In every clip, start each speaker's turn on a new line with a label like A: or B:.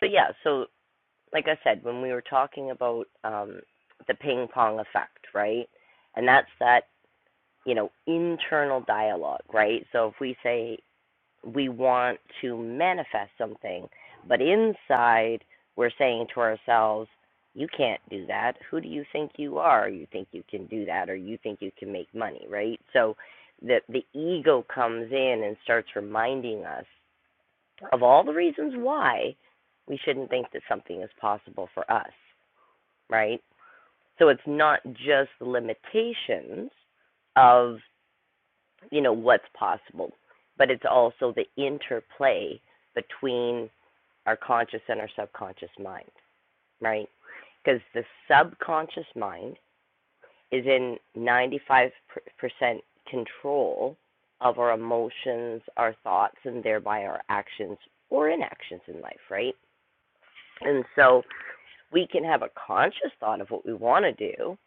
A: So yeah, so like I said, when we were talking about um, the ping pong effect, right? And that's that, you know, internal dialogue, right? So if we say we want to manifest something, but inside we're saying to ourselves, you can't do that. Who do you think you are? You think you can do that or you think you can make money, right? So the the ego comes in and starts reminding us of all the reasons why we shouldn't think that something is possible for us, right? So it's not just the limitations of, you know, what's possible, but it's also the interplay between our conscious and our subconscious mind, right? Because the subconscious mind is in 95% control of our emotions, our thoughts, and thereby our actions or inactions in life, right? And so we can have a conscious thought of what we want to do,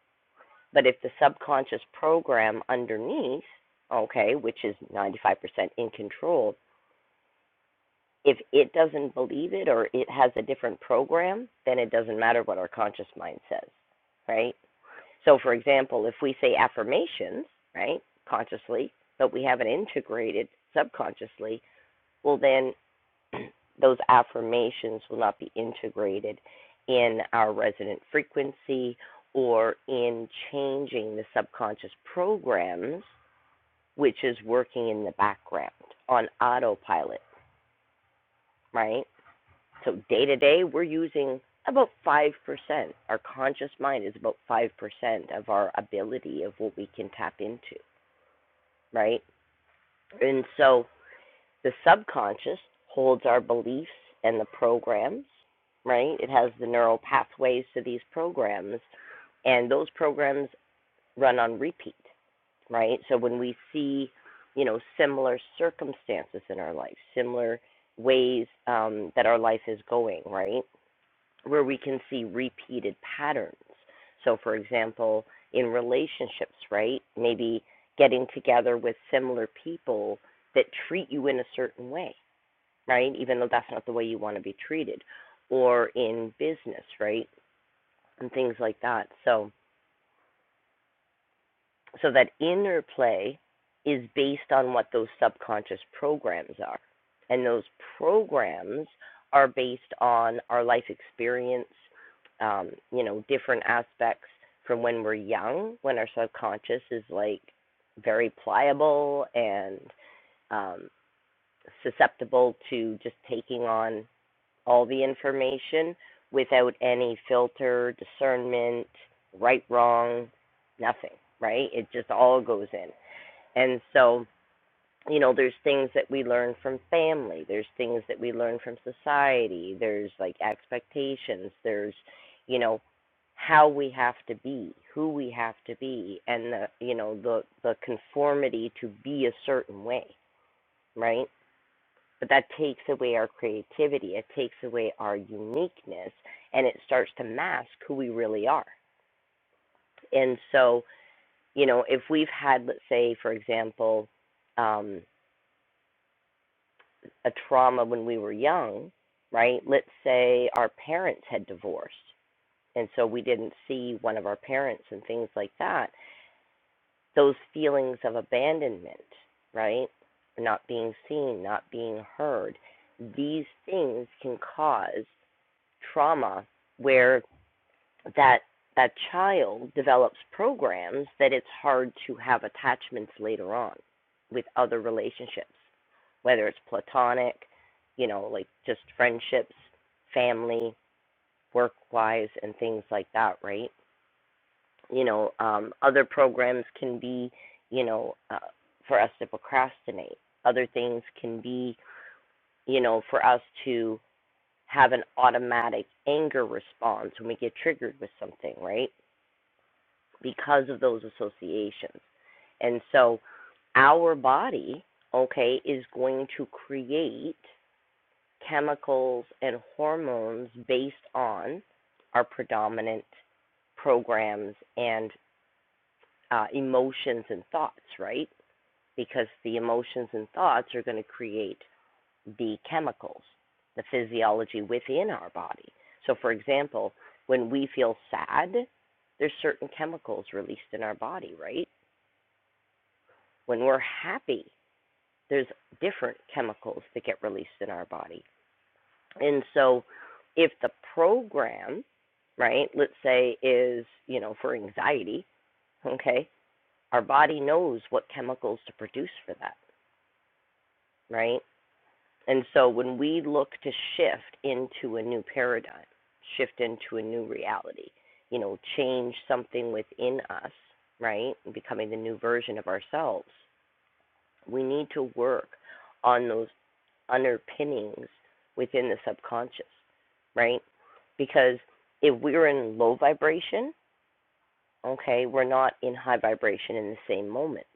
A: but if the subconscious program underneath, okay, which is 95% in control, if it doesn't believe it or it has a different program, then it doesn't matter what our conscious mind says, right? So, for example, if we say affirmations, right, consciously, but we haven't integrated subconsciously, well, then those affirmations will not be integrated in our resonant frequency or in changing the subconscious programs, which is working in the background on autopilot, right? So day to day, we're using about 5%. Our conscious mind is about 5% of our ability of what we can tap into, right? And so the subconscious holds our beliefs and the programs, right? It has the neural pathways to these programs, and those programs run on repeat, right? So when we see, you know, similar circumstances in our life, similar ways um, that our life is going, right? Where we can see repeated patterns. So, for example, in relationships, right? Maybe getting together with similar people that treat you in a certain way right? Even though that's not the way you want to be treated, or in business, right? And things like that. So, so that inner play is based on what those subconscious programs are. And those programs are based on our life experience, um, you know, different aspects from when we're young, when our subconscious is like very pliable and um, susceptible to just taking on all the information without any filter, discernment, right, wrong, nothing, right? It just all goes in. And so, you know, there's things that we learn from family, there's things that we learn from society, there's like expectations, there's, you know, how we have to be, who we have to be, and the, you know, the the conformity to be a certain way, right? but that takes away our creativity it takes away our uniqueness and it starts to mask who we really are and so you know if we've had let's say for example um, a trauma when we were young right let's say our parents had divorced and so we didn't see one of our parents and things like that those feelings of abandonment right not being seen not being heard these things can cause trauma where that that child develops programs that it's hard to have attachments later on with other relationships, whether it's platonic, you know, like just friendships, family, work wise, and things like that, right? You know, um, other programs can be, you know, uh, for us to procrastinate. Other things can be, you know, for us to have an automatic anger response when we get triggered with something, right? Because of those associations. And so our body, okay, is going to create chemicals and hormones based on our predominant programs and uh, emotions and thoughts, right? Because the emotions and thoughts are going to create the chemicals, the physiology within our body. So, for example, when we feel sad, there's certain chemicals released in our body, right? When we're happy, there's different chemicals that get released in our body. And so, if the program, right, let's say is, you know, for anxiety, okay, our body knows what chemicals to produce for that, right? And so when we look to shift into a new paradigm, shift into a new reality, you know, change something within us, right? and Becoming the new version of ourselves, we need to work on those underpinnings within the subconscious, right? Because if we're in low vibration, okay, we're not in high vibration in the same moment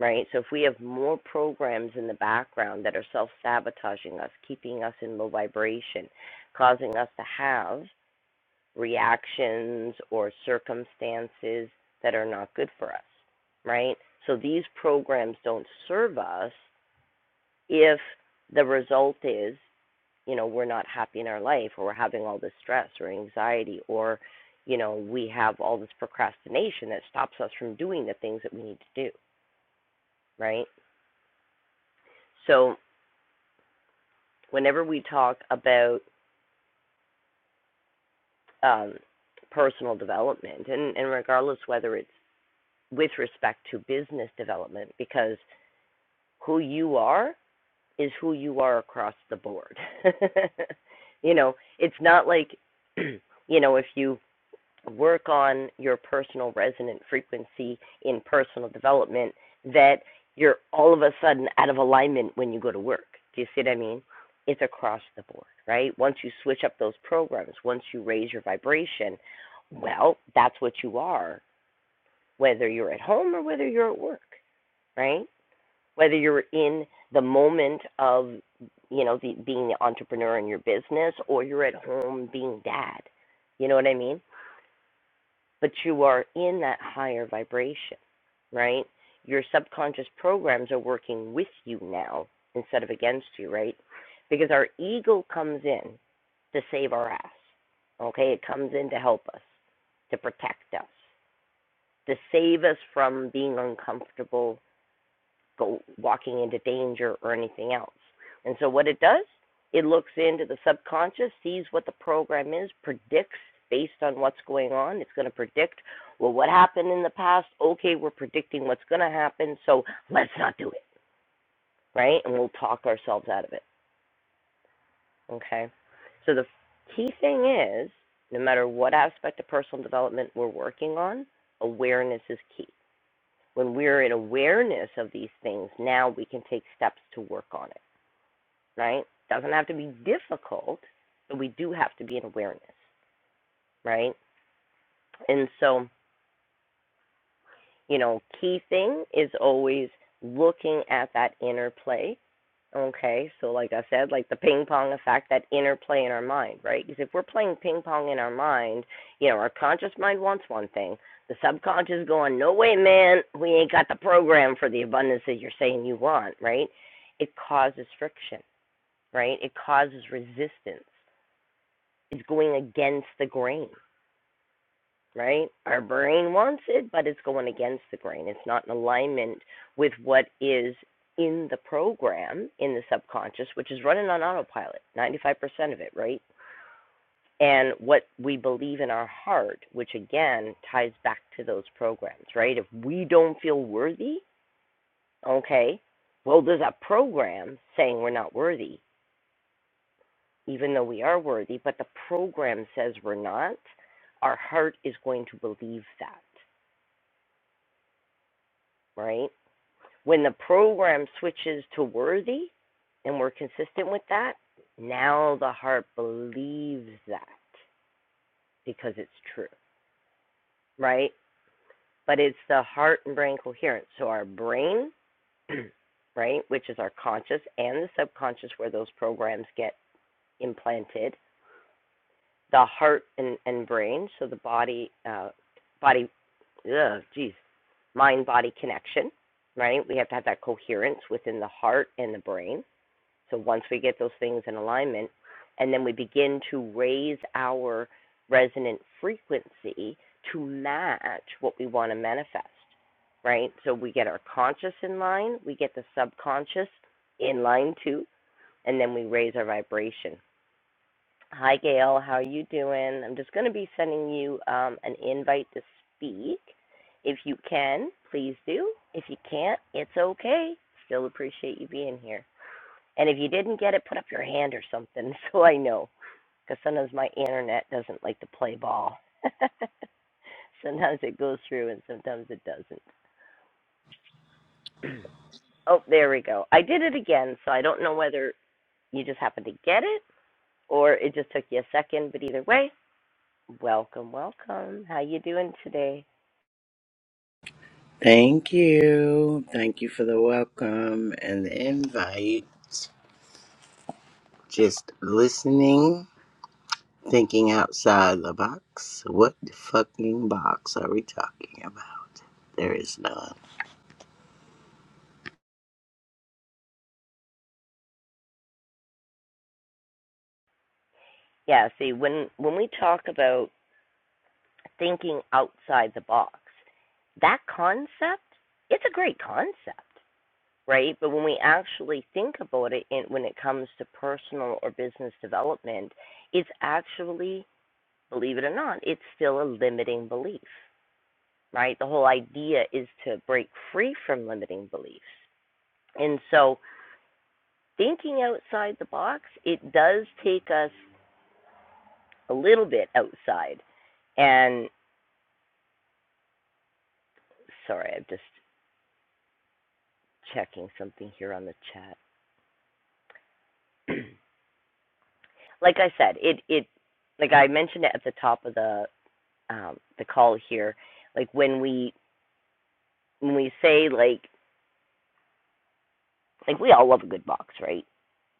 A: right? So if we have more programs in the background that are self sabotaging us, keeping us in low vibration, causing us to have reactions or circumstances that are not good for us, right? So these programs don't serve us if the result is, you know, we're not happy in our life or we're having all this stress or anxiety or you know, we have all this procrastination that stops us from doing the things that we need to do, right? So whenever we talk about um, personal development, and, and regardless whether it's with respect to business development, because who you are is who you are across the board. you know, it's not like, you know, if you work on your personal resonant frequency in personal development that you're all of a sudden out of alignment when you go to work. Do you see what I mean? It's across the board, right? Once you switch up those programs, once you raise your vibration, well, that's what you are, whether you're at home or whether you're at work, right? Whether you're in the moment of, you know, the, being the entrepreneur in your business or you're at home being dad. You know what I mean? but you are in that higher vibration, right? Your subconscious programs are working with you now instead of against you, right? Because our ego comes in to save our ass, okay? It comes in to help us, to protect us, to save us from being uncomfortable go walking into danger or anything else. And so what it does, it looks into the subconscious, sees what the program is, predicts based on what's going on. It's going to predict, well, what happened in the past? Okay, we're predicting what's going to happen, so let's not do it, right? And we'll talk ourselves out of it, okay? So the key thing is, no matter what aspect of personal development we're working on, awareness is key. When we're in awareness of these things, now we can take steps to work on it. right? Doesn't have to be difficult, but we do have to be in awareness, right? And so, you know, key thing is always looking at that interplay. Okay, so like I said, like the ping pong effect, that interplay in our mind, right? Because if we're playing ping pong in our mind, you know, our conscious mind wants one thing, the subconscious is going, no way, man, we ain't got the program for the abundance that you're saying you want, right? It causes friction, right? It causes resistance, Is going against the grain, right? Our brain wants it, but it's going against the grain. It's not in alignment with what is in the program in the subconscious, which is running on autopilot, 95% of it, right? And what we believe in our heart, which again ties back to those programs, right? If we don't feel worthy, okay, well, there's a program saying we're not worthy. even though we are worthy, but the program says we're not, our heart is going to believe that, right? When the program switches to worthy and we're consistent with that, now the heart believes that because it's true, right? But it's the heart and brain coherence. So our brain, right, which is our conscious and the subconscious where those programs get implanted, the heart and, and brain, so the body, uh, body yeah, geez, mind body connection, right? We have to have that coherence within the heart and the brain. So once we get those things in alignment, and then we begin to raise our resonant frequency to match what we want to manifest, right? So we get our conscious in line, we get the subconscious in line too, and then we raise our vibration. Hi, Gail. How are you doing? I'm just going to be sending you um, an invite to speak. If you can, please do. If you can't, it's okay. Still appreciate you being here. And if you didn't get it, put up your hand or something so I know. Because sometimes my internet doesn't like to play ball. sometimes it goes through and sometimes it doesn't. oh, there we go. I did it again, so I don't know whether you just happened to get it or it just took you a second, but either way, Welcome, welcome. How you doing today?
B: Thank you. Thank you for the welcome and the invite. Just listening, thinking outside the box. What fucking box are we talking about? There is none.
A: Yeah, see when when we talk about thinking outside the box, that concept, it's a great concept, right? But when we actually think about it in, when it comes to personal or business development, it's actually, believe it or not, it's still a limiting belief, right? The whole idea is to break free from limiting beliefs. And so thinking outside the box, it does take us a little bit outside. And sorry, I'm just checking something here on the chat. like I said, it it like I mentioned it at the top of the um, the call here. Like when we when we say like like we all love a good box, right?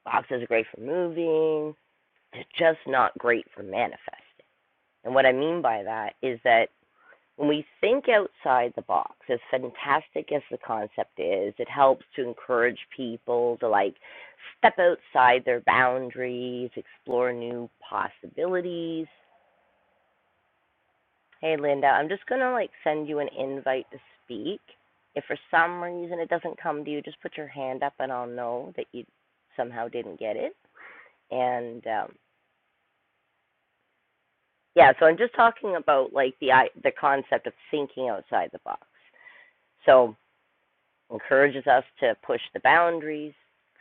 A: Boxes are great for moving. They're just not great for manifesting. And what I mean by that is that When we think outside the box, as fantastic as the concept is, it helps to encourage people to like step outside their boundaries, explore new possibilities. Hey, Linda, I'm just going to like send you an invite to speak. If for some reason it doesn't come to you, just put your hand up and I'll know that you somehow didn't get it. And um, yeah, so I'm just talking about like the the concept of thinking outside the box. So encourages us to push the boundaries,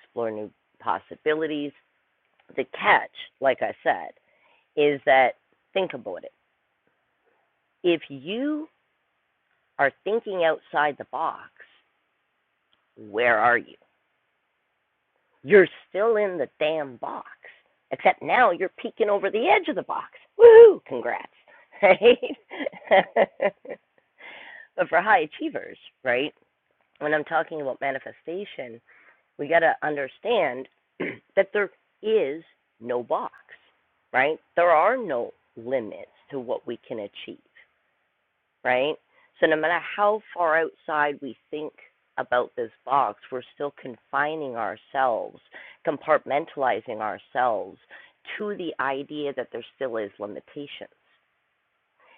A: explore new possibilities. The catch, like I said, is that think about it. If you are thinking outside the box, where are you? You're still in the damn box, except now you're peeking over the edge of the box. Woohoo! Congrats, right? but for high achievers, right? When I'm talking about manifestation, we got to understand that there is no box, right? There are no limits to what we can achieve, right? So no matter how far outside we think about this box, we're still confining ourselves, compartmentalizing ourselves to the idea that there still is limitations.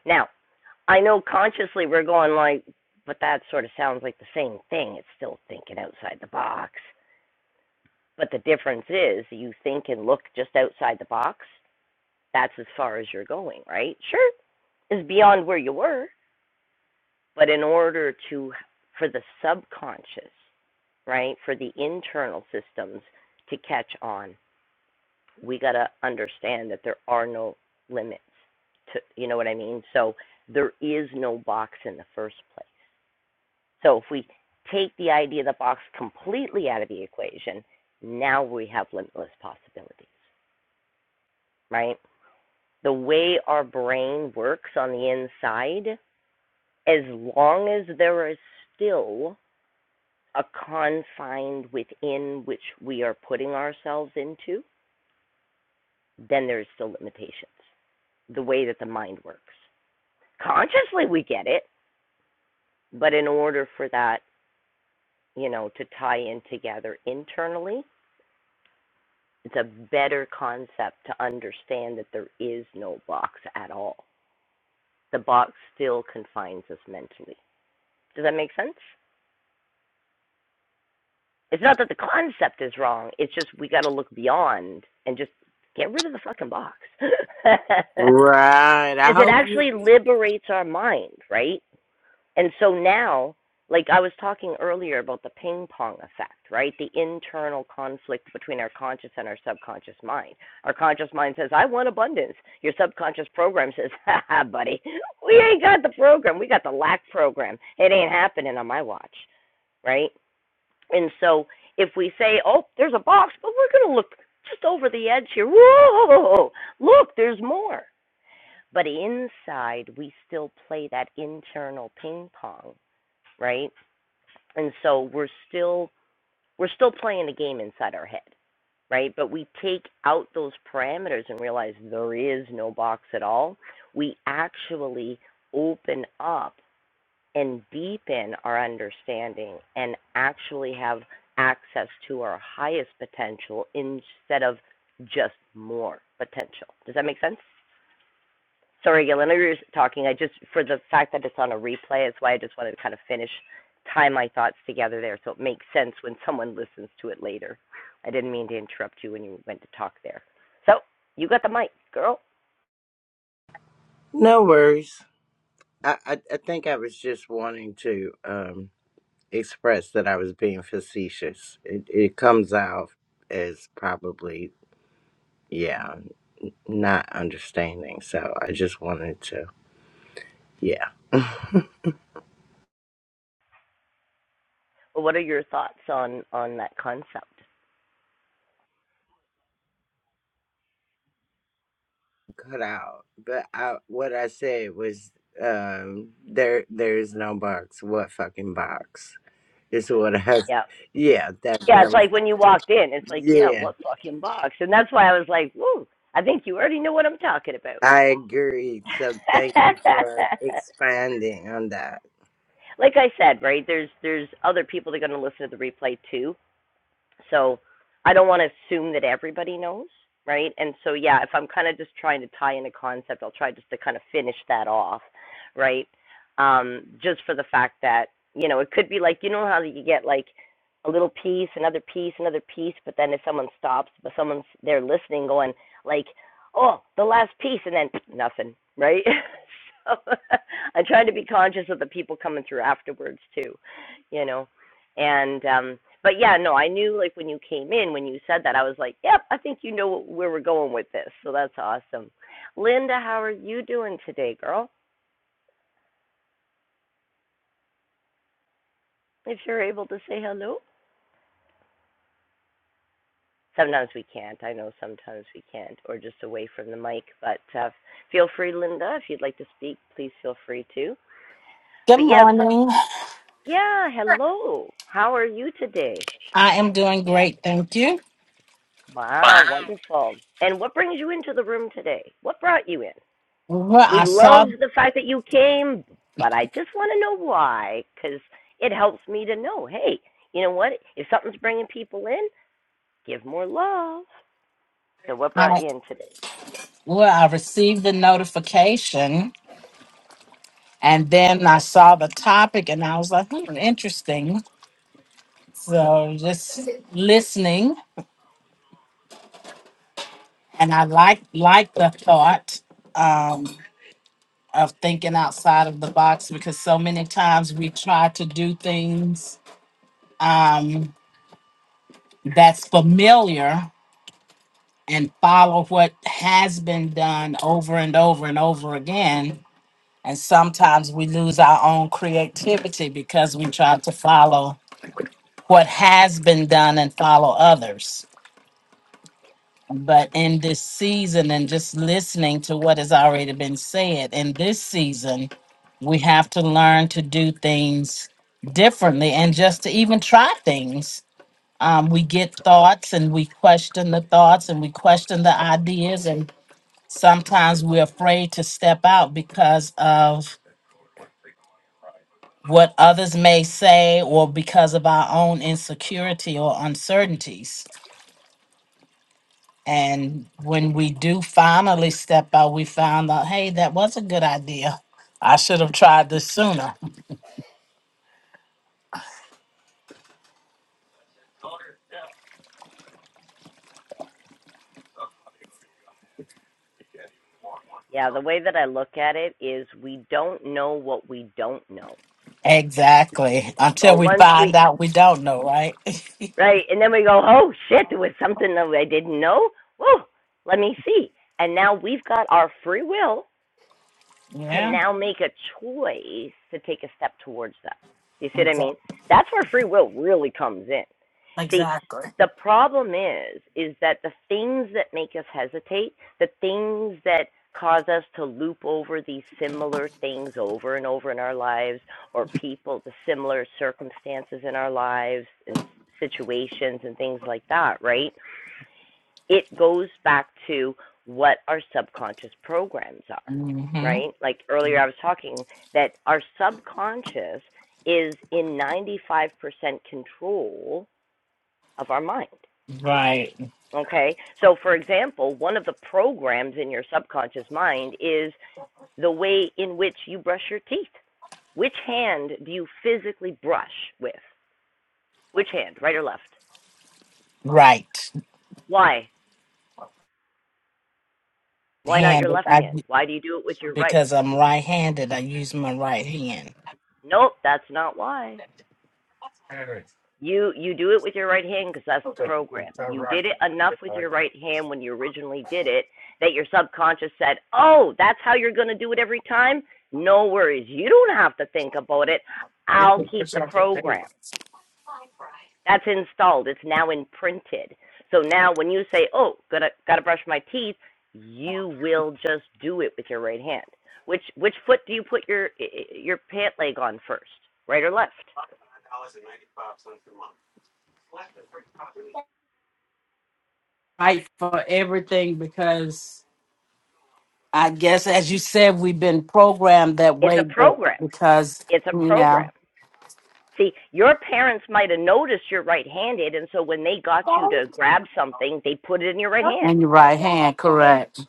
A: Now, I know consciously we're going like, but that sort of sounds like the same thing. It's still thinking outside the box. But the difference is you think and look just outside the box. That's as far as you're going, right? Sure, is beyond where you were, but in order to for the subconscious, right, for the internal systems to catch on, we got to understand that there are no limits to you know what I mean? So there is no box in the first place. So if we take the idea of the box completely out of the equation, now we have limitless possibilities, right? the way our brain works on the inside, as long as there is still a confined within which we are putting ourselves into, then there's still limitations. The way that the mind works. Consciously, we get it, but in order for that, you know, to tie in together internally, it's a better concept to understand that there is no box at all. The box still confines us mentally. Does that make sense? It's not that the concept is wrong. It's just we got to look beyond and just get rid of the fucking box. Because
B: Right. I
A: it
B: hope you.
A: actually liberates our mind, right? And so now, like I was talking earlier about the ping pong effect, right? The internal conflict between our conscious and our subconscious mind. Our conscious mind says, I want abundance. Your subconscious program says, ha ha, buddy, we ain't got the program. We got the lack program. It ain't happening on my watch, right? And so if we say, oh, there's a box, but we're going to look just over the edge here. Whoa, look, there's more. But inside, we still play that internal ping pong, right? And so we're still we're still playing the game inside our head, right? But we take out those parameters and realize there is no box at all. We actually open up and deepen our understanding and actually have access to our highest potential instead of just more potential. Does that make sense? Sorry, Yelena, you were talking. I just, for the fact that it's on a replay, it's why I just wanted to kind of finish, tie my thoughts together there so it makes sense when someone listens to it later. I didn't mean to interrupt you when you went to talk there. So, you got the mic, girl.
B: No worries. I, I, I think I was just wanting to um, express that I was being facetious. It, it comes out as probably, yeah, not understanding. So I just wanted to, yeah.
A: Well, What are your thoughts on on that concept?
B: cut out. But I, what I said was, um, there there is no box. What fucking box? It's what I have.
A: Yeah.
B: Yeah, that that
A: Yeah, it's
B: was.
A: like when you walked in, it's like, yeah,
B: Yeah,
A: what fucking box? And that's why I was like, woo, I think you already know what I'm talking about.
B: I agree. So thank you for expanding on that.
A: like I said, right, there's there's other people that are gonna listen to the replay too So I don't want to assume that everybody knows, right? And so, yeah, if I'm kind of just trying to tie in a concept, I'll try just to kind of finish that off, right? Um, just for the fact that, you know, it could be like, you know, how you get like a little piece, another piece, another piece, but then if someone stops, but someone's there listening going, like, oh, the last piece, and then nothing, right? so I'm trying to be conscious of the people coming through afterwards, too, you know? And um but yeah, no, I knew like when you came in, when you said that, I was like, yep, I think you know where we're going with this. So that's awesome. Linda, how are you doing today, girl? If you're able to say hello. Sometimes we can't. I know sometimes we can't, or just away from the mic. But uh, feel free, Linda, if you'd like to speak, please feel free to.
C: Good
A: But yes,
C: morning.
A: yeah, hello. How are you today?
C: I am doing great, thank you. Wow.
A: Wow, wonderful. And what brings you into the room today? What brought you in?
C: Well,
A: We
C: I saw
A: love the fact that you came, but I just want to know why, because it helps me to know. Hey, you know what? If something's bringing people in, give more love. So, what brought
C: I
A: you in today?
C: well, I received the notification and then I saw the topic and I was like, hmm, interesting. So just listening and I like like the thought um of thinking outside of the box because so many times we try to do things um that's familiar and follow what has been done over and over and over again. And sometimes we lose our own creativity because we try to follow what has been done and follow others. But in this season, and just listening to what has already been said, in this season, we have to learn to do things differently and just to even try things. Um, we get thoughts and we question the thoughts and we question the ideas and. Sometimes we're afraid to step out because of what others may say or because of our own insecurity or uncertainties. And when we do finally step out, we found out, hey, that was a good idea. I should have tried this sooner.
A: Yeah, the way that I look at it is we don't know what we don't know.
C: Exactly. Until
A: But
C: we
A: once we,
C: find out we don't know, right?
A: right, and then we go, oh shit, there was something that I didn't know. Whoa, let me see. And now we've got our free will can
C: yeah.
A: now make a choice to take a step towards that. You see what I
C: Exactly.
A: mean? That's where free will really comes in. See,
C: Exactly.
A: the problem is is that the things that make us hesitate, the things that cause us to loop over these similar things over and over in our lives or people the similar circumstances in our lives and situations and things like that, right? it goes back to what our subconscious programs are,
C: hmm
A: right? Like earlier, I was talking that our subconscious is in 95% control of our mind.
C: Right.
A: Okay. So, for example, one of the programs in your subconscious mind is the way in which you brush your teeth. Which hand do you physically brush with? Which hand, right or left?
C: Right.
A: Why? Why not your
C: Hand.
A: left
C: I,
A: hand? Why do you do it with your right?
C: because I'm right handed, I use my right hand.
A: Nope, that's not why. You you do it with your right hand because that's the program. You did it enough with your right hand when you originally did it that your subconscious said, "Oh, that's how you're going to do it every time." No worries. You don't have to think about it. I'll keep the program. That's installed. It's now imprinted. So now when you say, "Oh, got to got to brush my teeth," you will just do it with your right hand. Which which foot do you put your your pant leg on first? Right or left?
C: fight for everything because I guess, as you said, we've been programmed that
A: It's
C: way.
A: a
C: But
A: program.
C: because
A: It's a
C: yeah,
A: program. See, your parents might have noticed you're right handed, and so when they got you to grab something, they put it in your right hand.
C: and your right hand, correct?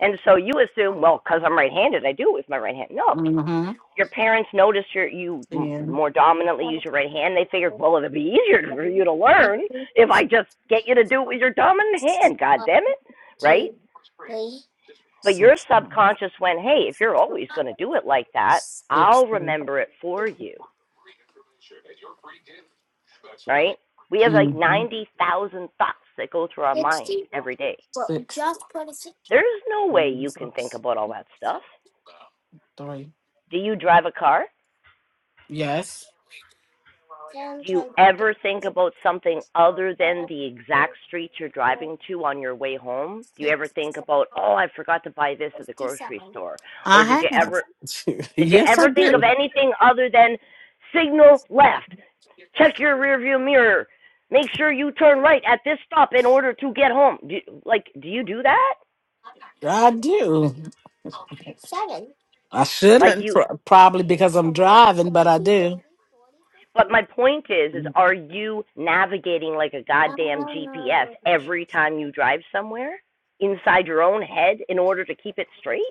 A: And so you assume, well, because I'm right handed, I do it with my right hand. No.
C: Mm-hmm.
A: Your parents notice you're, you
C: Ten,
A: more dominantly use your right hand. They figured, well, it'd be easier for you to learn if I just get you to do it with your dominant hand, God damn it. Right? But your
C: six, six,
A: subconscious went, hey, if you're always going to do it like that, I'll remember it for you. right? We have like
C: mm-hmm.
A: 90,000 thoughts that go through our mind every day.
C: six, just put a six.
A: There's no way
C: and
A: you
C: six,
A: can think about all that stuff.
C: three.
A: Do you drive a car?
C: Yes,
A: Do you ever think about something other than the exact street you're driving to on your way home? Do you ever think about, oh, I forgot to buy this at the grocery store? Or did
C: I
A: you
C: have.
A: ever did you
C: yes, I
A: ever think of
C: do.
A: anything other than signal left, check your rearview mirror, make sure you turn right at this stop in order to get home? Do, you, like, do you do that?
C: I do. I
A: Like
C: shouldn't
A: you,
C: pro- probably because I'm driving, but I do.
A: but my point is, is are you navigating like a goddamn GPS every time you drive somewhere inside your own head in order to keep it straight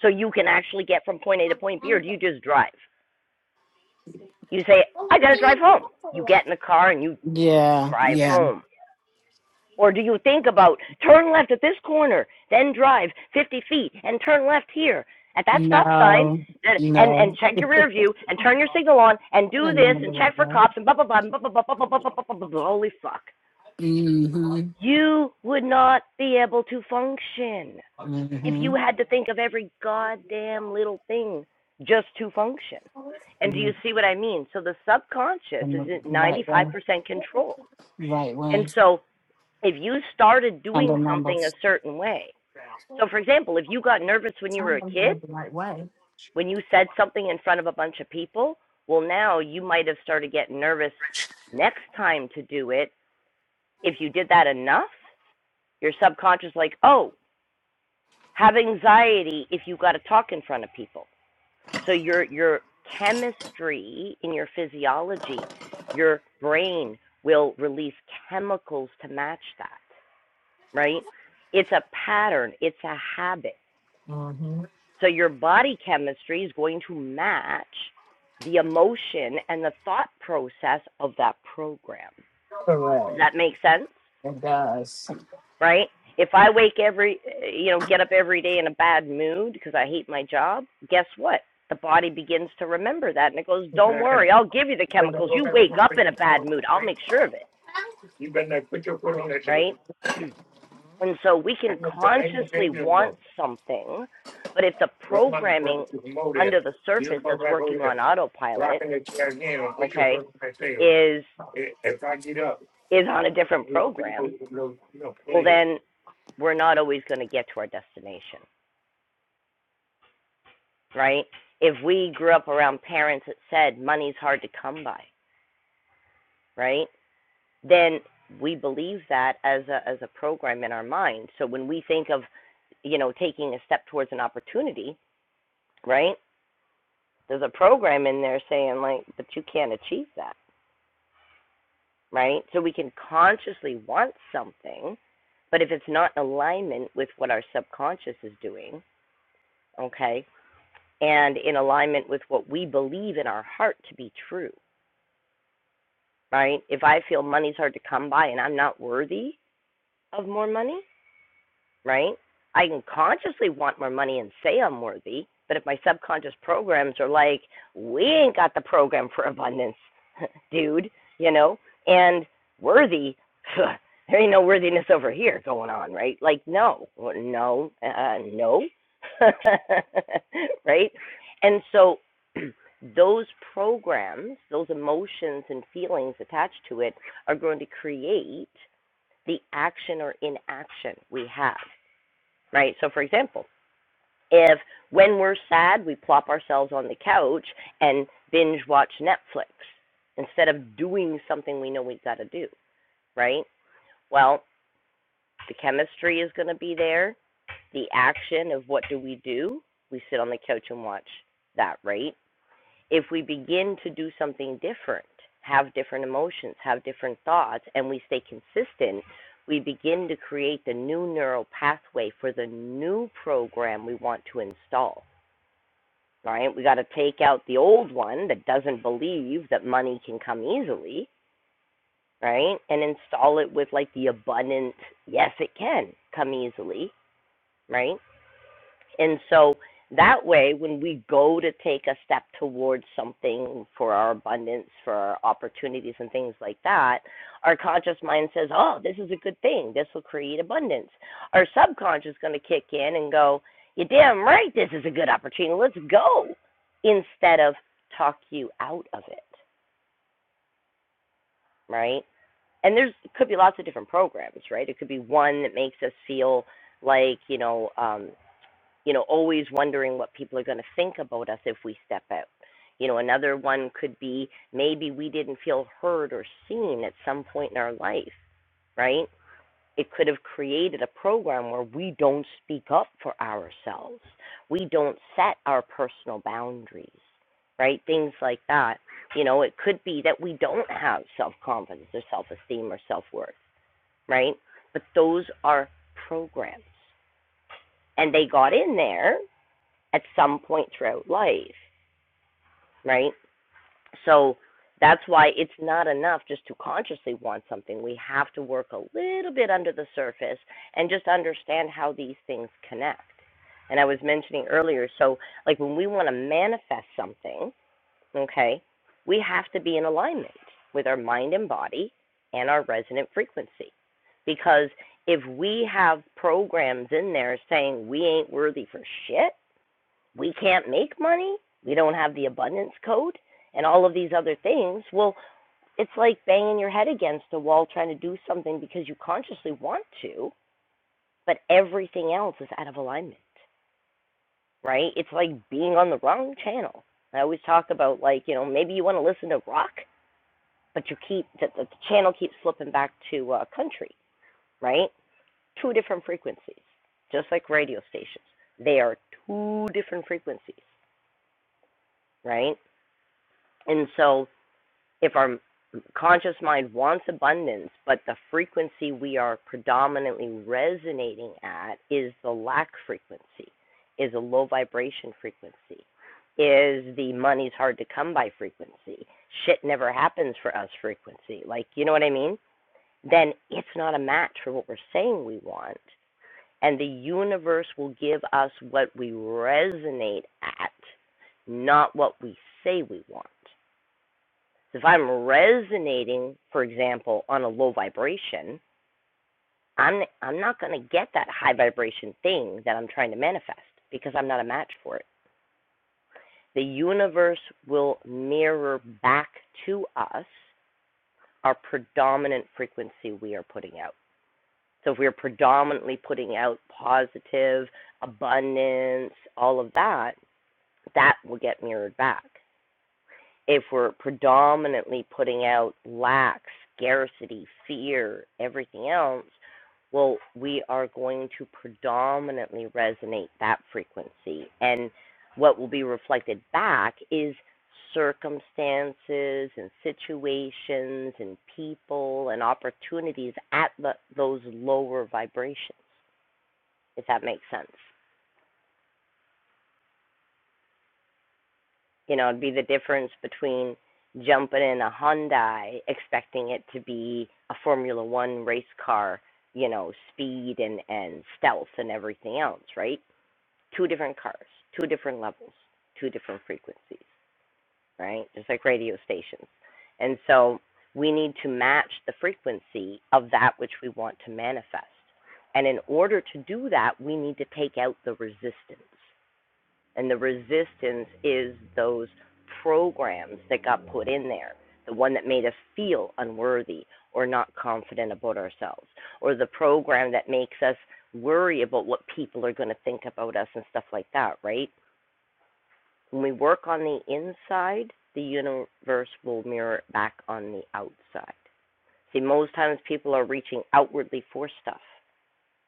A: so you can actually get from point A to point B, or do you just drive? You say, I gotta drive home. You get in the car and you
C: Yeah,
A: drive
C: yeah.
A: home. Or do you think about turn left at this corner, then drive 50 feet and turn left here at that stop sign
C: No,
A: and, and, and
C: no. I
A: check your rear view and turn your signal on and do
C: didn't know
A: this and
C: what
A: check
C: it
A: for
C: was.
A: cops and blah, blah, blah, blah, blah, blah, blah, blah, blah, blah, blah, blah, blah, holy fuck.
C: Mm-hmm.
A: You would not be able to function if
C: Mm-hmm.
A: you had to think of every goddamn little thing just to function. And do you see what I mean? So the subconscious is
C: mm
A: at
C: Right way.
A: 95% control.
C: Right way.
A: And so if you started doing
C: Under
A: something a
C: numbers.
A: certain way. So, for example, if you got nervous when you were a kid, when you said something in front of a bunch of people, well, now you might have started getting nervous next time to do it. If you did that enough, your subconscious like, oh, have anxiety if you got to talk in front of people. So your your chemistry in your physiology, your brain will release chemicals to match that. right? It's a pattern, it's a habit.
C: Mm-hmm.
A: So your body chemistry is going to match the emotion and the thought process of that program. Does
C: Correct.
A: that make sense?
C: It does.
A: Right? If I wake every, you know, get up every day in a bad mood because I hate my job, guess what? The body begins to remember that and it goes, don't worry, I'll give you the chemicals. You wake up in a bad mood, I'll make sure of it. Right? And so we can consciously want something, but if the programming under the surface that's working on autopilot, okay, is is on a different program, well then we're not always going to get to our destination, right? If we grew up around parents that said money's hard to come by, right? Then we believe that as a as a program in our mind. So when we think of, you know, taking a step towards an opportunity, right? there's a program in there saying like but you can't achieve that right so we can consciously want something but if it's not in alignment with what our subconscious is doing okay and in alignment with what we believe in our heart to be true right if i feel money's hard to come by and i'm not worthy of more money right? I can consciously want more money and say I'm worthy, but if my subconscious programs are like, we ain't got the program for abundance, dude, you know, and worthy, there ain't no worthiness over here going on, right? Like, no, well, no, uh, no, right? And so those programs, those emotions and feelings attached to it are going to create the action or inaction we have right? So, for example, if when we're sad, we plop ourselves on the couch and binge watch Netflix instead of doing something we know we've got to do, right? Well, the chemistry is going to be there. The action of what do we do? We sit on the couch and watch that, right? if we begin to do something different, have different emotions, have different thoughts, and we stay consistent, we begin to create the new neural pathway for the new program we want to install. Right? We got to take out the old one that doesn't believe that money can come easily, right? And install it with like the abundant, yes, it can come easily, right? And so that way, when we go to take a step towards something for our abundance, for our opportunities, and things like that, our conscious mind says, Oh, this is a good thing. This will create abundance. Our subconscious is going to kick in and go, You're damn right. This is a good opportunity. Let's go. Instead of talk you out of it, right? And there's could be lots of different programs, right? It could be one that makes us feel like, you know, um, you know, always wondering what people are going to think about us if we step out. You know, another one could be maybe we didn't feel heard or seen at some point in our life, right? It could have created a program where we don't speak up for ourselves, we don't set our personal boundaries, right? Things like that. You know, it could be that we don't have self confidence or self esteem or self worth, right? But those are programs. And they got in there at some point throughout life, right? So that's why it's not enough just to consciously want something. We have to work a little bit under the surface and just understand how these things connect. And I was mentioning earlier, so like when we want to manifest something, okay, we have to be in alignment with our mind and body and our resonant frequency. Because if we have programs in there saying we ain't worthy for shit, we can't make money, we don't have the abundance code, and all of these other things. Well, it's like banging your head against a wall trying to do something because you consciously want to, but everything else is out of alignment, right? It's like being on the wrong channel. I always talk about like, you know, maybe you want to listen to rock, but you keep the, the channel keeps flipping back to uh, country, right? Two different frequencies, just like radio stations. They are two different frequencies, right? And so if our conscious mind wants abundance, but the frequency we are predominantly resonating at is the lack frequency, is a low vibration frequency, is the money's hard to come by frequency, shit never happens for us frequency. Like, you know what I mean? Then it's not a match for what we're saying we want. And the universe will give us what we resonate at, not what we say we want. So if I'm resonating, for example, on a low vibration, I'm I'm not going to get that high vibration thing that I'm trying to manifest because I'm not a match for it. The universe will mirror back to us our predominant frequency we are putting out. So if we are predominantly putting out positive, abundance, all of that, that will get mirrored back. if we're predominantly putting out lack, scarcity, fear, everything else, well, we are going to predominantly resonate that frequency. And what will be reflected back is circumstances and situations and people and opportunities at the, those lower vibrations, if that makes sense. You know, it'd be the difference between jumping in a Hyundai expecting it to be a Formula One race car, you know, speed and, and stealth and everything else, right? Two different cars, two different levels, two different frequencies, right? Just like radio stations. And so we need to match the frequency of that which we want to manifest. And in order to do that, we need to take out the resistance. And the resistance is those programs that got put in there, the one that made us feel unworthy or not confident about ourselves, or the program that makes us worry about what people are going to think about us and stuff like that, right? When we work on the inside, the universe will mirror it back on the outside. See, most times people are reaching outwardly for stuff.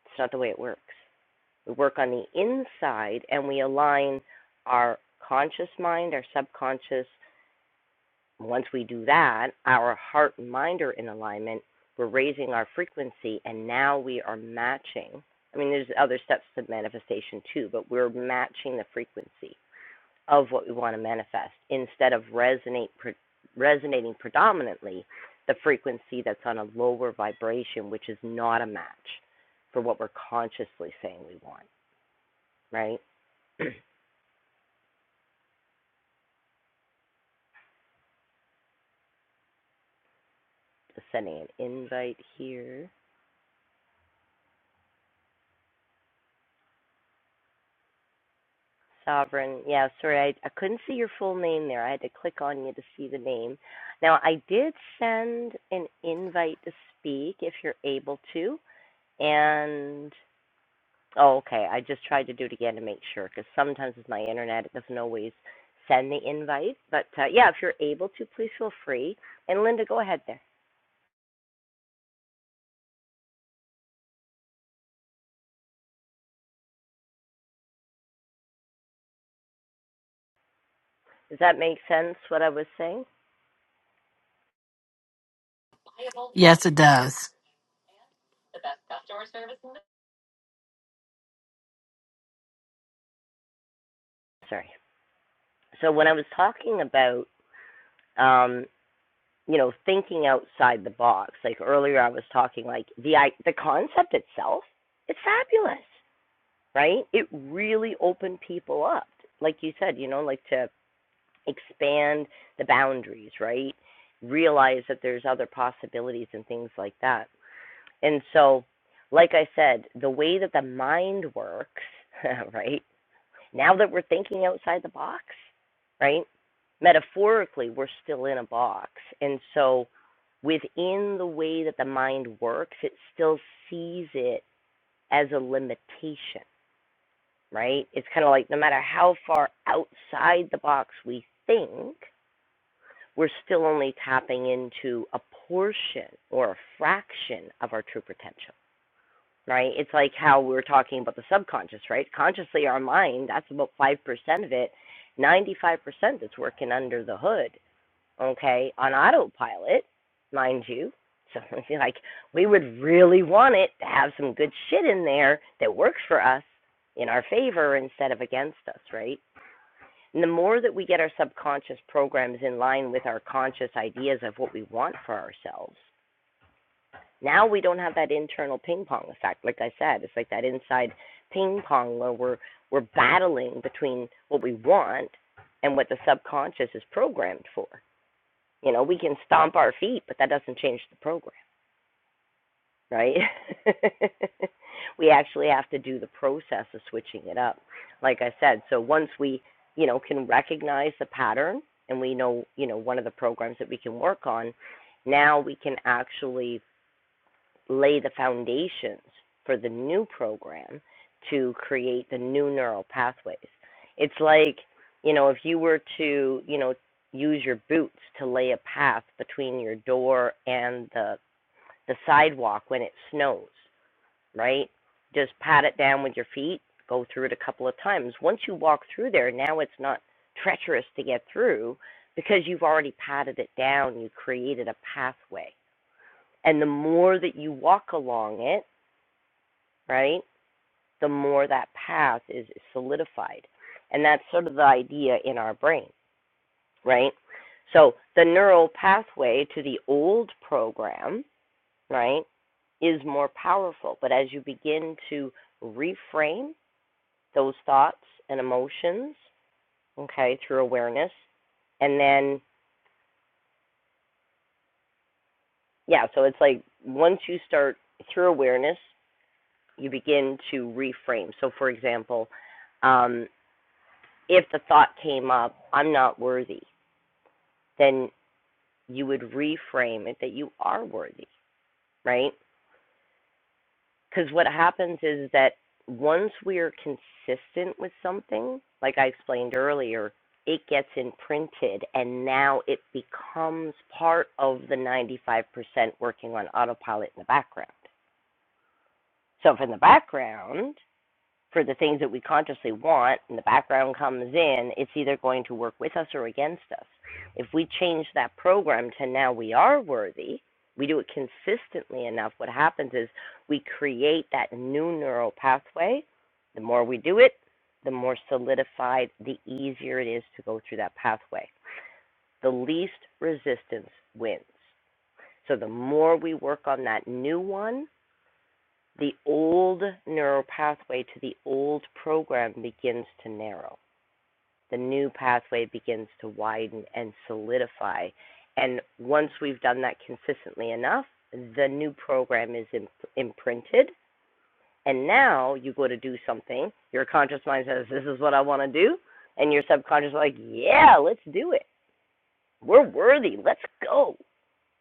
A: It's not the way it works. We work on the inside and we align our conscious mind, our subconscious. Once we do that, our heart and mind are in alignment. We're raising our frequency and now we are matching. I mean, there's other steps to manifestation too, but we're matching the frequency of what we want to manifest instead of resonate, pre- resonating predominantly the frequency that's on a lower vibration, which is not a match for what we're consciously saying we want, right? Just sending an invite here. Sovereign, yeah, sorry, I, I couldn't see your full name there. I had to click on you to see the name. Now, I did send an invite to speak if you're able to. And, oh, okay, I just tried to do it again to make sure because sometimes with my internet, it doesn't always send the invite. But uh, yeah, if you're able to, please feel free. And Linda, go ahead there. Does that make sense what I was saying?
C: Yes, it does.
A: Sorry. So, when I was talking about, um, you know thinking outside the box like earlier i was talking like the i the concept itself it's fabulous right it really opened people up like you said you know like to expand the boundaries right realize that there's other possibilities and things like that and so like i said the way that the mind works right now that we're thinking outside the box, right? Metaphorically, we're still in a box. And so within the way that the mind works, it still sees it as a limitation, right? It's kind of like no matter how far outside the box we think, we're still only tapping into a portion or a fraction of our true potential right? It's like how we are talking about the subconscious, right? Consciously, our mind, that's about 5% of it. 95% that's working under the hood, okay, on autopilot, mind you. So, like, we would really want it to have some good shit in there that works for us in our favor instead of against us, right? And the more that we get our subconscious programs in line with our conscious ideas of what we want for ourselves, now we don't have that internal ping pong effect. Like I said, it's like that inside ping pong where we're we're battling between what we want and what the subconscious is programmed for. You know, we can stomp our feet, but that doesn't change the program, right? we actually have to do the process of switching it up. Like I said, so once we, you know, can recognize the pattern and we know, you know, one of the programs that we can work on, now we can actually lay the foundations for the new program to create the new neural pathways. It's like, you know, if you were to, you know, use your boots to lay a path between your door and the the sidewalk when it snows, right? Just pat it down with your feet, go through it a couple of times. Once you walk through there, now it's not treacherous to get through because you've already patted it down, you created a pathway. And the more that you walk along it, right? The more that path is solidified. And that's sort of the idea in our brain, right? So the neural pathway to the old program, right, is more powerful. But as you begin to reframe those thoughts and emotions, okay, through awareness, and then, yeah, so it's like once you start through awareness, you begin to reframe. So, for example, um. if the thought came up, I'm not worthy, then you would reframe it that you are worthy, right? Because what happens is that once we are consistent with something, like I explained earlier, it gets imprinted and now it becomes part of the 95% working on autopilot in the background. So, if in the background, for the things that we consciously want and the background comes in, it's either going to work with us or against us. If we change that program to now we are worthy, we do it consistently enough, what happens is we create that new neural pathway. The more we do it, the more solidified, the easier it is to go through that pathway. The least resistance wins. So the more we work on that new one, the old neural pathway to the old program begins to narrow. The new pathway begins to widen and solidify. And once we've done that consistently enough, the new program is imp- imprinted. And now you go to do something, your conscious mind says, This is what I want to do. And your subconscious is like, Yeah, let's do it. We're worthy. Let's go.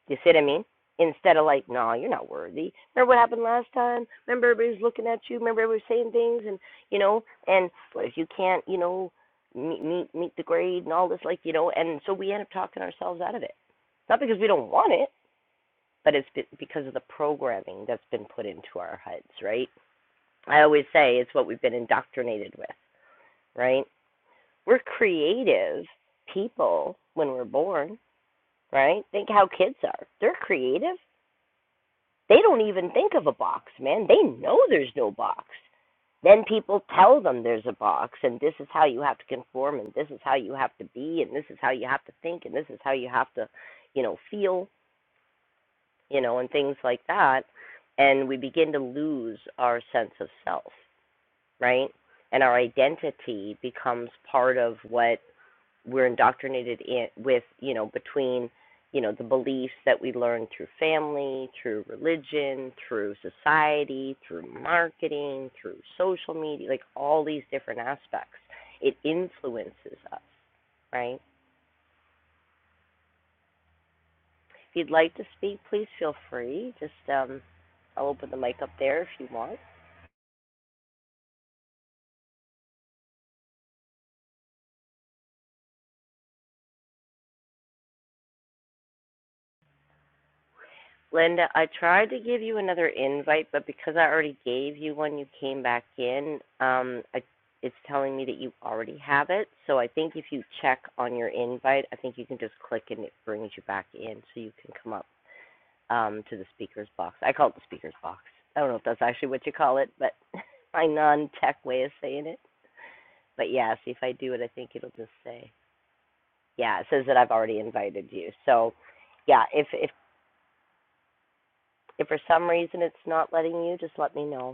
A: You see what I mean? Instead of like, no, you're not worthy. Remember what happened last time? Remember everybody's looking at you. Remember everybody saying things, and you know, and well, if you can't, you know, meet meet meet the grade and all this, like you know, and so we end up talking ourselves out of it. Not because we don't want it, but it's because of the programming that's been put into our heads, right? I always say it's what we've been indoctrinated with, right? We're creative people when we're born, right? Think how kids are. They're creative They don't even think of a box, man. They know there's no box. Then people tell them there's a box, and this is how you have to conform, and this is how you have to be, and this is how you have to think, and this is how you have to, you know, feel, you know, and things like that. And we begin to lose our sense of self, right? And our identity becomes part of what we're indoctrinated in with you know between you know the beliefs that we learn through family through religion through society through marketing through social media like all these different aspects it influences us right if you'd like to speak please feel free just um i'll open the mic up there if you want Linda, I tried to give you another invite, but because I already gave you one, you came back in. Um, I, it's telling me that you already have it. So I think if you check on your invite, I think you can just click and it brings you back in, so you can come up um, to the speakers box. I call it the speakers box. I don't know if that's actually what you call it, but my non-tech way of saying it. But yeah, see if I do it, I think it'll just say. Yeah, it says that I've already invited you. So, yeah, if if if for some reason it's not letting you, just let me know.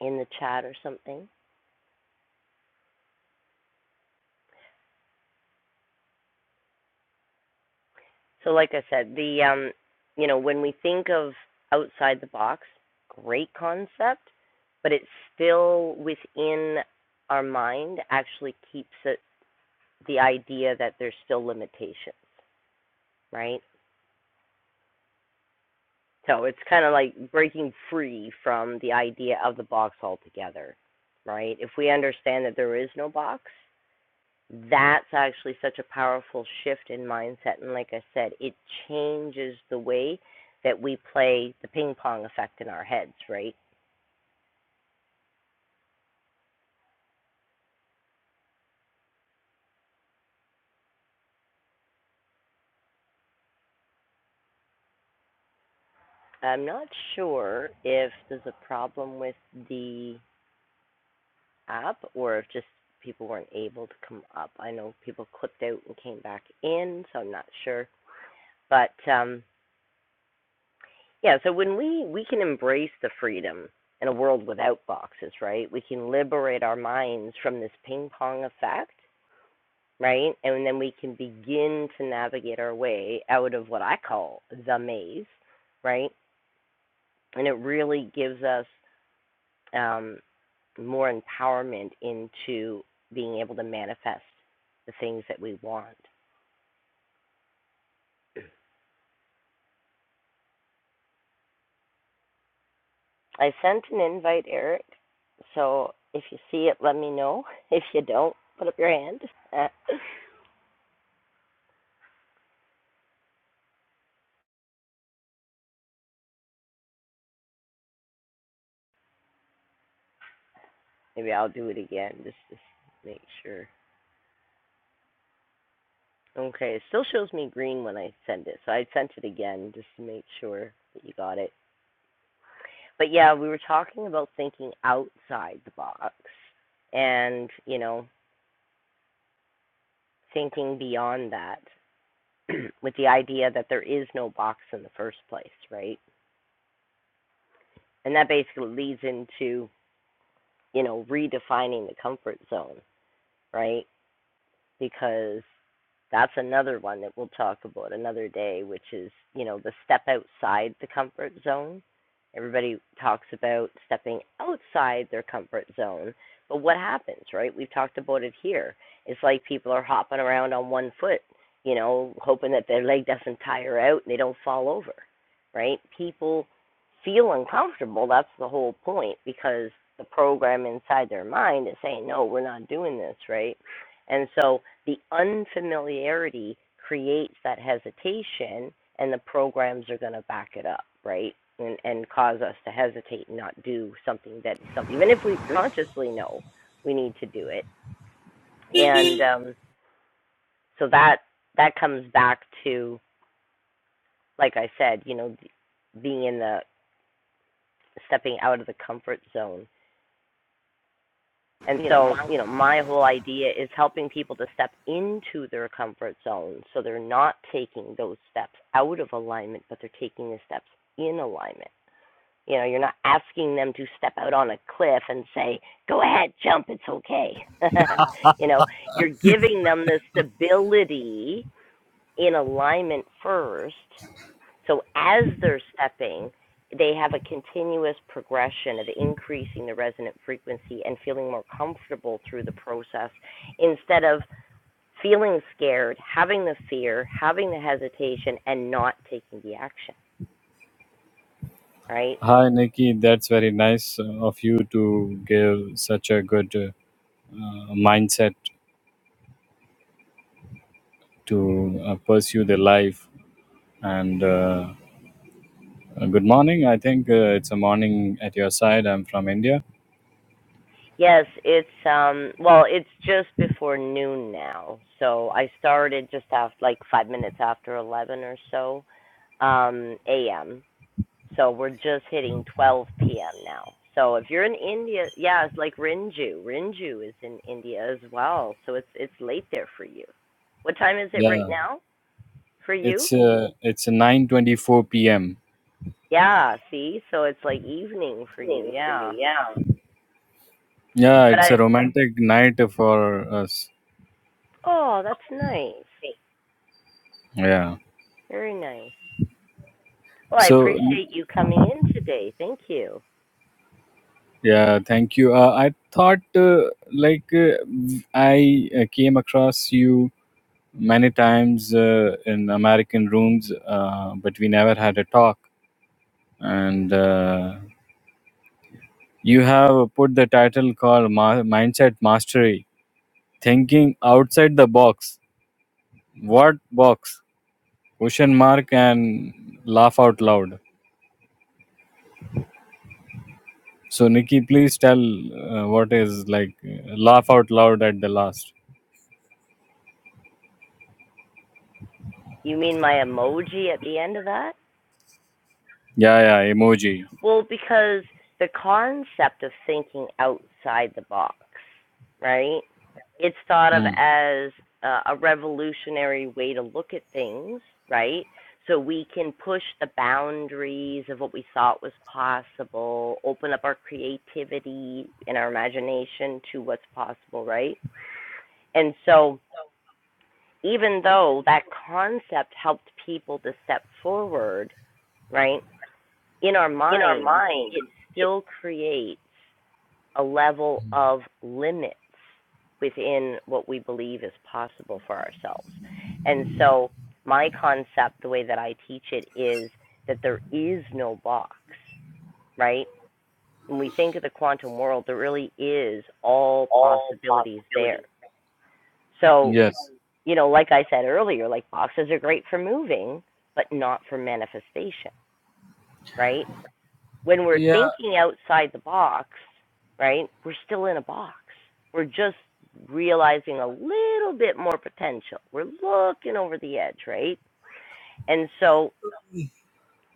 A: in the chat or something. So, like I said, the um, you know, when we think of outside the box, great concept, but it's still within our mind. Actually, keeps it the idea that there's still limitations, right? So it's kind of like breaking free from the idea of the box altogether, right? If we understand that there is no box, that's actually such a powerful shift in mindset. And like I said, it changes the way that we play the ping pong effect in our heads, right? I'm not sure if there's a problem with the app or if just people weren't able to come up. I know people clipped out and came back in, so I'm not sure. But um, yeah, so when we, we can embrace the freedom in a world without boxes, right? We can liberate our minds from this ping pong effect right? And then we can begin to navigate our way out of what I call the maze, right? And it really gives us um, more empowerment into being able to manifest the things that we want. I sent an invite, Eric. So if you see it, let me know. If you don't, put up your hand. Maybe I'll do it again just to make sure. Okay, it still shows me green when I send it. So I sent it again just to make sure that you got it. but yeah, we were talking about thinking outside the box and, you know, thinking beyond that with the idea that there is no box in the first place, right? And that basically leads into, you know, redefining the comfort zone, right? because that's another one that we'll talk about another day, which is, you know, the step outside the comfort zone. Everybody talks about stepping outside their comfort zone. But what happens, right? We've talked about it here. It's like people are hopping around on one foot, you know, hoping that their leg doesn't tire out and they don't fall over, right? People feel uncomfortable. That's the whole point because the program inside their mind is saying, no, we're not doing this, right? And so the unfamiliarity creates that hesitation, and the programs are going to back it up, right? And, and cause us to hesitate and not do something that, even if we consciously know we need to do it. And um, so that that comes back to, like I said, you know, being in the stepping out of the comfort zone And so, you know, my whole idea is helping people to step into their comfort zone so they're not taking those steps out of alignment, but they're taking the steps in alignment. You know, you're not asking them to step out on a cliff and say, go ahead, jump, it's okay. you know, you're giving them the stability in alignment first so as they're stepping, they have a continuous progression of increasing the resonant frequency and feeling more comfortable through the process instead of feeling scared, having the fear, having the hesitation and not taking the action, right?
D: Hi, Nikki. That's very nice uh, of you to give such a good uh, mindset to uh, pursue the life. And uh, uh, good morning. I think uh, it's a morning at your side. I'm from India.
A: Yes, it's um well, it's just before noon now. So I started just after like 5 minutes after 11 or so um, a.m. So we're just hitting 12 p.m. now. So if you're in India, yeah, it's like Rinju. Rinju is in India as well, so it's it's late there for you. What time is it right
D: Yeah,
A: now for you?
D: it's uh, it's 9:24 p.m.
A: Yeah, see, so it's like evening for you. Yeah,
D: Yeah,
A: but
D: it's
A: I
D: a romantic night for us.
A: oh, that's nice,
D: Yeah.
A: very nice. Well, I
D: So
A: appreciate you coming in today. Thank you.
D: yeah, thank you. Uh, I thought uh, like uh, I uh, came across you many times uh, in American rooms, uh, but we never had a talk. And uh, you have put the title called Ma- Mindset Mastery Thinking Outside the Box. What box? Question mark and laugh out loud. So, Nikki, please tell uh, what is like uh, laugh out loud at the last.
A: You mean my emoji at the end of that?
D: Yeah, yeah, emoji.
A: Well, because the concept of thinking outside the box, right? It's thought of
D: Hmm.
A: as uh, a revolutionary way to look at things, right? So we can push the boundaries of what we thought was possible, open up our creativity and our imagination to what's possible, right? And so, even though that concept helped people to step forward, right? in our minds, it still creates a level of limits within what we believe is possible for ourselves. And so, my concept, the way that I teach it, is that there is no box, right? When we think of the quantum world, there really is all possibilities there. So,
D: Yes.
A: you know, like I said earlier, like boxes are great for moving, but not for manifestation, right? when we're
D: Yeah.
A: thinking outside the box, right, we're still in a box. We're just realizing a little bit more potential. We're looking over the edge, right? And so,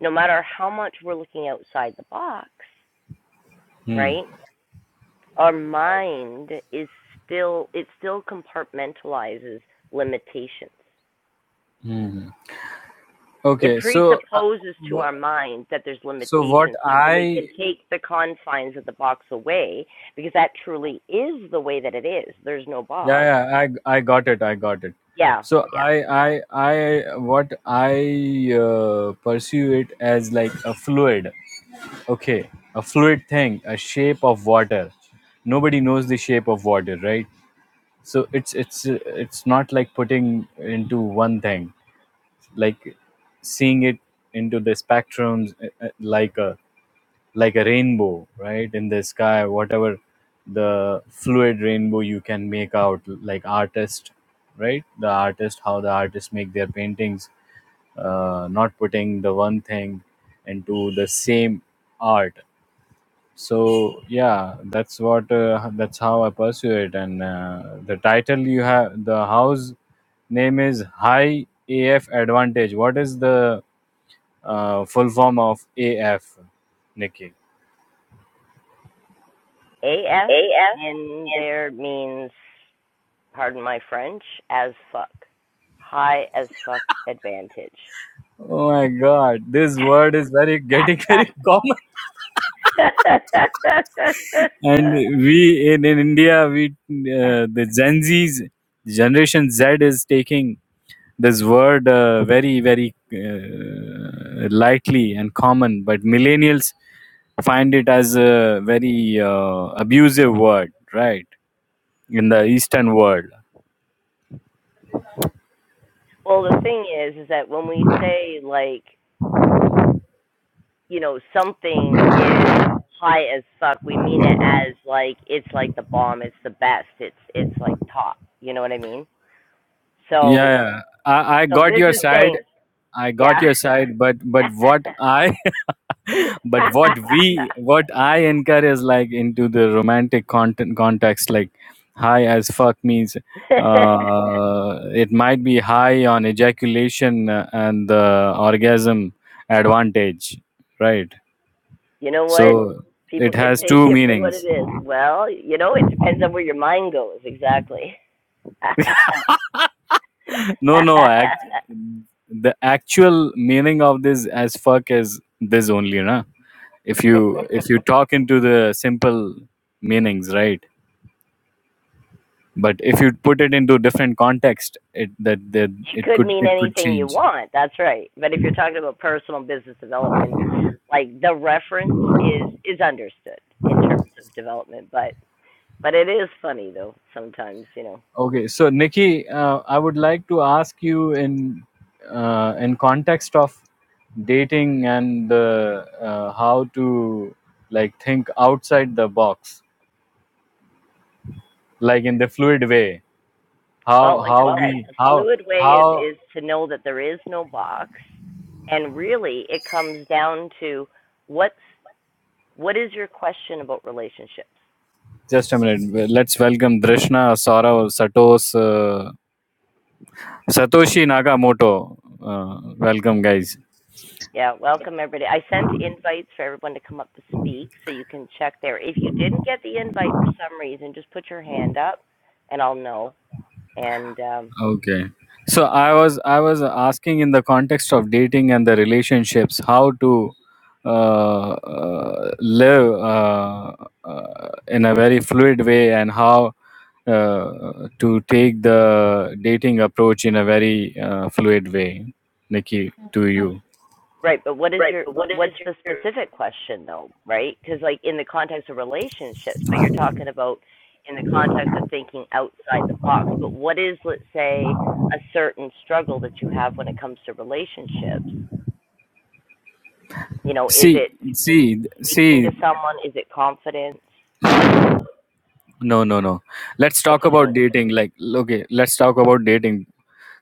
A: no matter how much we're looking outside the box,
D: Hmm.
A: right, our mind is still, it still compartmentalizes limitations.
D: Hmm.
A: it
D: Okay. So, uh,
A: presupposes to
D: wha-
A: our mind that there's
D: so what
A: limitations. So when we
D: I
A: can take the confines of the box away, because that truly is the way that it is, there's no
D: yeah
A: box.
D: yeah i i got it i got it
A: Yeah,
D: so
A: yeah.
D: i i i what i uh, pursue it as like a fluid okay a fluid thing a shape of water nobody knows the shape of water right so it's it's uh, it's not like putting into one thing like seeing it into the spectrums uh, uh, like a like a rainbow right in the sky whatever the fluid rainbow you can make out like artist right the artist how the artists make their paintings uh, not putting the one thing into the same art so yeah that's what uh, that's how i pursue it and uh, the title you have the house name is high af advantage what is the uh, full form of af nikki
A: AF in there means, pardon my French, as fuck. High as fuck advantage.
D: Oh my God, this word is very getting very common. And we in, in India, we uh, the Gen Z's generation Z is taking this word uh, very very uh, lightly and common, but millennials find it as a very uh, abusive word, right? In the Eastern world,
A: well, the thing is, is that when we say, like, you know, something is high as fuck, we mean it as like it's like the bomb, it's the best, it's it's like top. You know what I mean? So
D: yeah, yeah. I, I
A: so
D: got
A: this
D: your
A: is
D: side.
A: saying
D: I got
A: yeah.
D: your side, but but what I but what we what i encourage like into the romantic content context like high as fuck means uh, it might be high on ejaculation uh, and the orgasm advantage right
A: you know what?
D: so
A: People
D: it
A: can
D: has
A: take
D: two
A: it for what it
D: meanings
A: is. Well, you know, it depends on where your mind goes, exactly.
D: no no act, the actual meaning of this as fuck is this only na if you if you talk into the simple meanings right But if you put it into different context, it that that
A: It
D: it
A: could
D: could
A: mean
D: it could
A: anything you
D: change.
A: want. That's right. But if you're talking about personal business development, like the reference is is understood in terms of development. But but it is funny though sometimes. You know.
D: Okay, so Nikki, uh, I would like to ask you in uh, in context of dating and uh, uh, how to like think outside the box, like in the fluid way.
A: Well,
D: How
A: like I
D: how
A: said,
D: we
A: the
D: how
A: fluid way is
D: how
A: is to know that there is no box, and really it comes down to what's what is your question about relationships.
D: just a minute. Let's welcome Drishna, Saurav, Satos, uh, Satoshi Nakamoto. Uh, welcome, guys.
A: Yeah, welcome everybody. I sent invites for everyone to come up to speak, so you can check there. If you didn't get the invite for some reason, just put your hand up, and I'll know. And um,
D: Okay. So I was I was asking in the context of dating and the relationships how to uh, uh, live uh, uh, in a very fluid way and how uh, to take the dating approach in a very uh, fluid way, Nikki, to you.
A: right, but what is your but what's the specific question though? Right, because like in the context of relationships, but you're talking about in the context of thinking outside the box. But what is, let's say, a certain struggle that you have when it comes to relationships? You know, is
D: See,
A: it speak,
D: see,
A: speaking
D: see.
A: to someone? Is it confidence?
D: No, no, no. Let's
A: That's
D: talk
A: what I
D: about
A: mean.
D: dating. Like, okay, let's talk about dating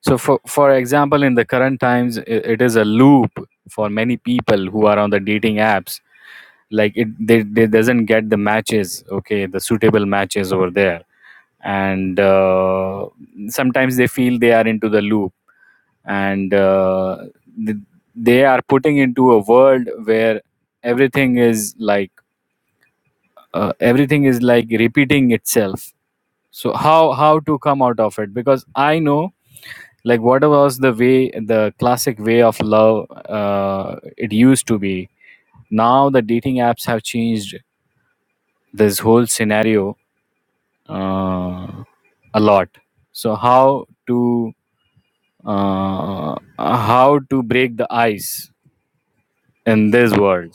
D: So, for for example, in the current times, i- it is a loop for many people who are on the dating apps. Like it, they, they doesn't get the matches, okay, the suitable matches over there, and uh, sometimes they feel they are into the loop, and uh, th- they are putting into a world where everything is like uh, everything is like repeating itself. So how how to come out of it? Because I know like what was the way the classic way of love uh, it used to be now the dating apps have changed this whole scenario uh, a lot so how to uh, how to break the ice in this world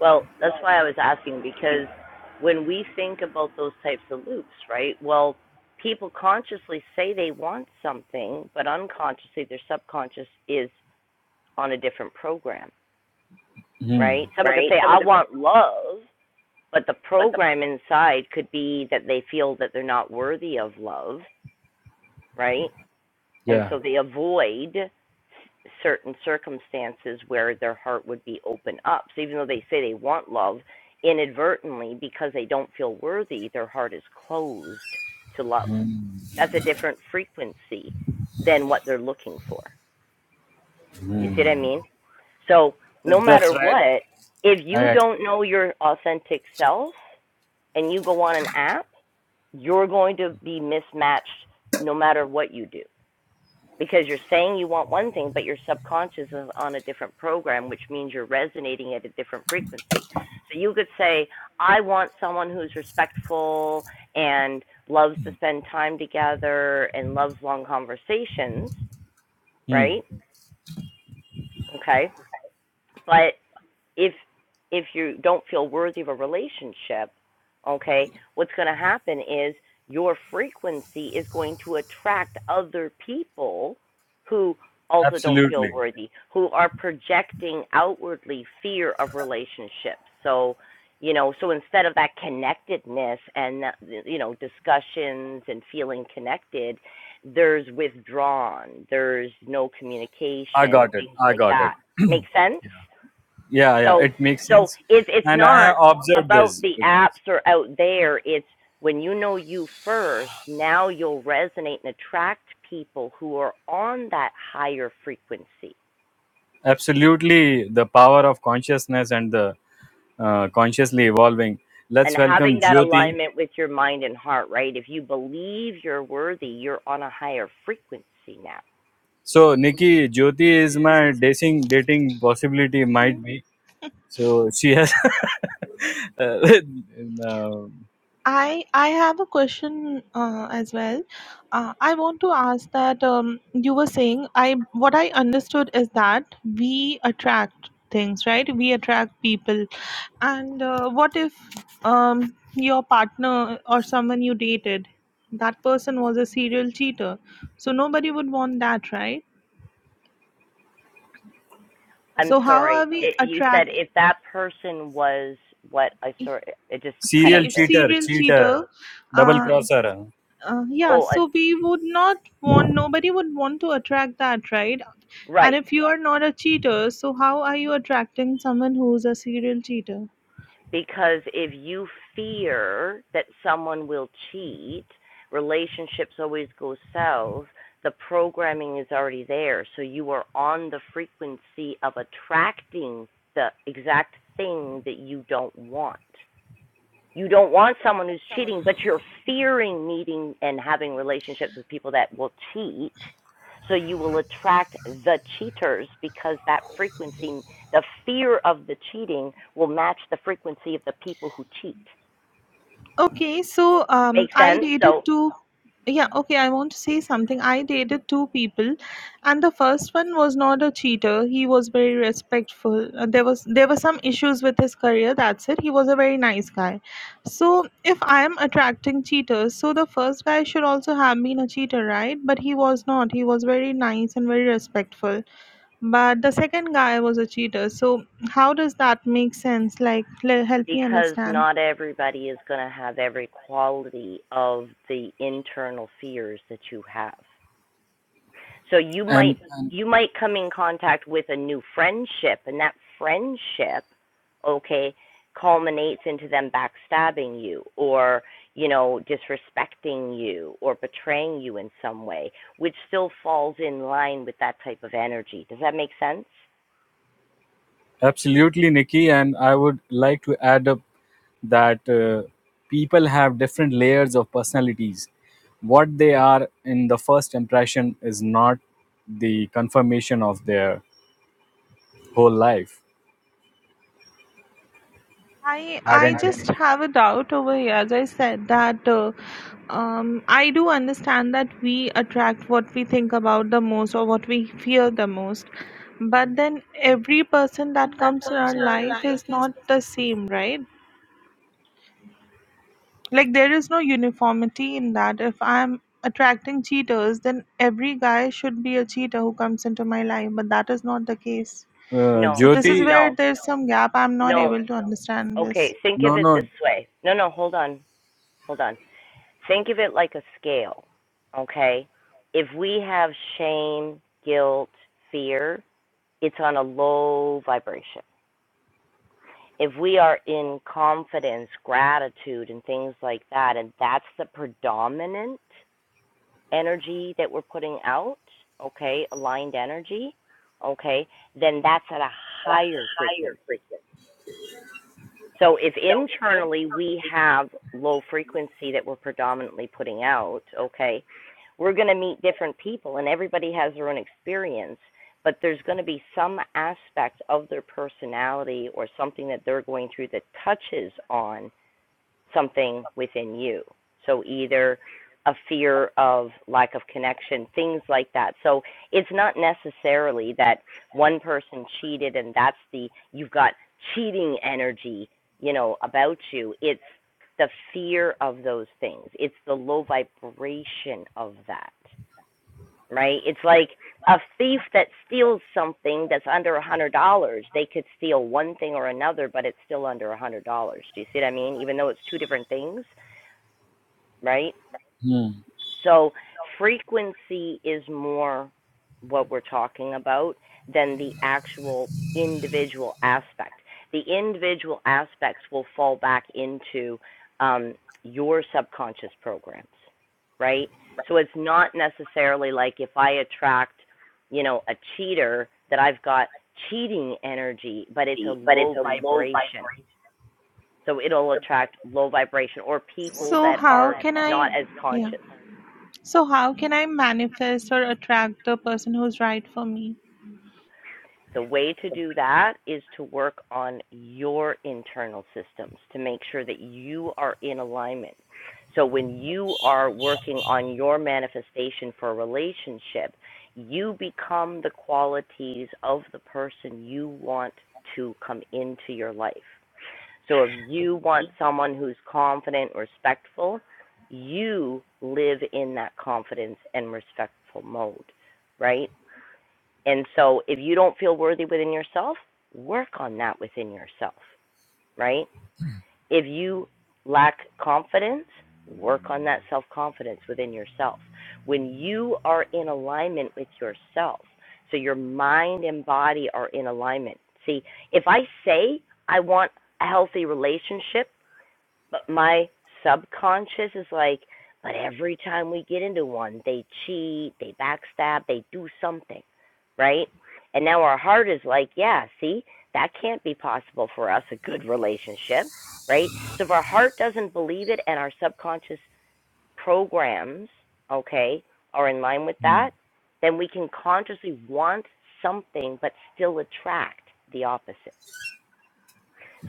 A: Well, that's why I was asking because when we think about those types of loops, right? Well, people consciously say they want something, but unconsciously their subconscious is on a different program,
D: Hmm.
A: right? Someone could say, I want love, but the program inside could be that they feel that they're not worthy of love, right? And
D: yeah
A: so they avoid certain circumstances where their heart would be open up. So even though they say they want love, inadvertently because they don't feel worthy, their heart is closed to love. That's a different frequency than what they're looking for. You see what I mean? So no
D: That- That's
A: matter
D: right.
A: what, if
D: I
A: you don't
D: agree.
A: know your authentic self and you go on an app, you're going to be mismatched no matter what you do because you're saying you want one thing, but your subconscious is on a different program, which means you're resonating at a different frequency. So you could say, I want someone who's respectful and loves to spend time together and loves long conversations,
D: Hmm.
A: right? Okay. But if if you don't feel worthy of a relationship, okay, what's going to happen is your frequency is going to attract other people who also don't feel
D: Absolutely.
A: worthy, who are projecting outwardly fear of relationships. So, you know, so instead of that connectedness and you know discussions and feeling connected, there's withdrawn, there's no
D: I
A: communication and
D: got it.
A: things
D: I
A: like
D: got
A: that.
D: it.
A: Make sense?
D: Yeah, yeah.
A: So
D: It makes
A: so
D: sense.
A: it's it's
D: And I
A: not
D: have observed
A: about
D: this
A: the
D: because
A: apps or out there. It's when you know you first, now you'll resonate and attract people who are on that higher frequency.
D: Absolutely, the power of consciousness and the uh, consciously evolving. Let's
A: And
D: welcome
A: having that
D: Jyoti.
A: alignment with your mind and heart, right? If you believe you're worthy, you're on a higher frequency now.
D: So, Nikki, Jyoti is my dating dating possibility might be. So she has uh,
E: I want to ask that um, you were saying I what I understood is that we attract things, right? We attract people. And uh, what if um, your partner or someone you dated, that person was a serial cheater? So nobody would want that, right?
A: I'm
E: So how are
A: sorry,
E: we
A: it, you said
E: attract
A: if that person was what I saw, it just cut
E: see
D: serial
A: out
E: if
A: there.
D: cheater,
E: serial
D: cheater,
E: cheater?
D: double
E: Uh,
D: crosser,
E: uh, yeah
A: Oh, I,
E: so we would not want nobody would want to attract that right and
A: right.
E: if you are not a cheater so how are you attracting someone who's a serial cheater
A: Because if you fear that someone will cheat, relationships always go south, the programming is already there. So you are on the frequency of attracting the exact thing that you don't want you don't want someone who's cheating, but you're fearing meeting and having relationships with people that will cheat. So you will attract the cheaters because that frequency, the fear of the cheating, will match the frequency of the people who cheat.
E: Okay, so um,
A: Make
E: I
A: sense?
E: dated
A: So
E: two. Yeah, okay, I want to say something. I dated two people, and the first one was not a cheater. He was very respectful. Uh, there was there were some issues with his career. That's it. He was a very nice guy. So if I am attracting cheaters, so the first guy should also have been a cheater, right? But he was not. He was very nice and very respectful. But the second guy was a cheater. So how does that make sense? Like, le- help me
A: because
E: understand.
A: not everybody is going to have every quality of the internal fears that you have. So you might
D: and
A: you might come in contact with a new friendship and that friendship, okay, culminates into them backstabbing you or, you know, disrespecting you or betraying you in some way, which still falls in line with that type of energy. Does that make sense?
D: Absolutely, Nikki. And I would like to add up that uh, people have different layers of personalities. What they are in the first impression is not the confirmation of their whole life
E: I I I just
D: identity.
E: don't. know. have a doubt over here. As I said that uh, um, I do understand that we attract what we think about the most or what we fear the most, but then every person that comes in our life is not the same, right? Like there is no uniformity in that. If I'm attracting cheaters, then every guy should be a cheater who comes into my life, but that is not the case.
D: Uh,
A: No.
E: So this is Exactly.
D: Jyoti,
A: No.
E: where there's some gap. I'm not
D: uh,
A: No.
E: able to understand this.
A: Okay, think of
D: no,
A: it
D: no.
A: this way. No, no, hold on. Hold on. Think of it like a scale, okay? If we have shame, guilt, fear, it's on a low vibration. If we are in confidence, gratitude, and things like that, and that's the predominant energy that we're putting out, okay, aligned energy, okay, then that's at a higher frequency. So if internally we have low frequency that we're predominantly putting out, okay, we're going to meet different people and everybody has their own experience, but there's going to be some aspect of their personality or something that they're going through that touches on something within you. So either a fear of lack of connection, things like that. So it's not necessarily that one person cheated and that's the you've got cheating energy, you know, about you. It's the fear of those things. It's the low vibration of that right? It's like a thief that steals something that's under a hundred dollars. They could steal one thing or another, but it's still under a hundred dollars. Do you see what I mean? Even though it's two different things, right?
D: Hmm,
A: So frequency is more what we're talking about than the actual individual aspect. The individual aspects will fall back into um, your subconscious programs, right? So it's not necessarily like if I attract, you know, a cheater that I've got cheating energy, but it's a low vibration. So it'll attract low vibration or people
E: So
A: that
E: how
A: are
E: can I
A: not as
E: yeah.
A: conscious.
E: So how can I manifest or attract the person who's right for me?
A: The way to do that is to work on your internal systems to make sure that you are in alignment. So when you are working on your manifestation for a relationship, you become the qualities of the person you want to come into your life. So if you want someone who's confident, respectful, you live in that confidence and respectful mode, right? And so if you don't feel worthy within yourself, work on that within yourself, right? If you lack confidence, work on that self confidence within yourself. When you are in alignment with yourself, so your mind and body are in alignment. See, if I say I want a healthy relationship, but my subconscious is like, but every time we get into one, they cheat, they backstab, they do something, right? And now our heart is like, yeah, see, that can't be possible for us, a good relationship, right? So if our heart doesn't believe it and our subconscious programs, okay, are in line with
D: hmm,
A: that, then we can consciously want something but still attract the opposite.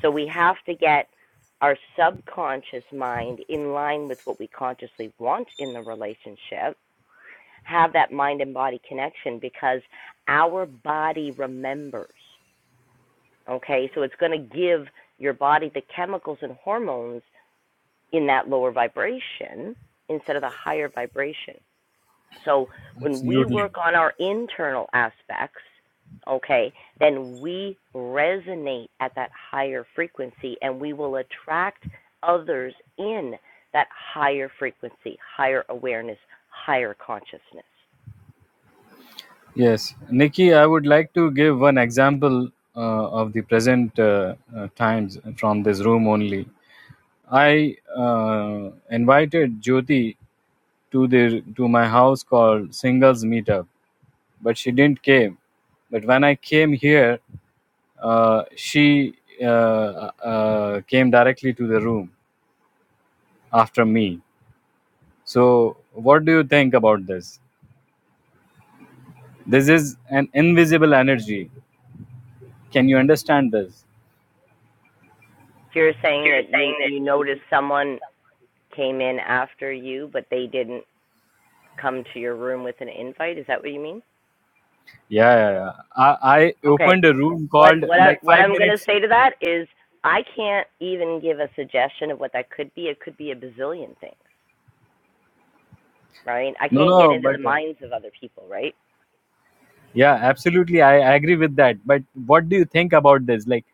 A: So we have to get our subconscious mind in line with what we consciously want in the relationship, have that mind and body connection because our body remembers. Okay, so it's going to give your body the chemicals and hormones in that lower vibration instead of the higher vibration. So when we
D: absolutely.
A: work on our internal aspects, okay, then we resonate at that higher frequency and we will attract others in that higher frequency, higher awareness, higher consciousness.
D: Yes. Nikki, I would like to give one example uh, of the present uh, uh, times from this room only. I uh, invited Jyoti to their to my house called singles meetup but she didn't came but when i came here uh, she uh, uh, came directly to the room after me so what do you think about this this is an invisible energy can you understand this
A: If You're saying that you you notice someone came in after you but they didn't come to your room with an invite, is that what you mean?
D: yeah, yeah, yeah. I, I
A: Okay,
D: opened a room
A: what
D: called
A: what I,
D: like
A: what
D: five
A: I'm going to
D: minutes
A: say to that is I can't even give a suggestion of what that could be. It could be a bazillion things, right? I
D: no
A: can't get
D: no
A: into the
D: but uh,
A: minds of other people, right?
D: Yeah, absolutely. I, I agree with that. But what do you think about this? Like,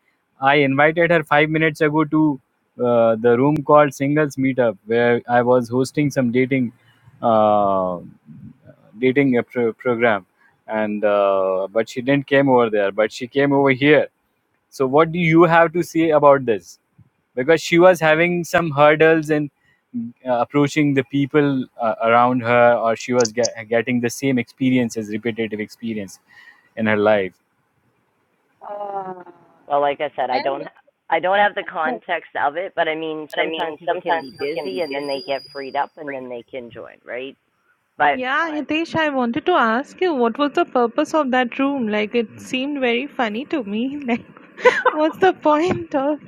D: I invited her five minutes ago to uh, the room called Singles Meetup, where I was hosting some dating uh, dating uh, pro- program, and uh, but she didn't came over there. But she came over here. So, what do you have to say about this? Because she was having some hurdles in uh, approaching the people uh, around her, or she was get, getting the same experiences, repetitive experience in her life.
F: Uh,
A: Well, like I said, I
F: well,
A: don't I don't have the
F: well,
A: context of it, but I mean, sometimes people can be busy and then they get freed up and then they can join, right? But
E: Yeah, Hitesh, I wanted to ask you what was the purpose of that room? Like it seemed very funny to me. Like what's the point of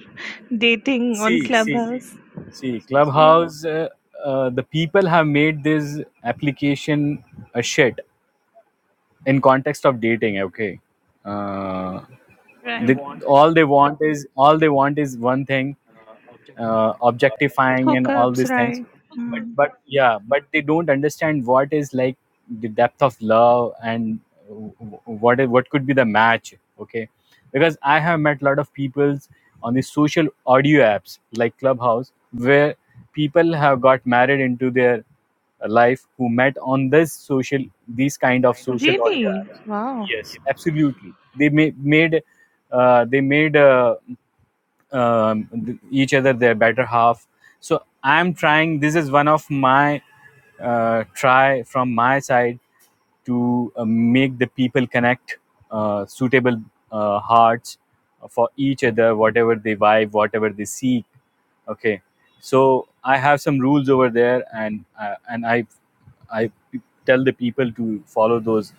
E: dating on
D: See, see,
E: Clubhouse?
D: see, Clubhouse, uh, uh, the people have made this application a shit in context of dating. Okay, uh,
E: Right.
D: they, all they want is all they want is one thing. uh, objectifying and all
E: Hookups,
D: these things
E: right.
D: but
E: Hmm.
D: but yeah but they don't understand what is like the depth of love and w- w- what is, what could be the match okay because i have met a lot of peoples on the social audio apps like clubhouse where people have got married into their life who met on this social these kind of social audio
E: Really?
D: apps
E: Wow.
D: yes absolutely they ma- made uh, they made uh, um, th- each other their better half so i'm trying this is one of my uh, try from my side to uh, make the people connect uh, suitable uh, hearts for each other whatever they vibe whatever they seek okay so i have some rules over there and uh, and i i tell the people to follow those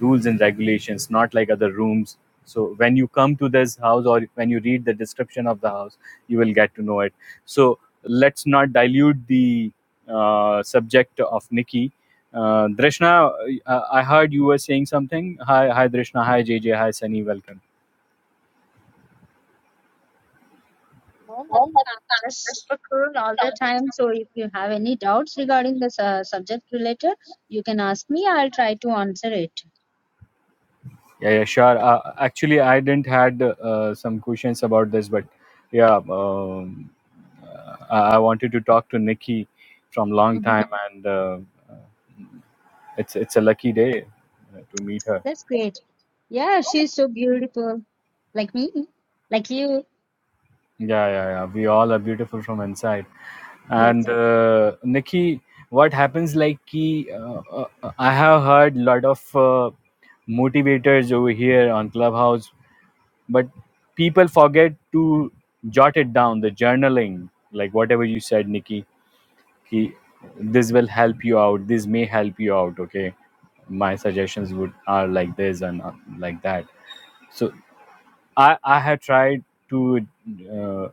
D: rules and regulations not like other rooms so when you come to this house or when you read the description of the house you will get to know it so let's not dilute the uh, subject of nikki uh, drishna uh, I heard you were saying something. Hi, hi, Drishna. Hi, J J. Hi, Sunny. Welcome.
F: no, nothing. I'm just super cool all the time. So if you have any doubts regarding this uh, subject related, you can ask me. I'll try to answer it.
D: Yeah, yeah, sure. Uh, actually, I didn't had uh, some questions about this, but yeah, um, uh, I I wanted to talk to Nikki from long time,
F: hmm
D: and uh, it's it's a lucky day uh, to meet her.
F: That's great. Yeah, she's so beautiful, like me, like you.
D: Yeah, yeah, yeah. We all are beautiful from inside.
F: Yes.
D: And uh, Nikki, what happens like ki, uh, uh, I have heard lot of uh, motivators over here on Clubhouse but people forget to jot it down the journaling like whatever you said nikki he, this will help you out this may help you out okay my suggestions would are like this and uh, like that so i i have tried to uh,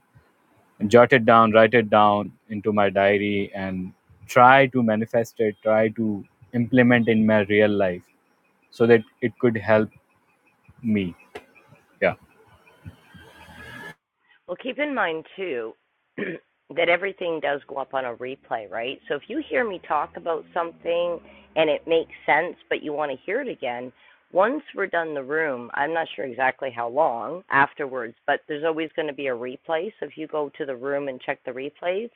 D: jot it down write it down into my diary and try to manifest it try to implement in my real life so that it could help me yeah
A: Well, keep in mind too that everything does go up on a replay, right? So if you hear me talk about something and it makes sense, but you want to hear it again, once we're done the room, I'm not sure exactly how long afterwards, but there's always going to be a replay. So if you go to the room and check the replays,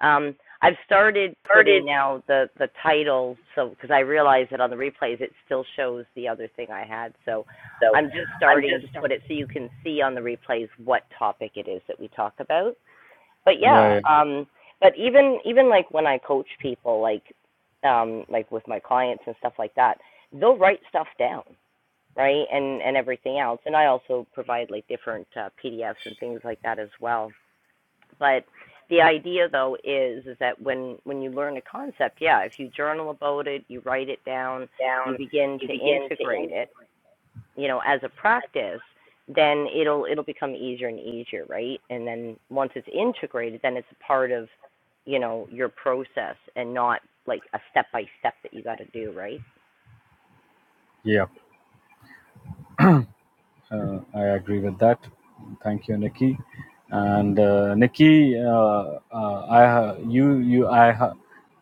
A: um, I've started putting now the the title, so because I realize that on the replays it still shows the other thing I had. So I'm just starting to put it so you can see on the replays what topic it is that we talk about. But
D: yeah
A: yeah,
D: yeah,
A: um, but even even like when I coach people, like um, like with my clients and stuff like that, they'll write stuff down, right, and and everything else. And I also provide like different uh, PDFs and things like that as well. But the idea though is is that when when you learn a concept, yeah, if you journal about it, you write it down, you begin to integrate it, you know, as a practice, then it'll it'll become easier and easier, right? And then once it's integrated, then it's a part of, you know, your process and not like a step by step that you got to do, right?
D: yeah. Uh, I agree with that. Thank you, Nikki. And uh, Nikki, uh, uh, I ha- you you I ha-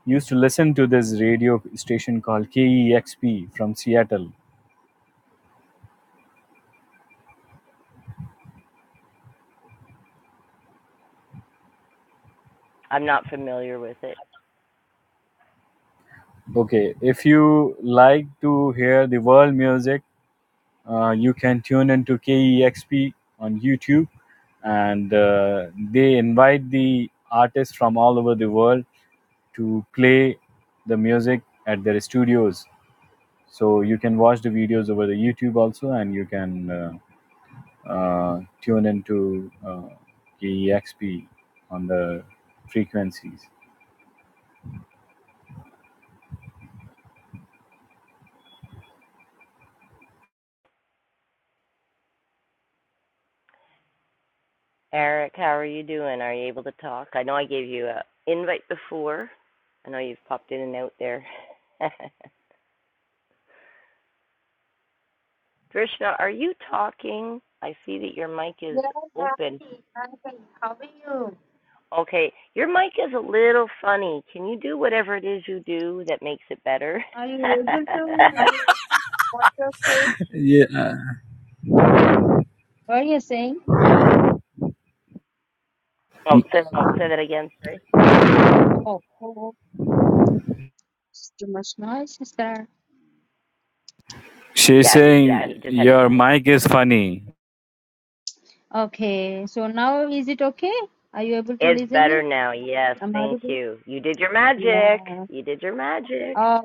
D: used to listen to this radio station called KEXP from Seattle.
A: I'm not familiar with it.
D: Okay, if you like to hear the world music, uh, you can tune into KEXP on YouTube, and uh, they invite the artists from all over the world to play the music at their studios So you can watch the videos over the YouTube also, and you can uh, uh, tune into uh, KEXP on the frequencies.
A: Eric, how are you doing? Are you able to talk? I know I gave you a invite before. I know you've popped in and out there. Krishna, are you talking? I see that your mic is
F: Yeah,
A: open.
F: happy. Happy. How are you?
A: Okay, your mic is a little funny. Can you do whatever it is you do that makes it better?
F: Are you able to what you're saying? What are you saying?
A: oh, say that again, sorry.
F: Oh, oh, oh, it's too much noise, sister.
D: She's
A: Yeah,
D: saying
A: he just had his
D: your
A: mic.
D: mic is funny.
F: Okay, so now is it okay? Are you able to
A: It's
F: listen
A: better
F: me?
A: now. Yes,
F: I'm
A: thank
F: audible.
A: you. You did your magic.
F: Yeah.
A: You did your magic.
F: Oh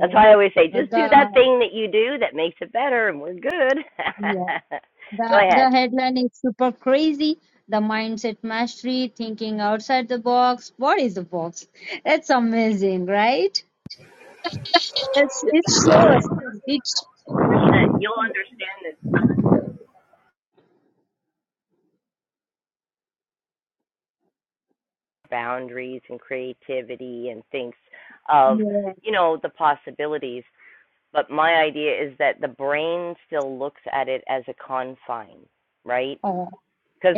A: That's why I always say,
F: Uh,
A: just
F: The
A: do that thing that you do that makes it better, and we're good.
F: yeah.
A: Go
F: The the
A: ahead.
F: headline is super crazy. The mindset mastery, thinking outside the box. What is the box? That's amazing, right? It's it shows. It
A: Boundaries and creativity and thinks of,
F: yeah.
A: you know, the possibilities. But my idea is that the brain still looks at it as a confine, right?
F: Oh,
A: because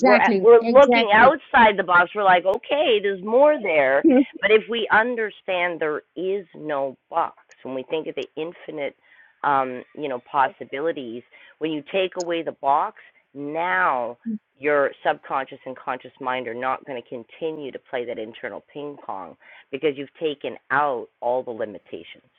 A: we're at, we're looking
F: Exactly.
A: outside the box. We're like, okay, there's more there, but if we understand there is no box, when we think of the infinite, um, you know, possibilities, when you take away the box, now your subconscious and conscious mind are not going to continue to play that internal ping pong because you've taken out all the limitations.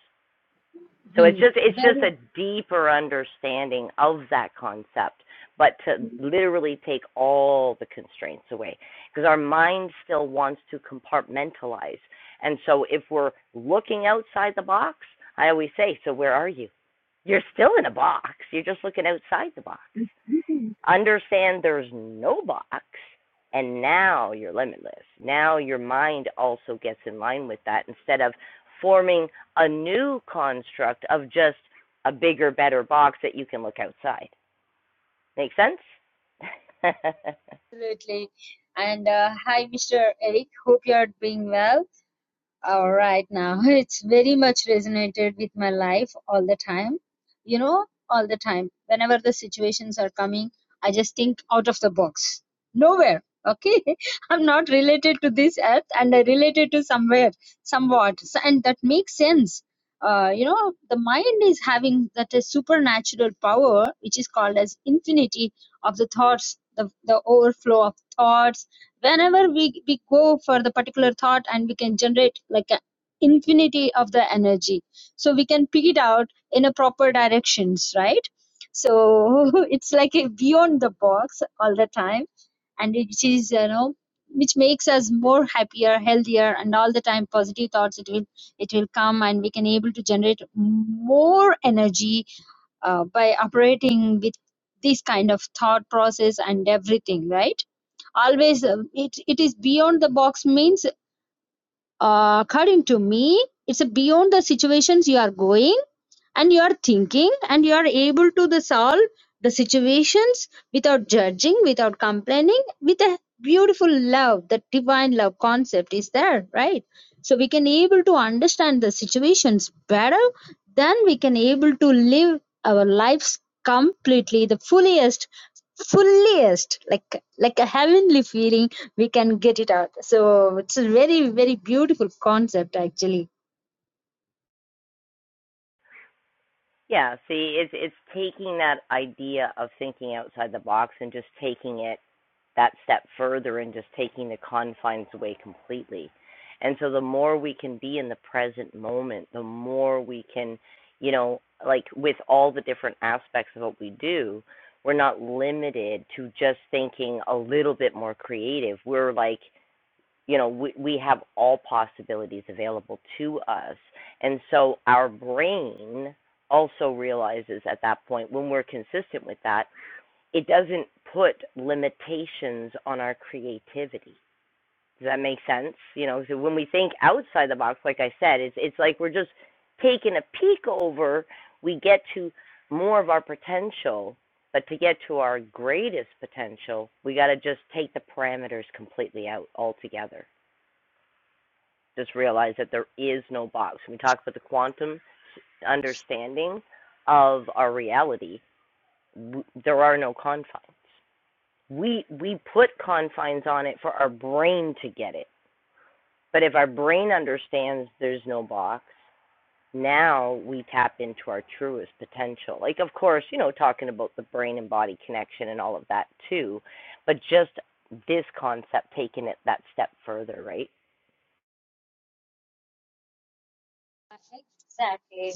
A: So it's
F: Mhm.
A: just it's just
F: Very.
A: a deeper understanding of that concept, but to
F: hmm,
A: literally take all the constraints away because our mind still wants to compartmentalize. And so if we're looking outside the box, I always say, so where are you? You're still in a box. You're just looking outside the box.
F: hmm.
A: Understand there's no box, and now you're limitless. Now your mind also gets in line with that instead of forming a new construct of just a bigger, better box that you can look outside. Make sense?
F: Absolutely. And uh, hi, Mr. Eric. Hope you're doing well. All right, now it's very much resonated with my life all the time. You know, all the time. Whenever the situations are coming, I just think out of the box. Nowhere. Okay, I'm not related to this earth, and I related to somewhere, somewhat, So- and that makes sense. Uh, you know, the mind is having that a supernatural power, which is called as infinity of the thoughts, the the overflow of thoughts whenever we, we go for the particular thought and we can generate like an infinity of the energy so we can pick it out in a proper directions right so it's like a beyond the box all the time and it is you know which makes us more happier healthier and all the time positive thoughts it will it will come and we can able to generate more energy uh, by operating with this kind of thought process and everything right always uh, it it is beyond the box means uh, according to me it's a beyond the situations you are going and you are thinking and you are able to the solve the situations without judging without complaining with a beautiful love the divine love concept is there right so we can able to understand the situations better then we can able to live our lives completely the fullest fullest like like a heavenly feeling we can get it out so it's a very very beautiful concept actually
A: yeah, see, it's it's taking that idea of thinking outside the box and just taking it that step further and just taking the confines away completely. And so the more we can be in the present moment, the more we can, you know, like with all the different aspects of what we do, we're not limited to just thinking a little bit more creative. We're like, you know, we, we have all possibilities available to us. And so our brain also realizes at that point when we're consistent with that it doesn't put limitations on our creativity. Does that make sense? You know, so when we think outside the box, like I said, it's it's like we're just taking a peek over. We get to more of our potential, but to get to our greatest potential, we got to just take the parameters completely out altogether. Just realize that there is no box. When we talk about the quantum understanding of our reality, there are no confines we we put confines on it for our brain to get it. But if our brain understands there's no box, now we tap into our truest potential. Like of course, you know, talking about the brain and body connection and all of that too, but just this concept taking it that step further, right?
F: exactly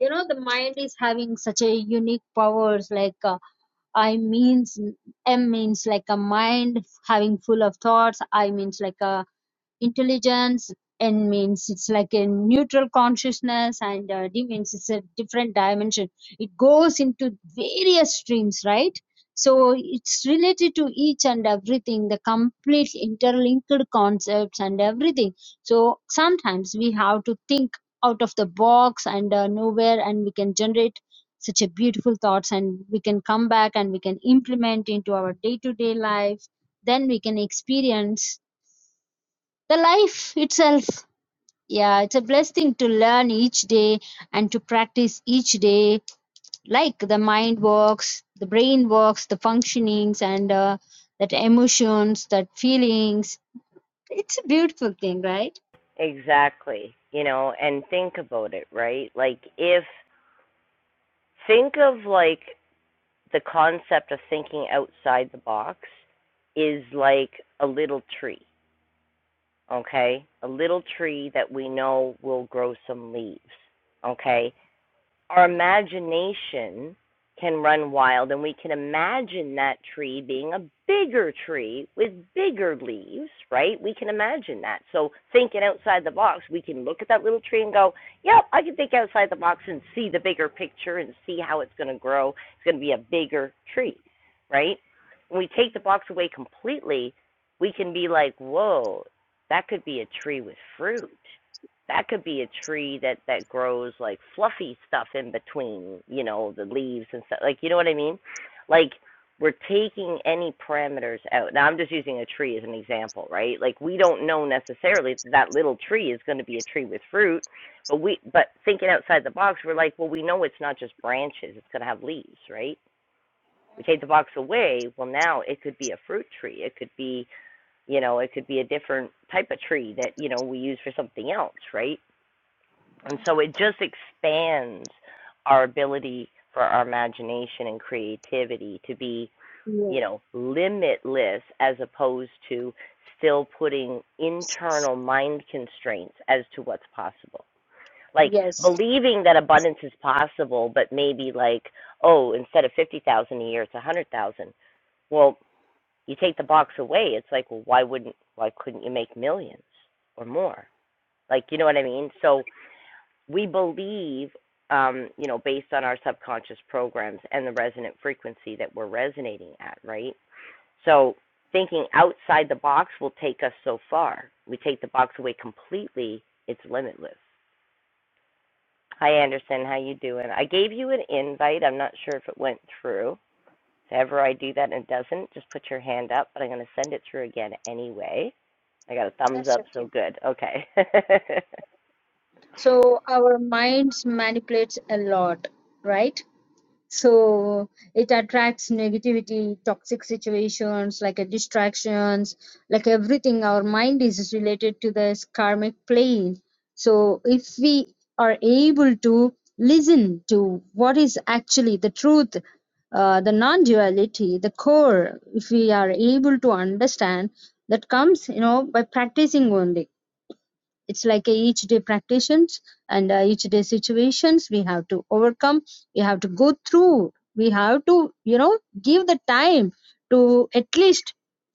F: you know the mind is having such a unique powers like uh, i means m means like a mind having full of thoughts i means like a intelligence and means it's like a neutral consciousness and uh, d means it's a different dimension it goes into various streams right so it's related to each and everything the complete interlinked concepts and everything so sometimes we have to think out of the box and uh, nowhere and we can generate such a beautiful thoughts and we can come back and we can implement into our day-to-day life then we can experience the life itself, yeah, it's a blessing to learn each day and to practice each day, like the mind works, the brain works, the functionings, and uh, that emotions, that feelings. It's a beautiful thing, right?
A: Exactly. You know, and think about it, right? Like if think of like the concept of thinking outside the box is like a little tree okay? A little tree that we know will grow some leaves, okay? our imagination can run wild and we can imagine that tree being a bigger tree with bigger leaves, right? We can imagine that. So thinking outside the box, we can look at that little tree and go, "Yep, I can think outside the box and see the bigger picture and see how it's going to grow. It's going to be a bigger tree." Right? When we take the box away completely, we can be like, "Whoa, that could be a tree with fruit." that could be a tree that that grows like fluffy stuff in between, you know, the leaves and stuff. Like, you know what I mean? Like we're taking any parameters out. Now I'm just using a tree as an example, right? Like we don't know necessarily that, that little tree is going to be a tree with fruit, but we but thinking outside the box, we're like, well, we know it's not just branches; it's going to have leaves, right? We take the box away. Well, now it could be a fruit tree. It could be, you know, it could be a different type of tree that you know we use for something else, right? And so it just expands our ability for our imagination and creativity to be, you
F: Yes,
A: know, limitless as opposed to still putting internal mind constraints as to what's possible. Like
F: yes,
A: believing that abundance is possible, but maybe like, oh, instead of 50,000 a year, it's 100,000. Well, you take the box away, it's like, well, why wouldn't, why couldn't you make millions or more? Like, you know what I mean? So, we believe, um, you know, based on our subconscious programs and the resonant frequency that we're resonating at, right? So thinking outside the box will take us so far. We take the box away completely, it's limitless. Hi Anderson, how you doing? I gave you an invite. I'm not sure if it went through. If ever I do that and it doesn't, just put your hand up, but I'm going to send it through again anyway. I got a thumbs
F: that's
A: up,
F: okay.
A: so good. Okay.
F: So our minds manipulates a lot, right? so it attracts negativity toxic situations like a distractions like everything our mind is related to this karmic plane so if we are able to listen to what is actually the truth uh, the non-duality the core if we are able to understand that comes you know by practicing only it's like a each day practitioners and uh, each day situations we have to overcome we have to go through we have to you know give the time to at least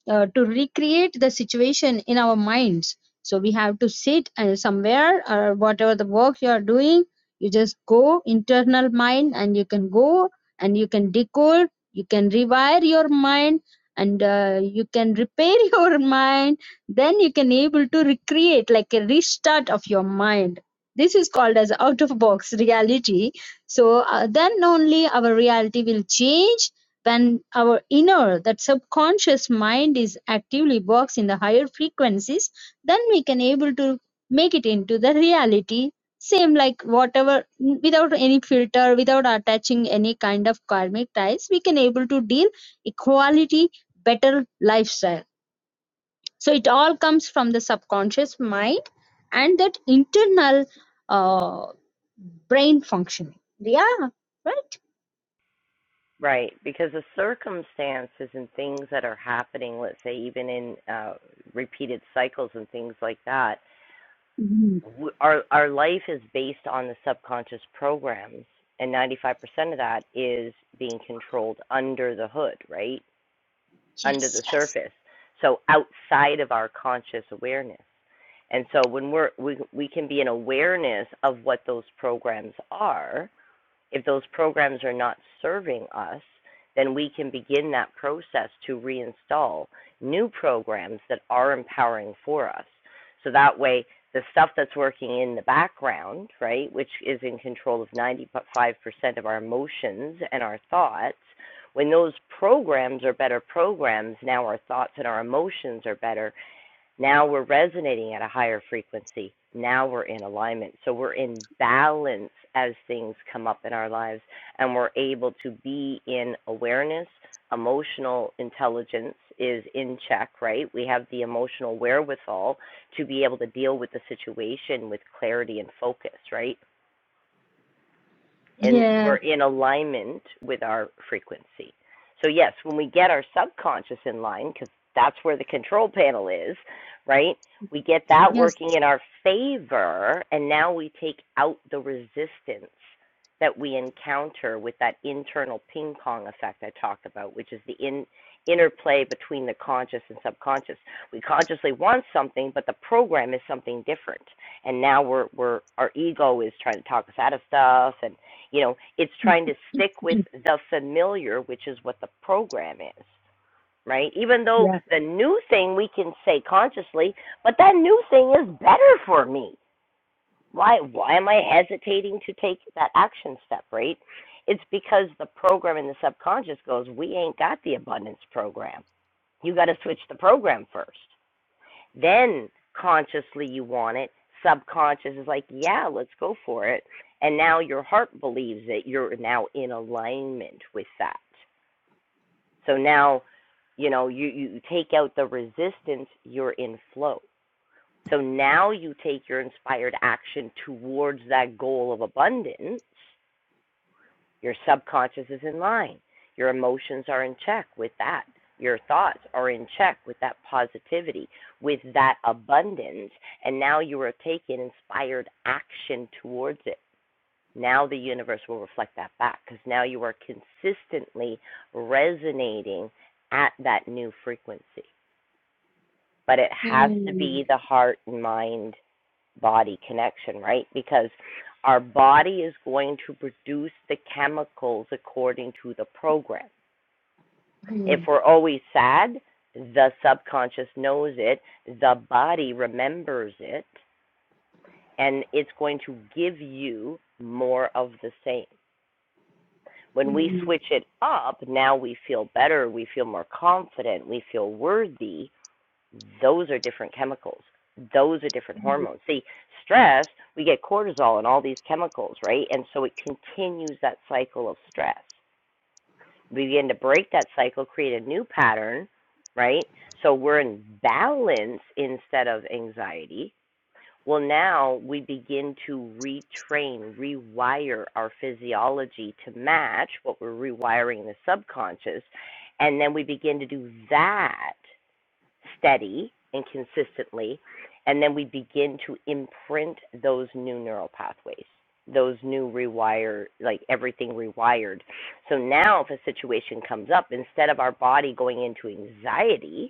F: uh, to recreate the situation in our minds so we have to sit and somewhere or whatever the work you are doing you just go internal mind and you can go and you can decode you can rewire your mind and uh, you can repair your mind then you can able to recreate like a restart of your mind this is called as out of box reality so uh, then only our reality will change when our inner that subconscious mind is actively works in the higher frequencies then we can able to make it into the reality same like whatever without any filter without attaching any kind of karmic ties we can able to deal equality better lifestyle so it all comes from the subconscious mind and that internal uh, brain functioning yeah right
A: Right, because the circumstances and things that are happening, let's say even in uh, repeated cycles and things like that,
F: Mhm.
A: w- our our life is based on the subconscious programs, and 95% of that is being controlled under the hood, right, under
F: Yes,
A: the
F: yes.
A: surface, so outside of our conscious awareness. And so when we're we we can be in awareness of what those programs are, if those programs are not serving us, then we can begin that process to reinstall new programs that are empowering for us. So that way, the stuff that's working in the background, right, which is in control of 95% of our emotions and our thoughts, when those programs are better programs, now our thoughts and our emotions are better, now we're resonating at a higher frequency. Now we're in alignment. So we're in balance as things come up in our lives, and we're able to be in awareness. Emotional intelligence is in check, right? We have the emotional wherewithal to be able to deal with the situation with clarity and focus, right? and
F: yeah
A: we're in alignment with our frequency. So, yes, when we get our subconscious in line, because that's where the control panel is, right? We get that
F: yes
A: working in our favor, and now we take out the resistance that we encounter with that internal ping pong effect I talked about, which is the in, interplay between the conscious and subconscious. We consciously want something, but the program is something different. And now we're, we're our ego is trying to talk us out of stuff, and you know, it's trying to
F: It-
A: stick with
F: is.
A: the familiar, which is what the program is, right? Even though
F: yeah
A: the new thing we can say consciously, but that new thing is better for me. Why why am I hesitating to take that action step, right? It's because the program in the subconscious goes, We ain't got the abundance program. You gotta switch the program first. Then consciously you want it. Subconscious is like, yeah, let's go for it. And now your heart believes it. You're now in alignment with that. So now, you know, you, you take out the resistance, you're in flow. So now you take your inspired action towards that goal of abundance your subconscious is in line. Your emotions are in check with that. Your thoughts are in check with that positivity, with that abundance. And now you are taking inspired action towards it. Now the universe will reflect that back because now you are consistently resonating at that new frequency. But it has to
F: Hmm.
A: be the heart and mind body connection, right? Because our body is going to produce the chemicals according to the program. If
F: Hmm.
A: we're always sad, the subconscious knows it, the body remembers it, and it's going to give you more of the same. When we
F: Hmm.
A: switch it up, now we feel better, we feel more confident, we feel worthy, Those are different chemicals. Those are different hormones. See, stress, we get cortisol and all these chemicals, right? And so it continues that cycle of stress. We begin to break that cycle, create a new pattern, right? So we're in balance instead of anxiety. Well, now we begin to retrain, rewire our physiology to match what we're rewiring in the subconscious. And then we begin to do that steady and consistently, and then we begin to imprint those new neural pathways, those new rewire, like everything rewired. So now, if a situation comes up, instead of our body going into anxiety,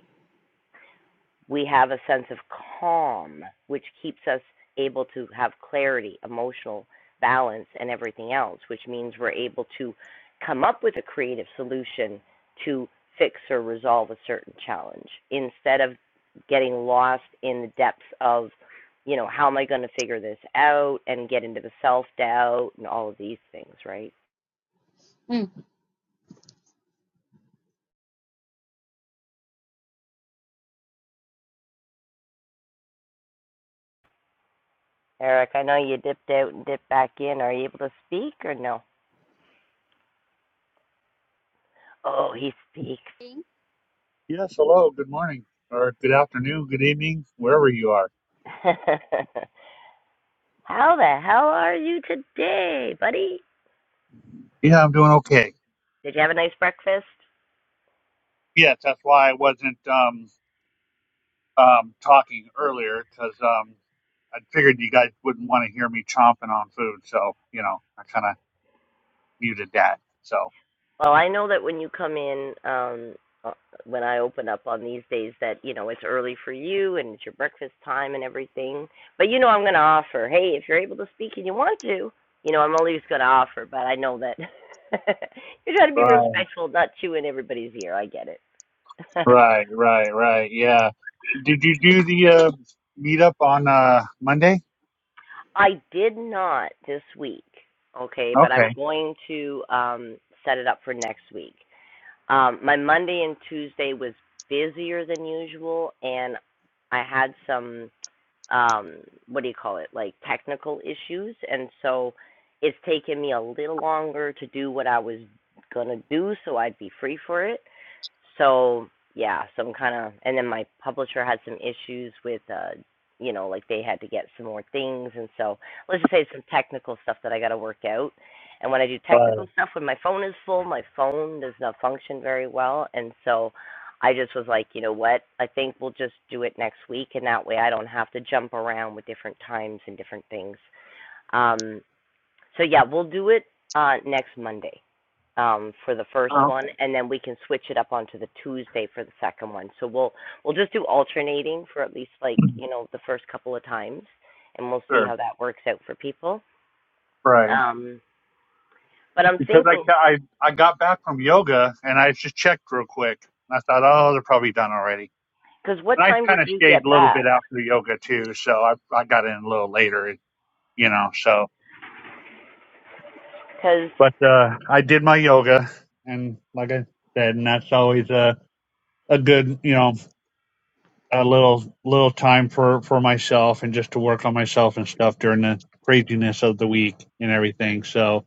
A: we have a sense of calm, which keeps us able to have clarity, emotional balance, and everything else, which means we're able to come up with a creative solution to fix or resolve a certain challenge instead of getting lost in the depths of, you know, how am I going to figure this out and get into the self doubt and all of these things, right?
F: Hmm.
A: Eric, I know you dipped out and dipped back in. Are you able to speak or no? Oh, he speaks.
F: Hmm.
G: Yes, hello, good morning, or good afternoon, good evening, wherever you are.
A: How the hell are you today, buddy?
G: Yeah, I'm doing okay.
A: Did you have a nice breakfast?
G: Yes, that's why I wasn't um, um, talking earlier because um, I figured you guys wouldn't want to hear me chomping on food, so you know I kind of muted that. So
A: Well, I know that when you come in, um, uh, when I open up on these days, that you know it's early for you and it's your breakfast time and everything. But you know, I'm going to offer. Hey, if you're able to speak and you want to, you know, I'm always going to offer. But I know that you're trying to be
G: right,
A: respectful, not chewing everybody's ear. I get it.
G: right, right, right. Yeah. Did you do the uh, meetup on uh, Monday?
A: I did not this week, okay, but I'm
G: Okay.
A: going to um, set it up for next week. Um, my Monday and Tuesday was busier than usual, and I had some um, what do you call it, like technical issues, and so it's taken me a little longer to do what I was gonna do, so I'd be free for it so yeah, some kind of, and then my publisher had some issues with, uh, you know, like they had to get some more things, and so let's just say some technical stuff that I got to work out. And when I do
G: Right.
A: technical stuff, when my phone is full, my phone does not function very well, and so I just was like, you know what? I think we'll just do it next week, and that way I don't have to jump around with different times and different things. Um, so yeah, we'll do it uh, next Monday um, for the first
G: Oh,
A: one,
G: Okay.
A: and then we can switch it up onto the Tuesday for the second one. So we'll we'll just do alternating for at least like you know the first couple of times, and we'll see
G: Sure.
A: how that works out for people.
G: Right.
A: Um, but I'm
G: because I,
A: thinking,
G: ca- I I got back from yoga and I just checked real quick and I thought, oh, they're probably done already.
A: because what
G: And I
A: time
G: kind
A: did
G: of
A: you
G: stayed
A: get
G: a little
A: back?
G: bit after yoga too, so I I got in a little later, you know. So,
A: Because
G: but uh, I did my yoga, and like I said, and that's always a a good you know a little little time for for myself and just to work on myself and stuff during the craziness of the week and everything. So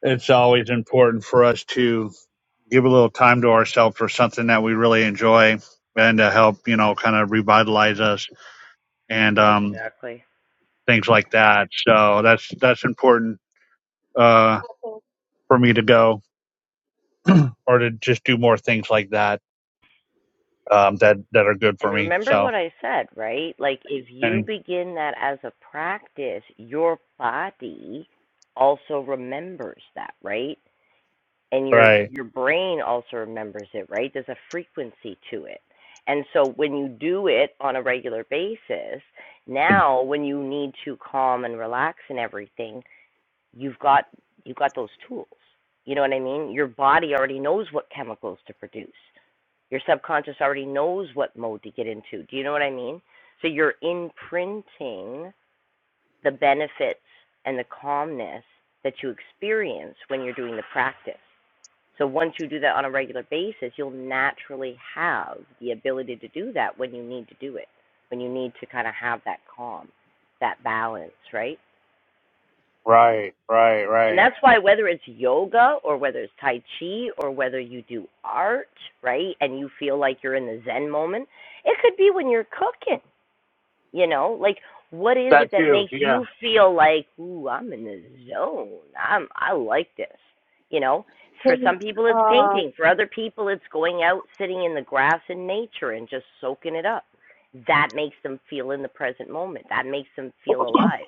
G: it's always important for us to give a little time to ourselves for something that we really enjoy and to help, you know, kind of revitalize us and um,
A: exactly.
G: things like that. So that's that's important uh, for me to go or to just do more things like that um, that that are good
A: And
G: for me.
A: remember
G: So
A: what I said, right? Like if you
G: and,
A: begin that as a practice, your body also remembers that, right? and your
G: right,
A: your brain also remembers it right there's a frequency to it and so when you do it on a regular basis now when you need to calm and relax and everything you've got you've got those tools you know what i mean your body already knows what chemicals to produce your subconscious already knows what mode to get into do you know what i mean so you're imprinting the benefits and the calmness that you experience when you're doing the practice so once you do that on a regular basis, you'll naturally have the ability to do that when you need to do it, when you need to kind of have that calm, that balance, right?
G: right, right,
A: And
G: right.
A: that's why whether it's yoga or whether it's tai chi or whether you do art, right, and you feel like you're in the zen moment, it could be when you're cooking you know, like what is
G: That
A: it that
G: too,
A: makes
G: yeah.
A: you feel like, ooh, I'm in the zone. I'm I like this. You know, for
F: Okay.
A: some people it's painting, for other people it's going out, sitting in the grass in nature and just soaking it up. That makes them feel in the present moment. That makes them feel alive,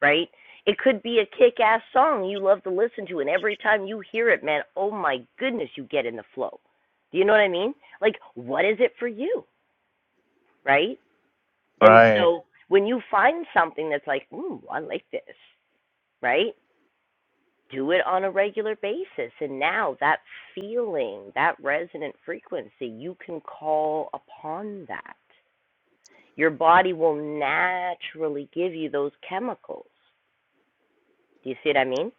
A: right? It could be a kick ass song you love to listen to, and every time you hear it, man, oh my goodness, you get in the flow. Do you know what I mean? Like, what is it for you, right? And
G: Right,
A: so when you find something that's like, ooh, I like this, right? Do it on a regular basis. And now that feeling, that resonant frequency, you can call upon that. Your body will naturally give you those chemicals. Do you see what I mean?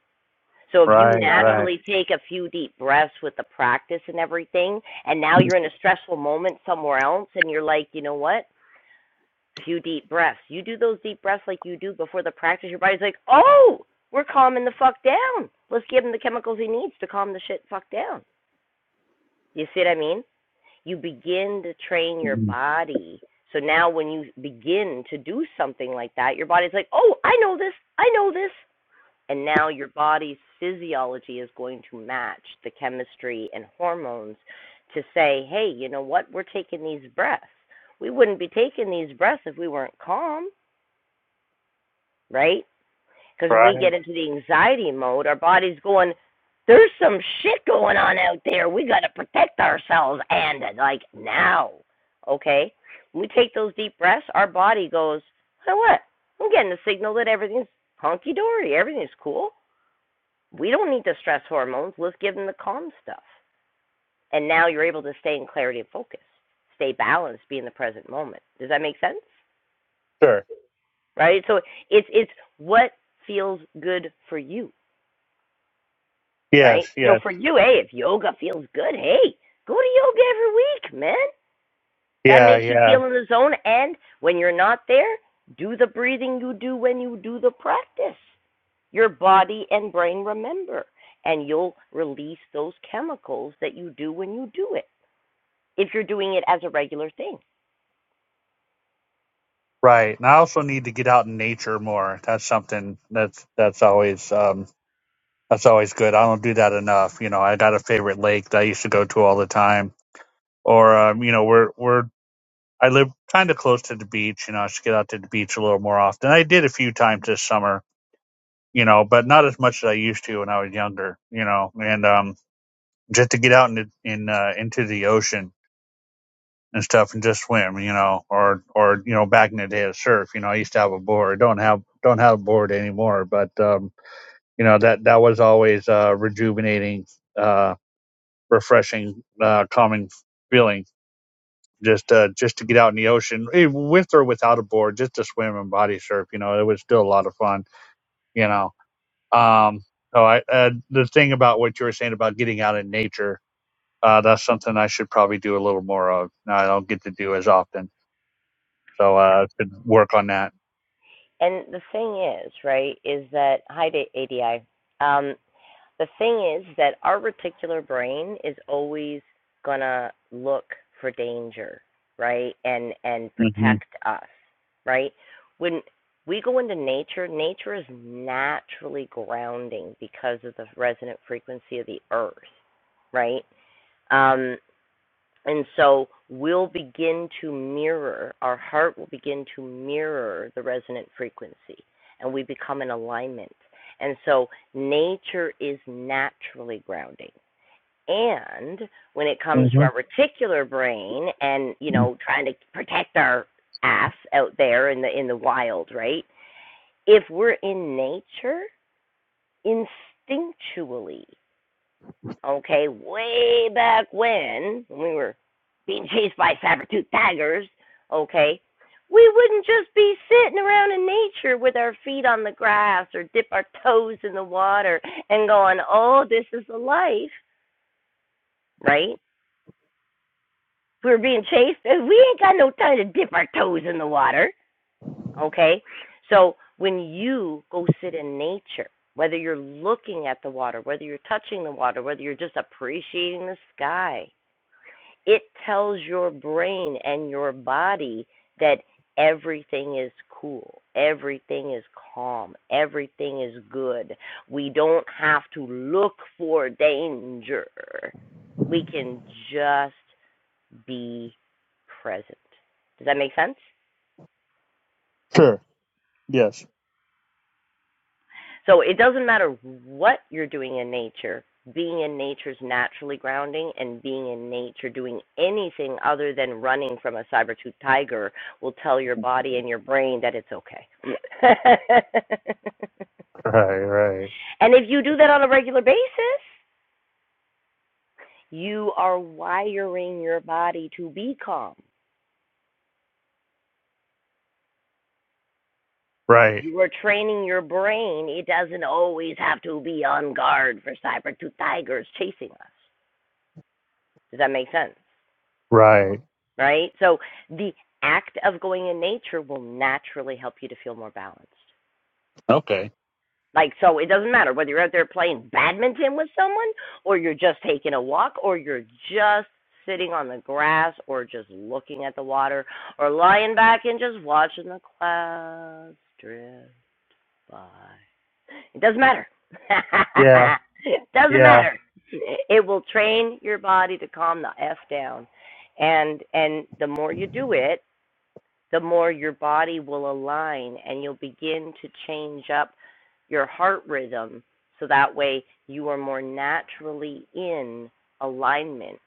A: So if you
G: right,
F: Uh,
G: right,
A: naturally take a few deep breaths with the practice and everything, and now you're in a stressful moment somewhere else, and you're like, you know what? few deep breaths. You do those deep breaths like you do before the practice, your body's like, oh, we're calming the fuck down. Let's give him the chemicals he needs to calm the shit fuck down. You see what I mean? You begin to train your
G: Mhm.
A: body. So now when you begin to do something like that, your body's like, oh, I know this, I know this. And now your body's physiology is going to match the chemistry and hormones to say, hey, you know what? We're taking these breaths. We wouldn't be taking these breaths if we weren't calm. right? Because when we
G: right.
A: get into the anxiety mode, our body's going, there's some shit going on out there. We got to protect ourselves and like now. Okay? When we take those deep breaths, our body goes, oh, what? I'm getting a signal that everything's hunky dory, everything's cool. We don't need the stress hormones. Let's give them the calm stuff. And now you're able to stay in clarity and focus, stay balanced, be in the present moment. Does that make sense?
G: Sure.
A: Right? So it's it's what feels good for you. right?
G: Yes,
A: So
G: yes,
A: for you, hey, if yoga feels good, hey, go to yoga every week, man. That
G: yeah,
A: makes you
G: yeah.
A: feel in the zone. And when you're not there, do the breathing you do when you do the practice. Your body and brain remember, and you'll release those chemicals that you do when you do it, if you're doing it as a regular thing.
G: Right, and I also need to get out in nature more. That's something that's that's always um, That's always good. I don't do that enough. You know, I got a favorite lake that I used to go to all the time. Or, um, you know, we're, we're, I live kind of close to the beach. You know, I should get out to the beach a little more often. I did a few times this summer, you know, but not as much as I used to when I was younger, you know, and, um, just to get out in, the- in, uh, into the ocean and stuff and just swim, you know, or, or, you know, back in the day of surf, you know, I used to have a board. Don't have, don't have a board anymore, but, um, you know, that, that was always, uh, rejuvenating uh, refreshing, uh, calming feeling just uh, just to get out in the ocean eh, with or without a board, just to swim and body surf. You know, it was still a lot of fun. You know, um, so I uh, the thing about what you were saying about getting out in nature, uh, that's something I should probably do a little more of. I don't get to do as often, so uh, I could work on that.
A: And the thing is, right, is that, hi, ADI. Um, The thing is that our reticular brain is always going to look for danger, right? And and
G: hmm
A: protect us, right? When we go into nature, nature is naturally grounding because of the resonant frequency of the earth, right? Um, and so we'll begin to mirror, our heart will begin to mirror the resonant frequency, and we become in alignment. And so nature is naturally grounding. And when it comes to our
G: hmm
A: reticular brain and, you know, trying to protect our ass out there in the in the wild, right? If we're in nature, instinctually okay, way back when, when we were being chased by saber-toothed tigers, okay, we wouldn't just be sitting around in nature with our feet on the grass or dip our toes in the water and going, oh, this is the life, right? If we were being chased, we ain't got no time to dip our toes in the water, okay? So when you go sit in nature, whether you're looking at the water, whether you're touching the water, whether you're just appreciating the sky, it tells your brain and your body that everything is cool, everything is calm, everything is good. We don't have to look for danger. We can just be present. Does that make sense?
G: Sure. Yes.
A: So it doesn't matter what you're doing in nature, being in nature is naturally grounding, and being in nature doing anything other than running from a saber tooth tiger will tell your body and your brain that it's okay.
G: Right. Right.
A: and if you do that on a regular basis, you are wiring your body to be calm.
G: Right.
A: You are training your brain. It doesn't always have to be on guard for saber tooth tigers chasing us. Does that make sense?
G: Right.
A: right? So the act of going in nature will naturally help you to feel more balanced.
G: Okay.
A: Like, so it doesn't matter whether you're out there playing badminton with someone, or you're just taking a walk, or you're just sitting on the grass, or just looking at the water, or lying back and just watching the clouds drift by. It doesn't matter.
G: Yeah.
A: it doesn't
G: Yeah.
A: matter. It will train your body to calm the F down. And and the more you do it, the more your body will align and you'll begin to change up your heart rhythm so that way you are more naturally in alignment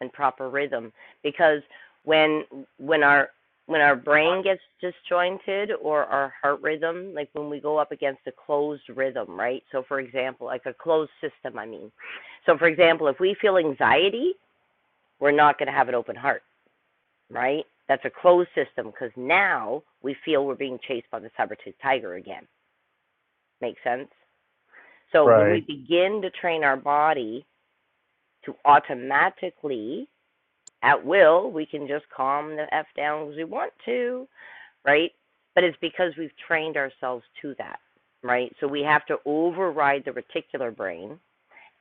A: and proper rhythm because when when our when our brain gets disjointed or our heart rhythm like when we go up against a closed rhythm right so for example like a closed system i mean so for example if we feel anxiety we're not going to have an open heart right? That's a closed system because now we feel we're being chased by the saber-toothed tiger again. Make sense? So when we
G: Right.
A: begin to train our body to automatically, at will, we can just calm the F down as we want to, right? But it's because we've trained ourselves to that, right? So we have to override the reticular brain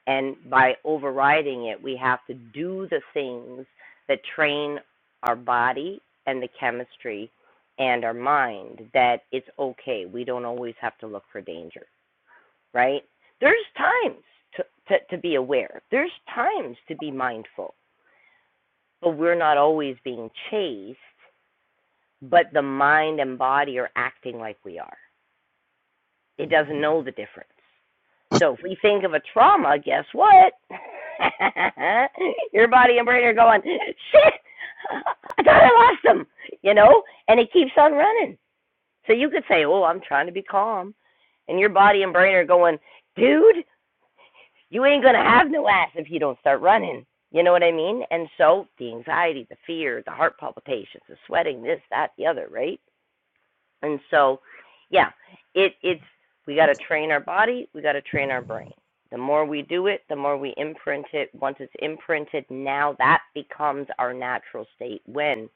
A: And by overriding it, we have to do the things that train our body and the chemistry and our mind that it's okay. We don't always have to look for danger, right? There's times to, to, to be aware, there's times to be mindful, but we're not always being chased, but the mind and body are acting like we are. It doesn't know the difference. So if we think of a trauma, guess what? Your body and brain are going, shit, I thought I lost them, you know? And it keeps on running. So you could say, oh, I'm trying to be calm. And your body and brain are going, dude, you ain't going to have no ass if you don't start running. You know what I mean? And so the anxiety, the fear, the heart palpitations, the sweating, this, that, the other, right? And so, yeah, it it's we got to train our body, we got to train our brain. The more we do it, the more we imprint it. Once it's imprinted, now that becomes our natural state when,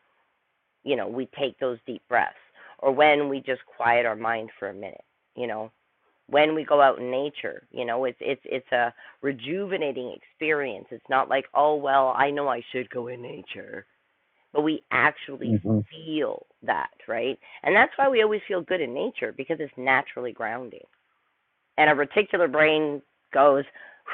A: you know, we take those deep breaths or when we just quiet our mind for a minute, you know, when we go out in nature, you know, it's it's it's a rejuvenating experience. It's not like, "Oh, well, I know I should go in nature." but we actually
G: hmm
A: feel that, right? And that's why we always feel good in nature because it's naturally grounding. And our reticular brain goes,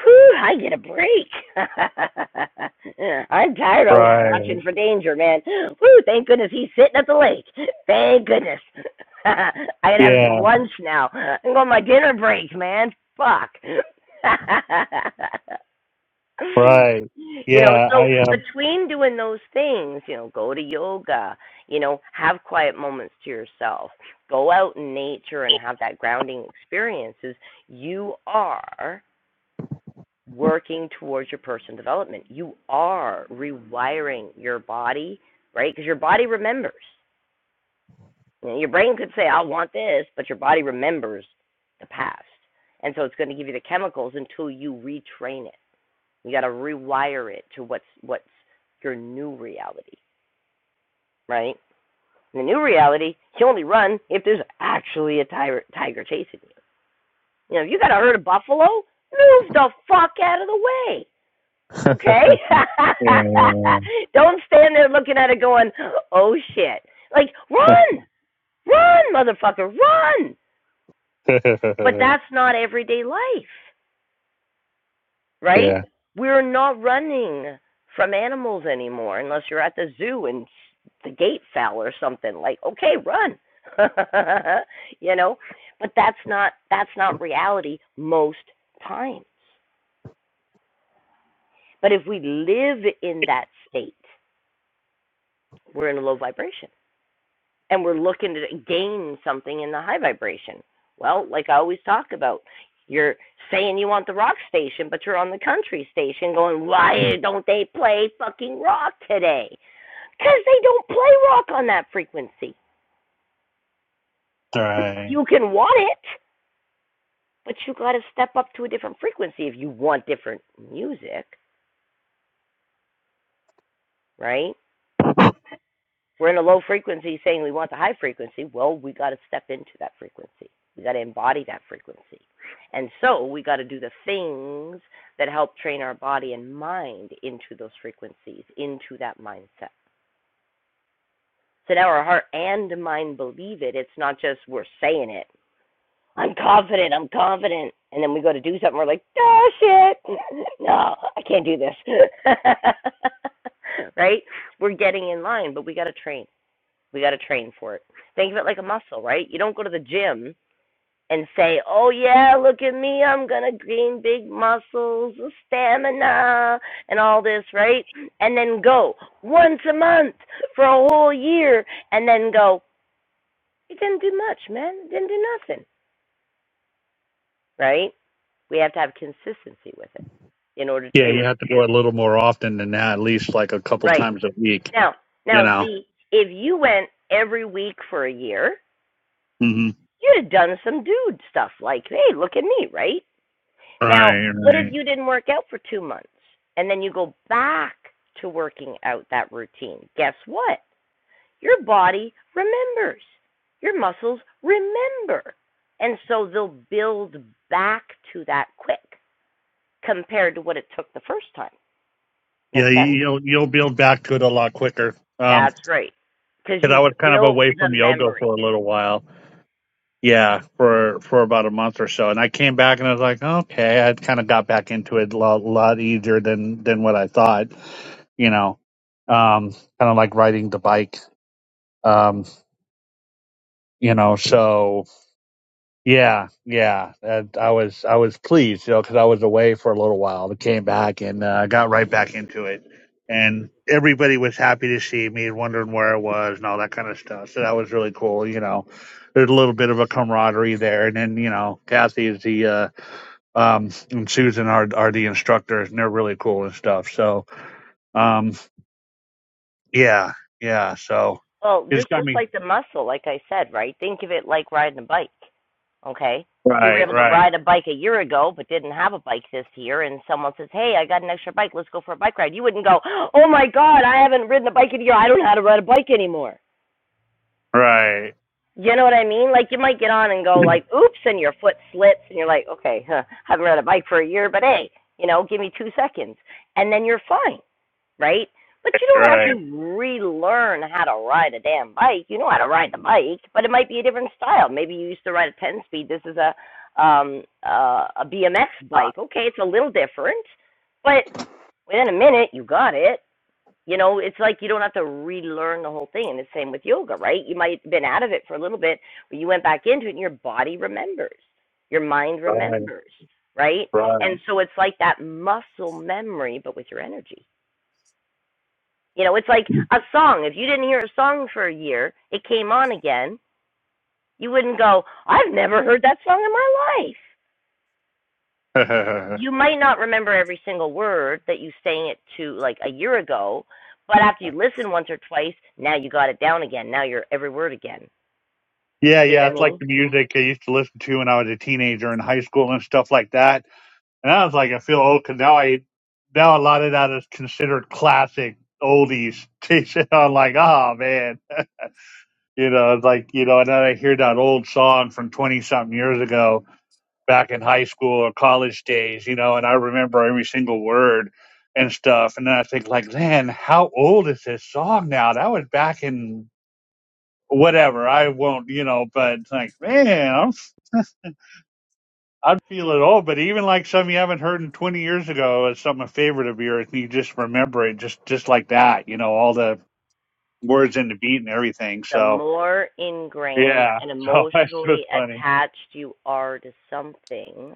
A: Whew, I get a break. I'm tired always
G: Right.
A: watching for danger, man. Whew, thank goodness he's sitting at the lake. Thank goodness. I can have
G: Yeah.
A: some lunch now. I'm going on my dinner break, man. Fuck.
G: Right.
A: you know,
G: Yeah,
A: so
G: I um
A: between doing those things, you know, go to yoga, you know, have quiet moments to yourself, go out in nature and have that grounding experiences, you are working towards your personal development. You are rewiring your body, right? Because your body remembers. You know, your brain could say, I want this, but your body remembers the past. And so it's going to give you the chemicals until you retrain it. You got to rewire it to what's what's your new reality, right? In the new reality, you only run if there's actually a tiger, tiger chasing you. You know, if you got to herd a buffalo, move the fuck out of the way, okay?
G: yeah, yeah,
A: Don't stand there looking at it going, oh shit. Like, run, run, motherfucker, run.
G: yeah.
A: But that's not everyday life. right?
G: yeah.
A: We're not running from animals anymore unless you're at the zoo and the gate fell or something like okay run you know but that's not that's not reality most times but if we live in that state we're in a low vibration and we're looking to gain something in the high vibration. Well, like I always talk about, you're saying you want the rock station, but you're on the country station going, why don't they play fucking rock today? Because they don't play rock on that frequency.
G: Right.
A: You can want it, but you got to step up to a different frequency if you want different music, right? We're in a low frequency saying we want the high frequency. Well, we got to step into that frequency. We got to embody that frequency. And so we got to do the things that help train our body and mind into those frequencies, into that mindset. So now our heart and mind believe it. It's not just we're saying it. I'm confident, I'm confident. And then we go to do something, we're like, oh shit, no, I can't do this. right? We're getting in line, but we got to train. We got to train for it. Think of it like a muscle, right? You don't go to the gym and say, "Oh yeah, look at me, I'm gonna gain big muscles, stamina, and all this," right? And then go once a month for a whole year, and then go, "It didn't do much, man. It didn't do nothing," right? We have to have consistency with it in order
G: Yeah, you
A: to
G: have to go a little more often than that, at least like a couple
A: right
G: times a week,
A: now.
G: you
A: Now,
G: know.
A: see, if you went every week for a year,
G: hmm
A: you'd have done some dude stuff like, "Hey, look at me," right? Now,
G: Right,
A: what if
G: right.
A: you didn't work out for two months and then you go back to working out that routine? Guess what? Your body remembers, your muscles remember. And so they'll build back to that quick compared to what it took the first time. Make
G: Yeah, you,
A: sense?
G: you'll you'll build back to it a lot quicker. Um.
A: That's right. Because
G: Because I
A: you've
G: was kind of
A: built
G: away
A: the
G: from yoga
A: memory.
G: for a little while. Yeah, for for about a month or so, and I came back and I was like, okay, I kind of got back into it a lot, lot easier than than what I thought, you know. Um, kind of like riding the bike. Um, you know, so yeah, yeah, uh, I was I was pleased, you know, because I was away for a little while. I came back and uh, got right back into it, and everybody was happy to see me and wondering where I was and all that kind of stuff. So that was really cool, you know. There's a little bit of a camaraderie there, and then you know, Kathy is the uh, um, and Susan are are the instructors, and they're really cool and stuff. So um, yeah, yeah, so
A: Well,
G: it's
A: just
G: got
A: just
G: me
A: like the muscle, like I said, right? Think of it like riding a bike. Okay. If you were
G: right,
A: able to
G: right,
A: ride a bike a year ago but didn't have a bike this year and someone says, Hey, I got an extra bike, let's go for a bike ride, you wouldn't go, Oh my god, I haven't ridden a bike in a year, I don't know how to ride a bike anymore.
G: right.
A: You know what I mean? Like you might get on and go like, Oops and your foot slips and you're like, Okay, huh, haven't ride a bike for a year, but hey, you know, give me two seconds and then you're fine right? But you don't
G: Right.
A: have to relearn how to ride a damn bike. You know how to ride the bike, but it might be a different style. Maybe you used to ride a 10 speed. This is a um uh, a BMX
H: Uh,
A: bike. Okay, it's a little different, but within a minute you got it. You know, it's like you don't have to relearn the whole thing. And the same with yoga, right? You might have been out of it for a little bit, but you went back into it and your body remembers. Your mind
G: Right,
A: remembers, right?
G: right.
A: And so it's like that muscle memory but with your energy you know, it's like a song. If you didn't hear a song for a year, it came on again, you wouldn't go, I've never heard that song in my life. You might not remember every single word that you sang it to like a year ago, but after you listen once or twice, now you got it down again. Now you're every word again.
G: yeah,
A: See
G: yeah,
A: what I
G: it's like
A: mean?
G: the music I used to listen to when I was a teenager in high school and stuff like that. And I was like, I feel old because now I now a lot of that is considered classic oldies. And I'm like, oh man, you know, it's like you know, and then I hear that old song from twenty something years ago, back in high school or college days, you know, and I remember every single word and stuff. And then I think, like, man, how old is this song now? That was back in whatever. I won't, you know, but like, man, I'm, I'd feel it all. But even like some you haven't heard in 20 years ago is something a favorite of yours, and you just remember it just, just like that, you know, all the words and the beat and everything.
A: The
G: So,
A: more ingrained
G: yeah,
A: and
G: so that's just
A: emotionally
G: funny.
A: attached you are to something,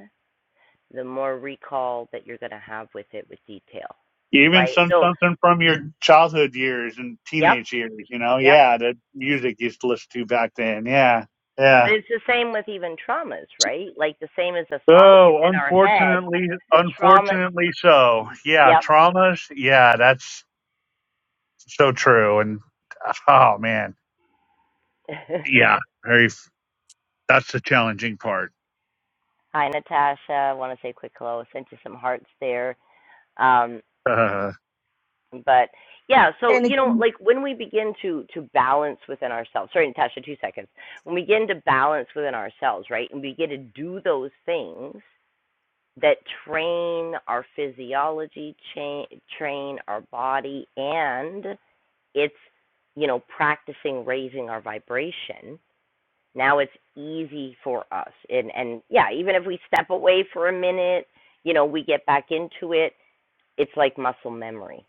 A: the more recall that you're going to have with it with detail,
G: Even
A: right?
G: some
A: So,
G: something from your childhood years and
A: yep,
G: teenage years, you know,
A: yep.
G: yeah, the music you used to listen to back then. Yeah,
A: But
G: yeah.
A: it's the same with even traumas, right? Like the same as a song gets
G: Oh,
A: in our head,
G: unfortunately,
A: the trauma.
G: unfortunately so. Yeah,
A: Yep.
G: traumas. Yeah, that's so true. And oh man, yeah, very. That's the challenging part.
A: Hi, Natasha. I want to say quick hello. I sent you some hearts there. Um,
G: Uh,
A: but yeah, so
I: Hey
A: you know,
I: Nikki.
A: like when we begin to to balance within ourselves. Sorry, Natasha, two seconds. When we begin to balance within ourselves, right, and we begin to do those things that train our physiology, cha- train our body, and it's you know practicing raising our vibration now it's easy for us and and yeah even if we step away for a minute you know we get back into it it's like muscle memory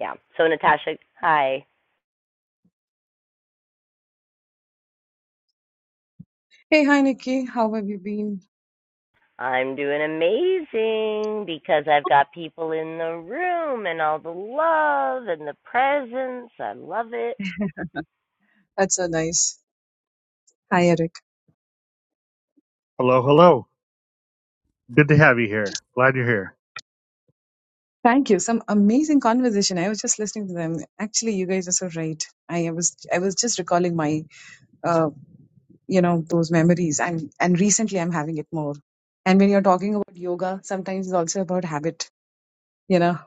A: yeah so natasha hi
I: Hey, hi Nikki. How have you been?
A: i'm doing amazing because i've got people in the room and all the love and the presence i love it
I: That's so nice. Hi Eric.
G: hello, hello. Good to have you here. Glad you're here.
I: Thank you. Some amazing conversation. I was just listening to them. Actually, you guys are so right. I I was I was just recalling my uh you know those memories and and recently I'm having it more. And when you're talking about yoga, sometimes it's also about habit. You know,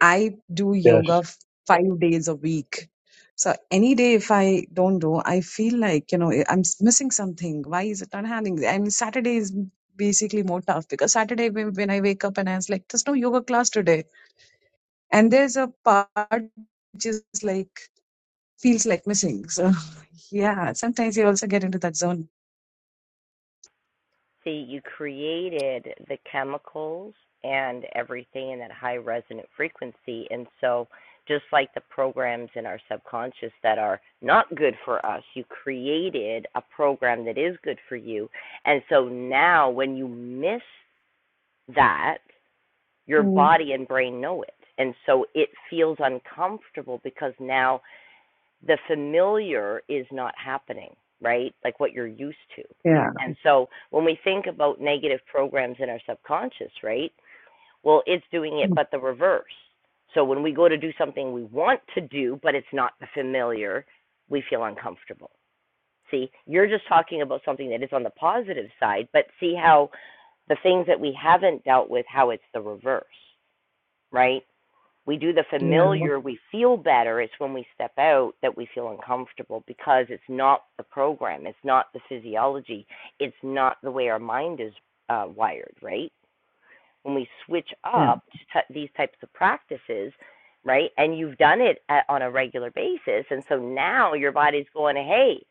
I: I do
G: Yes.
I: yoga f- five days a week. So any day if I don't do, I feel like, you know, eh, I'm s- missing something. Why is it not happening? I mean, Saturday is basically more tough because Saturday when when I wake up and I was like, there's no yoga class today. And there's a part which is like, feels like missing. So yeah, sometimes you also get into that zone.
A: See, you created the chemicals and everything in that high resonant frequency. And so, just like the programs in our subconscious that are not good for us, you created a program that is good for you. And so now, when you miss that, your
I: Mm.
A: body and brain know it. And so it feels uncomfortable because now the familiar is not happening, right? Like what you're used to.
I: Yeah.
A: And so when we think about negative programs in our subconscious, right? Well, it's doing it, but the reverse. So when we go to do something we want to do, but it's not the familiar, we feel uncomfortable. See, you're just talking about something that is on the positive side, but see how the things that we haven't dealt with, how it's the reverse, right? we do the
I: Yeah.
A: familiar, we feel better. It's when we step out that we feel uncomfortable because it's not the program, it's not the physiology, it's not the way our mind is uh, wired, right? When we switch
I: Yeah.
A: up to t- these types of practices, right, and you've done it at, on a regular basis, and so now your body's going, hey,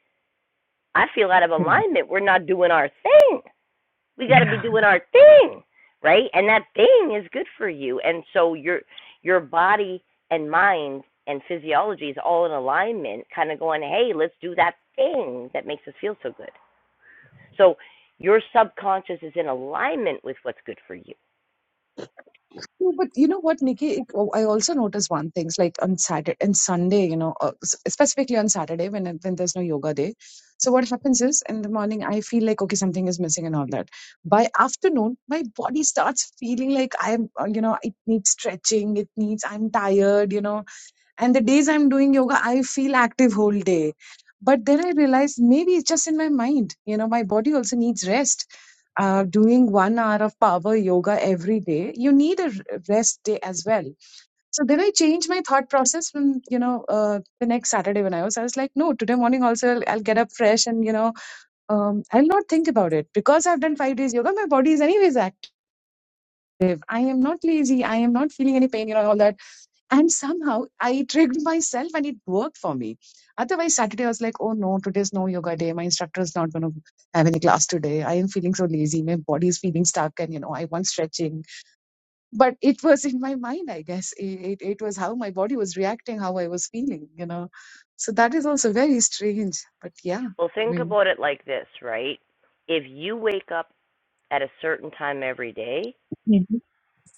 A: I feel out of alignment. We're not doing our thing. We got
I: yeah.
A: to be doing our thing, right? And that thing is good for you. And so your your body and mind and physiology is all in alignment, kind of going, "Hey, let's do that thing that makes us feel so good." So your subconscious is in alignment with what's good for you.
I: No, but you know what, Nikki? It, oh, I also notice one thing, like on Saturday and Sunday, you know, uh, s- specifically on Saturday when it- when there's no yoga day. So what happens is in the morning I feel like okay something is missing and all that. By afternoon, my body starts feeling like I'm, uh, you know, it needs stretching, it needs I'm tired, you know. And the days I'm doing yoga, I feel active whole day. But then I realized maybe it's just in my mind. You know, my body also needs rest. Uh, doing one hour of power yoga every day, you need a r- rest day as well. So then I changed my thought process from, you know, uh, the next Saturday when I was, I was like, no, today morning also I'll, I'll get up fresh and, you know, um, I'll not think about it because I've done five days yoga. My body is anyways active. I am not lazy. I am not feeling any pain, you know, all that and somehow I tricked myself and it worked for me. Otherwise, Saturday I was like, oh no, today's no yoga day. My instructor is not going to have any class today. I am feeling so lazy. My body is feeling stuck and, you know, I want stretching. But it was in my mind, I guess. It, it, it was how my body was reacting, how I was feeling, you know. So that is also very strange. But yeah,
A: Well,
I: I
A: think
I: mean,
A: about it like this, right? If you wake up at a certain time every day,
I: Mhm.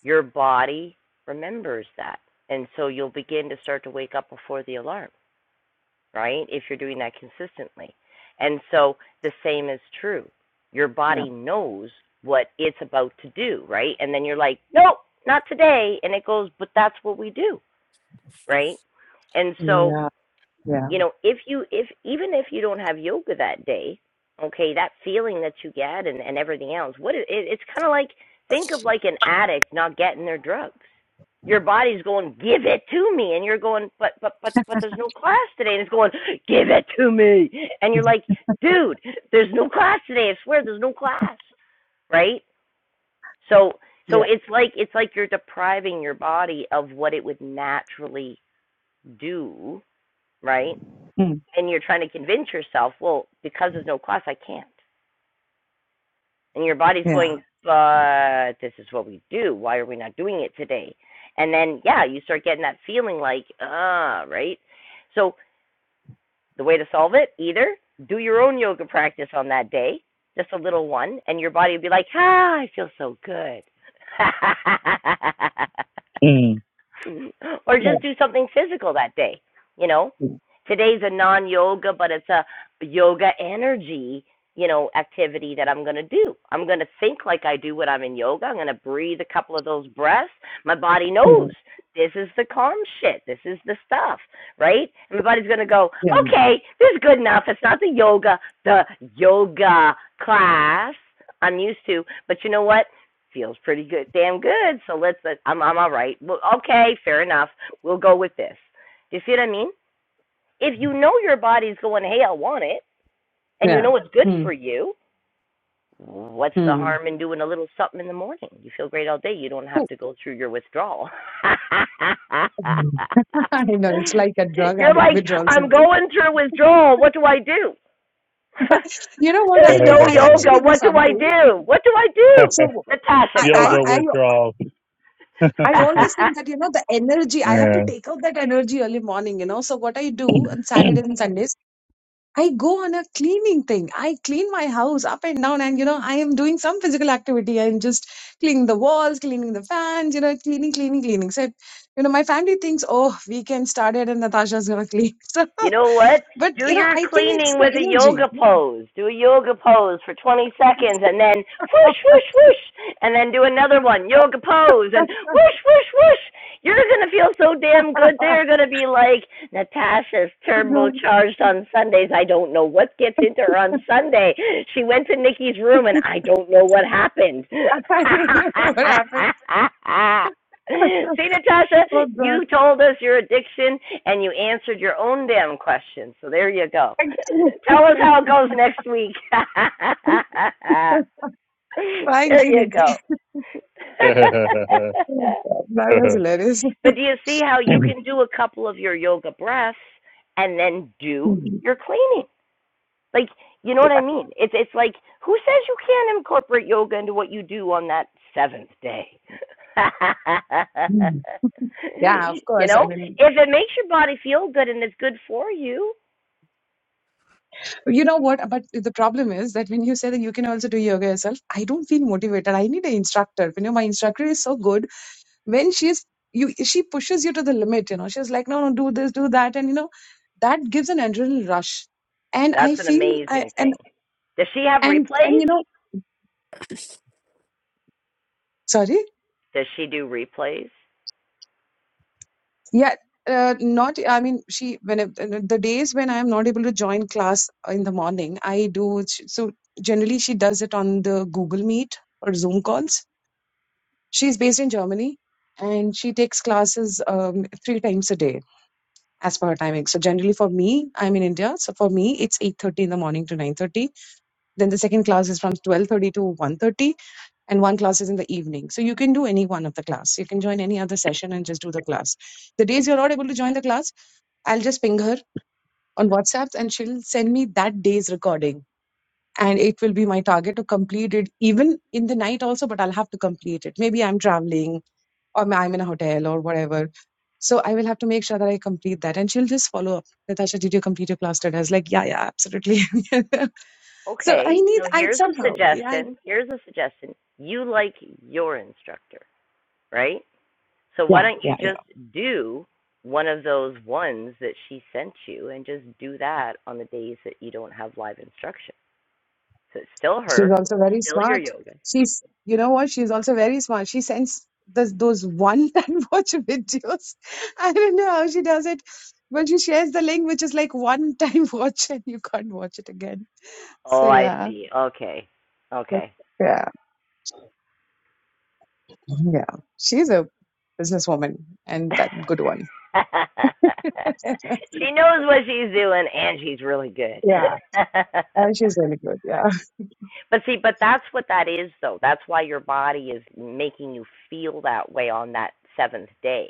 A: your body remembers that. And so you'll begin to start to wake up before the alarm. right? If you're doing that consistently. And so the same is true. Your
I: yeah,
A: body knows what it's about to do, right? And then you're like, nope, not today. And it goes, but that's what we do, right? And so
I: yeah, yeah,
A: you know if you if even if you don't have yoga that day okay that feeling that you get and and everything else what it, it's kind of like think of like an addict not getting their drugs your body's going give it to me and you're going but but but but there's no class today and it's going give it to me and you're
I: Mhm.
A: like dude there's no class today i swear there's no class right so so
I: yeah,
A: it's like it's like you're depriving your body of what it would naturally do right
I: Mm.
A: and you're trying to convince yourself, well, because there's no cost, I can't. And your body's
I: yeah,
A: going, but this is what we do. Why are we not doing it today? And then, yeah, you start getting that feeling like, ah, right? So the way to solve it, either do your own yoga practice on that day, just a little one, and your body will be like, ah, I feel so good.
G: Mm.
A: or
I: yeah,
A: just do something physical that day. You know, today's a non yoga, but it's a yoga energy, you know, activity that I'm going to do. I'm going to think like I do when I'm in yoga. I'm going to breathe a couple of those breaths. My body
I: yeah,
A: knows this is the calm shit. This is the stuff, right? And my body's going to go,
I: yeah.
A: okay, this is good enough. It's not the yoga, the yoga class I'm used to. But you know what? feels pretty good, damn good. So let's. Let, I'm I'm all right. Well, okay, fair enough. We'll go with this. Do you see what I mean? If you know your body's going, hey, I want it, and you
I: yeah.
A: know it's good
I: Mm.
A: for you, what's the
I: Mm.
A: harm in doing a little something in the morning? You feel great all day. You don't have to go through your withdrawal.
I: I know it's like a drug
A: You're
I: addict
A: like,
I: withdrawal
A: I'm
I: symptom.
A: going through withdrawal. What do I do?
I: You know what
A: There's
I: I do?
A: no
I: I
A: yoga.
I: actually do
A: What do I
I: something.
A: do? What do I do?
I: So
A: Natasha,
I: I,
A: come
I: I,
A: on.
G: Yoga
I: I,
G: withdrawal.
I: I always think that, you know, the energy, I have to take out that energy early morning, you know. So what I do on Saturdays and Sundays, I go on a cleaning thing. I clean my house up and down, and you know, I am doing some physical activity. I'm just cleaning the walls, cleaning the fans, you know, cleaning, cleaning, cleaning. So, you know, my family thinks, oh, weekend started and Natasha's gonna clean. So,
A: You know what?
I: but
A: Do
I: you know,
A: your
I: I think it's
A: cleaning
I: the
A: with a
I: energy.
A: yoga pose. Do a yoga pose for 20 seconds and then whoosh, whoosh, whoosh. And then do another one, yoga pose, and whoosh, whoosh, whoosh. You're going to feel so damn good. They're going to be like, Natasha's turbocharged on Sundays. I don't know what gets into her on Sunday. She went to Nikki's room and I don't know what happened.
I: I don't know what happened.
A: See, Natasha,
I: Oh God!
A: you told us your addiction and you answered your own damn question. So there you go.
I: Thank you.
A: Tell us how it goes next week.
I: Thank
A: there
I: you,
A: you
I: Nikki.
A: go.
I: That was
G: Yeah.
I: hilarious.
A: but do you see how you can do a couple of your yoga breaths and then do
I: Hmm.
A: your cleaning? Like, you know what I mean? It's it's like who says you can't incorporate yoga into what you do on that seventh day?
I: Hmm. Yeah, of
A: you
I: course. I
A: know,
I: mean,
A: if it makes your body feel good and it's good for you,
I: you know what? But the problem is that when you say that you can also do yoga yourself, I don't feel motivated. I need an instructor. You know, my instructor is so good. When she's you, she pushes you to the limit. You know, she's like, no, no, do this, do that, and you know, that gives an adrenaline rush. And
A: that's
I: I
A: an
I: feel, I,
A: amazing
I: and
A: thing. Does she have
I: and and
A: replays?
I: you know, sorry.
A: Does she do replays?
I: Yeah, uh, not, I mean, she, when it- uh, the days when I'm not able to join class uh, in the morning, I do, so generally she does it on the Google Meet or Zoom calls. She's based in Germany and she takes classes um, three times a day as per her timing. So generally for me, I'm in India. So for me, it's 8.30 in the morning to 9.30. Then the second class is from 12.30 to one thirty, and one class is in the evening. So you can do any one of the class. You can join any other session and just do the class. The days you're not able to join the class, I'll just ping her on WhatsApp and she'll send me that day's recording. And it will be my target to complete it even in the night also, but I'll have to complete it. Maybe I'm traveling or ma- I'm in a hotel or whatever. So I will have to make sure that I complete that. And she'll just follow up. Natasha, did you complete your class today? I was like, yeah, yeah, absolutely. so I
A: Okay,
I: need,
A: so
I: I
A: here's a
I: somehow, yeah, I,
A: suggestion. Here's a suggestion. You like your instructor, right? So why
I: yeah,
A: don't you
I: yeah. yeah.
A: just do one of those ones that she sent you and just do that on the days that you don't have live instruction? So it's still
I: She's
A: her,
I: also very
A: still your
I: smart.
A: yoga.
I: She's, you know what? She's also very smart. She sends those those one time watch videos. I don't know how she does it, but she shares the link, which is like one time watch, and you can't watch it again.
A: Oh,
I: So
A: I
I: yeah,
A: see. Okay.
I: but-
A: Okay.
I: yeah, yeah. She's a businesswoman, and that good one. yeah,
A: she knows what she's doing and she's really good.
I: and she's really good. Yeah,
A: But see, but that's what that is, though. That's why your body is making you feel that way on that seventh day.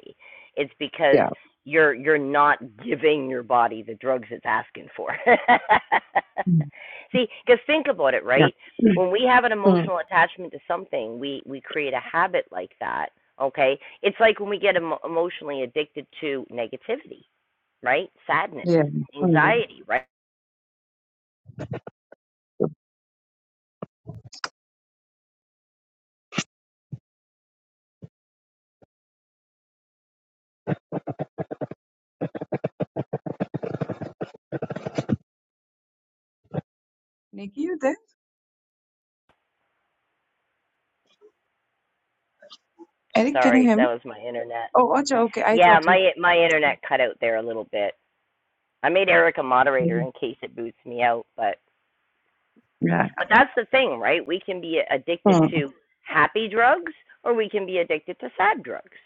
A: It's because
I: yeah,
A: you're you're not giving your body the drugs it's asking for.
I: Mm.
A: see, because think about it,
I: yeah,
A: right?
I: Mm.
A: When we have an
I: Mm.
A: emotional attachment to something, we we create a habit like that. Okay, it's like when we get emo- emotionally addicted to negativity, right? Sadness,
I: yeah. Mm.
A: anxiety, right?
I: Nikki, you there? Eric, can you
A: Sorry,
I: hear me?
A: that was my internet.
I: Oh, Acha, okay. I
A: Yeah,
I: thought you.
A: my my internet cut out there a little bit. I made Eric a moderator in case it boots me out, but
I: Yeah.
A: but that's the thing, right? We can be addicted
I: Mm.
A: to happy drugs or we can be addicted to sad drugs,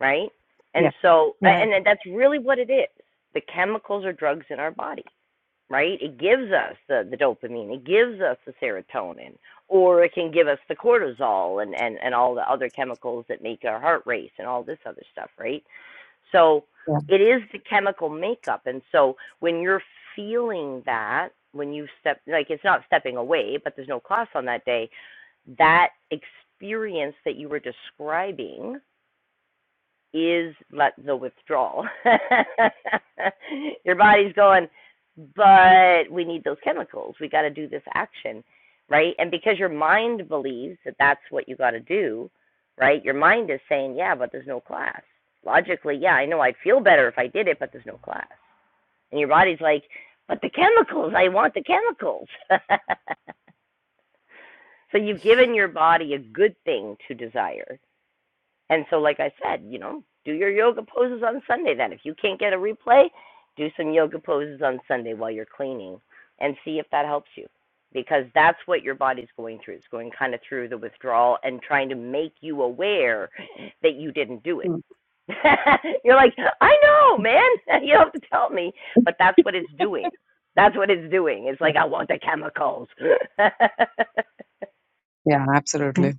A: right?
I: Yeah.
A: And so
I: Yeah.
A: and that's really what it is. The chemicals or drugs in our body right? It gives us the, the dopamine, it gives us the serotonin, or it can give us the cortisol and, and, and all the other chemicals that make our heart race and all this other stuff, right? So
I: Yeah.
A: it is the chemical makeup. And so when you're feeling that, when you step, like it's not stepping away, but there's no class on that day, that experience that you were describing is like the withdrawal. Your body's going, but we need those chemicals. We got to do this action, right? And because your mind believes that that's what you got to do, right? Your mind is saying, yeah, but there's no class. Logically, yeah, I know I'd feel better if I did it, but there's no class. And your body's like, but the chemicals, I want the chemicals. so you've given your body a good thing to desire. And so, like I said, you know, do your yoga poses on Sunday then. If you can't get a replay, do some yoga poses on Sunday while you're cleaning and see if that helps you. Because that's what your body's going through. It's going kind of through the withdrawal and trying to make you aware that you didn't do it.
I: Mm.
A: you're like, I know, man. You don't have to tell me. But that's what it's doing. That's what it's doing. It's
I: Yeah.
A: like, I want the chemicals.
I: Yeah. Absolutely.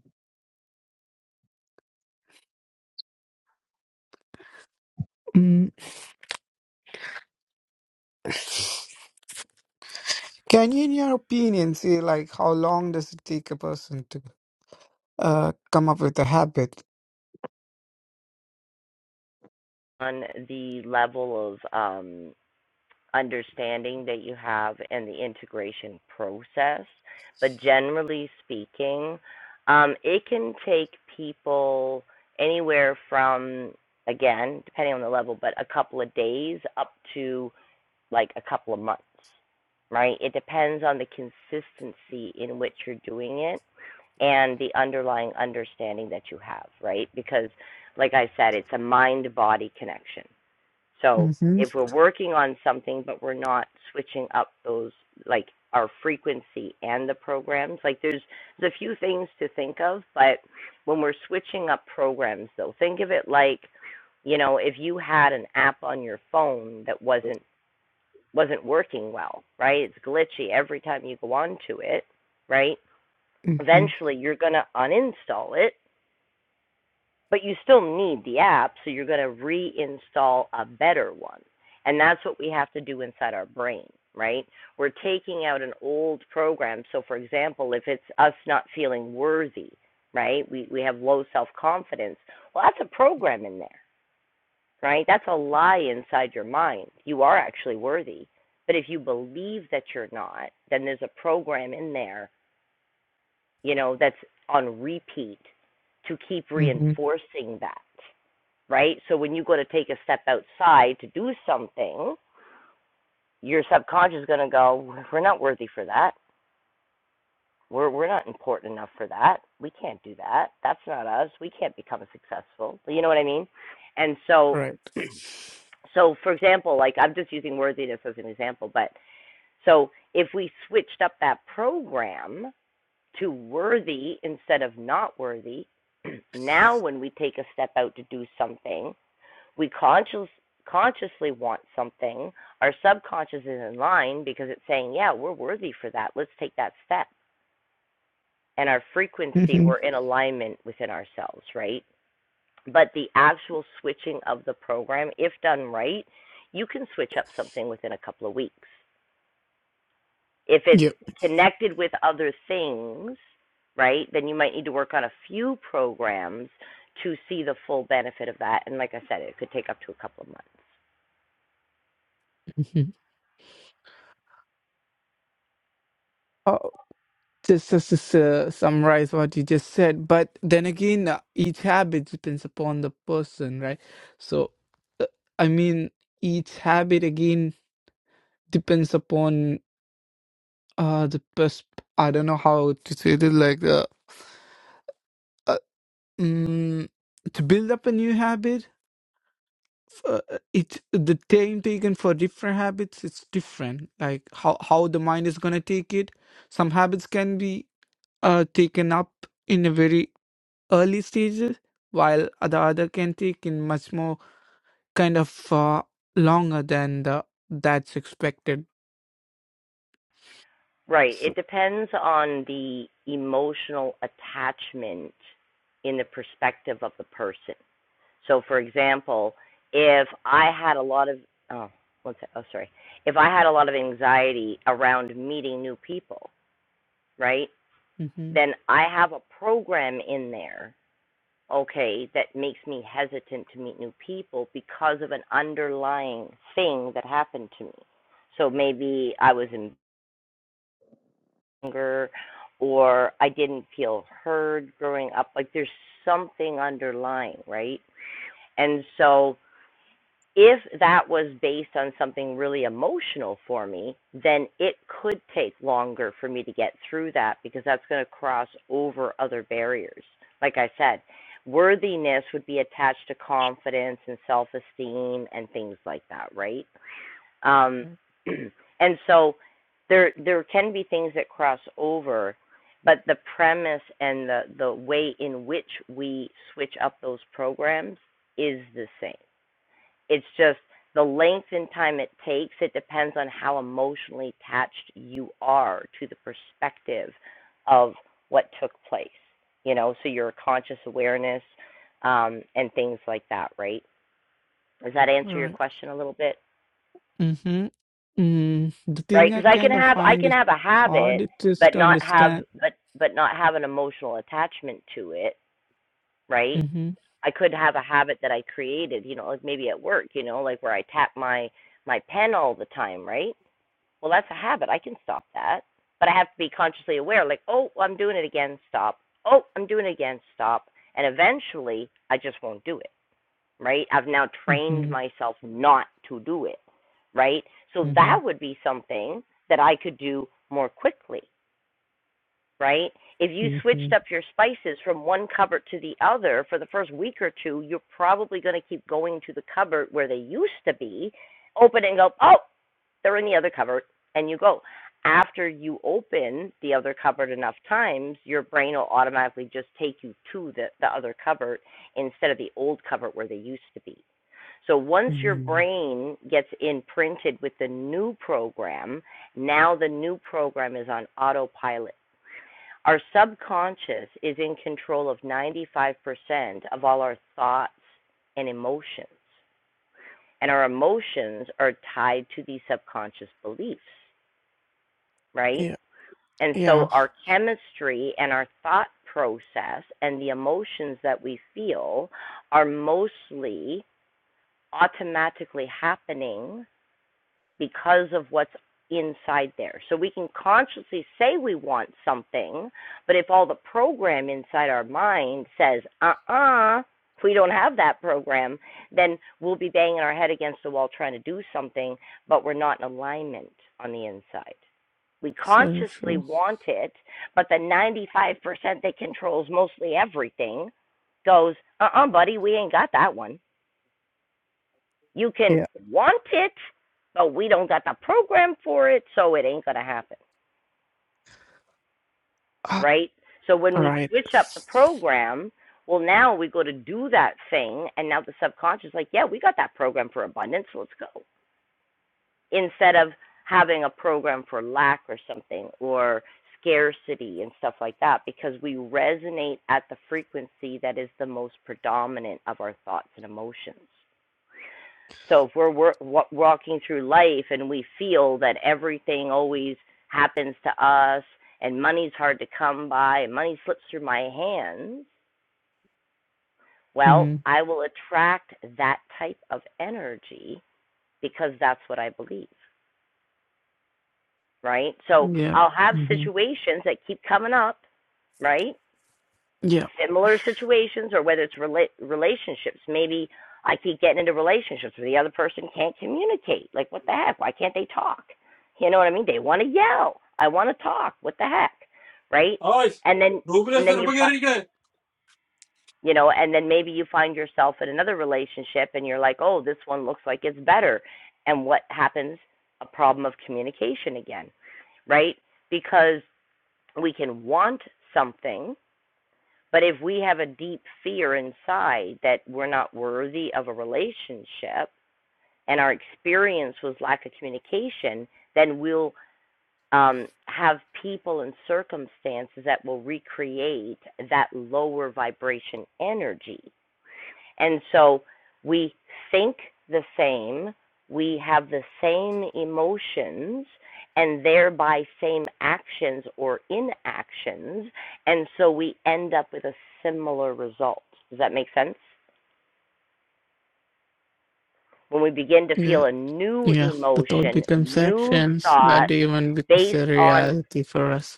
H: Mm, Can you, in your opinion, say like how long does it take a person to uh come up with a habit?
A: on the level of um, understanding that you have and the integration process. But generally speaking, um, it can take people anywhere from, again, depending on the level, but a couple of days up to like a couple of months, right? It depends on the consistency in which you're doing it and the underlying understanding that you have, right? Because, like I said, it's a mind body connection so
H: Mm-hmm.
A: if we're working on something but we're not switching up those like our frequency and the programs, like there's there's a few things to think of, but when we're switching up programs though, think of it like, you know, if you had an app on your phone that wasn't wasn't working well, right? It's glitchy every time you go onto it, right?
H: Mm-hmm.
A: Eventually you're gonna uninstall it but you still need the app, so you're going to reinstall a better one. And that's what we have to do inside our brain, right? We're taking out an old program. So, for example, if it's us not feeling worthy, right? We, we have low self confidence. Well, that's a program in there, right? That's a lie inside your mind. You are actually worthy. But if you believe that you're not, then there's a program in there, you know, that's on repeat to keep
H: Mm-hmm.
A: reinforcing that right? So when you go to take a step outside to do something, your subconscious is going to go, "We're not worthy for that. We're we're not important enough for that. We can't do that. That's not us. We can't become successful." You know what I mean? And so
H: Right.
A: so for example, like I'm just using worthiness as an example, but so if we switched up that program to worthy instead of not worthy, now when we take a step out to do something, we conscious, consciously want something, our subconscious is in line because it's saying, yeah, we're worthy for that. Let's take that step. And our frequency,
H: Mm-hmm.
A: we're in alignment within ourselves, right? But the actual switching of the program, if done right, you can switch up something within a couple of weeks. If it's
H: Yep.
A: connected with other things, right, then you might need to work on a few programs to see the full benefit of that. And like I said, it could take up to a couple of months.
H: hmm Oh, just, just to uh, summarize what you just said, but then again, uh, each habit depends upon the person, right? So, uh, I mean, each habit again depends upon uh the pers- I don't know how to say it like that. Mm, to build up a new habit, f- uh, it the time taken for different habits it's different. Like how how the mind is gonna take it. Some habits can be uh taken up in a very early stages, while the other can take in much more kind of uh, longer than the that's expected.
A: Right.
H: So,
A: It depends on the emotional attachment in the perspective of the person. So, for example, if I had a lot of, oh, one sec, oh, sorry. If I had a lot of anxiety around meeting new people, right,
H: Mhm.
A: then I have a program in there, okay, that makes me hesitant to meet new people because of an underlying thing that happened to me. So maybe I was in. younger or I didn't feel heard growing up. Like there's something underlying, right? And so if that was based on something really emotional for me, then it could take longer for me to get through that because that's going to cross over other barriers. Like I said, worthiness would be attached to confidence and self esteem and things like that, right? Um,
H: Right.
A: and so there there can be things that cross over, but the premise and the, the way in which we switch up those programs is the same. It's just the length and time it takes, it depends on how emotionally attached you are to the perspective of what took place. You know, so your conscious awareness um, and things like that, right? Does that
H: All
A: answer your
H: right.
A: question a little bit?
H: Mhm. Mm. The thing
A: right?
H: I
A: Because I can
H: kind of
A: have I
H: find
A: can
H: is
A: have a
H: hard
A: habit,
H: it is
A: but
H: to
A: not have
H: understand.
A: but but not have an emotional attachment to it, right?
H: Mhm.
A: I could have a habit that I created, you know, like maybe at work, you know, like where I tap my my pen all the time, right? Well, that's a habit. I can stop that, but I have to be consciously aware. Like, oh, I'm doing it again. Stop. Oh, I'm doing it again. Stop. And eventually, I just won't do it right? I've now trained
H: Mhm.
A: myself not to do it, right? So that
H: Mhm.
A: would be something that I could do more quickly, right? If you switched
H: Mhm.
A: up your spices from one cupboard to the other for the first week or two, you're probably going to keep going to the cupboard where they used to be, open and go, oh, they're in the other cupboard, and you go. After you open the other cupboard enough times, your brain will automatically just take you to the, the other cupboard instead of the old cupboard where they used to be so once your
H: Mhm.
A: brain gets imprinted with the new program, now the new program is on autopilot. Our subconscious is in control of 95% of all our thoughts and emotions. And our emotions are tied to these subconscious beliefs, right?
H: Yeah.
A: And so
H: Yeah.
A: our chemistry and our thought process and the emotions that we feel are mostly automatically happening because of what's inside there. So we can consciously say we want something, but if all the program inside our mind says, uh uh if we don't have that program, then we'll be banging our head against the wall trying to do something, but we're not in alignment on the inside. We
H: So
A: consciously
H: true.
A: want it, but the 95% that controls mostly everything goes, uh uh buddy, we ain't got that one. You can
H: Yeah.
A: want it, but we don't got the program for it, so it ain't gonna happen,
H: Ah,
A: right? So when
H: All
A: we
H: right.
A: switch up the program, well, now we go to do that thing, and now the subconscious, is like, yeah, we got that program for abundance, let's go. Instead of having a program for lack or something, or scarcity and stuff like that, because we resonate at the frequency that is the most predominant of our thoughts and emotions. So if we're wor- wa- walking through life and we feel that everything always happens to us and money's hard to come by and money slips through my hands, well,
H: Mhm.
A: I will attract that type of energy because that's what I believe, right? So
H: Yeah.
A: I'll have
H: Mhm.
A: situations that keep coming up, right? similar situations or whether it's rela- relationships. Maybe I keep getting into relationships where the other person can't communicate. Like, what the heck? Why can't they talk? You know what I mean? They want to yell. I want to talk. What the heck? Right?
H: Oi,
A: And then,
H: Rublev
A: and then you, find,
H: Sarpagariga.
A: you know, and then maybe you find yourself in another relationship and you're like, oh, this one looks like it's better. And what happens? A problem of communication again, right? Because we can want something but if we have a deep fear inside that we're not worthy of a relationship and our experience was lack of communication, then we'll um, have people and circumstances that will recreate that lower vibration energy. And so we think the same, we have the same emotions, and thereby same actions or inactions. And so we end up with a similar result. Does that make sense? When we begin to
H: Yeah,
A: feel a new
H: yeah. The thought
A: emotion,
H: becomes
A: new
H: actions. That
A: thoughts
H: even becomes a
A: based on
H: reality for us.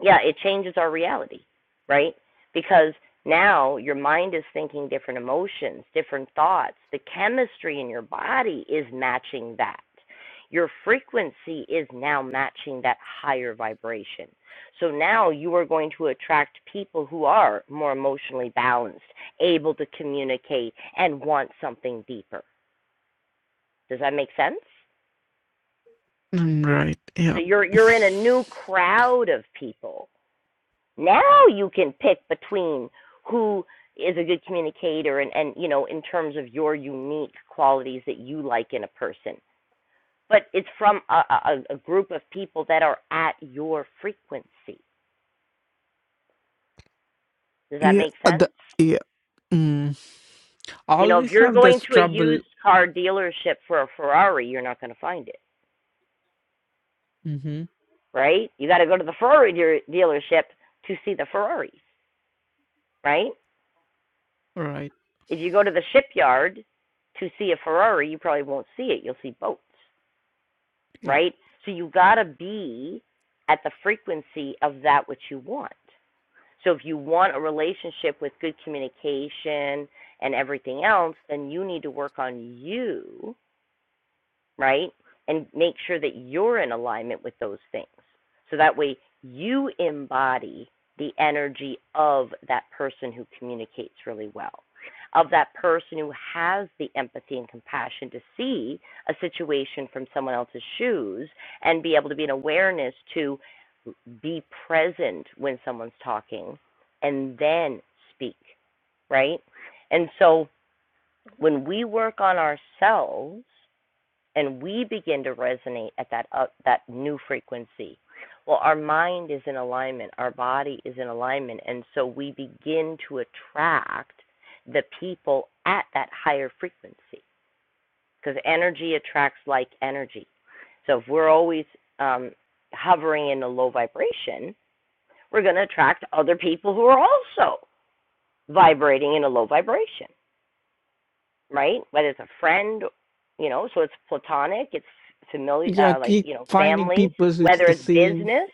A: yeah, it changes our reality, right? Because now your mind is thinking different emotions, different thoughts. The chemistry in your body is matching that. Your frequency is now matching that higher vibration. So now you are going to attract people who are more emotionally balanced, able to communicate, and want something deeper. Does that make sense?
H: Mm, Right.
A: So
H: Yeah.
A: you're you're in a new crowd of people Now you can pick between who is a good communicator and, and you know, in terms of your unique qualities that you like in a person. But it's from a, a, a group of people that are at your frequency. Does that
H: Yeah.
A: make sense?
H: The, yeah. Mm.
A: You know, if
H: Always
A: you're
H: have
A: going
H: this
A: to a
H: trouble.
A: used car dealership for a Ferrari, you're not going to find it,
H: Mm-hmm.
A: right? You got to go to the Ferrari dear- dealership to see the Ferraris, right?
H: Right.
A: If you go to the shipyard to see a Ferrari, you probably won't see it. You'll see boats.
H: Yeah.
A: right? So you got to be at the frequency of that which you want. So if you want a relationship with good communication and everything else, then you need to work on you right? And make sure that you're in alignment with those things. So that way you embody the energy of that person who communicates really well, of that person who has the empathy and compassion to see a situation from someone else's shoes and be able to be an awareness to be present when someone's talking and then speak, right? And so when we work on ourselves, and we begin to resonate at that up, that new frequency. Well, our mind is in alignment, our body is in alignment, and so we begin to attract the people at that higher frequency because energy attracts like energy. So if we're always um, hovering in a low vibration, we're going to attract other people who are also vibrating in a low vibration right? Whether it's a friend, you know, so it's platonic, it's familiar,
H: Yeah.
A: uh, like
H: Keep
A: you know,
H: finding
A: family.
H: people which
A: Whether
H: the
A: it's
H: same.
A: business,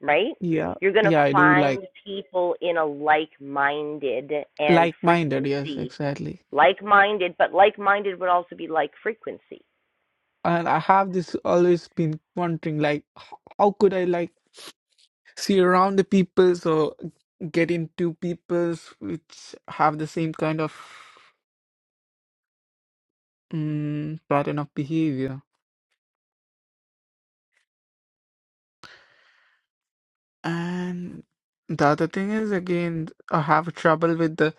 A: right?
H: Yeah.
A: You're gonna
H: Yeah. I do
A: find
H: like
A: people in a like-minded and
H: like-minded. Yes.
A: frequency,
H: Exactly.
A: like-minded, but like-minded would also be like frequency.
H: And I have this always been wondering, like, h- how could I like see around the people? so. get into peoples which have the same kind of mm pattern of behavior. And the other thing is, again, I have trouble with the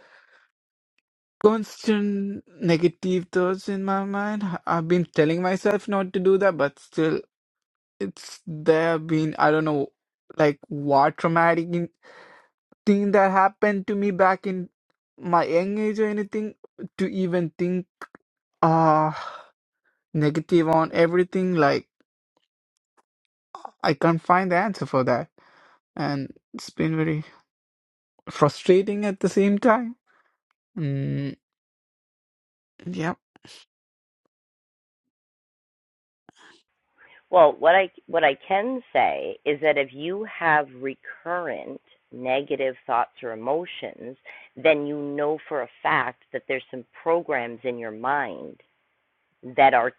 H: constant negative thoughts in my mind. H- I've been telling myself not to do that, but still, it's there been, I don't know, like what traumatic in- thing that happened to me back in my young age or anything to even think uh negative on everything. Like, I can't find the answer for that, and it's been very frustrating at the same time. Mm, yeah,
A: Well, what I what I can say is that if you have recurrent negative thoughts or emotions, then you know for a fact that there's some programs in your mind that are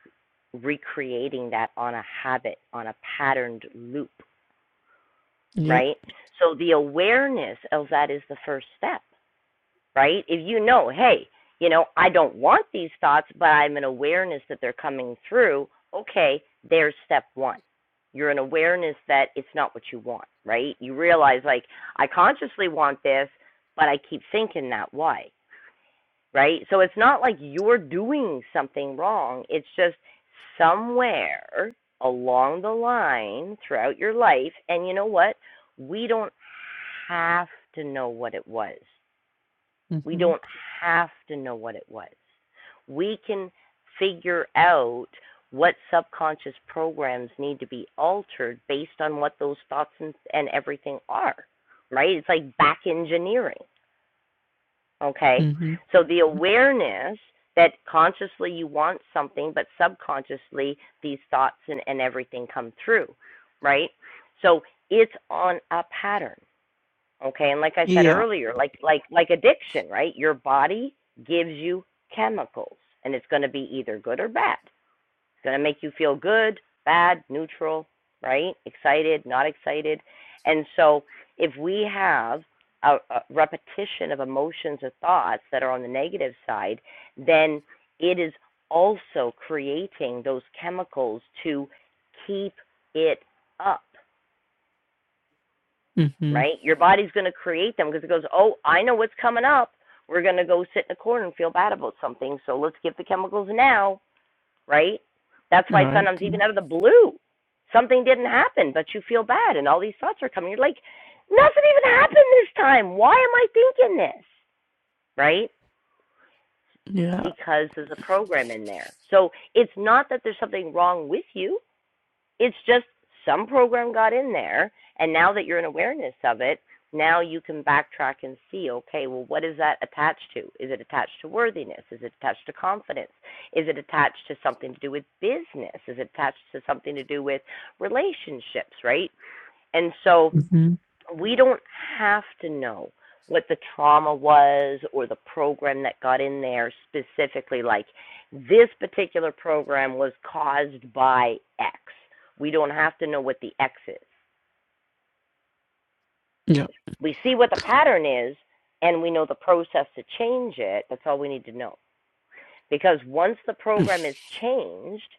A: recreating that on a habit, on a patterned loop,
H: yeah,
A: right? So the awareness of that is the first step, right? If you know, hey, you know, I don't want these thoughts, but I'm an awareness that they're coming through, okay, there's step one. You're an awareness that it's not what you want, right? You realize, like, I consciously want this, but I keep thinking that. Why? right? So it's not like you're doing something wrong. It's just somewhere along the line throughout your life, and you know what? We don't have to know what it was. We
H: mm-hmm,
A: don't have to know what it was. We can figure out what subconscious programs need to be altered based on what those thoughts and, and everything are, right? It's like back engineering. Okay?
H: mm-hmm,
A: So the awareness that consciously you want something, but subconsciously these thoughts and, and everything come through, right? So it's on a pattern. Okay, and like I said
H: yeah,
A: earlier, like like like addiction, right? Your body gives you chemicals and it's gonna be either good or bad. It's going to make you feel good, bad, neutral, right? Excited, not excited. And so if we have a, a repetition of emotions or thoughts that are on the negative side, then it is also creating those chemicals to keep it up,
H: mm-hmm.
A: right? Your body's going to create them because it goes, oh, I know what's coming up. We're going to go sit in a corner and feel bad about something. So let's give the chemicals now right? That's
H: All
A: why
H: right,
A: sometimes even out of the blue, something didn't happen, but you feel bad and all these thoughts are coming. You're like, nothing even happened this time. Why am I thinking this? Right?
H: yeah,
A: Because there's a program in there. So it's not that there's something wrong with you. It's just some program got in there, and now that you're in awareness of it, now you can backtrack and see okay, well, what is that attached to? Is it attached to worthiness? Is it attached to confidence? Is it attached to something to do with business? Is it attached to something to do with relationships, right? And so
H: mm-hmm,
A: we don't have to know what the trauma was or the program that got in there specifically like this particular program was caused by x we don't have to know what the x is
H: yeah,
A: we see what the pattern is and we know the process to change it that's all we need to know because once the program is changed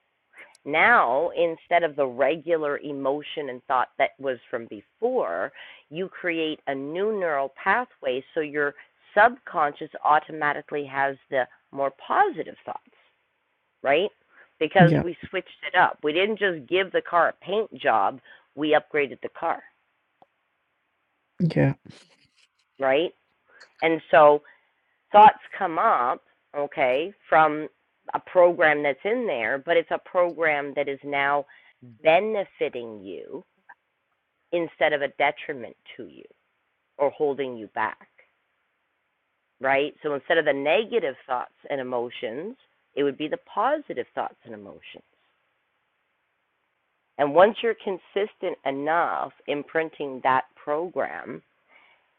A: Now, instead of the regular emotion and thought that was from before, you create a new neural pathway so your subconscious automatically has the more positive thoughts, right? Because
H: yeah,
A: we switched it up. We didn't just give the car a paint job, we upgraded the car,
H: yeah,
A: right? And so thoughts come up, okay, from a program that's in there, but it's a program that is now benefiting you instead of a detriment to you or holding you back, right? So instead of the negative thoughts and emotions, it would be the positive thoughts and emotions. And once you're consistent enough imprinting that program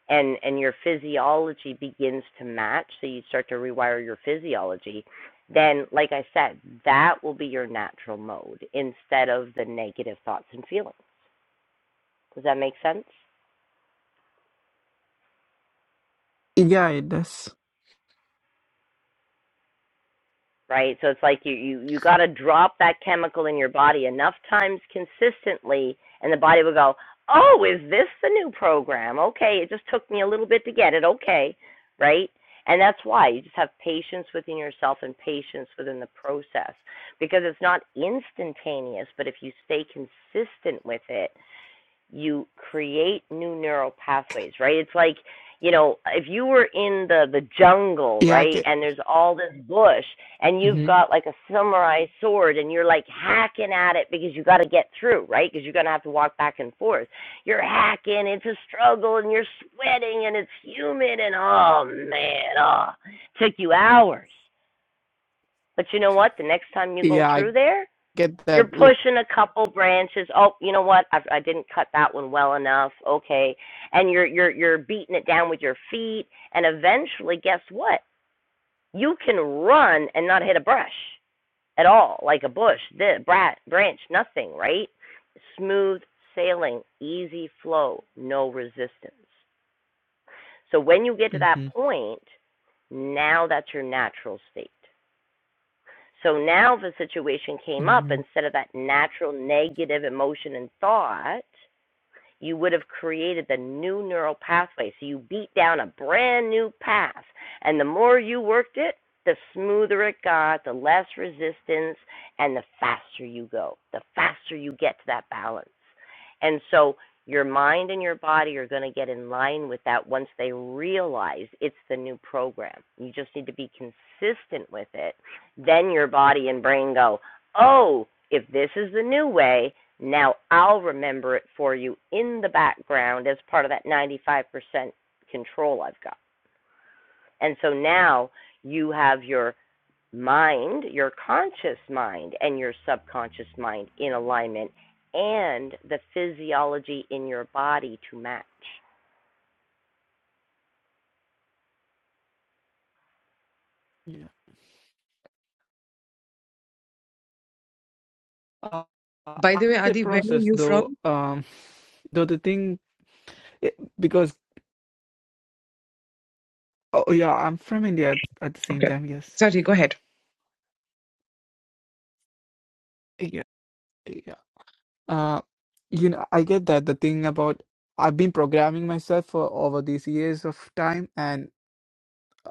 A: and, and your physiology begins to match, so you start to rewire your physiology, then, like I said, that will be your natural mode instead of the negative thoughts and feelings. Does that make sense?
H: yeah. It does.
A: right? So it's like you you you got to drop that chemical in your body enough times consistently, and the body will go, "Oh, is this the new program? Okay, it just took me a little bit to get it. Okay, right?" And that's why you just have patience within yourself and patience within the process because it's not instantaneous, but if you stay consistent with it, you create new neural pathways, right? It's like, you know, if you were in the the jungle,
H: Yeah, I
A: right,
H: get.
A: and there's all this bush and you've
H: Mm-hmm.
A: got like a samurai sword and you're like hacking at it because you got to get through, right? Because you're going to have to walk back and forth. You're hacking, it's a struggle and you're sweating and it's humid and oh man, oh, it took you hours. But you know what? The next time you go
H: Yeah, I
A: through there,
H: get
A: you're
H: that. Like,
A: pushing a couple branches. Oh, you know what? I, I didn't cut that one well enough. Okay, and you're you're you're beating it down with your feet, and eventually, guess what? You can run and not hit a brush at all, like a bush, this, brat, branch, nothing, right? Smooth sailing, easy flow, no resistance. So when you get to that
H: mm-hmm,
A: point, now that's your natural state. So now the situation came up
H: mm-hmm,
A: instead of that natural negative emotion and thought you would have created the new neural pathway. So you beat down a brand new path. And the more you worked it, the smoother it got, the less resistance, and the faster you go, the faster you get to that balance. And so your mind and your body are going to get in line with that once they realize it's the new program. You just need to be consistent with it. Then your body and brain go, oh, if this is the new way, now I'll remember it for you in the background as part of that 95% control I've got. And so now you have your mind, your conscious mind, and your subconscious mind in alignment and the physiology in your body to match.
H: yeah. Uh, uh,
I: By the way,
H: the
I: Adi, where are
H: process
I: you
H: though,
I: from?
H: um, though the thing, it, because oh yeah, I'm from India at, at the same
I: Okay.
H: time. Yes,
I: Sorry, go ahead.
H: yeah. yeah. Uh, you know, I get that the thing about I've been programming myself for over these years of time, and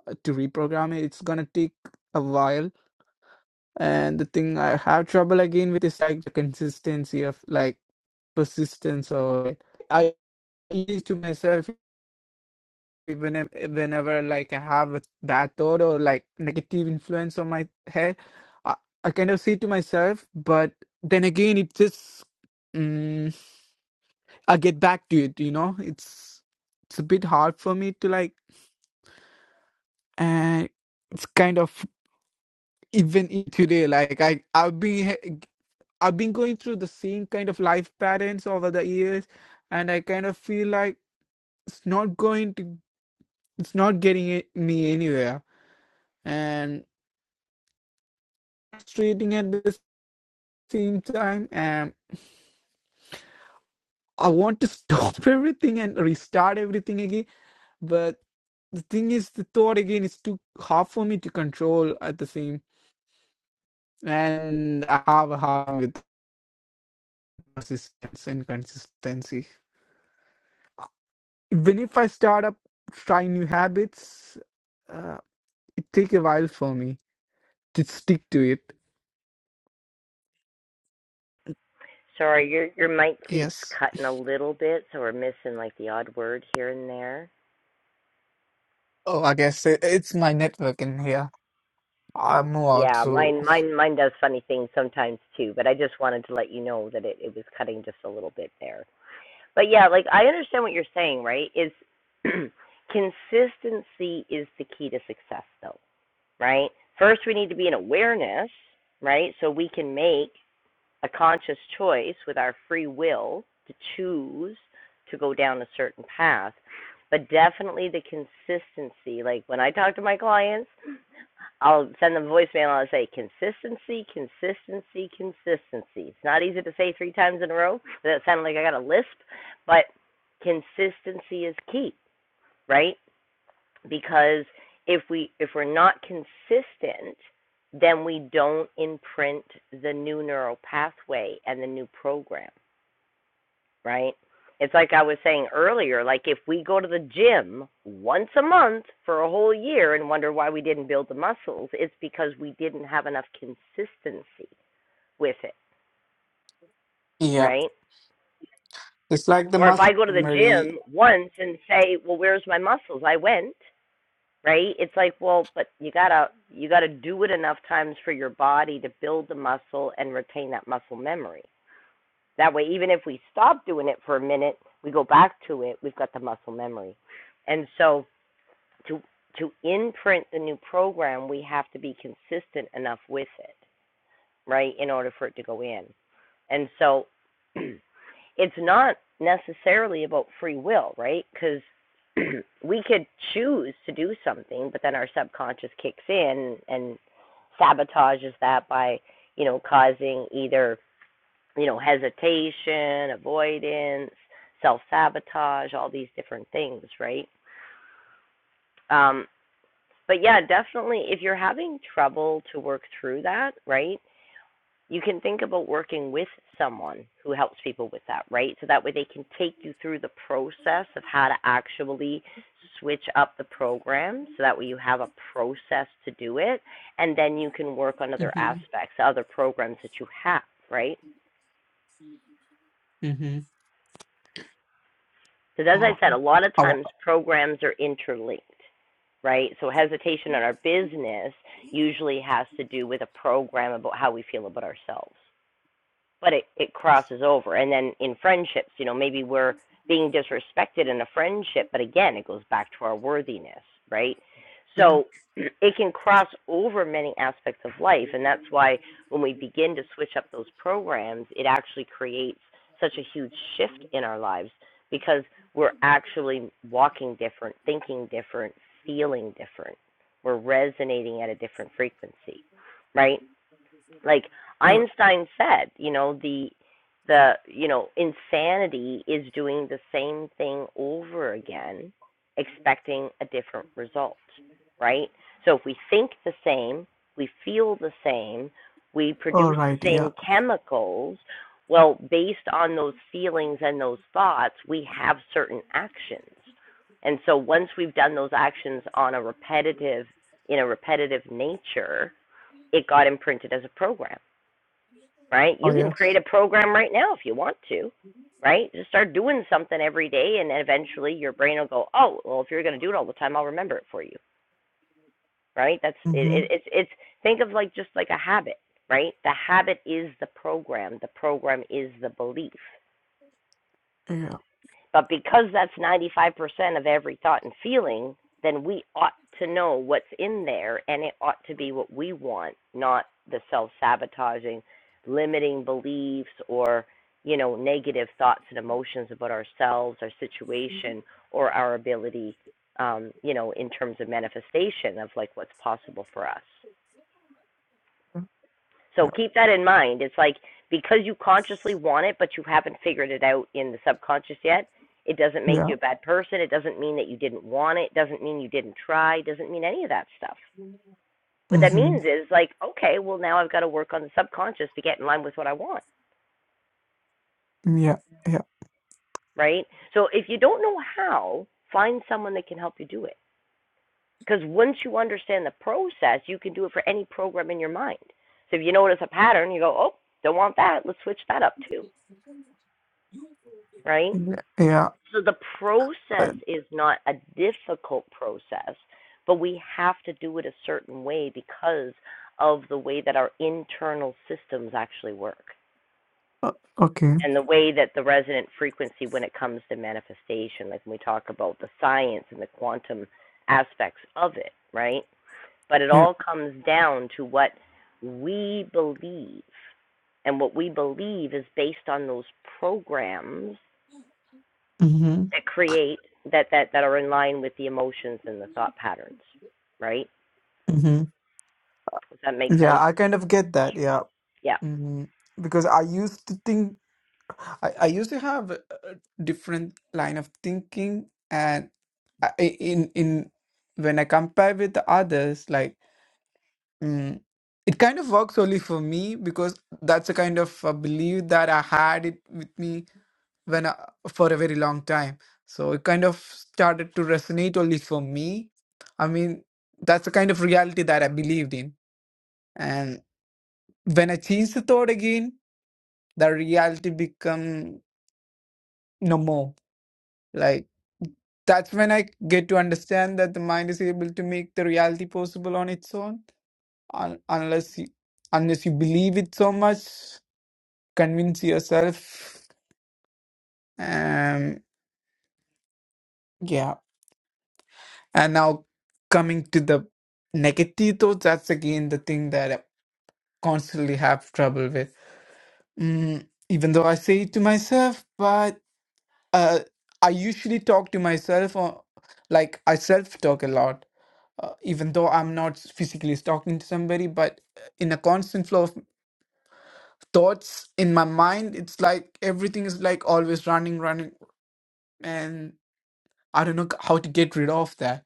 H: uh, to reprogram it, it's gonna take a while. And the thing I have trouble again with is like the consistency of like persistence or I use to myself even whenever like I have a bad thought or like negative influence on my head, I, I kind of say to myself, but then again, it just. mm, I'll get back to it. You know, it's it's a bit hard for me to like, and it's kind of even in today. Like I I've been he- I've been going through the same kind of life patterns over the years, and I kind of feel like it's not going to it's not getting it, me anywhere, and frustrating at the same time. And I want to stop everything and restart everything again, but the thing is, the thought again is too hard for me to control at the same and I have a hard with persistence and consistency. Even if I start up trying new habits, uh, it take a while for me to stick to it.
A: Sorry, your, your mic keeps
H: Yes.
A: cutting a little bit, so we're missing like the odd word here and there.
H: Oh, I guess it, it's my network in here. I move out,
A: Yeah, mine
H: so
A: mine mine does funny things sometimes too, but I just wanted to let you know that it, it was cutting just a little bit there. But yeah, like I understand what you're saying, right? Is consistency is the key to success though, right? First we need to be in awareness, right? So we can make a conscious choice with our free will to choose to go down a certain path. But definitely the consistency. Like when I talk to my clients, I'll send them a voicemail and I'll say consistency, consistency, consistency. It's not easy to say three times in a row that sounding like I got a lisp, but consistency is key, right? Because if we if we're not consistent, then we don't imprint the new neural pathway and the new program right? It's like I was saying earlier, like if we go to the gym once a month for a whole year and wonder why we didn't build the muscles, it's because we didn't have enough consistency with it,
H: yeah,
A: right?
H: it's like the
A: Or if
H: muscle
A: I go to the
H: memory.
A: gym once and say, "Well, where's my muscles?" I went, right? It's like, well, but you gotta you gotta do it enough times for your body to build the muscle and retain that muscle memory. That way, even if we stop doing it for a minute, we go back to it. We've got the muscle memory, and so to to imprint the new program, we have to be consistent enough with it, right, in order for it to go in. And so it's not necessarily about free will, right? Because we could choose to do something, but then our subconscious kicks in and sabotages that by, you know, causing either, you know, hesitation, avoidance, self sabotage, all these different things, right? Um, but yeah, definitely if you're having trouble to work through that, right? You can think about working with someone who helps people with that, right? So that way they can take you through the process of how to actually switch up the program so that way you have a process to do it and then you can work on other
H: hmm
A: aspects, other programs that you have, right?
H: hmm
A: Because as
H: Uh,
A: I said, a lot of
H: I wa-
A: times programs are interlinked, right? So hesitation in our business usually has to do with a program about how we feel about ourselves but it, it crosses over. And then in friendships, you know, maybe we're being disrespected in a friendship, but again, it goes back to our worthiness, right?
H: yeah.
A: So it can cross over many aspects of life. And that's why when we begin to switch up those programs, it actually creates such a huge shift in our lives because we're actually walking different, thinking different, feeling different. We're resonating at a different frequency, right? Like
H: Yeah.
A: Einstein said, you know, the the you know, insanity is doing the same thing over again expecting a different result, right? So if we think the same, we feel the same, we
H: All
A: produce the
H: right. Yeah.
A: same chemicals, well, based on those feelings and those thoughts, we have certain actions. And so once we've done those actions on a repetitive in a repetitive nature, it got imprinted as a program, right?
H: Oh
A: You can
H: yes.
A: create a program right now if you want to, right? Just start doing something every day, and eventually your brain will go, oh, well, if you're going to do it all the time, I'll remember it for you, right? That's it,
H: Mm-hmm.
A: it, it's it's think of like just like a habit, right? The habit is the program, the program is the belief, But because that's 95% of every thought and feeling, then we ought to know what's in there and it ought to be what we want, not the self sabotaging, limiting beliefs or, you know, negative thoughts and emotions about ourselves, our situation, or our ability, um, you know, in terms of manifestation of like what's possible for us.
H: Yeah.
A: So keep that in mind. It's like because you consciously want it, but you haven't figured it out in the subconscious yet, it doesn't make
H: Yeah.
A: you a bad person. It doesn't mean that you didn't want it. It doesn't mean you didn't try. It doesn't mean any of that stuff. What that
H: Mm-hmm.
A: means is like, okay, well, now I've got to work on the subconscious to get in line with what I want,
H: Yeah. Yeah.
A: right? So if you don't know how, find someone that can help you do it. Because once you understand the process, you can do it for any program in your mind. So if you notice a pattern, you go, oh, don't want that. Let's switch that up too, right?
H: Yeah. Yeah.
A: So the
H: Uh,
A: process is not a difficult process, but we have to do it a certain way because of the way that our internal systems actually work
H: uh, okay.
A: and the way that the resonant frequency when it comes to manifestation, like when we talk about the science and the quantum aspects of it, right? But it
H: Yeah.
A: all comes down to what we believe. And what we believe is based on those programs
H: Mm-hmm.
A: that create that that that are in line with the emotions and the thought patterns, right?
H: Mm-hmm.
A: Does that make sense?
H: Yeah. I kind of get that. Yeah.
A: Yeah.
H: Mm-hmm. Because I used to think, I, I used to have a a different line of thinking, and I, I- in in when I compare with the others, like mm, it kind of works only for me because that's a kind of a belief that I had it with me when I, for a very long time. So it kind of started to resonate only for me. I mean, that's the kind of reality that I believed in. And when I changed the thought again, the reality become no more. Like that's when I get to understand that the mind is able to make the reality possible on its own, un- unless you, unless you believe it so much, convince yourself. Um, yeah. And now coming to the negative thoughts, that's again the thing that I constantly have trouble with. Mm, even though I say it to myself, but uh, I usually talk to myself or like I self talk a lot. Uh, even though I'm not physically talking to somebody, but uh, in a constant flow of thoughts in my mind, it's like everything is like always running, running, and I don't know how to get rid of that.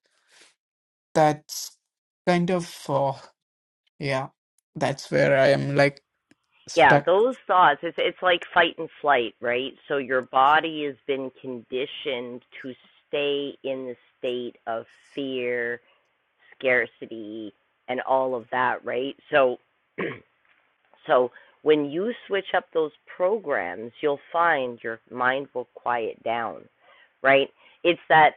H: That's kind of uh, Yeah, that's where I am like
A: Yeah,
H: stuck.
A: those thoughts, it's it's like fight and flight, right? So your body has been conditioned to stay in the state of fear, scarcity, and all of that, right? So so when you switch up those programs, you'll find your mind will quiet down, right? It's that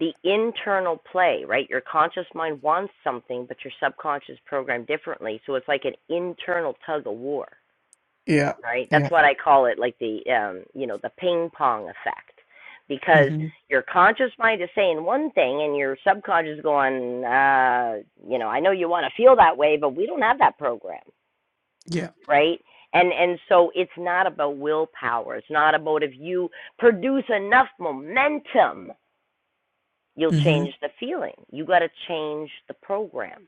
A: the internal play, right? Your conscious mind wants something, but your subconscious programmed differently. So it's like an internal tug of war,
H: Yeah,
A: right? That's
H: yeah,
A: what I call it, like the um, you know, the ping pong effect, because
H: mm-hmm.
A: your conscious mind is saying one thing, and your subconscious is going, uh, you know, I know you want to feel that way, but we don't have that program,
H: yeah,
A: right? And and so it's not about willpower. It's not about if you produce enough momentum You'll
H: mm-hmm.
A: change the feeling. You got to change the program,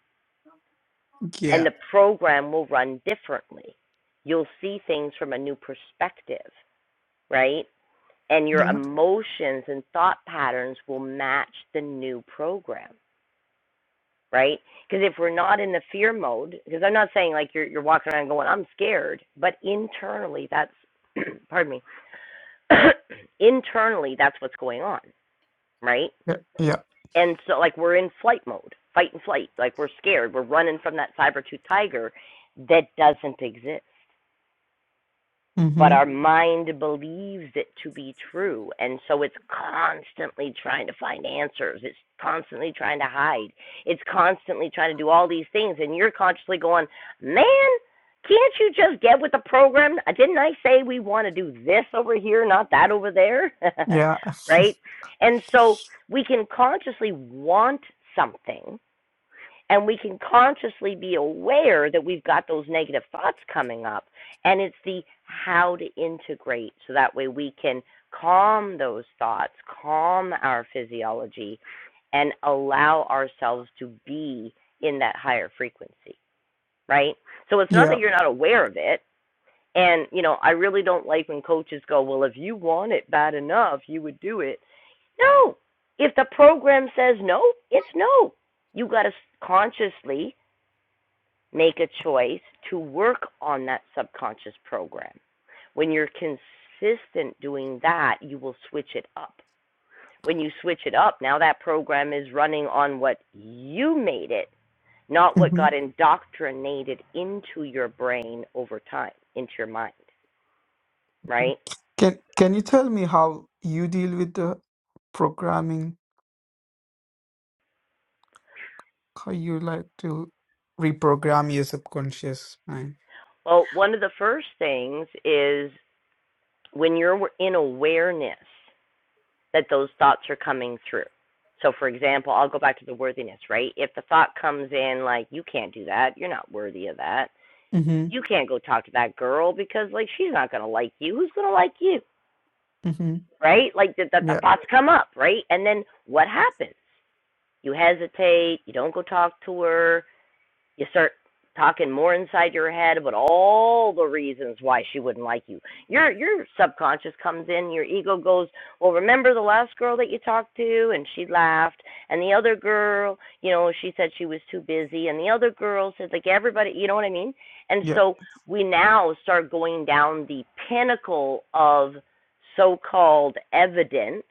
A: and
H: yeah,
A: the program will run differently. You'll see things from a new perspective, right? And your
H: yeah,
A: emotions and thought patterns will match the new program, right? Because if we're not in the fear mode, because I'm not saying like you're you're walking around going I'm scared, but internally that's pardon me, internally that's what's going on, right?
H: yeah, yeah,
A: And so, like, we're in flight mode, fight and flight. Like, we're scared. We're running from that saber tooth tiger that doesn't exist but
H: mm-hmm.
A: our mind believes it to be true and so it's constantly trying to find answers it's constantly trying to hide it's constantly trying to do all these things and you're consciously going man can't you just get with the program Uh, didn't i say we want to do this over here not that over there
H: yeah,
A: right and so we can consciously want something and we can consciously be aware that we've got those negative thoughts coming up and it's the how to integrate so that way we can calm those thoughts calm our physiology and allow ourselves to be in that higher frequency right so it's not
H: yeah.
A: that you're not aware of it and you know i really don't like when coaches go well if you want it bad enough you would do it no if the program says no it's no you got to consciously make a choice to work on that subconscious program. When you're consistent doing that, you will switch it up. When you switch it up, now that program is running on what you made it, not what
H: Mm-hmm.
A: got indoctrinated into your brain over time, into your mind,
H: Mm-hmm.
A: right?
H: Can Can you tell me how you deal with the programming? How you like to reprogram your subconscious mind.
A: Well, one of the first things is when you're in awareness. that those thoughts are coming through. So, for example, I'll go back to the worthiness, right? If the thought comes in like, you can't do that, you're not worthy of that,
H: Mm-hmm.
A: you can't go talk to that girl because, like, she's not going to like you. Who's going to like you,
H: Mm-hmm.
A: right? Like, that the, the
H: Yeah.
A: thoughts come up, right? And then what happens? You hesitate, you don't go talk to her, you start talking more inside your head about all the reasons why she wouldn't like you. Your your subconscious comes in, your ego goes, Well, remember the last girl that you talked to and she laughed and the other girl, you know, she said she was too busy and the other girl said like everybody you know what I mean? And
H: Yeah.
A: so we now start going down the pinnacle of so called evidence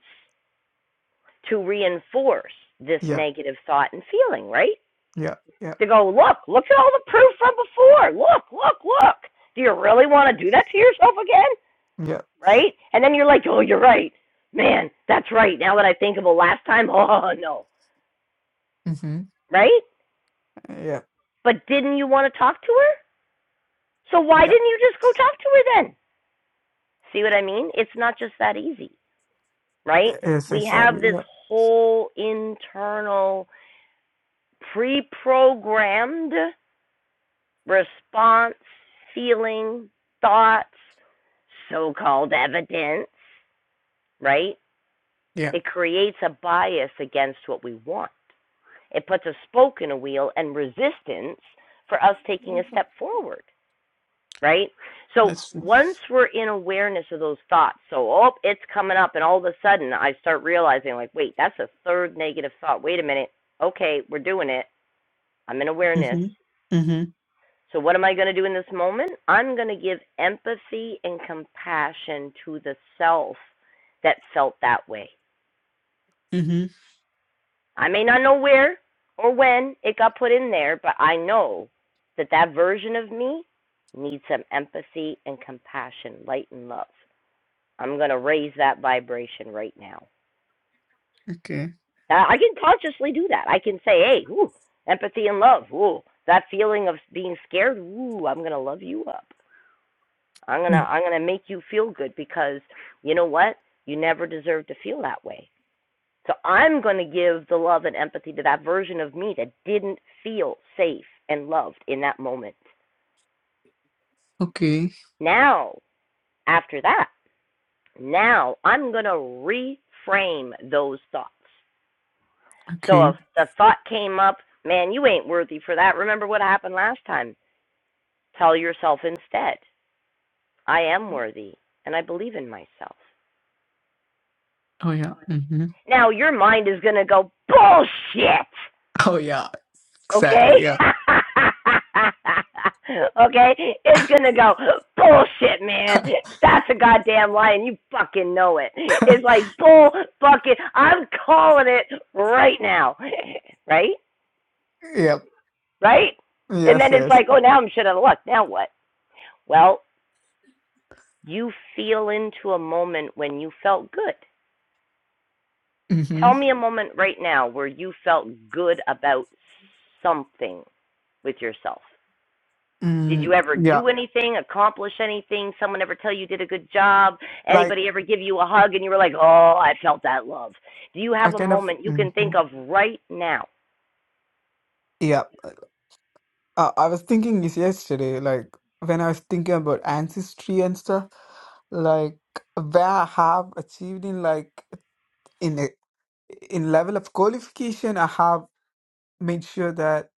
A: to reinforce this
H: Yeah.
A: negative thought and feeling, right?
H: Yeah. Yeah.
A: to go, look, look at all the proof from before. Look, look, look. Do you really want to do that to yourself again?
H: Yeah.
A: Right? And then you're like, oh, you're right. Man, that's right. Now that I think of it last time, oh, no.
H: Mm-hmm.
A: Right?
H: Yeah.
A: But didn't you want to talk to her? So why
H: Yeah.
A: didn't you just go talk to her then? See what I mean? It's not just that easy, right?
H: Yes,
A: We
H: exactly.
A: have this
H: Yeah.
A: whole internal pre programmed response, feeling, thoughts, so called evidence, right?
H: Yeah.
A: It creates a bias against what we want. It puts a spoke in a wheel and resistance for us taking a
H: Mhm.
A: step forward, right? So
H: That's true.
A: once we're in awareness of those thoughts, so, oh, it's coming up, and all of a sudden I start realizing, like, wait, that's a third negative thought. Wait a minute. Okay, we're doing it. I'm in awareness.
H: Mm-hmm. Mm-hmm.
A: So, what am I going to do in this moment? I'm going to give empathy and compassion to the self that felt that way.
H: Mm-hmm.
A: I may not know where or when it got put in there, but I know that that version of me needs some empathy and compassion, light and love. I'm going to raise that vibration right now.
H: Okay.
A: Now, I can consciously do that. I can say, hey, ooh, empathy and love. Ooh, that feeling of being scared. Ooh, I'm going to love you up. I'm gonna
H: Mm.
A: I'm gonna make you feel good because you know what? You never deserve to feel that way. So I'm gonna give the love and empathy to that version of me that didn't feel safe and loved in that moment.
H: Okay.
A: Now, after that, now I'm gonna reframe those thoughts. So
H: Okay.
A: if the thought came up, man, you ain't worthy for that. Remember what happened last time. Tell yourself instead, I am worthy and I believe in myself.
H: Oh yeah. Mm-hmm.
A: Now your mind is going to go, bullshit!
H: Oh yeah.
A: Okay?
H: Exactly. Yeah.
A: okay? It's going to go, bullshit, man. That's a goddamn lie, and you fucking know it. It's like, bull fucking, I'm calling it right now. right?
H: Yep.
A: Right? And
H: Yes,
A: then it's
H: yes.
A: like, oh, now I'm shit out of luck. Now what? Well, you feel into a moment when you felt good.
H: Mm-hmm.
A: Tell me a moment right now where you felt good about something. with yourself? Did you
H: Mm,
A: ever
H: yeah.
A: do anything, accomplish anything? Someone ever tell you did a good job?
H: Like
A: Anybody ever give you a hug and you were like, oh, I felt that love? Do you
H: I
A: have a
H: kind of
A: moment you can
H: mm-hmm.
A: think of right now?
H: Yeah. Uh, I was thinking this yesterday, like when I was thinking about ancestry and stuff, like where I have achieved in like in a, in level of qualification, I have made sure that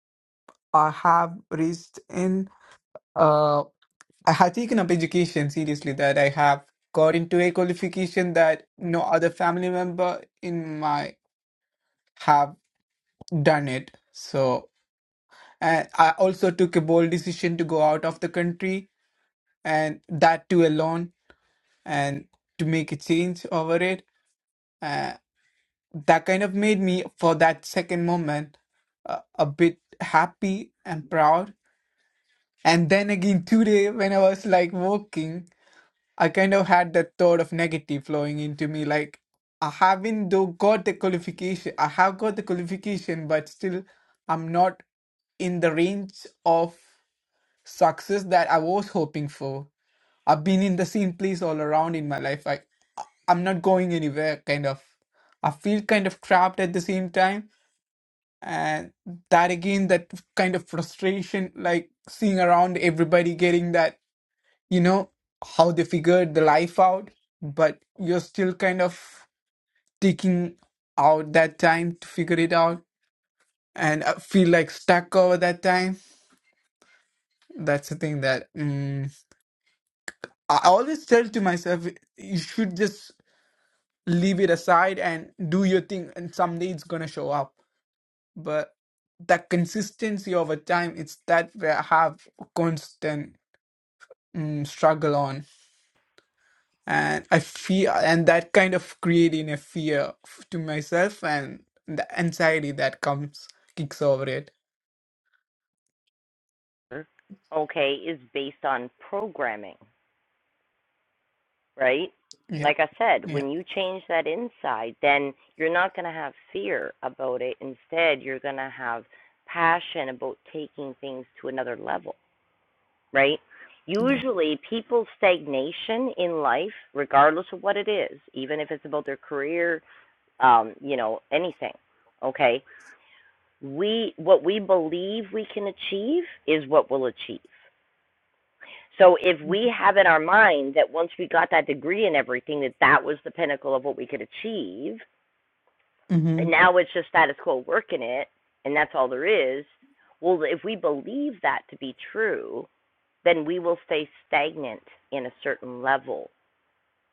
H: I have reached in. Uh, I have taken up education seriously. That I have got into a qualification that no other family member in my have done it. So, and I also took a bold decision to go out of the country and that too alone and to make a change over it uh, that kind of made me for that second moment uh, a bit happy and proud and then again today when i was like walking i kind of had that thought of negative flowing into me like i haven't though got the qualification i have got the qualification but still i'm not in the range of success that I was hoping for. I've been in the same place all around in my life. I, I'm not going anywhere, kind of. I feel kind of trapped at the same time. And that again, that kind of frustration, like seeing around everybody getting that, you know, how they figured the life out, but you're still kind of taking out that time to figure it out. And I feel like stuck over that time. That's the thing that mm, I always tell to myself, you should just leave it aside and do your thing, and someday it's gonna show up. But the consistency over time, it's that where I have constant mm, struggle on, and I feel, and that kind of creating a fear f- to myself, and the anxiety that comes kicks over it.
A: Okay, is based on programming, right?
H: Yeah,
A: Like I said,
H: yeah,
A: when you change that inside, then you're not going to have fear about it. Instead, you're going to have passion about taking things to another level right?
H: yeah.
A: Usually, people's stagnation in life, regardless of what it is, even if it's about their career, um, you know, anything, okay? We what we believe we can achieve is what we'll achieve. So if we have in our mind that once we got that degree and everything that that was the pinnacle of what we could achieve,
H: Mm-hmm.
A: and now it's just status quo working it, and that's all there is. Well, if we believe that to be true, then we will stay stagnant in a certain level.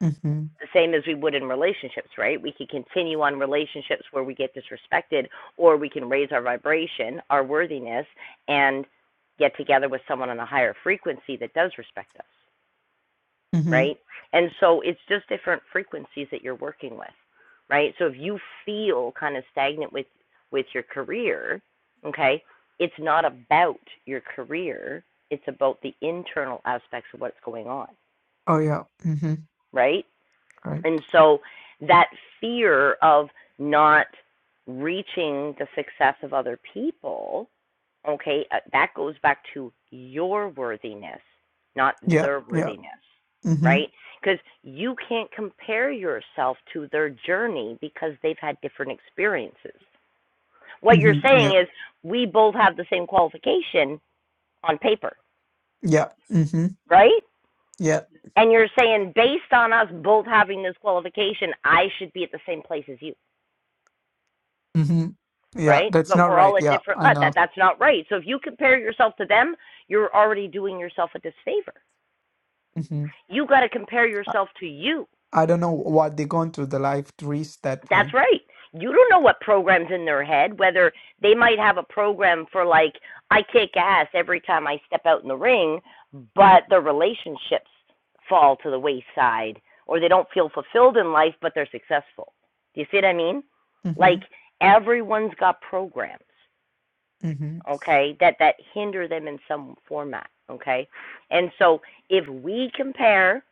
H: Mm-hmm.
A: The same as we would in relationships, right? We could continue on relationships where we get disrespected, or we can raise our vibration, our worthiness, and get together with someone on a higher frequency that does respect us,
H: Mm-hmm.
A: right? And so it's just different frequencies that you're working with, right? So if you feel kind of stagnant with with your career, okay, it's not about your career, it's about the internal aspects of what's going on.
H: Oh yeah. Mm-hmm.
A: right?
H: Right.
A: And so that fear of not reaching the success of other people, okay, uh, that goes back to your worthiness, not
H: Yeah.
A: their
H: Yeah.
A: worthiness,
H: Mm-hmm.
A: right? Because you can't compare yourself to their journey because they've had different experiences. What you're
H: Mm-hmm. Yeah.
A: saying is we both have the same qualification on paper,
H: Yeah. Mm-hmm.
A: right?
H: Yeah.
A: And you're saying based on us both having this qualification, I should be at the same place as you.
H: Mm-hmm. Yeah.
A: right?
H: That's
A: But
H: not
A: we're
H: right.
A: all at
H: Yeah.
A: different
H: I
A: levels.
H: know.
A: That that's not right. So if you compare yourself to them, you're already doing yourself a disfavor.
H: Mm-hmm.
A: You got to compare
H: I,
A: yourself to you.
H: I don't know what they're going through the life to reach that
A: That's
H: point.
A: right. You don't know what program's in their head, whether they might have a program for like I kick ass every time I step out in the ring, but their relationships fall to the wayside or they don't feel fulfilled in life but they're successful. Do you see what I mean?
H: Mm-hmm.
A: Like everyone's got programs.
H: Mm-hmm.
A: okay that that hinder them in some format okay and so if we compare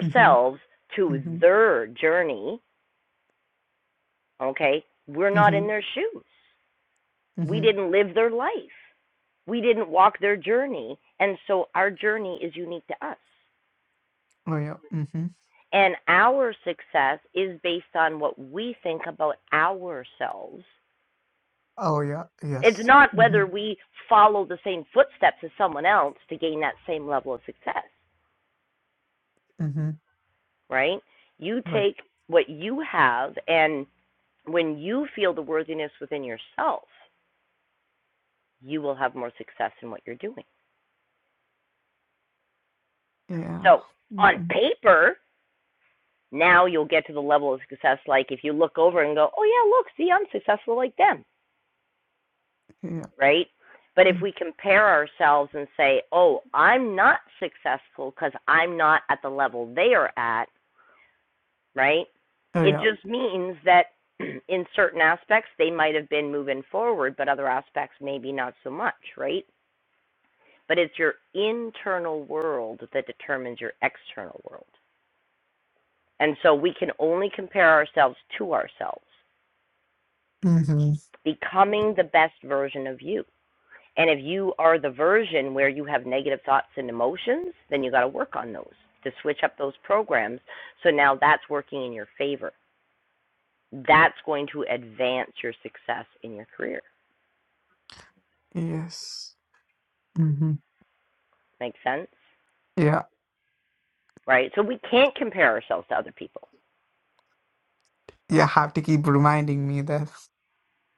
H: Mm-hmm.
A: to
H: Mm-hmm.
A: their journey okay we're not in
H: Mhm,
A: their shoes we
H: mhm.
A: didn't live their life we didn't walk their journey and so our journey is unique to us
H: Oh, yeah. Mhm.
A: and our success is based on what we think about ourselves
H: Oh, yeah.
A: it's
H: Yes.
A: not whether
H: Mhm,
A: we follow the same footsteps as someone else to gain that same level of success
H: mhm.
A: right? You
H: Right.
A: take what you have, and when you feel the worthiness within yourself, you will have more success in what you're doing.
H: Yeah.
A: So, on
H: Mhm.
A: paper, now you'll get to the level of success. Like if you look over and go, oh, yeah, look, see, I'm successful like them,
H: Yeah.
A: right? But if
H: Mm.
A: we compare ourselves and say, oh, I'm not successful because I'm not at the level they are at, right?
H: Oh,
A: It
H: yeah.
A: just means that in certain aspects they might have been moving forward, but other aspects maybe not so much, right? But it's your internal world that determines your external world. And so we can only compare ourselves to ourselves,
H: Mhm.
A: becoming the best version of you. And if you are the version where you have negative thoughts and emotions, then you got to work on those to switch up those programs. So now that's working in your favor that's going to advance your success in your career.
H: Yes. Mhm.
A: Make sense?
H: Yeah.
A: Right? So we can't compare ourselves to other people.
H: Yeah. have to keep reminding me that.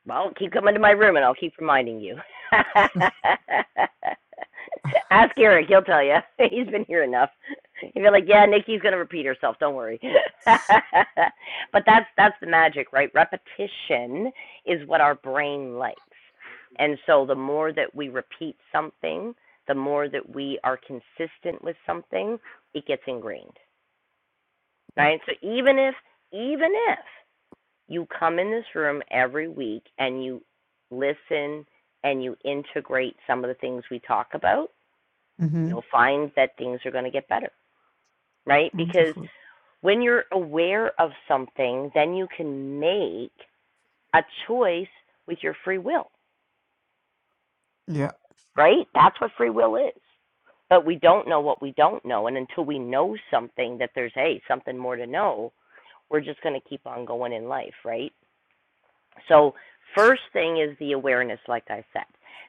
A: Well, keep coming to my room and I'll keep reminding you. Ask Eric, he'll tell you. He's been here enough. He'll be like, "Yeah, Nikki's gonna repeat herself. Don't worry." but that's that's the magic, right? Repetition is what our brain likes, and so the more that we repeat something, the more that we are consistent with something, it gets ingrained,
H: yeah.
A: right? So even if even if you come in this room every week and you listen and you integrate some of the things we talk about,
H: Mhm.
A: you'll find that things are going to get better, right? Because
H: Wonderful.
A: when you're aware of something, then you can make a choice with your free will,
H: Yeah.
A: right? That's what free will is. But we don't know what we don't know. And until we know something that there's, hey, something more to know, we're just going to keep on going in life, right? So,
H: That's
A: first thing is the awareness, like I said.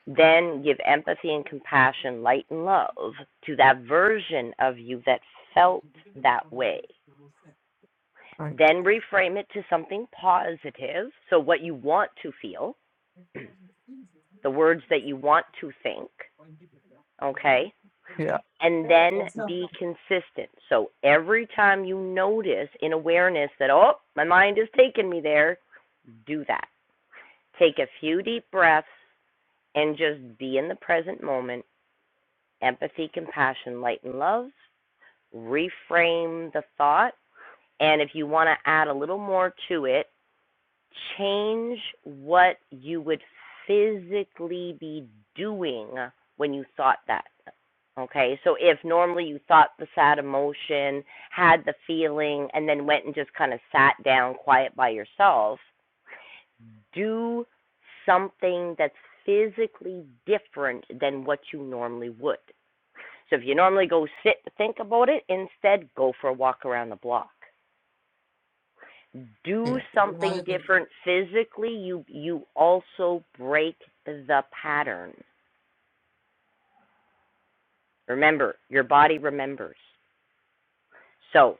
A: Then give empathy and compassion, light and love to that version of you that felt that way.
H: right.
A: Then reframe it to something positive. So, what you want to feel, the words that you want to think, okay?
H: Yeah.
A: And then be consistent. So, every time you notice in awareness that, oh, my mind is taking me there, do that. Take a few deep breaths and just be in the present moment. Empathy, compassion, light, and love. Reframe the thought. And if you want to add a little more to it, change what you would physically be doing when you thought that. Okay, so if normally you thought the sad emotion, had the feeling, and then went and just kind of sat down quiet by yourself, do something that's physically different than what you normally would. So if you normally go sit to think about it, instead go for a walk around the block. Do
H: Yeah.
A: something different physically. You you also break the pattern. Remember, your body remembers. So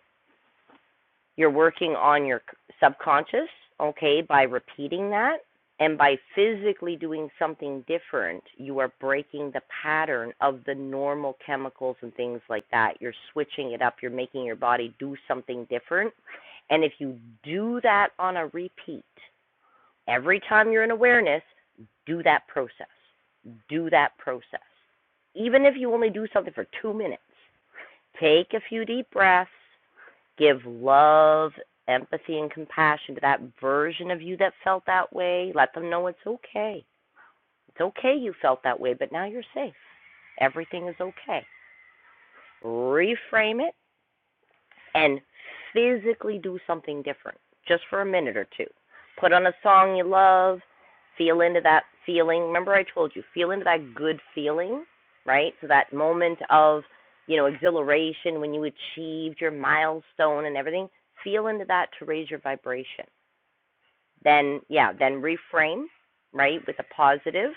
A: You're working on your subconscious, okay, by repeating that. And by physically doing something different, you are breaking the pattern of the normal chemicals and things like that. You're switching it up, you're making your body do something different. And if you do that on a repeat, every time you're in awareness, do that process. Do that process. Even if you only do something for two minutes, take a few deep breaths, give love, empathy, and compassion to that version of you that felt that way. Let them know it's okay. It's okay you felt that way, but now you're safe. Everything is okay. Reframe it and physically do something different just for a minute or two. Put on a song you love, feel into that feeling. Remember, I told you, feel into that good feeling, right? So that moment of, you know, exhilaration when you achieved your milestone and everything, feel into that to raise your vibration. Then, yeah, then reframe, right, with a positive,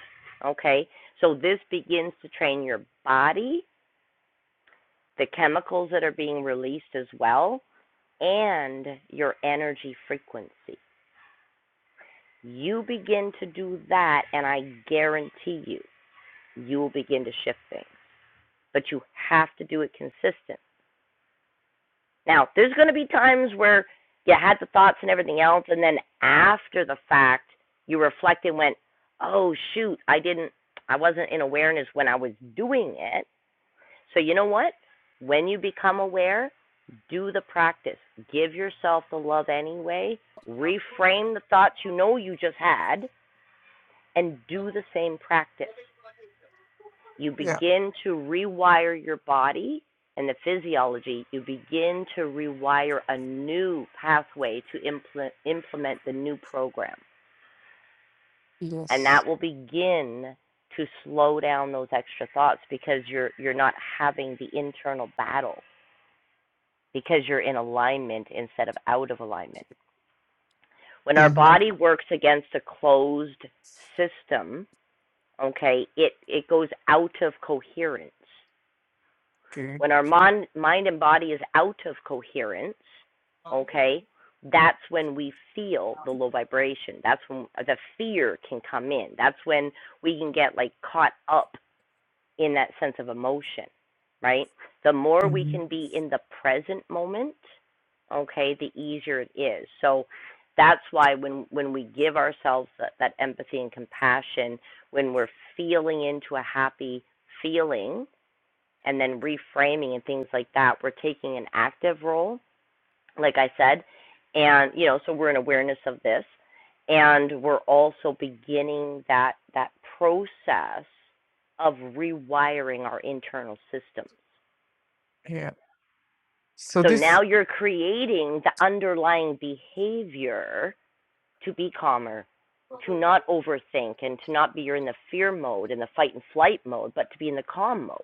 A: okay? So this begins to train your body, the chemicals that are being released as well, and your energy frequency. You begin to do that, and I guarantee you, you will begin to shift things. But you have to do it consistent. Now, there's going to be times where you had the thoughts and everything else, and then after the fact, you reflect and went, oh, shoot, I didn't, I wasn't in awareness when I was doing it. So, you know what? When you become aware, do the practice. Give yourself the love anyway. Reframe the thoughts you know you just had and do the same practice. You
H: Yeah.
A: begin to rewire your body and the physiology. You begin to rewire a new pathway to implement, implement the new program. And
H: Yes.
A: that will begin to slow down those extra thoughts because you're, you're not having the internal battle because you're in alignment instead of out of alignment. When our
H: Mhm.
A: body works against a closed system, okay, it, it goes out of coherence.
H: Good.
A: When our mon- mind and body is out of coherence, okay, that's when we feel the low vibration. That's when the fear can come in. That's when we can get like caught up in that sense of emotion, right? The more we
H: Mhm.
A: can be in the present moment, okay, the easier it is. So that's why when when we give ourselves that, that empathy and compassion, when we're feeling into a happy feeling and then reframing and things like that, we're taking an active role like I said. And, you know, so we're in awareness of this. And we're also beginning that, that process of rewiring our internal systems.
H: Yeah. So
A: So
H: this.
A: now you're creating the underlying behavior to be calmer, to not overthink, and to not be you're in the fear mode and the fight and flight mode, but to be in the calm mode,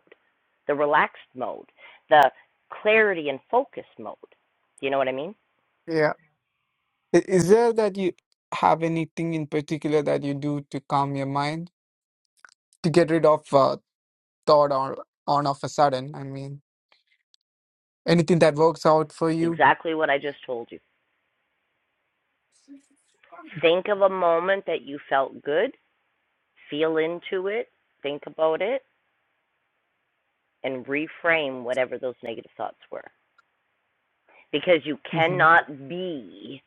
A: the relaxed mode, the clarity and focus mode. Do you know what I mean?
H: Yeah. I- Is there that you have anything in particular that you do to calm your mind? to get rid of uh, thought on on of a sudden. I mean, anything that works out for you.
A: Exactly what I just told you. Think of a moment that you felt good, feel into it, think about it, and reframe whatever those negative thoughts were. Because you
H: Mm-hmm.
A: cannot be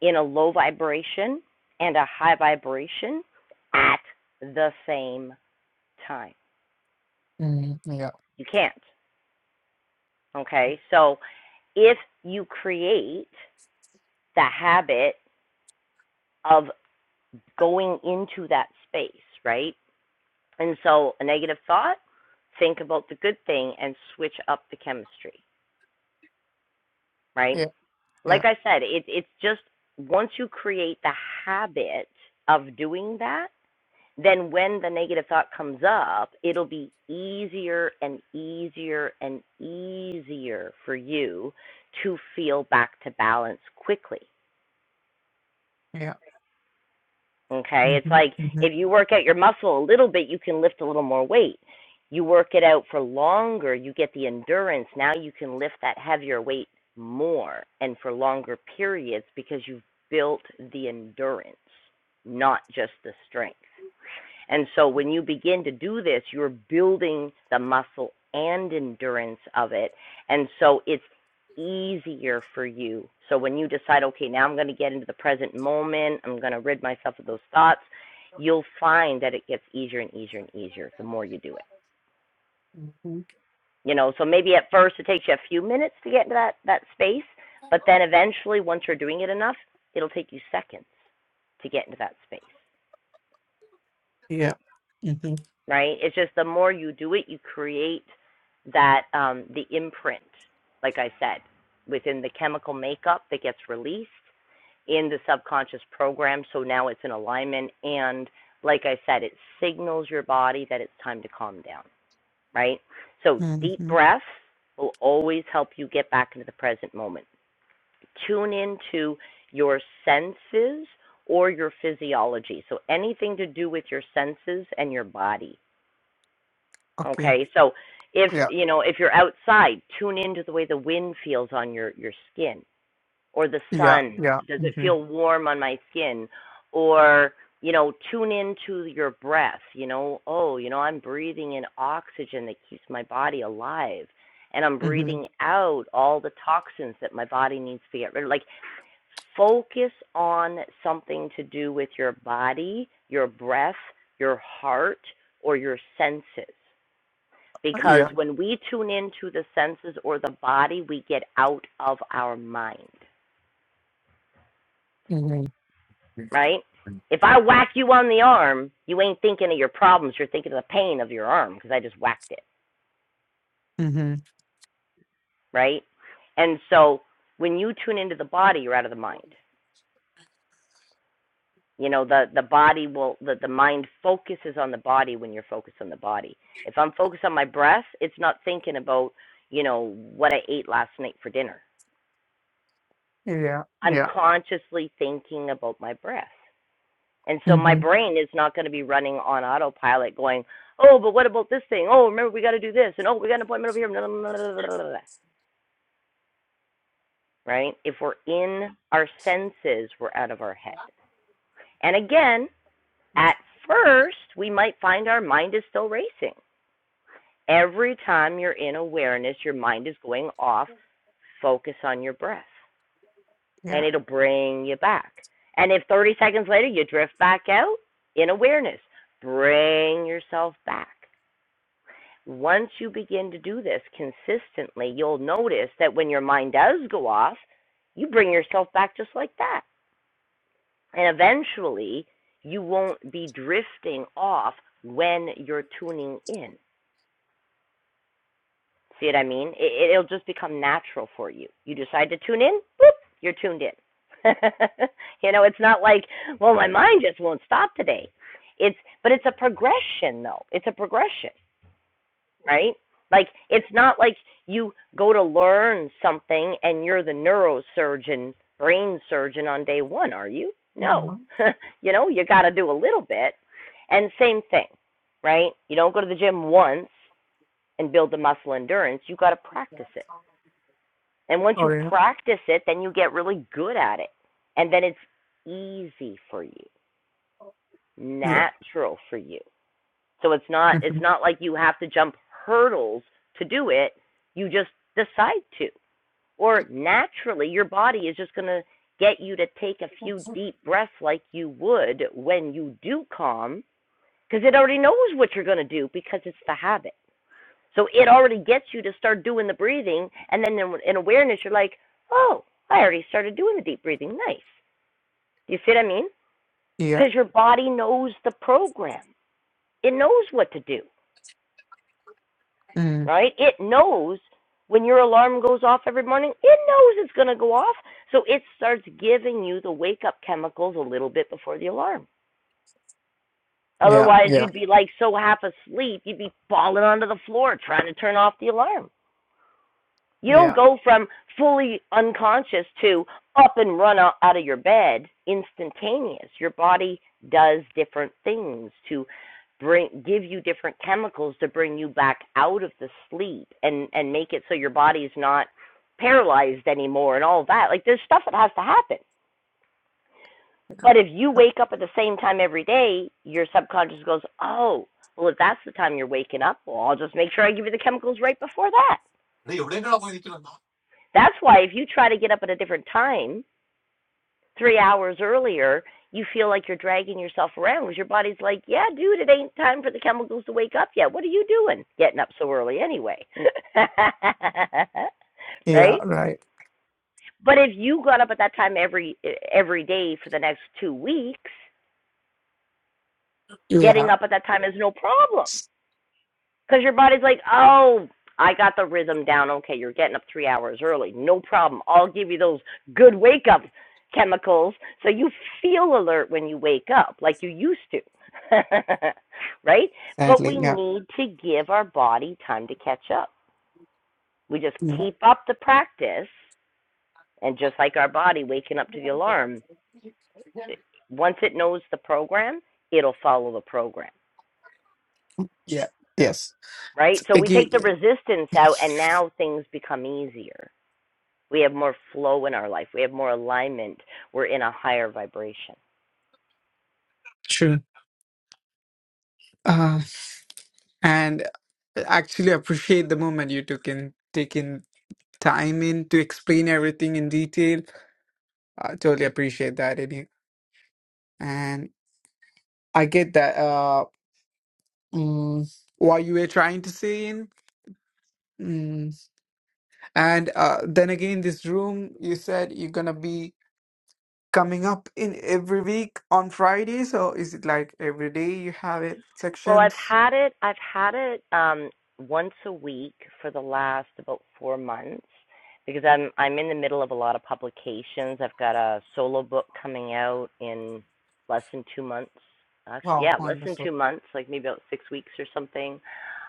A: in a low vibration and a high vibration at the same time.
H: Mm-hmm. Yeah,
A: You can't. Okay? So if you create the habit of going into that space, right? And so, a negative thought, think about the good thing and switch up the chemistry, right?
H: yeah, yeah,
A: Like I said, it, it's just once you create the habit of doing that, then when the negative thought comes up, it'll be easier and easier and easier for you to feel back to balance quickly.
H: yeah.
A: Okay. It's
H: Mm-hmm.
A: like
H: Mm-hmm.
A: if you work out your muscle a little bit, you can lift a little more weight. You work it out for longer, you get the endurance. Now you can lift that heavier weight more and for longer periods because you've built the endurance, not just the strength. And so when you begin to do this, you're building the muscle and endurance of it. And so it's easier for you. So when you decide, okay, now I'm going to get into the present moment, I'm going to rid myself of those thoughts, you'll find that it gets easier and easier and easier the more you do it.
H: hmm
A: You know, so maybe at first it takes you a few minutes to get into that, that space, but then eventually, once you're doing it enough, it'll take you seconds to get into that space.
H: Yeah. Mm-hmm.
A: right? It's just the more you do it, you create that um, the imprint, like I said, within the chemical makeup that gets released in the subconscious program. So now it's in alignment, and like I said, it signals your body that it's time to calm down, right? So deep
H: Mm-hmm.
A: breaths will always help you get back into the present moment. Tune into your senses or your physiology. So anything to do with your senses and your body
H: Okay.
A: Okay, so if
H: Yeah,
A: you know if you're outside, tune into the way the wind feels on your your skin, or the
H: yeah,
A: sun.
H: yeah.
A: Does it
H: Mm-hmm.
A: feel warm on my skin? Or you know, tune into your breath. You know, oh, you know, I'm breathing in oxygen that keeps my body alive, and I'm breathing
H: Mm-hmm.
A: out all the toxins that my body needs to get rid of. Like, focus on something to do with your body, your breath, your heart, or your senses because
H: Yeah.
A: when we tune into the senses or the body, we get out of our mind,
H: Mm-hmm.
A: right? If I whack you on the arm, you ain't thinking of your problems. You're thinking of the pain of your arm because I just whacked it,
H: Mm-hmm.
A: right? And so when you tune into the body, you're out of the mind. You know, the, the body will, the, the mind focuses on the body when you're focused on the body. If I'm focused on my breath, it's not thinking about, you know, what I ate last night for dinner.
H: Yeah,
A: I'm
H: yeah.
A: consciously thinking about my breath. And so my
H: Mm-hmm.
A: brain is not going to be running on autopilot going, oh, but what about this thing? Oh, remember, we got to do this. And oh, we got an appointment over here. Blah, blah, blah, blah, blah, Right? If we're in our senses, we're out of our head. And again, at first, we might find our mind is still racing. Every time you're in awareness, your mind is going off. Focus on your breath, and
H: Yeah.
A: it'll bring you back. And if 30 seconds later you drift back out in awareness, bring yourself back. Once you begin to do this consistently, you'll notice that when your mind does go off, you bring yourself back just like that. And eventually, you won't be drifting off when you're tuning in. See what I mean? It, it'll just become natural for you. You decide to tune in, boop, you're tuned in. you know, it's not like, well, my mind just won't stop today. It's, but it's a progression though. It's a progression. right? Like it's not like you go to learn something and you're the neurosurgeon, brain surgeon on day one, are you? No. you know, you got to do a little bit. And same thing, right? You don't go to the gym once and build the muscle endurance, you got to practice it. And once
H: Oh
A: you
H: yeah.
A: practice it, then you get really good at it. And then it's easy for you,
H: Yeah.
A: natural for you. So it's not it's
H: Mm-hmm.
A: not like you have to jump hurdles to do it. You just decide to. Or naturally your body is just going to get you to take a few deep breaths like you would when you do calm because it already knows what you're going to do because it's the habit. So it already gets you to start doing the breathing and then in- awareness you're like, "Oh, I already started doing the deep breathing. Nice." Do you see what I mean?
H: Yeah.
A: Because your body knows the program. It knows what to do.
H: Mm.
A: right? It knows when your alarm goes off every morning, it knows it's going to go off. So it starts giving you the wake up chemicals a little bit before the alarm.
H: Yeah.
A: Otherwise,
H: Yeah.
A: you'd be like so half asleep, you'd be falling onto the floor trying to turn off the alarm. You don't
H: Yeah.
A: go from fully unconscious to up and run out, of your bed instantaneous. Your body does different things to bring give you different chemicals to bring you back out of the sleep and and make it so your body's not paralyzed anymore and all that. Like there's stuff that has to happen. But if you wake up at the same time every day, your subconscious goes, "Oh, well if that's the time you're waking up, well I'll just make sure I give you the chemicals right before that." That's why if you try to get up at a different time, three hours earlier, you feel like you're dragging yourself around because your body's like, yeah, dude, it ain't time for the chemicals to wake up yet. What are you doing getting up so early anyway?
H: Yeah.
A: right?
H: Right.
A: But if you got up at that time every every day for the next two weeks, getting
H: Yeah,
A: up at that time is no problem. Because your body's like, oh, I got the rhythm down. Okay, you're getting up three hours early. No problem. I'll give you those good wake up chemicals so you feel alert when you wake up like you used to. right? But
H: sadly,
A: we
H: yeah,
A: need to give our body time to catch up. We just
H: yeah,
A: keep up the practice, and just like our body waking up to the alarm, eh, once it knows the program, it'll follow the program.
H: yeah, yes,
A: Right? So we take
H: again,
A: the resistance out, and now things become easier We have more flow in our life. We have more alignment. We're in a higher vibration.
H: true. Uh, and actually appreciate the moment you took in taking time in to explain everything in detail. I totally appreciate that in you, and I get that. Uh, mm, what you were trying to say in, mm. and uh, then again, this room you said you're gonna be. coming up in every week on Fridays, or is it like every day you have it
A: Well, I've
H: sections?
A: had it. I've had it um, once a week for the last about four months because I'm I'm in the middle of a lot of publications. I've got a solo book coming out in less than two months. Actually,
H: Wow,
A: yeah, less than
H: wonderful.
A: two months, like maybe about six weeks or something.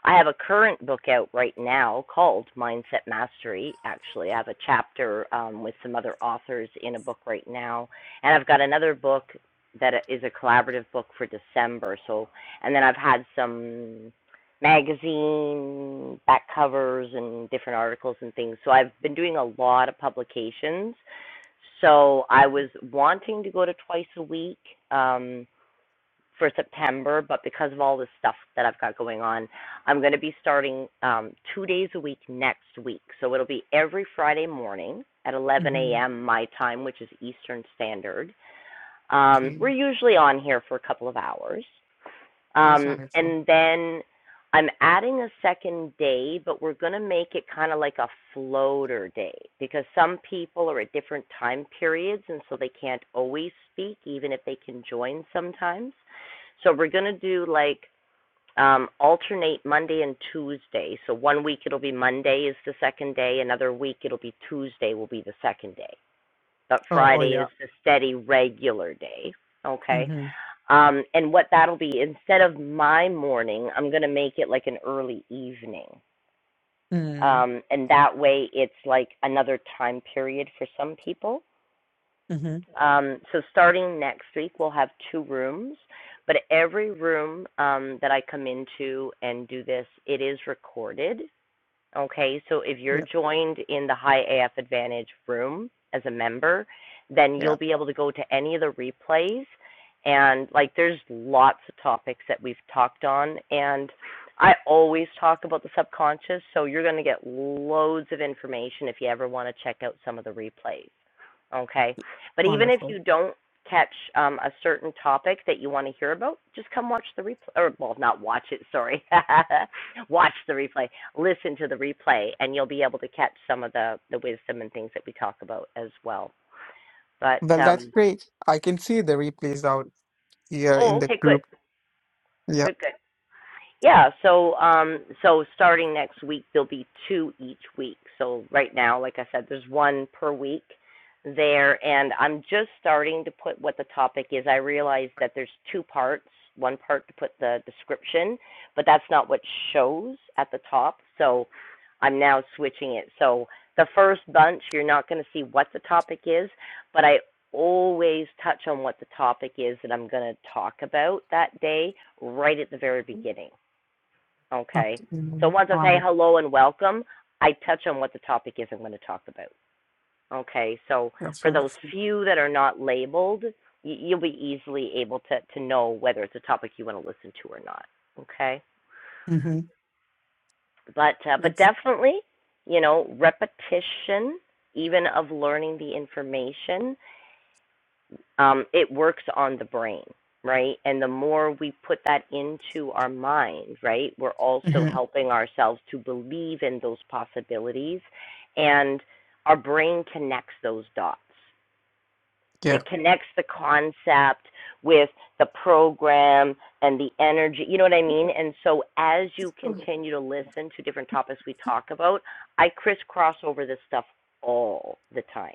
A: I have a current book out right now called Mindset Mastery. Actually, I have a chapter um, with some other authors in a book right now, and I've got another book that is a collaborative book for December. So and then I've had some magazine back covers and different articles and things. So I've been doing a lot of publications. So I
H: Mm-hmm.
A: was wanting to go to twice a week um, for September, but because of all the stuff that I've got going on, I'm going to be starting um, two days a week next week. So it'll be every Friday morning at 11
H: Mm-hmm.
A: a.m. my time, which is Eastern Standard. Um,
H: Okay.
A: we're usually on here for a couple of hours.
H: That's
A: Um,
H: wonderful.
A: and then I'm adding a second day, but we're going to make it kind of like a floater day because some people are at different time periods and so they can't always speak, even if they can join sometimes. So we're going to do like um, alternate Monday and Tuesday. So one week it'll be Monday is the second day, another week it'll be Tuesday will be the second day. But
H: Oh, oh
A: Friday
H: yeah.
A: is the steady regular day. Okay.
H: Mm-hmm.
A: Um, and what that'll be, instead of my morning, I'm going to make it like an early evening.
H: mm hmm
A: Um, and that way it's like another time period for some people.
H: Mm-hmm.
A: Um, so starting next week, we'll have two rooms. But every room um, that I come into and do this, it is recorded. Okay, so if you're
H: Yeah,
A: joined in the High AF Advantage room as a member, then
H: yeah,
A: you'll be able to go to any of the replays. And like, there's lots of topics that we've talked on. And I always talk about the subconscious, so you're going to get loads of information if you ever want to check out some of the replays. Okay, but even if
H: wonderful.
A: you don't catch um, a certain topic that you want to hear about, just come watch the replay. Or, well, not watch it, sorry. watch the replay. Listen to the replay, and you'll be able to catch some of the, the wisdom and things that we talk about as well. But,
H: Well, that's
A: um,
H: great. I can see the replays out here
A: oh,
H: in the
A: okay, good.
H: group. Yeah.
A: Good, good. Yeah, so um so starting next week there'll be two each week. So right now, like I said, there's one per week there and I'm just starting to put what the topic is. I realize that there's two parts, one part to put the description, but that's not what shows at the top. So I'm now switching it. So the first bunch you're not going to see what the topic is, but I always touch on what the topic is that I'm going to talk about that day right at the very beginning. Okay. So
H: Absolutely.
A: once I say
H: Honor.
A: hello and welcome, I touch on what the topic is I'm going to talk about. Okay. So
H: That's
A: for those
H: wonderful.
A: few that are not labeled, you'll be easily able to, to know whether it's a topic you want to listen to or not. Okay.
H: Mm-hmm.
A: But uh, but
H: That's
A: definitely, you know, repetition, even of learning the information, um, it works on the brain, right? And the more we put that into our mind, right, we're also
H: hmm
A: helping ourselves to believe in those possibilities. And our brain connects those dots.
H: yeah.
A: It connects the concept with the program and the energy. You know what I mean? And so as you continue to listen to different topics we talk about, I crisscross over this stuff all the time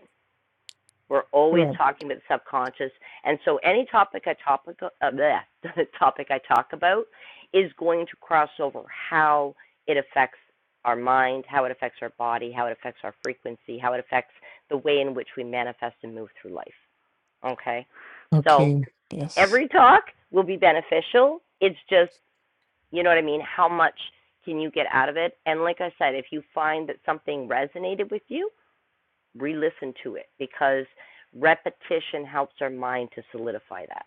A: we're always
H: Right.
A: talking about the subconscious, and so any topic I topic uh, bleh, topic I talk about is going to cross over how it affects our mind, how it affects our body, how it affects our frequency, how it affects the way in which we manifest and move through life. Okay, so
H: Okay. Yes.
A: every talk will be beneficial. It's just you know what I mean. How much can you get out of it? And like I said, if you find that something resonated with you, re-listen to it because repetition helps our mind to solidify that.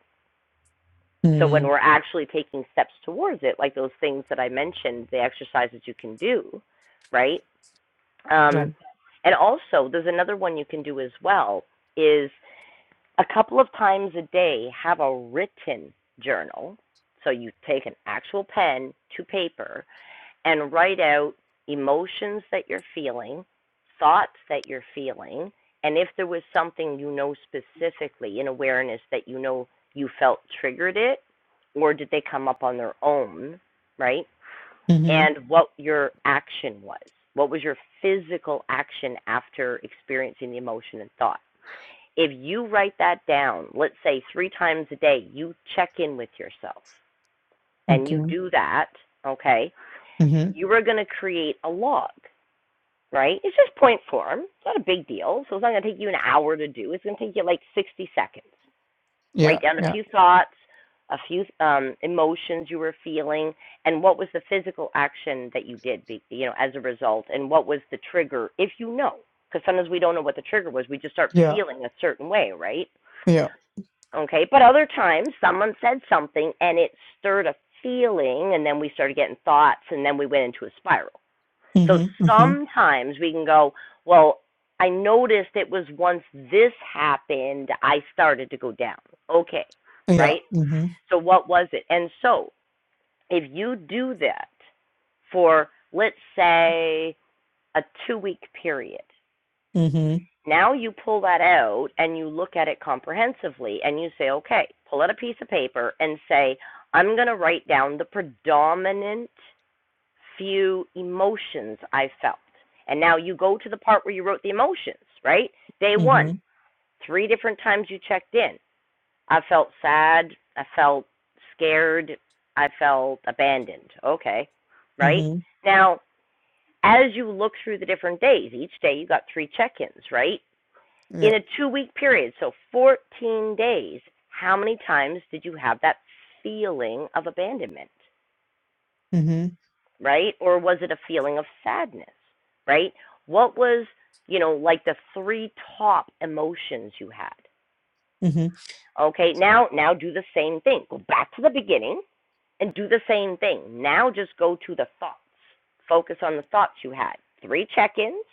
A: So when
H: Mm.
A: we're actually taking steps towards it, like those things that I mentioned, the exercises you can do, right? Um,
H: Right.
A: and also, there's another one you can do as well is a couple of times a day have a written journal. So you take an actual pen to paper and write out emotions that you're feeling, thoughts that you're feeling, and if there was something you know specifically in awareness that you know you felt triggered it, or did they come up on their own, right?
H: Mm-hmm.
A: And what your action was. What was your physical action after experiencing the emotion and thought? If you write that down, let's say three times a day, you check in with yourself and
H: Okay.
A: you do that, okay?
H: Mm-hmm.
A: you are going to create a log, right? It's just point form. It's not a big deal. So it's not going to take you an hour to do. It's going to take you like 60 seconds.
H: Yeah.
A: Write down a
H: Yeah.
A: few thoughts, a few um, emotions you were feeling, and what was the physical action that you did, you know, as a result, and what was the trigger, if you know. Because sometimes we don't know what the trigger was. We just start
H: Yeah.
A: feeling a certain way, right?
H: Yeah.
A: Okay. But other times, someone said something and it stirred a feeling, and then we started getting thoughts, and then we went into a spiral. So
H: Mm-hmm. Mm-hmm.
A: sometimes we can go, well, I noticed it was once this happened, I started to go down. Okay,
H: Yeah.
A: right?
H: Mm-hmm.
A: So what was it? And so if you do that for, let's say, a two week period,
H: Mm-hmm.
A: now you pull that out and you look at it comprehensively and you say, okay, pull out a piece of paper and say, I'm going to write down the predominant few emotions I felt. And now you go to the part where you wrote the emotions, right? Day one,
H: Mm-hmm.
A: three different times you checked in. I felt sad. I felt scared. I felt abandoned. Okay, right?
H: Mm-hmm.
A: Now, as you look through the different days, each day you got three check ins, right?
H: Yeah.
A: In a two week period, so 14 days, how many times did you have that feeling of abandonment?
H: Mm-hmm.
A: right? Or was it a feeling of sadness, right? What was, you know, like the three top emotions you had?
H: Mm-hmm.
A: Okay, now now do the same thing. Go back to the beginning and do the same thing. Now just go to the thoughts. Focus on the thoughts you had. Three check-ins,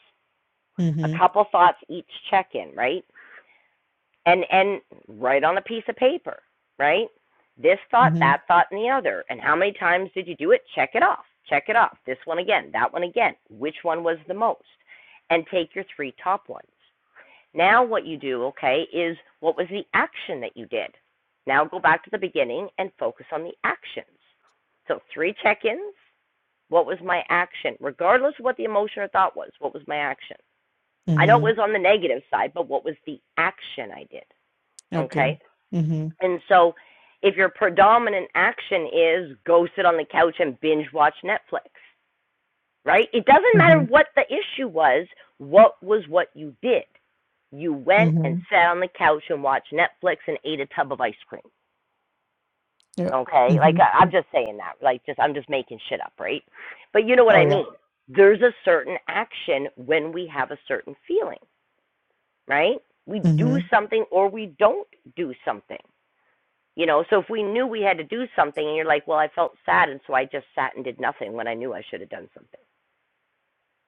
A: a
H: Mm-hmm.
A: couple thoughts each check-in, right? and and write on a piece of paper, right? This thought,
H: Mm-hmm.
A: that thought, and the other. And how many times did you do it? Check it off. Check it off. This one again, that one again. Which one was the most? And take your three top ones. Now, what you do, okay, is what was the action that you did? Now, go back to the beginning and focus on the actions. So, three check ins. What was my action? Regardless of what the emotion or thought was, what was my action? I know it
H: Mm-hmm.
A: was on the negative side, but what was the action I did? Okay.
H: Okay. Mm-hmm.
A: And so, if your predominant action is go sit on the couch and binge watch Netflix, right? It doesn't matter
H: Mm-hmm.
A: what the issue was, what was what you did? You went
H: Mm-hmm.
A: and sat on the couch and watched Netflix and ate a tub of ice cream.
H: Yeah.
A: Okay?
H: hmm
A: Like I- I'm just saying that. Like just I'm just making shit up, right? But you know what
H: Oh
A: I
H: yeah.
A: mean. There's a certain action when we have a certain feeling, right? We do
H: hmm
A: something or we don't do something. You know, so if we knew we had to do something and you're like, well, I felt sad and so I just sat and did nothing when I knew I should have done something,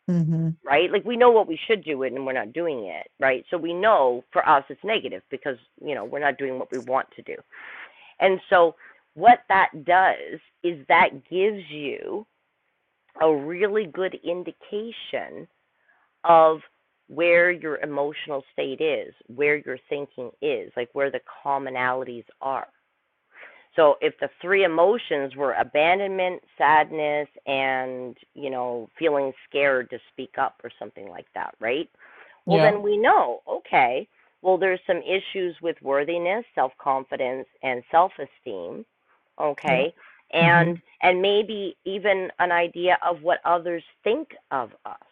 H: hmm
A: right? Like we know what we should do and we're not doing it, right? So we know for us it's negative because, you know, we're not doing what we want to do. And so what that does is that gives you a really good indication of where your emotional state is, where your thinking is, like where the commonalities are. So if the three emotions were abandonment, sadness, and, you know, feeling scared to speak up or something like that, right? Well,
H: Yeah.
A: then we know, okay, well, there's some issues with worthiness, self confidence, and self esteem,
H: Yeah.
A: okay? And
H: hmm
A: and maybe even an idea of what others think of us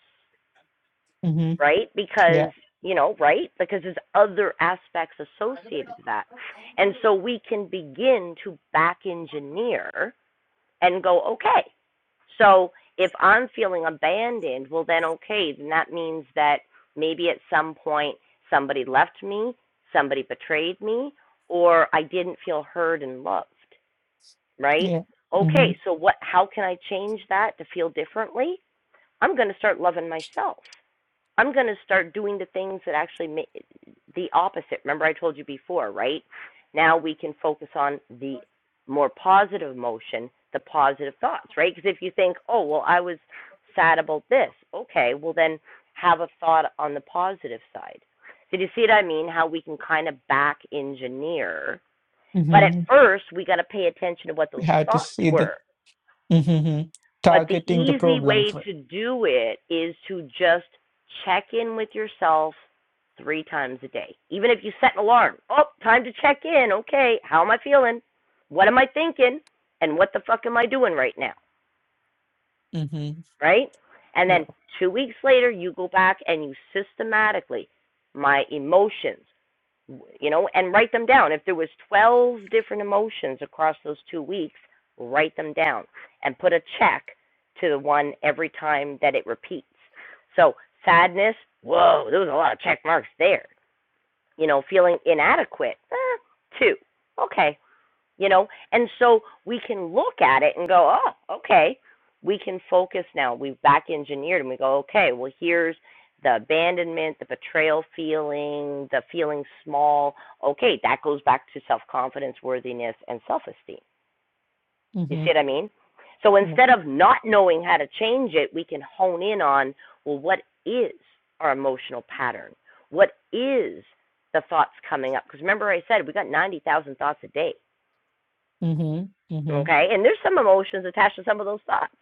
H: hmm
A: right?
H: Yeah.
A: Because, you know, right? Because there's other aspects associated to that. And so we can begin to back engineer and go, okay, so if I'm feeling abandoned, well, then okay, then that means that maybe at some point somebody left me, somebody betrayed me, or I didn't feel heard and loved, right?
H: Yeah. hmm
A: Okay, so what how can I change that to feel differently? I'm going to start loving myself. I'm going to start doing the things that actually make the opposite. Remember, I told you before, right? Now we can focus on the more positive emotion, the positive thoughts, right? Because if you think, oh, well, I was sad about this, okay, well, then have a thought on the positive side. Did you see what I mean? How we can kind of back engineer. But at
H: hmm
A: first, we got to pay attention to what
H: We
A: those
H: have to
A: thoughts
H: see the
A: were.
H: hmm
A: But the
H: targeting the
A: easy
H: problem
A: way
H: for.
A: to do it is to just check in with yourself three times a day. Even if you set an alarm, oh, time to check in. Okay, how am I feeling? What am I thinking? And what the fuck am I doing right now?
H: hmm
A: Right? And
H: Yeah.
A: then two weeks later, you go back and you systematically, my emotions, you know, and write them down. If there was 12 different emotions across those two weeks, write them down and put a check to the one every time that it repeats. So sadness, whoa, there was a lot of check marks there. You know, feeling inadequate, eh, two. Okay, you know and so we can look at it and go oh okay we can focus now we've back engineered and we go okay well here's the abandonment the betrayal feeling the feeling small okay that goes back to self confidence worthiness and self esteem you
H: hmm
A: see what i mean so instead of not knowing how to change it we can hone in on well what is our emotional pattern what is the thoughts coming up because remember i said we got 90,000 thoughts a day
H: hmm hmm
A: Okay. And there's some emotions attached to some of those thoughts,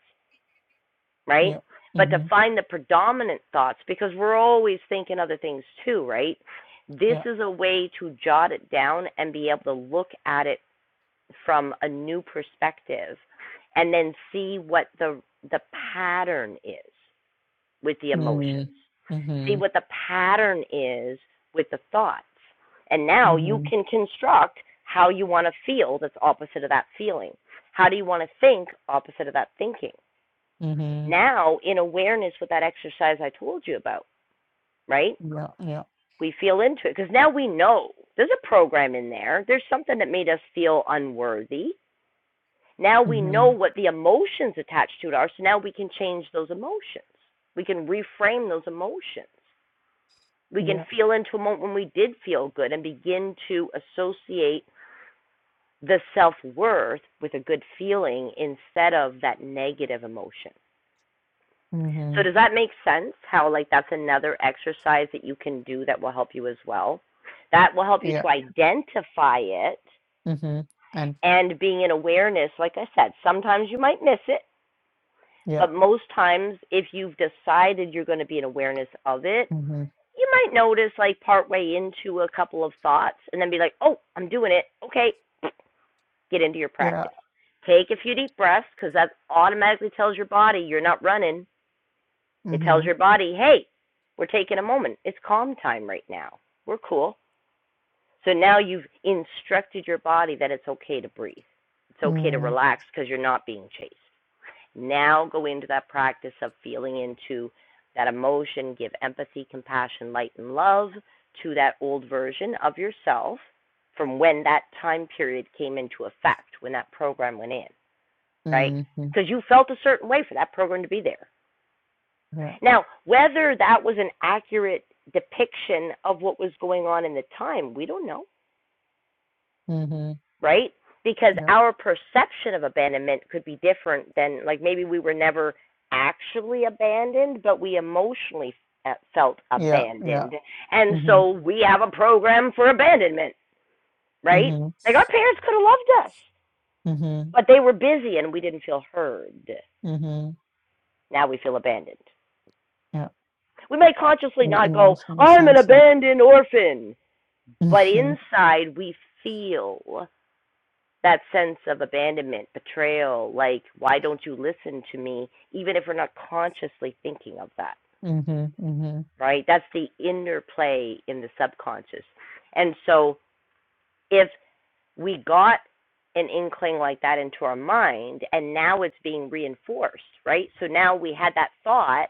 A: right?
H: Yeah.
A: But to
H: hmm
A: find the predominant thoughts, because we're always thinking other things too, right? This
H: Yeah.
A: is a way to jot it down and be able to look at it from a new perspective and then see what the the pattern is with the
H: Mm-hmm.
A: emotions. See
H: hmm
A: what the pattern is with the thoughts. And now you
H: hmm
A: can construct how you want to feel that's opposite of that feeling. How do you want to think opposite of that thinking? Now, in awareness with that exercise I told you about, right?
H: Yeah. Yeah.
A: We feel into it because now we know there's a program in there. There's something that made us feel unworthy. Now we know
H: hmm
A: what the emotions attached to it are, so now we can change those emotions. We can reframe those emotions. We can
H: Yeah.
A: feel into a moment when we did feel good and begin to associate the self worth with a good feeling instead of that negative emotion. So,
H: hmm
A: does that make sense? How, like, that's another exercise that you can do that will help you as well. That will help you
H: Yeah.
A: to identify it
H: hmm And
A: and being in awareness. Like I said, sometimes you might miss it,
H: yeah.
A: but most times, if you've decided you're going to be in awareness of it,
H: hmm
A: you might notice like partway into a couple of thoughts and then be like, oh, I'm doing it. Okay, get into your
H: Yeah.
A: practice. Take a few deep breaths because that automatically tells your body you're not running. It tells your body, hey, we're taking a moment. It's calm time right now. We're cool. So now you've instructed your body that it's okay to breathe, it's okay to
H: hmm
A: relax because you're not being chased. Now go into that practice of feeling into that emotion, give empathy, compassion, light, and love to that old version of yourself from when that time period came into effect, when that program went in, right?
H: Mhm.
A: Because you felt a certain way for that program to be there.
H: Yeah.
A: Now, whether that was an accurate depiction of what was going on in the time, we don't know.
H: Mhm.
A: right? Because
H: Yeah.
A: our perception of abandonment could be different than, like, maybe we were never actually abandoned, but we emotionally uh, felt
H: Yeah. Yeah.
A: abandoned. And
H: Mhm.
A: so we have a program for abandonment, right?
H: Mhm.
A: Like, our parents could have loved us,
H: Mhm.
A: but they were busy and we didn't feel heard.
H: Mhm.
A: Now we feel abandoned.
H: Yeah.
A: We may consciously
H: In the
A: not go,
H: emotional
A: I'm an
H: sense, yeah.
A: abandoned orphan, but inside we feel that sense of abandonment, betrayal, like, why don't you listen to me, even if we're not consciously thinking of that,
H: Mhm. Mhm. Mhm.
A: right? That's the interplay in the subconscious. And so if we got an inkling like that into our mind and now it's being reinforced, right? So now we had that thought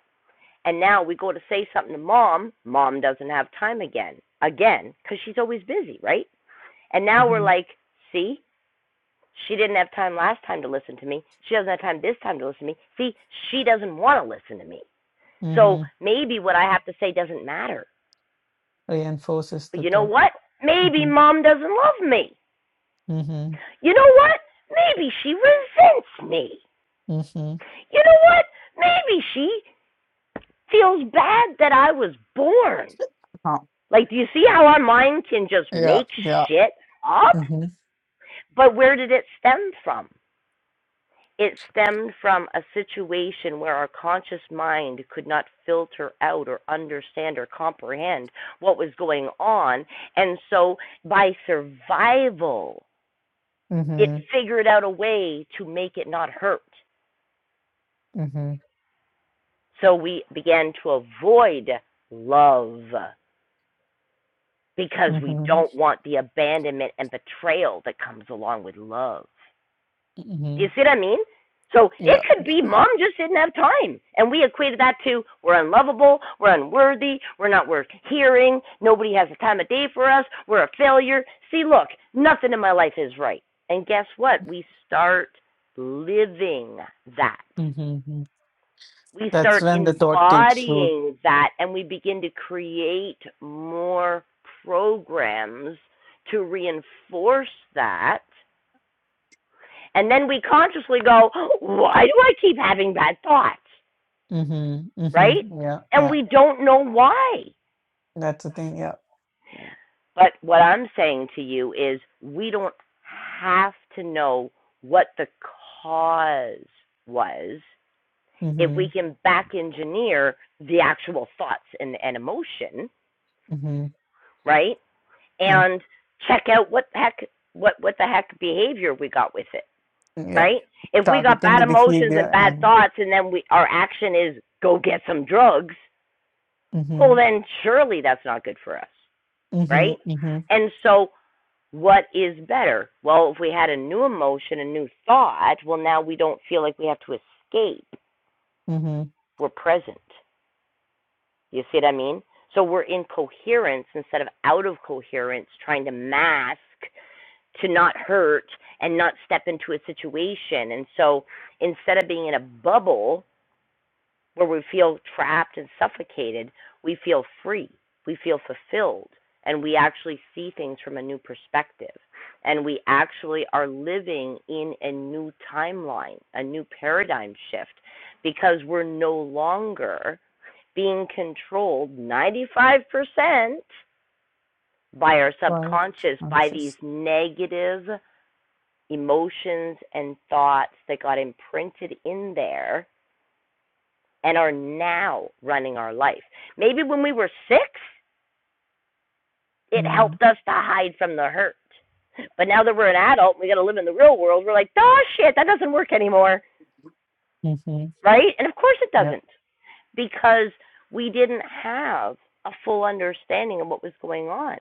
A: and now we go to say something to mom, mom doesn't have time again, again, because she's always busy, right? And now we're
H: Mhm.
A: like, see, She didn't have time last time to listen to me. She doesn't have time this time to listen to me. See, she doesn't want to listen to me. So
H: Mhm.
A: maybe what I have to say doesn't matter.
H: Reinforces
A: But
H: the
A: you know
H: thought.
A: what? Maybe
H: Mhm.
A: mom doesn't love me.
H: Mhm.
A: You know what? Maybe she resents me.
H: Mhm.
A: You know what? Maybe she feels bad that I was born.
H: Huh.
A: Like, do you see how our mind can just
H: Yeah.
A: make
H: Yeah.
A: shit up?
H: Mhm.
A: But where did it stem from? It stemmed from a situation where our conscious mind could not filter out or understand or comprehend what was going on. And so, by survival, it
H: Mhm.
A: figured out a way to make it not hurt.
H: Mhm.
A: So, we began to avoid love because we
H: Mhm.
A: don't want the abandonment and betrayal that comes along with love. You
H: Mhm.
A: see what I mean? So it
H: Yeah.
A: could be mom just didn't have time. And we equated that to we're unlovable, we're unworthy, we're not worth hearing, nobody has the time of day for us, we're a failure. See, look, nothing in my life is right. And guess what? We start living that.
H: Mhm.
A: We
H: That's
A: start
H: when the thought takes root.
A: embodying that and we begin to create more programs to reinforce that and then we consciously go, why do I keep having bad thoughts?
H: Mhm.
A: Right?
H: Mhm. Yeah.
A: And
H: Yeah.
A: we don't know why.
H: That's the thing. Yeah.
A: But what I'm saying to you is we don't have to know what the cause was if we
H: Mhm.
A: can back engineer the actual thoughts and, and emotion,
H: Mhm.
A: right?
H: And
A: And check out what the heck what what the heck behavior we got with it.
H: yeah.
A: right? If we got
H: targeting
A: bad
H: the
A: emotions
H: behavior
A: and bad
H: and
A: thoughts, and then we our action is go get some drugs, well
H: mm-hmm,
A: then surely that's not good for us, right?
H: mm-hmm, mm-hmm,
A: And so what is better? Well, if we had a new emotion, a new thought, well now we don't feel like we have to escape.
H: mm-hmm,
A: We're present. You see what I mean? So we're in coherence instead of out of coherence, trying to mask to not hurt and not step into a situation. And so instead of being in a bubble where we feel trapped and suffocated, we feel free, we feel fulfilled, and we actually see things from a new perspective. And we actually are living in a new timeline, a new paradigm shift, because we're no longer being controlled 95% by our
H: right
A: subconscious, by these
H: answers.
A: negative emotions and thoughts that got imprinted in there and are now running our life. Maybe when we were six, it
H: Mm-hmm.
A: helped us to hide from the hurt. But now that we're an adult, we got to live in the real world. We're like, oh shit, that doesn't work anymore, right? And of course it
H: Yeah,
A: doesn't, because we didn't have a full understanding of what was going on.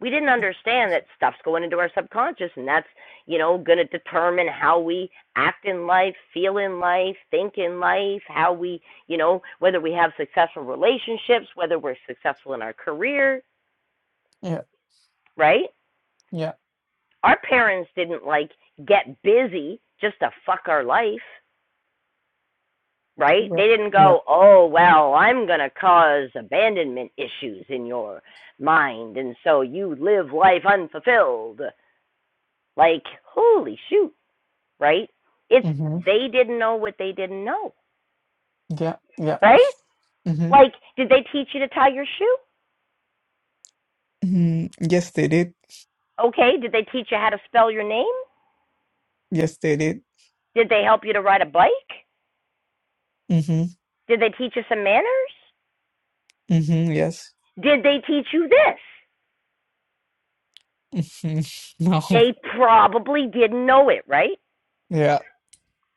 A: we didn't understand that stuff's going into our subconscious and that's you know going to determine how we act in life feel in life think in life how we you know whether we have successful relationships whether we're successful in our career
H: yeah,
A: right
H: yeah,
A: our parents didn't like get busy just to fuck our life right
H: yeah,
A: they didn't
H: yeah.
A: go oh well i'm going to cause abandonment issues in your mind and so you live life unfulfilled like holy shoot right? It's
H: Mm-hmm.
A: they didn't know what they didn't know,
H: Yeah, yeah.
A: right?
H: Mm-hmm.
A: Like, did they teach you to tie your shoe?
H: Mm-hmm. Yes, they did.
A: Okay. Did they teach you how to spell your name?
H: Yes, they did.
A: Did they help you to ride a bike?
H: Mm-hmm.
A: Did they teach you some manners?
H: Mm-hmm. Yes.
A: Did they teach you this?
H: Mm-hmm. No.
A: They probably didn't know it, right?
H: Yeah.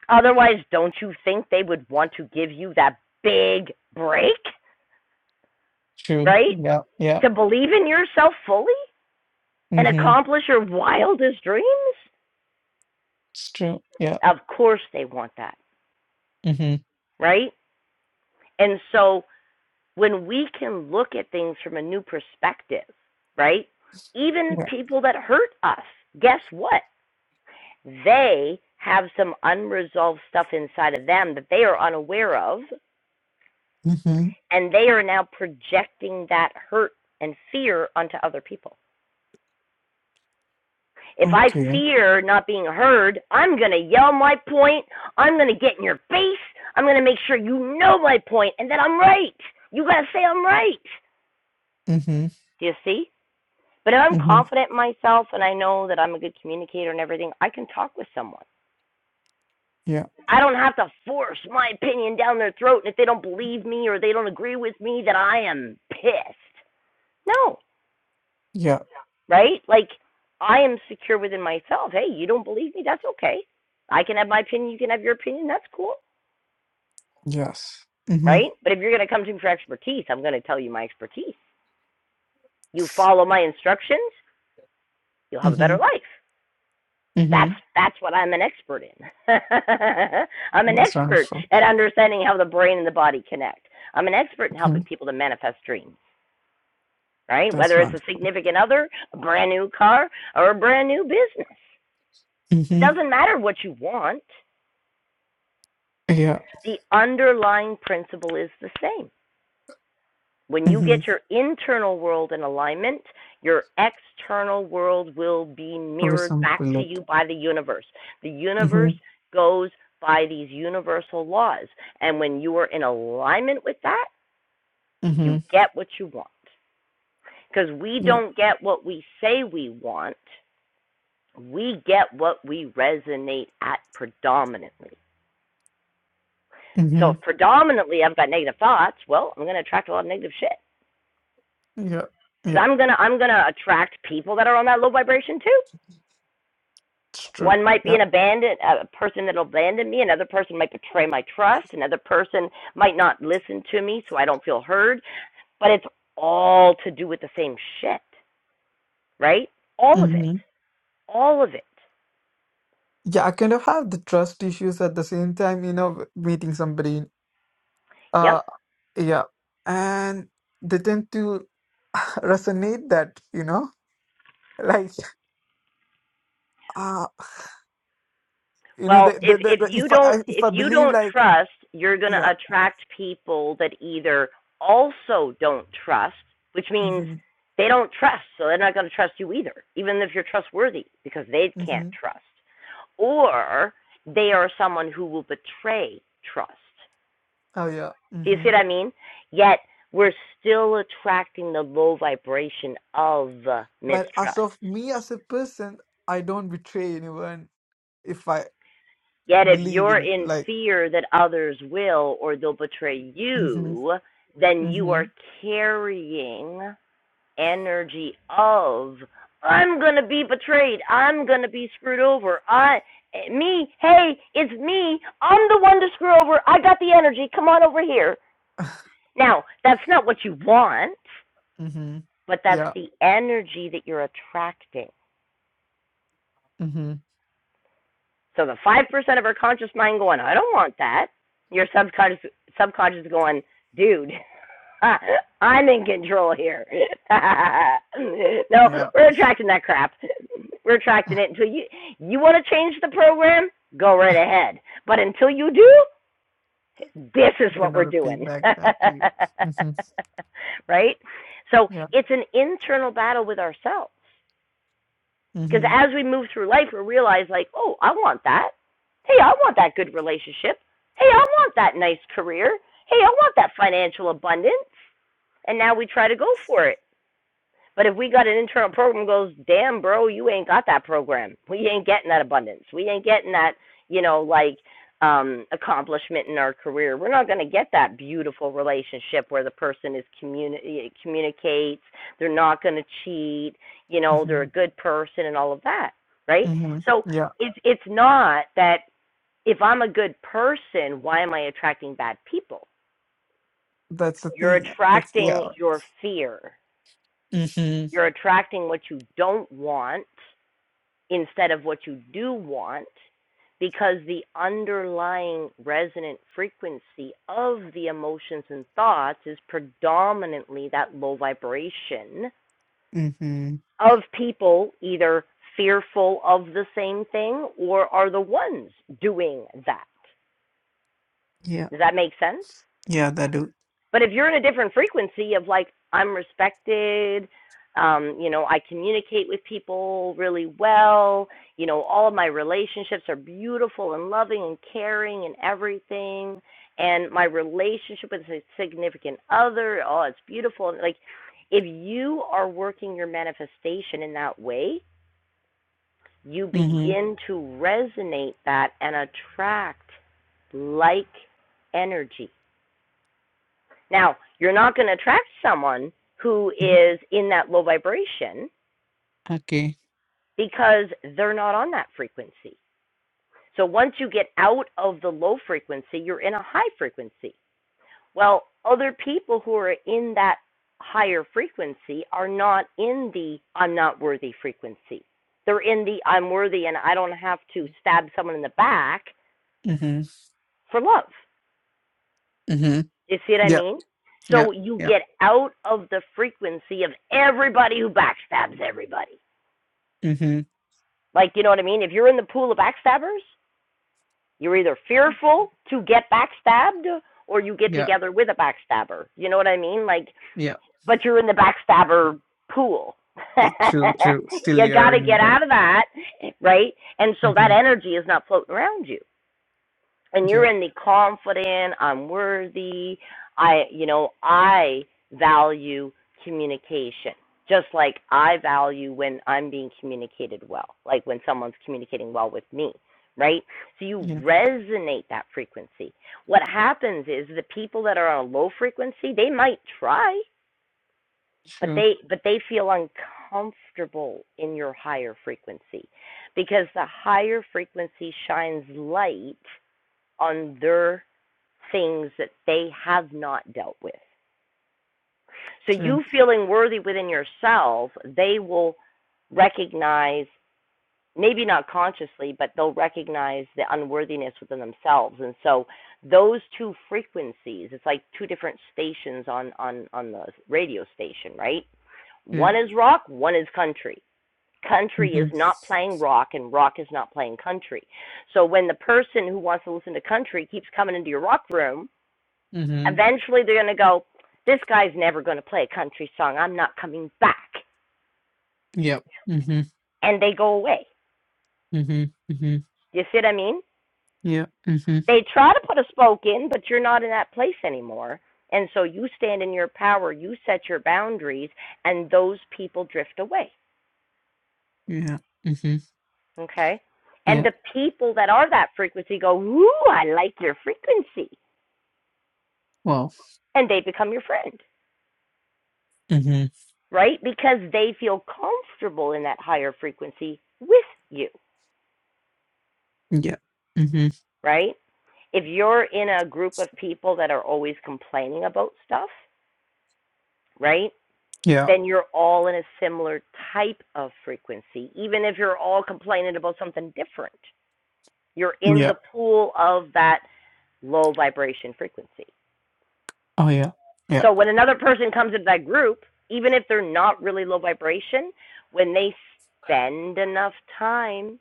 A: Otherwise, don't you think they would want to give you that big break,
H: True.
A: right?
H: Yeah. Yeah.
A: To believe in yourself fully and
H: Mm-hmm.
A: accomplish your wildest dreams?
H: It's true. Yeah.
A: Of course, they want that,
H: Mm-hmm.
A: right? And so when we can look at things from a new perspective, right? Even
H: Yeah.
A: people that hurt us, guess what? They have some unresolved stuff inside of them that they are unaware of,
H: Mm-hmm.
A: and they are now projecting that hurt and fear onto other people. If I
H: Okay.
A: fear not being heard, I'm going to yell my point, I'm going to get in your face, I'm going to make sure you know my point, and that I'm right. You got to say I'm right.
H: Mm-hmm.
A: Do you see? But if I'm
H: Mm-hmm.
A: confident in myself and I know that I'm a good communicator and everything, I can talk with someone.
H: Yeah.
A: I don't have to force my opinion down their throat. And if they don't believe me or they don't agree with me, that I am pissed. No,
H: Yeah.
A: right? Like, I am secure within myself. Hey, you don't believe me? That's okay. I can have my opinion. You can have your opinion. That's cool,
H: Yes. Mm-hmm.
A: right? But if you're going to come to me for expertise, I'm going to tell you my expertise. You follow my instructions, you'll have a
H: Mm-hmm.
A: better life.
H: Mm-hmm.
A: That's that's what I'm an expert in. I'm an
H: That's right.
A: expert
H: Sure.
A: at understanding how the brain and the body connect. I'm an expert in
H: hmm
A: helping people to manifest dreams, right?
H: That's
A: Whether it's
H: right.
A: a significant other, a brand new car, or a brand new business. It
H: hmm
A: Doesn't matter what you want.
H: Yeah.
A: The underlying principle is the same. When you
H: hmm
A: get your internal world in alignment, your external world will be mirrored
H: Tourism
A: back to
H: bullet.
A: you by the universe. The
H: hmm
A: universe goes by these universal laws. And when you are in alignment with that,
H: hmm
A: you get what you want. Because we
H: Yeah.
A: don't get what we say we want, we get what we resonate at predominantly.
H: hmm
A: So if predominantly I've got negative thoughts, well, I'm going to attract a lot of negative shit.
H: Yeah. Yeah.
A: because I'm gonna I'm gonna attract people that are on that low vibration too.
H: It's true.
A: One might be
H: Yeah.
A: an abandoned a person that'll abandon me. Another person might betray my trust. Another person might not listen to me, so I don't feel heard. But it's all to do with the same shit, right? All of it,
H: hmm
A: all of it.
H: Yeah. I kind of have the trust issues at the same time, you know, meeting somebody.
A: Yep.
H: Uh, yeah. And they tend to resonate that, you know, like, uh, you know, the,
A: Well,
H: the,
A: if
H: the,
A: if
H: the-
A: you
H: if I,
A: don't
H: I- if
A: if
H: I
A: you
H: believe
A: don't
H: like,
A: trust, you're going
H: yeah.
A: to attract people that either also don't trust, which means
H: hmm
A: they don't trust, so they're not going to trust you either, even if you're trustworthy, because they can't
H: hmm
A: trust. Or they are someone who will betray trust.
H: Oh
A: Do you
H: yeah.
A: see what I mean? Yet we're still attracting the low vibration of
H: But as
A: mistrust.
H: of me as a person, I don't betray anyone if I
A: Yet if
H: believe
A: you're
H: in
A: in
H: like
A: fear that others will or they'll betray
H: hmm
A: you, then you
H: hmm
A: are carrying energy of I'm going to be betrayed. I'm going to be screwed over. I me, hey, it's me. I'm the one to screw over. I got the energy. Come on over here. Now, that's not what you want,
H: hmm
A: but that's
H: yeah.
A: the energy that you're attracting.
H: hmm
A: So the five percent of our conscious mind going, I don't want that. Your subconscious subconscious going, dude, I'm in control here. no,
H: Yeah.
A: we're attracting that crap. We're
H: I'm
A: attracting it until you you want to change the program, go right ahead. But until you do, this is what
H: gonna
A: we're
H: repeat
A: doing.
H: back that to you. hmm
A: right? So
H: Yeah.
A: it's an internal battle with ourselves. Because
H: hmm
A: as we move through life, we realize, like, oh, I want that. Hey, I want that good relationship. Hey, I want that nice career. Hey, I want that financial abundance. And now we try to go for it. But if we got an internal program goes, damn, bro, you ain't got that program. We ain't getting that abundance. We ain't getting that, you know, like um, accomplishment in our career. We're not going to get that beautiful relationship where the person is communi- communicates. They're not going to cheat. You know, they're
H: hmm
A: a good person and all of that, right?
H: hmm
A: So
H: Yeah.
A: it's it's not that if I'm a good person, why am I attracting bad people?
H: That's the
A: You're
H: thing. Yeah. That's yeah.
A: attracting your fear
H: hmm
A: you're attracting what you don't want instead of what you do want because the underlying resonant frequency of the emotions and thoughts is predominantly that low vibration
H: hmm
A: of people either fearful of the same thing or are the ones doing that.
H: Yeah.
A: Does that make sense?
H: Yeah, that do.
A: But if you're in a different frequency of like I'm respected, um, you know, I communicate with people really well, you know, all of my relationships are beautiful and loving and caring and everything, and my relationship with a significant other, oh, it's beautiful. And like if you are working your manifestation in that way, you
H: hmm
A: begin to resonate that and attract like energy now, you're not going to attract someone who is in that low vibration
H: Okay.
A: because they're not on that frequency. So once you get out of the low frequency, you're in a high frequency. Well, other people who are in that higher frequency are not in the I'm not worthy frequency. They're in the I'm worthy and I don't have to stab someone in the back
H: hmm
A: for love.
H: hmm
A: You see what I
H: Yeah.
A: mean?
H: Yeah.
A: So you
H: Yeah.
A: get out of the frequency of everybody who backstabs everybody.
H: hmm
A: Like, you know what I mean? If you're in the pool of backstabbers, you're either fearful to get backstabbed or you get
H: Yeah.
A: together with a backstabber. You know what I mean? Like,
H: Yeah.
A: but you're in the backstabber pool.
H: True, true. Still
A: you got
H: you're
A: to
H: in
A: get
H: back.
A: out of that, right? And so that
H: Mm-hmm.
A: energy is not floating around you. and you're
H: Yeah.
A: in the confident, I'm worthy, I, you know, I value communication. Just like I value when I'm being communicated well, like when someone's communicating well with me, right? So you
H: Yeah.
A: resonate that frequency. What happens is the people that are on a low frequency, they might try, but
H: True.
A: they but they feel uncomfortable in your higher frequency because the higher frequency shines light on their things that they have not dealt with. So
H: True.
A: you feeling worthy within yourself, they will recognize, maybe not consciously, but they'll recognize the unworthiness within themselves. And so those two frequencies, it's like two different stations on on on the radio station, right?
H: Yeah.
A: One is rock, one is country. Country
H: Mm-hmm.
A: is not playing rock, and rock is not playing country. So when the person who wants to listen to country keeps coming into your rock room,
H: Mm-hmm.
A: Eventually, they're going to go, This guy's never going to play a country song. I'm not coming back.
H: Yep. Mm-hmm.
A: And they go away.
H: Mm-hmm. Mm-hmm.
A: You see what I mean?
H: Yeah. Mm-hmm.
A: They try to put a spoke in, but you're not in that place anymore. And so you stand in your power, you set your boundaries, and those people drift away.
H: Yeah. Mm-hmm.
A: Okay? And
H: Yeah.
A: the people that are that frequency go, Ooh, I like your frequency.
H: Wow.
A: And they become your friend,
H: Mm-hmm.
A: right? Because they feel comfortable in that higher frequency with you,
H: Yeah. Mm-hmm.
A: right? if you're in a group of people that are always complaining about stuff, right?
H: Yeah.
A: Then you're all in a similar type of frequency, even if you're all complaining about something different. You're in
H: Yeah.
A: the pool of that low vibration frequency.
H: Oh yeah. Yeah.
A: So when another person comes into that group, even if they're not really low vibration, when they spend enough time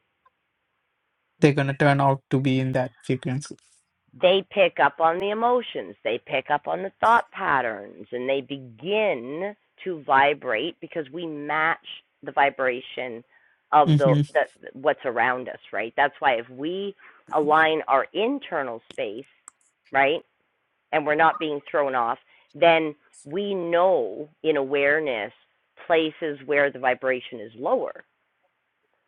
H: They're gonna turn out to be in that frequency.
A: they pick up on the emotions, they pick up on the thought patterns, and they begin to vibrate because we match the vibration of the,
H: Mm-hmm.
A: the what's around us, right? That's why if we align our internal space, right, and we're not being thrown off, then we know in awareness places where the vibration is lower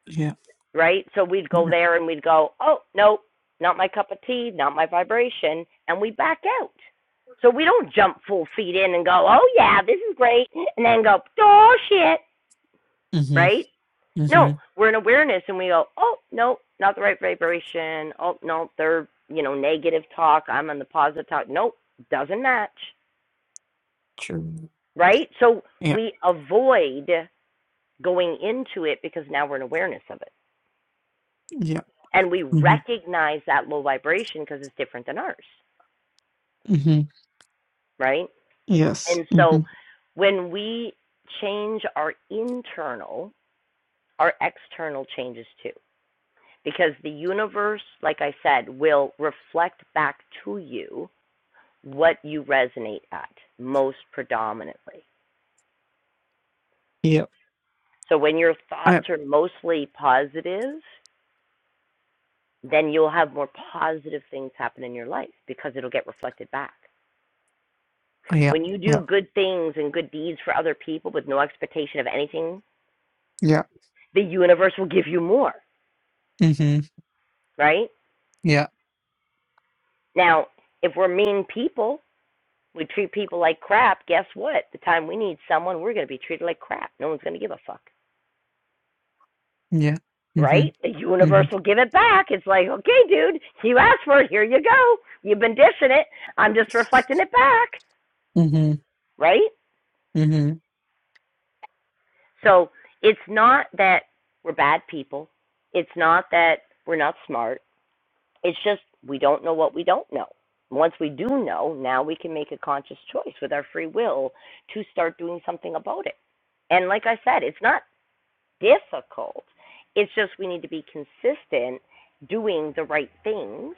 H: Yeah.
A: right? So we'd go
H: Yeah.
A: there and we'd go, oh, nope, not my cup of tea, not my vibration, and we back out. So we don't jump full feet in and go, oh, yeah, this is great, and then go, oh, shit,
H: Mm-hmm.
A: right?
H: Mm-hmm.
A: No, we're in awareness and we go, oh, no, not the right vibration. Oh, no, they're, you know, negative talk. I'm on the positive talk. Nope, doesn't match,
H: True.
A: right? So
H: Yeah.
A: we avoid going into it because now we're in awareness of it.
H: Yeah.
A: and we
H: Mm-hmm.
A: recognize that low vibration because it's different than ours,
H: Mm-hmm.
A: right?
H: Yes.
A: And
H: Mm-hmm.
A: so when we change our internal, our external changes too, because the universe, like I said, will reflect back to you what you resonate at most predominantly.
H: Yeah.
A: So when your thoughts
H: I,
A: are mostly positive, then you'll have more positive things happen in your life because it'll get reflected back.
H: oh, yeah.
A: When you do
H: Yeah.
A: good things and good deeds for other people with no expectation of anything,
H: Yeah.
A: the universe will give you more,
H: Mm-hmm.
A: right?
H: Yeah.
A: Now, if we're mean people, we treat people like crap, guess what? The time we need someone, we're going to be treated like crap. No one's going to give a fuck,
H: Yeah. Mm-hmm.
A: right? The universe will give it back. It's like, okay, dude, you asked for it. Here you go. You've been dishing it. I'm just
H: Mm-hmm.
A: reflecting it back,
H: hmm
A: right?
H: hmm
A: So it's not that we're bad people. It's not that we're not smart It's just we don't know what we don't know. Once we do know, now we can make a conscious choice with our free will to start doing something about it. And like I said, it's not difficult. It's just we need to be consistent doing the right things,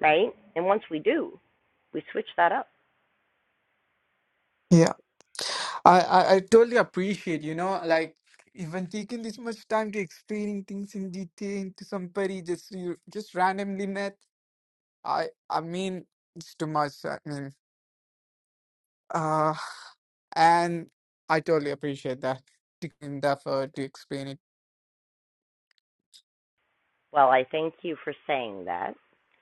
A: right? And once we do, we switch that up.
H: Yeah. I, I, I totally appreciate, you know, like even taking this much time to explaining things in detail to somebody just you just randomly met. I I mean it's too much. I mean uh and I totally appreciate that. Taking the effort to explain it.
A: Well, I thank you for saying that.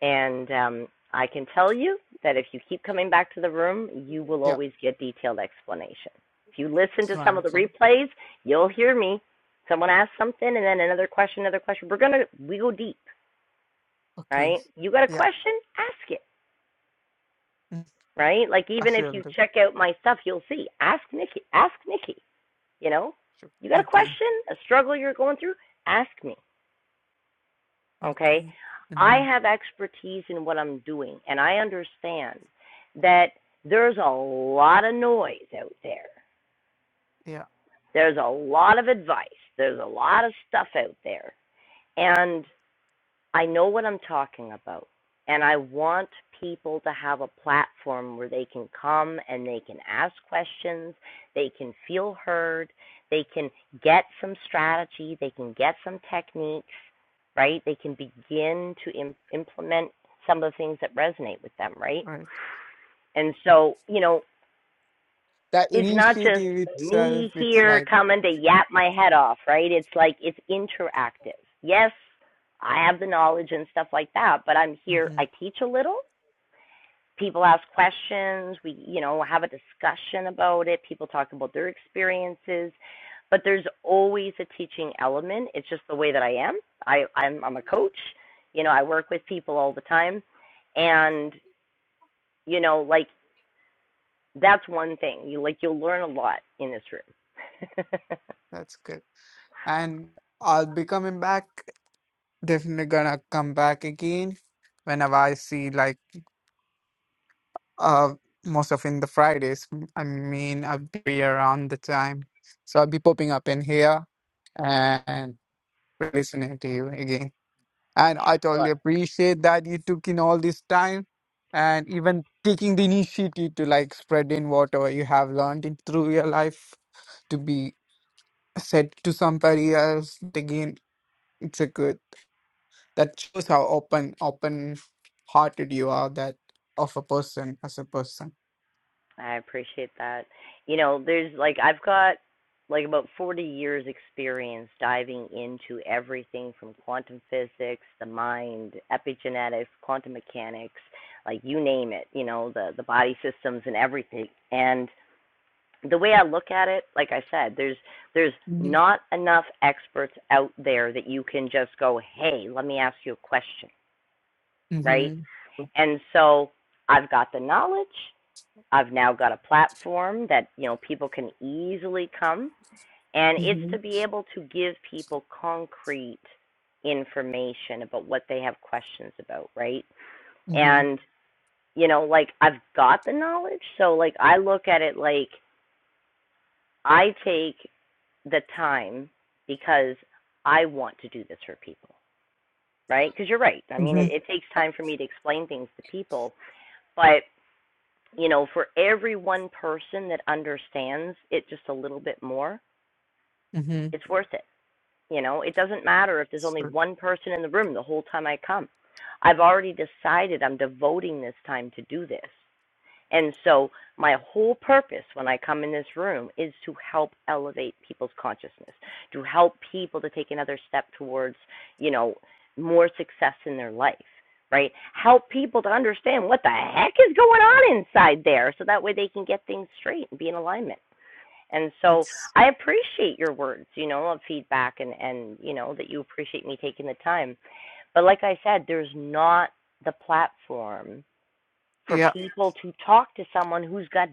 A: And um, I can tell you that if you keep coming back to the room, you will
H: Yeah,
A: always get detailed explanation. If you listen
H: it's
A: to some of the
H: wonderful.
A: replays, you'll hear me. Someone asks something and then another question, another question. We're gonna we go deep,
H: Okay.
A: right? You got a
H: Yeah.
A: question? Ask it,
H: mm,
A: right? Like
H: I
A: even if
H: shall
A: you
H: do.
A: check out my stuff, you'll see. Ask Nikki. Ask Nikki. You know,
H: Sure.
A: you got a
H: Okay.
A: question, a struggle you're going through? Ask me. okay?
H: Okay.
A: I
H: hmm
A: have expertise in what I'm doing, and I understand that there's a lot of noise out there.
H: Yeah.
A: There's a lot of advice. There's a lot of stuff out there. And I know what I'm talking about. And I want people to have a platform where they can come and they can ask questions, they can feel heard, they can get some strategy, they can get some techniques, right? They can begin to Im- implement some of the things that resonate with them, right?
H: Right.
A: And so, you know,
H: That
A: it's not just
H: initiative itself,
A: me
H: it's
A: here
H: like
A: coming to yap my head off, right? It's like it's interactive. Yes, I have the knowledge and stuff like that, but I'm
H: mm-hmm.
A: here. I teach a little. People ask questions. We, you know, have a discussion about it. People talk about their experiences, but there's always a teaching element. It's just the way that I am. I, I'm, I'm a coach. You know, I work with people all the time, and you know, like that's one thing. You like you'll learn a lot in this room.
H: That's good. And I'll be coming back. Definitely gonna come back again whenever I see like uh most of in the Fridays. I mean, I'll be around the time, so I'll be popping up in here and listening to you again. And I totally appreciate that you took in all this time and even taking the initiative to like spread in whatever you have learned in through your life to be said to somebody else again. It's a good. That shows how open, open hearted you are that of a person as a person.
A: I appreciate that. you know, there's like I've got like about 40 years experience diving into everything from quantum physics, the mind, epigenetics, quantum mechanics, like you name it, you know, the the body systems and everything. And the way I look at it, like I said, there's there's
H: Mm-hmm.
A: not enough experts out there that you can just go, "Hey, let me ask you a question." Right?
H: Mm-hmm.
A: And so I've got the knowledge. I've now got a platform that, you know, people can easily come and it's to
H: Mm-hmm.
A: be able to give people concrete information about what they have questions about, right?
H: Mm-hmm.
A: And you know, like I've got the knowledge, so like I look at it like I take the time because I want to do this for people, right? Because you're right. I mean, it, it takes time for me to explain things to people, but you know, for every one person that understands it just a little bit more,
H: hmm
A: it's worth it. You know, it doesn't matter if there's only
H: So
A: one person in the room the whole time I come. I've already decided I'm devoting this time to do this. And so, my whole purpose when I come in this room is to help elevate people's consciousness, to help people to take another step towards, you know, more success in their life, right? Help people to understand what the heck is going on inside there so that way they can get things straight and be in alignment. And so
H: that's
A: I appreciate your words, you know, of feedback and, and, you know, that you appreciate me taking the time. But like I said, there's not the platform for
H: yeah,
A: people to talk to someone who's got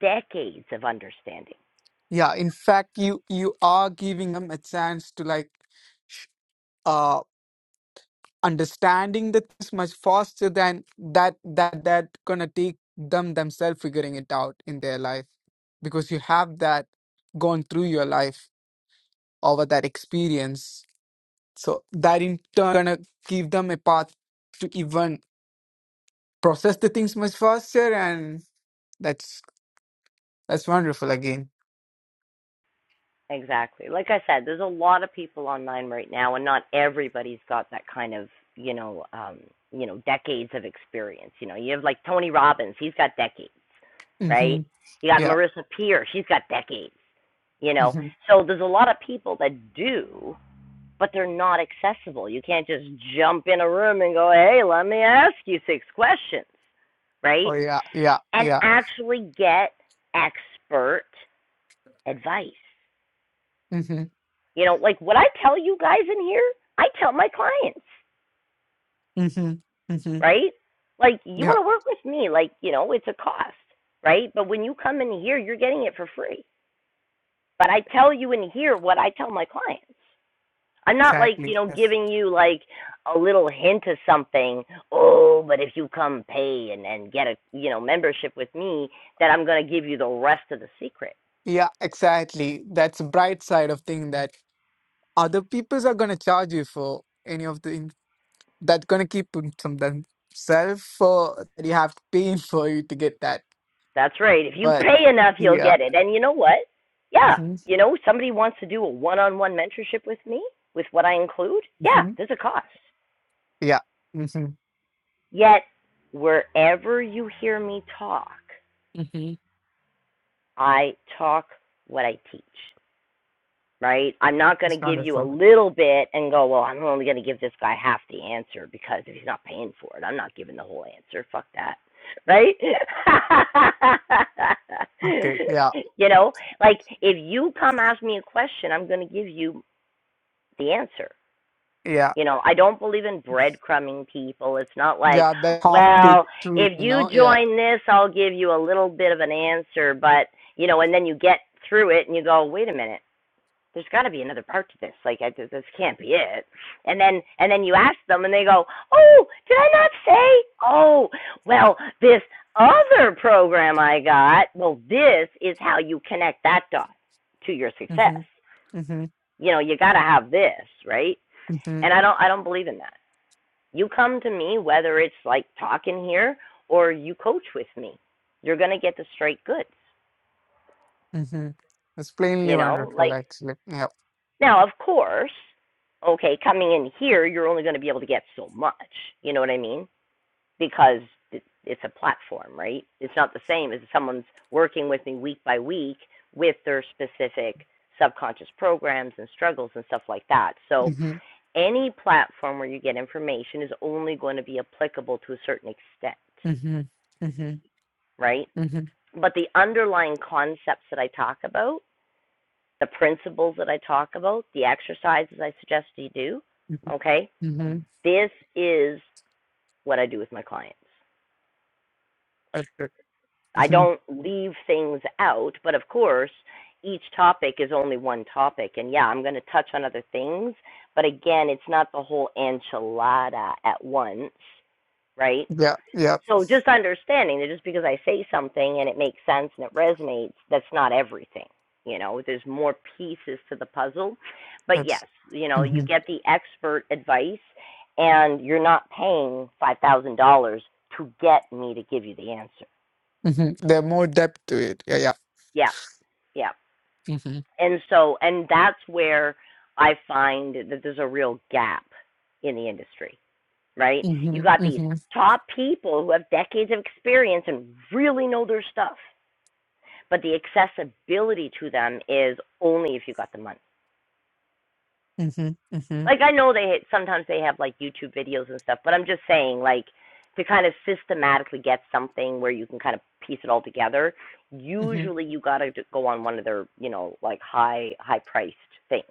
A: decades of understanding.
H: yeah. In fact, you you are giving them a chance to like, sh- uh, understanding the things much faster than that that that gonna take them themselves figuring it out in their life because you have that gone through your life over that experience so that in turn gonna give them a path to even process the things much faster and that's that's wonderful again
A: Exactly. Like I said, there's a lot of people online right now, and not everybody's got that kind of, you know, um, you know, decades of experience. You know, you have like Tony Robbins, he's got decades,
H: hmm
A: right? You got
H: yeah
A: Marissa Peer, she's got decades, you know.
H: hmm
A: So there's a lot of people that do, but they're not accessible. You can't just jump in a room and go, hey, let me ask you six questions,
H: Oh
A: right?
H: yeah, yeah,
A: and
H: yeah.
A: actually get expert advice.
H: hmm
A: You know, like what I tell you guys in here, I tell my clients,
H: hmm hmm
A: right? Like, you
H: Yeah,
A: want to work with me, like, you know, it's a cost, right? But when you come in here, you're getting it for free. But I tell you in here what I tell my clients. I'm not like, you
H: exactly.
A: know,
H: Yes.
A: giving you like a little hint of something. Oh, but if you come pay and, and get a, you know, membership with me, then I'm going to give you the rest of the secret.
H: Yeah, exactly. That's the bright side of thing that other peoples are gonna charge you for any of the in- that's gonna keep in some themselves for that you have to pay in for you to get that.
A: That's right. If you
H: But
A: pay enough, you'll
H: yeah.
A: get it. And you know what? Yeah,
H: hmm
A: you know, somebody wants to do a one-on-one mentorship with me, with what I include. Yeah,
H: hmm
A: there's a cost.
H: Yeah. hmm
A: Yet, wherever you hear me talk,
H: hmm
A: I talk what I teach. right? I'm not going
H: It's
A: to give you a
H: wonderful.
A: little bit and go, well, I'm only going to give this guy half the answer because if he's not paying for it, I'm not giving the whole answer. Fuck that, right?
H: Okay. Yeah.
A: you know, like if you come ask me a question, I'm going to give you the answer.
H: Yeah.
A: You know, I don't believe in breadcrumbing people. It's not like,
H: Yeah. That half big
A: well,
H: truth,
A: if
H: you
A: you
H: know. Yeah.
A: join this, I'll give you a little bit of an answer, but you know, and then you get through it and you go, wait a minute there's got to be another part to this. Like, I, this can't be it. And then, and then you ask them, and they go, "Oh, did I not say? Oh, well, this other program I got. Well, this is how you connect that dot to your success.
H: hmm hmm
A: You know, you got to have this, right? And I don't, I don't believe in that. You come to me, whether it's like talking here or you coach with me, you're gonna get the straight goods.
H: Mhm. It's plainly
A: You know,
H: wonderful,
A: like
H: actually. Yeah,
A: Now, of course, okay, coming in here, you're only going to be able to get so much. You know what I mean? Because it's a platform, right? It's not the same as someone's working with me week by week with their specific subconscious programs and struggles and stuff like that. So,
H: Mhm.
A: any platform where you get information is only going to be applicable to a certain extent,
H: Mhm. Mhm.
A: right?
H: Mhm.
A: But the underlying concepts that I talk about, the principles that I talk about, the exercises I suggest you do,
H: Mhm.
A: okay,
H: Mhm.
A: this is what I do with my clients.
H: that's it.
A: I
H: Mhm.
A: don't leave things out, but of course, each topic is only one topic. And yeah, I'm going to touch on other things, but again, it's not the whole enchilada at once, right?
H: Yeah, yeah.
A: So just understanding that just because I say something and it makes sense and it resonates, that's not everything. You know, there's more pieces to the puzzle. But yes,
H: That's
A: you know, you
H: Mhm.
A: get the expert advice and you're not paying $5,000 to get me to give you the answer.
H: Mhm. There's more depth to it. Yeah, yeah.
A: Yeah, yeah.
H: Mhm.
A: And so, and that's where I find that there's a real gap in the industry, right? You
H: Mhm.
A: got these
H: Mhm.
A: top people who have decades of experience and really know their stuff but the accessibility to them is only if you got the money.
H: Mhm.
A: Like I know they sometimes they have like YouTube videos and stuff, but I'm just saying like to kind of systematically get something where you can kind of piece it all together.
H: Mhm. Mhm.
A: Usually you got to go on one of their you know like high high priced things,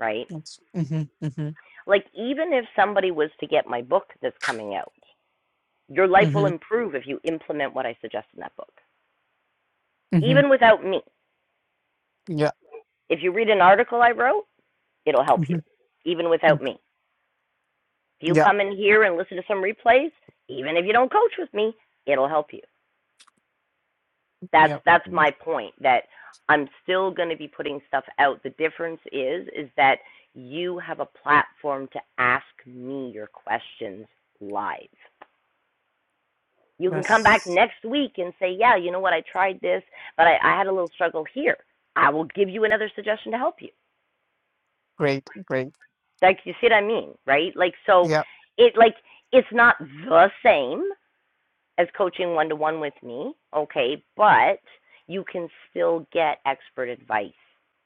A: right?
H: Yes. Mhm. Mhm.
A: Like even if somebody was to get my book that's coming out, your life will
H: Mhm.
A: improve if you implement what I suggest in that book.
H: Mhm.
A: Even without me,
H: Yeah,
A: if you read an article I wrote, it'll help you.
H: Mhm.
A: Even without me If you
H: yeah,
A: come in here and listen to some replays, even if you don't coach with me, it'll help you. That's
H: yeah.
A: that's
H: Mm,
A: my point that I'm still going to be putting stuff out. The difference is is that you have a platform to ask me your questions live. You can come back
H: That's
A: next week and say, "Yeah, you know what? I tried this, but I, I had a little struggle here." I will give you another suggestion to help you.
H: great, great.
A: Like you see what I mean, right? Like so,
H: Yeah,
A: it like it's not the same, as coaching one to one with me, okay, but you can still get expert advice,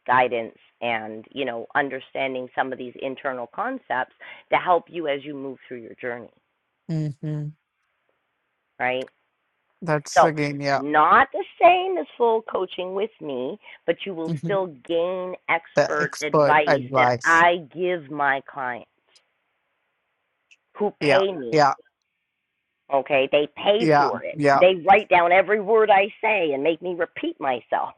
A: guidance, and, you know, understanding some of these internal concepts to help you as you move through your journey,
H: Mhm.
A: right?
H: that's
A: So,
H: again, yeah,
A: not the same as full coaching with me, but you will
H: Mhm.
A: still gain
H: the
A: expert
H: expert
A: advice that
H: advice.
A: I give my clients who
H: Yeah,
A: pay me
H: yeah.
A: Okay, they pay
H: Yeah,
A: for it.
H: yeah.
A: They write down every word I say and make me repeat myself.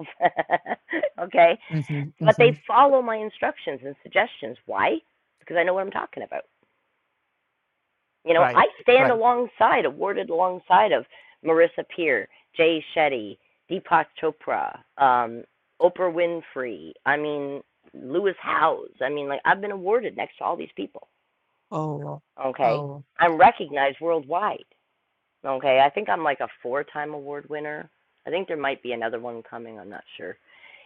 A: okay,
H: hmm
A: but
H: hmm
A: they follow my instructions and suggestions. Why? Because I know what I'm talking about. You know,
H: Right,
A: I stand
H: right.
A: alongside, awarded alongside of Marissa Peer, Jay Shetty, Deepak Chopra, um, Oprah Winfrey. I mean, Lewis Howes. I mean, like I've been awarded next to all these people.
H: Oh,
A: Okay,
H: oh,
A: I'm recognized worldwide. Okay, I think I'm like a four time award winner. I think there might be another one coming, I'm not sure.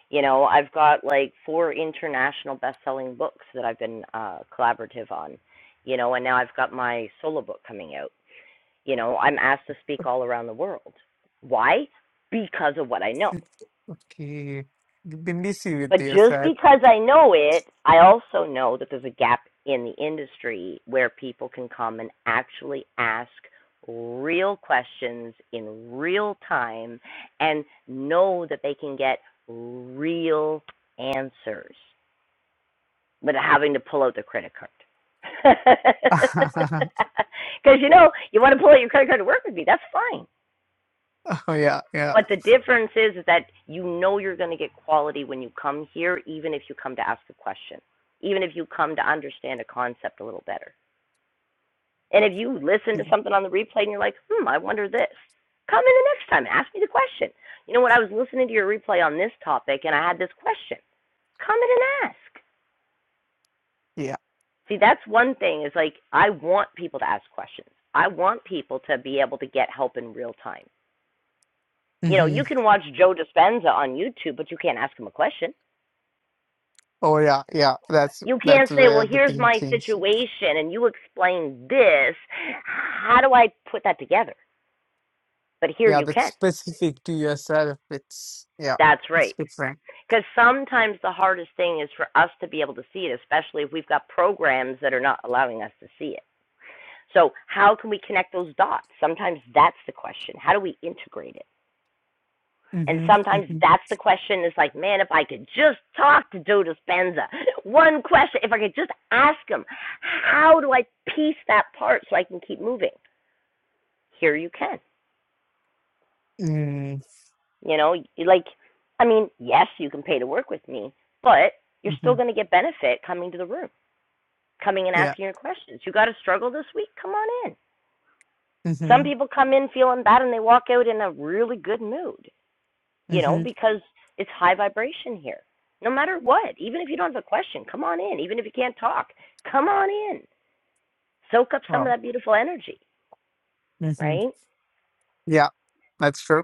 A: You know, I've got like four international best selling books that I've been uh collaborative on. You know, and now I've got my solo book coming out. You know, I'm asked to speak all around the world. Why? Because of what I know.
H: okay. You've been busy with
A: But just
H: yourself.
A: because I know it, I also know that there's a gap in the industry where people can come and actually ask real questions in real time and know that they can get real answers without having to pull out their credit card. Because you know, you want to pull out your credit card to work with me, that's fine
H: Oh, yeah, yeah,
A: but the difference is, is that you know you're going to get quality when you come here, even if you come to ask a question, even if you come to understand a concept a little better. And if you listen to something on the replay and you're like, hmm, I wonder this, come in the next time, ask me the question. You know what? I was listening to your replay on this topic and I had this question. Come in and ask.
H: yeah.
A: See, that's one thing is like, I want people to ask questions. I want people to be able to get help in real time. You know,
H: hmm
A: you can watch Joe Dispenza on YouTube, but you can't ask him a question
H: Oh, yeah, yeah. That's
A: You
H: that's
A: can't say,
H: where
A: well,
H: the
A: here's
H: thing
A: my
H: changes.
A: situation and you explain this. How do I put that together? But here
H: Yeah,
A: you
H: that's
A: can.
H: specific to yourself. It's yeah,
A: That's
H: it's
A: right.
H: different.
A: Because sometimes the hardest thing is for us to be able to see it, especially if we've got programs that are not allowing us to see it. So, how can we connect those dots? Sometimes that's the question. How do we integrate it? And
H: Mm-hmm,
A: sometimes
H: mm-hmm,
A: that's the question is like, man, if I could just talk to Joe Dispenza, one question, if I could just ask him, how do I piece that part so I can keep moving? here you can.
H: mm-hmm,
A: You know, like, I mean, yes, you can pay to work with me, but you're
H: mm-hmm.
A: still going to get benefit coming to the room, coming and
H: Yeah.
A: asking your questions. You got to struggle this week? Come on in. Some
H: Mm-hmm,
A: people come in feeling bad and they walk out in a really good mood, you know,
H: mm-hmm.
A: because it's high vibration here. No matter what, even if you don't have a question, come on in. Even if you can't talk, come on in. Soak up some of
H: Wow.
A: that beautiful energy,
H: Mm-hmm.
A: right?
H: Yeah, that's true.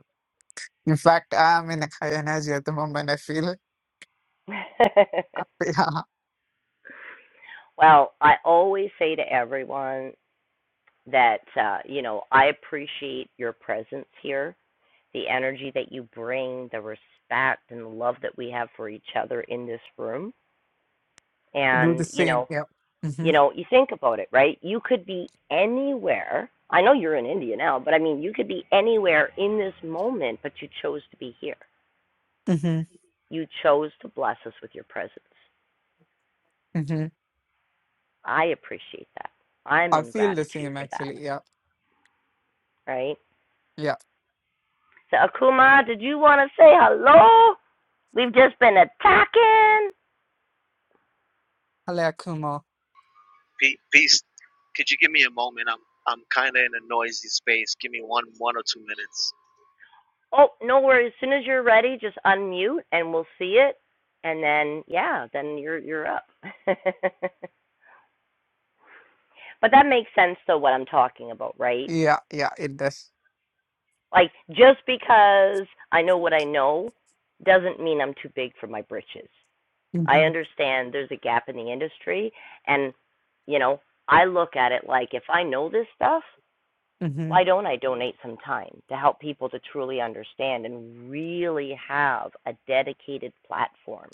H: In fact, I'm in a high energy at the moment. I feel. Uh, Yeah,
A: well, I always say to everyone that uh, you know I appreciate your presence here, the energy that you bring, the respect and the love that we have for each other in this room.
H: I do the
A: And you
H: same.
A: know,
H: Yeah. hmm
A: you know, you think about it, right? You could be anywhere. I know you're in India now, but I mean, you could be anywhere in this moment, but you chose to be here.
H: hmm
A: You chose to bless us with your presence.
H: hmm
A: I appreciate that. I'm
H: I
A: in
H: feel the
A: gratitude
H: same
A: for that,
H: actually. Yeah.
A: right?
H: Yeah.
A: So, Akuma, did you want to say hello? We've just been attacking.
H: I Like humor.
J: Pe- Peace. Could you give me a moment? I'm I'm kind of in a noisy space. Give me one one or two minutes.
A: Oh, no worries. As soon as you're ready, just unmute and we'll see it. And then yeah, then you're you're up. but that makes sense though what I'm talking about, right?
H: Yeah. Yeah. It does.
A: Like just because I know what I know doesn't mean I'm too big for my britches. I
H: hmm
A: understand there's a gap in the industry and you know, I look at it like if I know this stuff,
H: hmm
A: why don't I donate some time to help people to truly understand and really have a dedicated platform?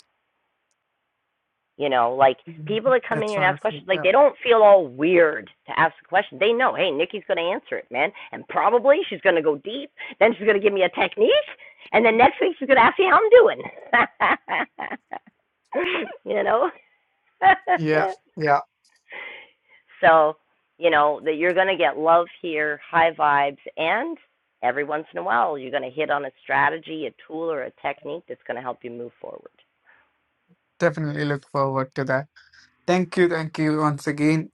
A: You know, like people that come in
H: That's
A: here and ask
H: wonderful.
A: questions, like
H: Yeah.
A: they don't feel all weird to ask a question. They know, hey, Nikki's going to answer it, man. And probably she's going to go deep. Then she's going to give me a technique. And then next week she's going to ask me how I'm doing. you know?
H: Yeah. Yeah.
A: So, you know, that you're going to get love here, high vibes, and every once in a while you're going to hit on a strategy, a tool, or a technique that's going to help you move forward.
H: Definitely look forward to that. Thank you. Thank you once again.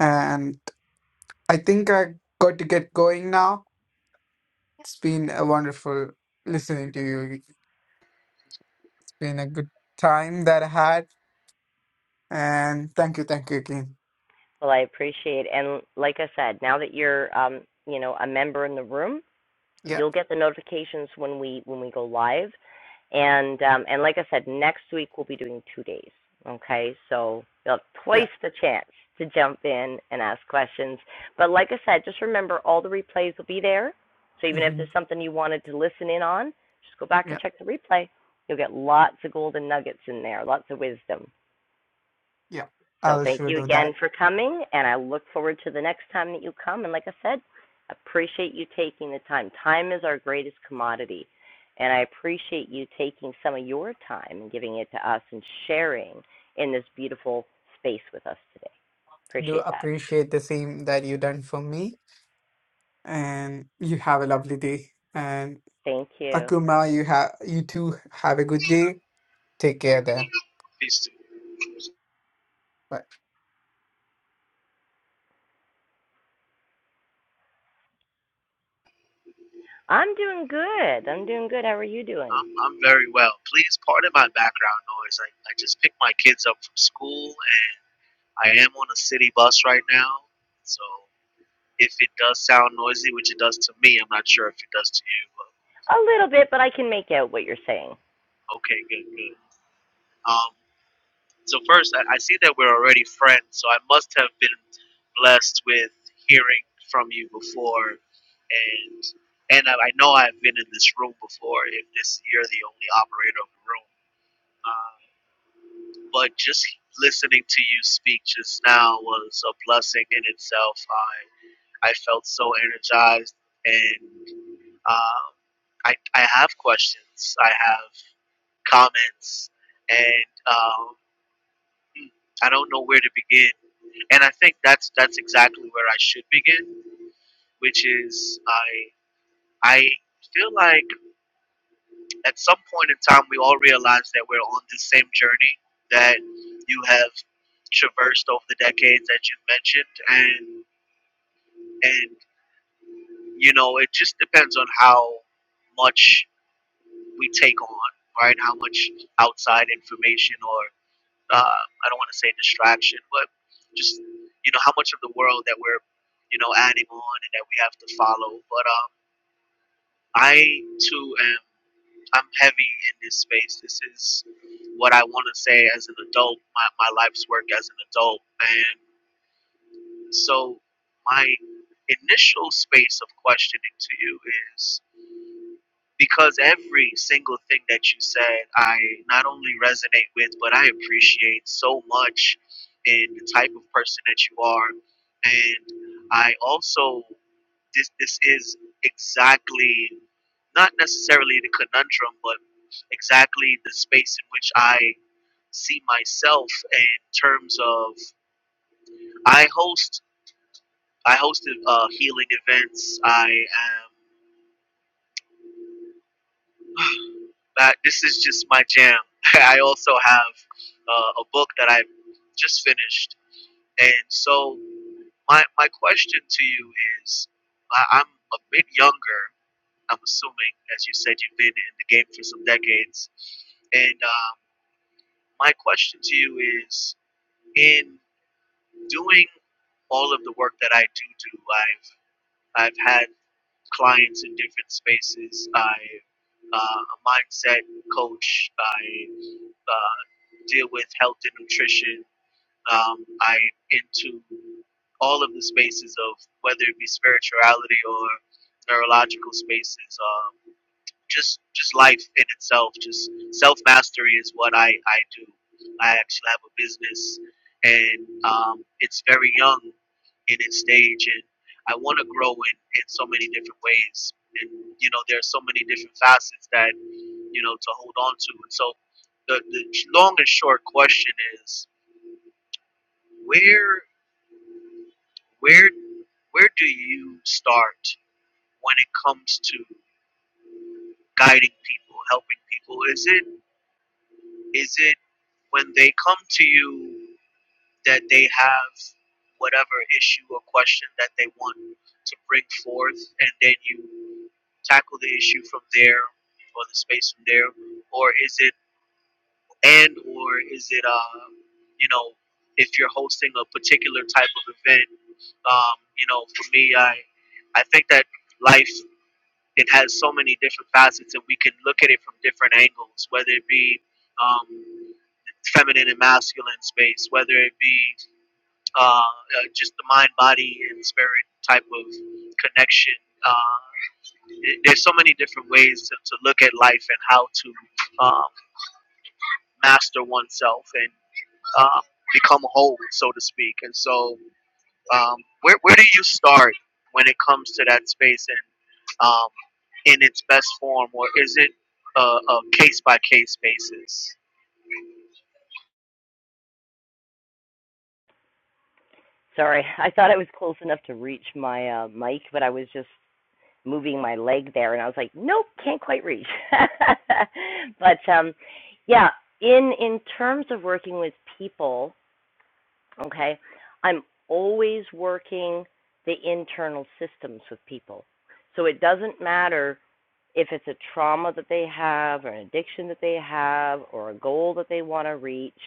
H: And I think I got to get going now. It's been a wonderful listening to you. It's been a good time that I had. And thank you. Thank you again.
A: Well, I appreciate, it. and like I said, now that you're, um, you know, a member in the room,
H: Yeah.
A: you'll get the notifications when we when we go live. And um, and like I said, next week we'll be doing two days. Okay, so you'll have
H: Yeah.
A: twice the chance to jump in and ask questions. But like I said, just remember all the replays will be there. So even if there's
H: hmm
A: something you wanted to listen in on, just go back and check the replay. You'll get lots of golden nuggets in there, lots of wisdom.
H: Yeah,
A: So
H: I'll
A: thank
H: sure
A: you
H: do
A: again
H: that.
A: for coming, and I look forward to the next time that you come. And like I said, appreciate you taking the time. Time is our greatest commodity, and I appreciate you taking some of your time and giving it to us and sharing in this beautiful space with us today.
H: Do
A: Appreciate that.
H: appreciate the same that you done for me, and you have a lovely day. And
A: Thank you.
H: Akuma, you have you too have a good day. Take care there.
J: Peace. To you.
H: Bye.
A: I'm doing good. I'm doing good. How are you doing?
J: I'm I'm very well. Please pardon my background noise. I, I just picked my kids up from school and I am on a city bus right now. So if it does sound noisy, which it does to me, I'm not sure if it does to you. But
A: A little bit, but I can make out what you're saying.
J: okay, good, good. Um. So first, I, I see that we're already friends, so I must have been blessed with hearing from you before, and and I, I know I've been in this room before. If this you're the only operator of the room, uh, but just listening to you speak just now was a blessing in itself. I I felt so energized, and um, I I have questions. I have comments, and. um, I don't know where to begin. And I think that's that's exactly where I should begin, which is I I feel like at some point in time we all realize that we're on this same journey that you have traversed over the decades that you've mentioned and and you know it just depends on how much we take on, right? How much outside information or uh, I don't want to say distraction, but just you know how much of the world that we're you know adding on and that we have to follow. But um, I too am I'm heavy in this space. This is what I want to say as an adult. My my life's work as an adult, and so my initial space of questioning to you is because every single thing that you said i not only resonate with but i appreciate so much in the type of person that you are and i also this this is exactly not necessarily the conundrum but exactly the space in which i see myself in terms of i host i hosted uh, healing events i am that this is just my jam. I also have uh, a book that I just finished, and so my my question to you is, I, I'm a bit younger. I'm assuming, as you said, you've been in the game for some decades, and um, my question to you is, in doing all of the work that I do do, I've I've had clients in different spaces. I uh, a mindset coach. I uh, deal with health and nutrition. Um, I into all of the spaces of whether it be spirituality or neurological spaces, um, just just life in itself. Just self mastery is what I I do. I actually have a business, and um, it's very young in its stage, and I want to grow in in so many different ways. And you know, there are so many different facets that you know to hold on to, and so the, the long and short question is where where where do you start when it comes to guiding people helping people is it is it when they come to you that they have whatever issue or question that they want to bring forth and then you tackle the issue from there or the space from there or is it and or is it uh you know if you're hosting a particular type of event Um, you know, for me, I I think that life it has so many different facets, and we can look at it from different angles, whether it be um, feminine and masculine space, whether it be uh, uh, just the mind, body, and spirit type of connection. Uh, it- there's so many different ways to, to look at life and how to um, master oneself and um, become whole, so to speak. And so Um, where where do you start when it comes to that space and um, in its best form, or is it a, a case by case basis?
A: Sorry, I thought I was close enough to reach my uh, mic, but I was just moving my leg there and I was like, nope, can't quite reach. but um yeah, in in terms of working with people, okay, I'm always working the internal systems with people. So it doesn't matter if it's a trauma that they have or an addiction that they have or a goal that they want to reach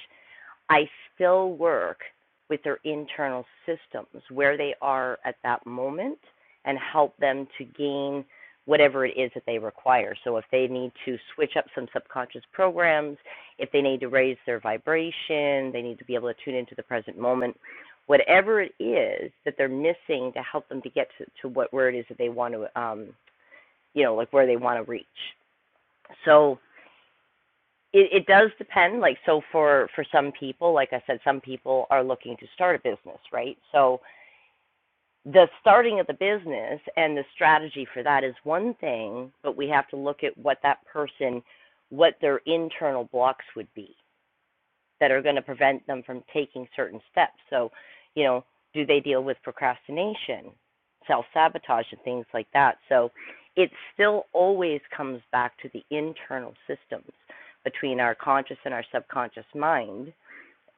A: I still work with their internal systems, where they are at that moment, and help them to gain whatever it is that they require. So if they need to switch up some subconscious programs, if they need to raise their vibration, they need to be able to tune into the present moment, whatever it is that they're missing to help them to get to, to what where it is that they want to um you know like where they want to reach. So it, it does depend like so for for some people like i said some people are looking to start a business right so the starting of the business and the strategy for that is one thing but we have to look at what that person what their internal blocks would be that are going to prevent them from taking certain steps. So, you know, do they deal with procrastination, self sabotage, and things like that? So it still always comes back to the internal systems between our conscious and our subconscious mind,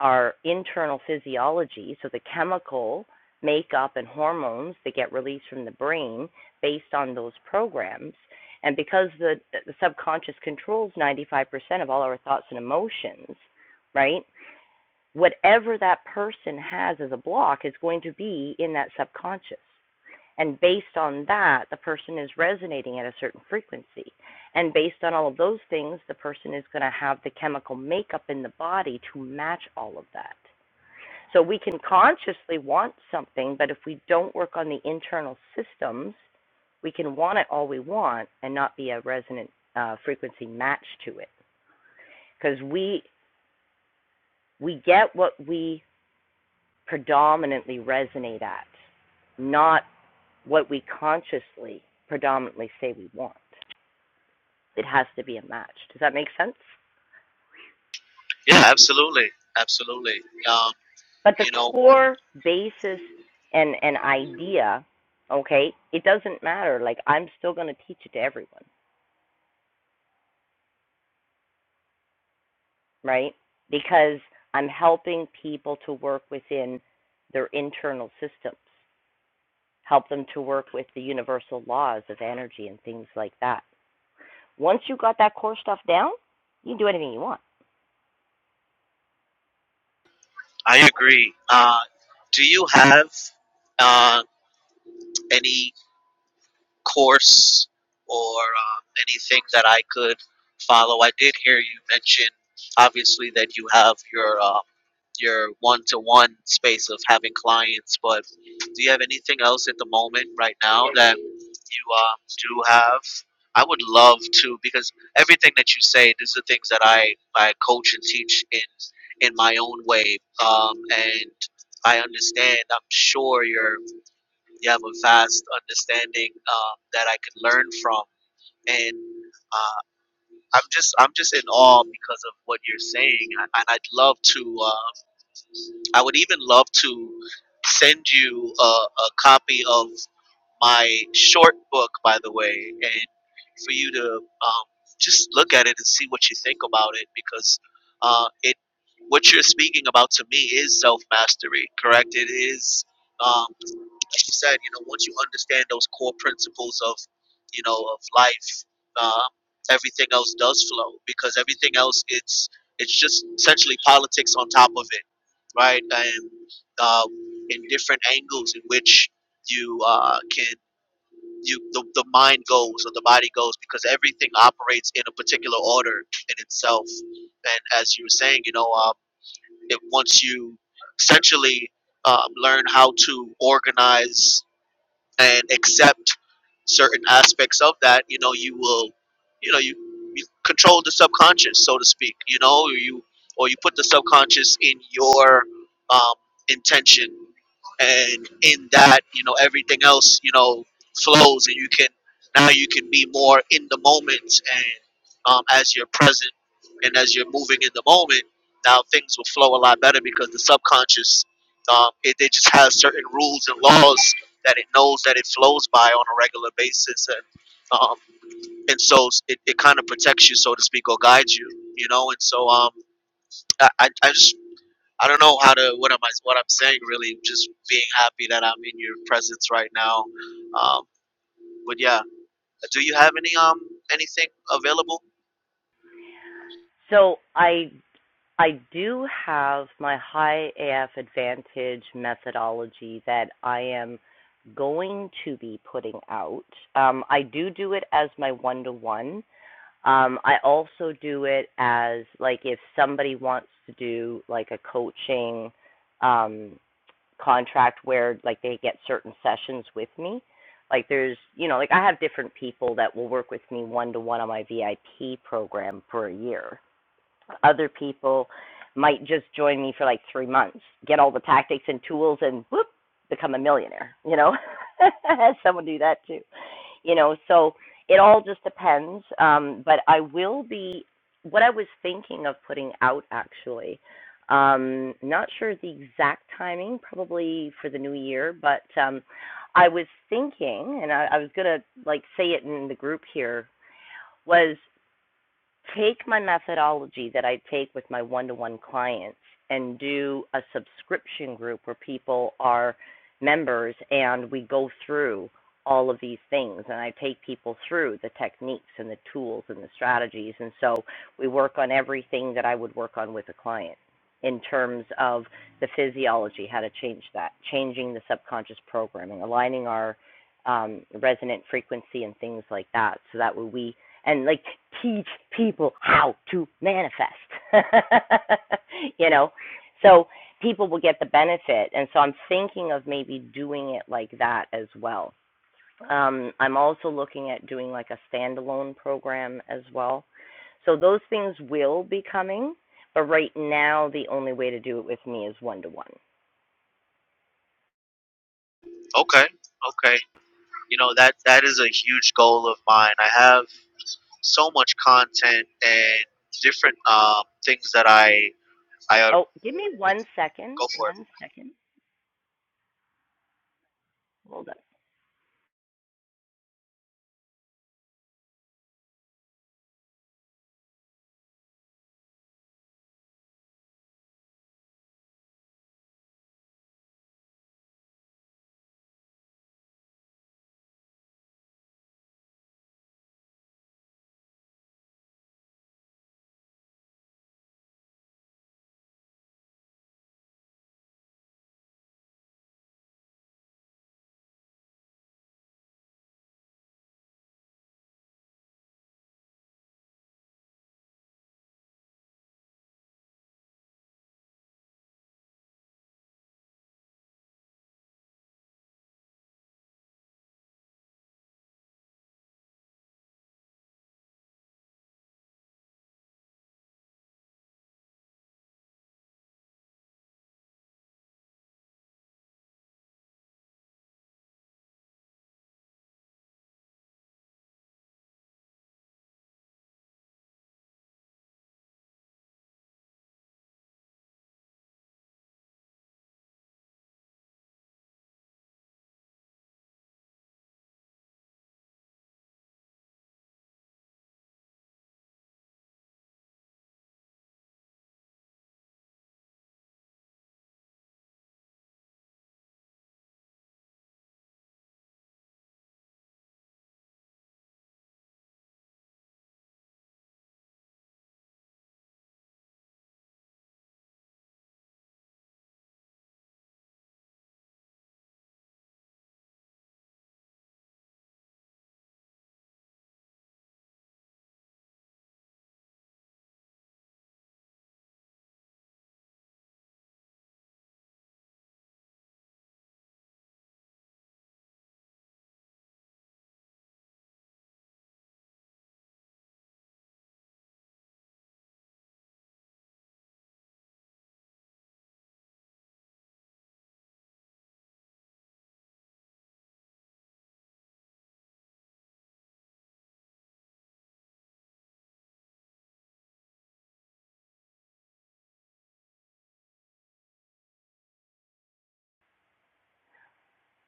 A: our internal physiology, so the chemical makeup and hormones that get released from the brain based on those programs. And because the, the subconscious controls 95% of all our thoughts and emotions, right? whatever that person has as a block is going to be in that subconscious. And based on that, the person is resonating at a certain frequency. And based on all of those things, the person is going to have the chemical makeup in the body to match all of that. So we can consciously want something, but if we don't work on the internal systems, we can want it all we want and not be a resonant uh, frequency match to it because we we get what we predominantly resonate at, not what we consciously predominantly say we want. It has to be a match. Does that make sense?
J: Yeah, absolutely, absolutely. Um,
A: But the
J: you know,
A: core basis and, and idea, okay, it doesn't matter. Like, I'm still going to teach it to everyone, right? Because I'm helping people to work within their internal systems, help them to work with the universal laws of energy and things like that. Once you got that core stuff down, you can do anything you want.
J: I agree. Uh, do you have uh, any? course or um, anything that I could follow. I did hear you mention, obviously, that you have your uh, your one-to-one space of having clients, but do you have anything else at the moment right now that you um, do have? I would love to because everything that you say, these are things that I, I coach and teach in in my own way, um, and I understand. I'm sure you're you have a vast understanding um, that I could learn from, and uh, I'm just I'm just in awe because of what you're saying, and and I'd love to. Uh, I would even love to send you a, a copy of my short book, by the way, and for you to um, just look at it and see what you think about it because uh, it what you're speaking about to me is self mastery, correct? It is, um, like you said, you know, once you understand those core principles of, you know, of life, uh, everything else does flow because everything else it's it's just essentially politics on top of it, right? And uh, in different angles in which you uh, can you the, the mind goes or the body goes because everything operates in a particular order in itself and as you were saying you know um, it once you essentially um, learn how to organize and accept certain aspects of that, you know, you will, you know, you, you control the subconscious, so to speak, you know, or you or you put the subconscious in your um, intention, and in that, you know, everything else, you know, flows, and you can now you can be more in the moment, and um, as you're present and as you're moving in the moment, now things will flow a lot better because the subconscious. Um, it, it just has certain rules and laws that it knows that it flows by on a regular basis and um, and so it, it kind of protects you so to speak or guides you you know and so um I, I I just I don't know how to what am I what I'm saying really just being happy that I'm in your presence right now um but yeah do you have any um anything available
A: So I I do have my high AF advantage methodology that I am going to be putting out. Um, I do do it as my one to one. Um, I also do it as like if somebody wants to do like a coaching um, contract where like they get certain sessions with me. Like there's, you know, like I have different people that will work with me one to one on my VIP program for a year. Other people might just join me for like three months, get all the tactics and tools, and whoop, become a millionaire. You know, I had someone do that too. You know, so it all just depends. Um, but I will be what I was thinking of putting out actually. Um, not sure the exact timing, probably for the new year, but um, I was thinking, and I, I was gonna like say it in the group here, was take my methodology that I take with my one to one clients and do a subscription group where people are members and we go through all of these things and I take people through the techniques and the tools and the strategies and so we work on everything that I would work on with a client in terms of the physiology how to change that changing the subconscious programming aligning our um, resonant frequency and things like that so that we and like teach people how to manifest. you know, so people will get the benefit, and so I'm thinking of maybe doing it like that as well. Um, I'm also looking at doing like a standalone program as well. So those things will be coming, but right now the only way to do it with me is one to one.
J: okay okay you know that that is a huge goal of mine I have so much content and different um things that I I uh,
A: Oh, give me one second.
J: go for it
A: One second.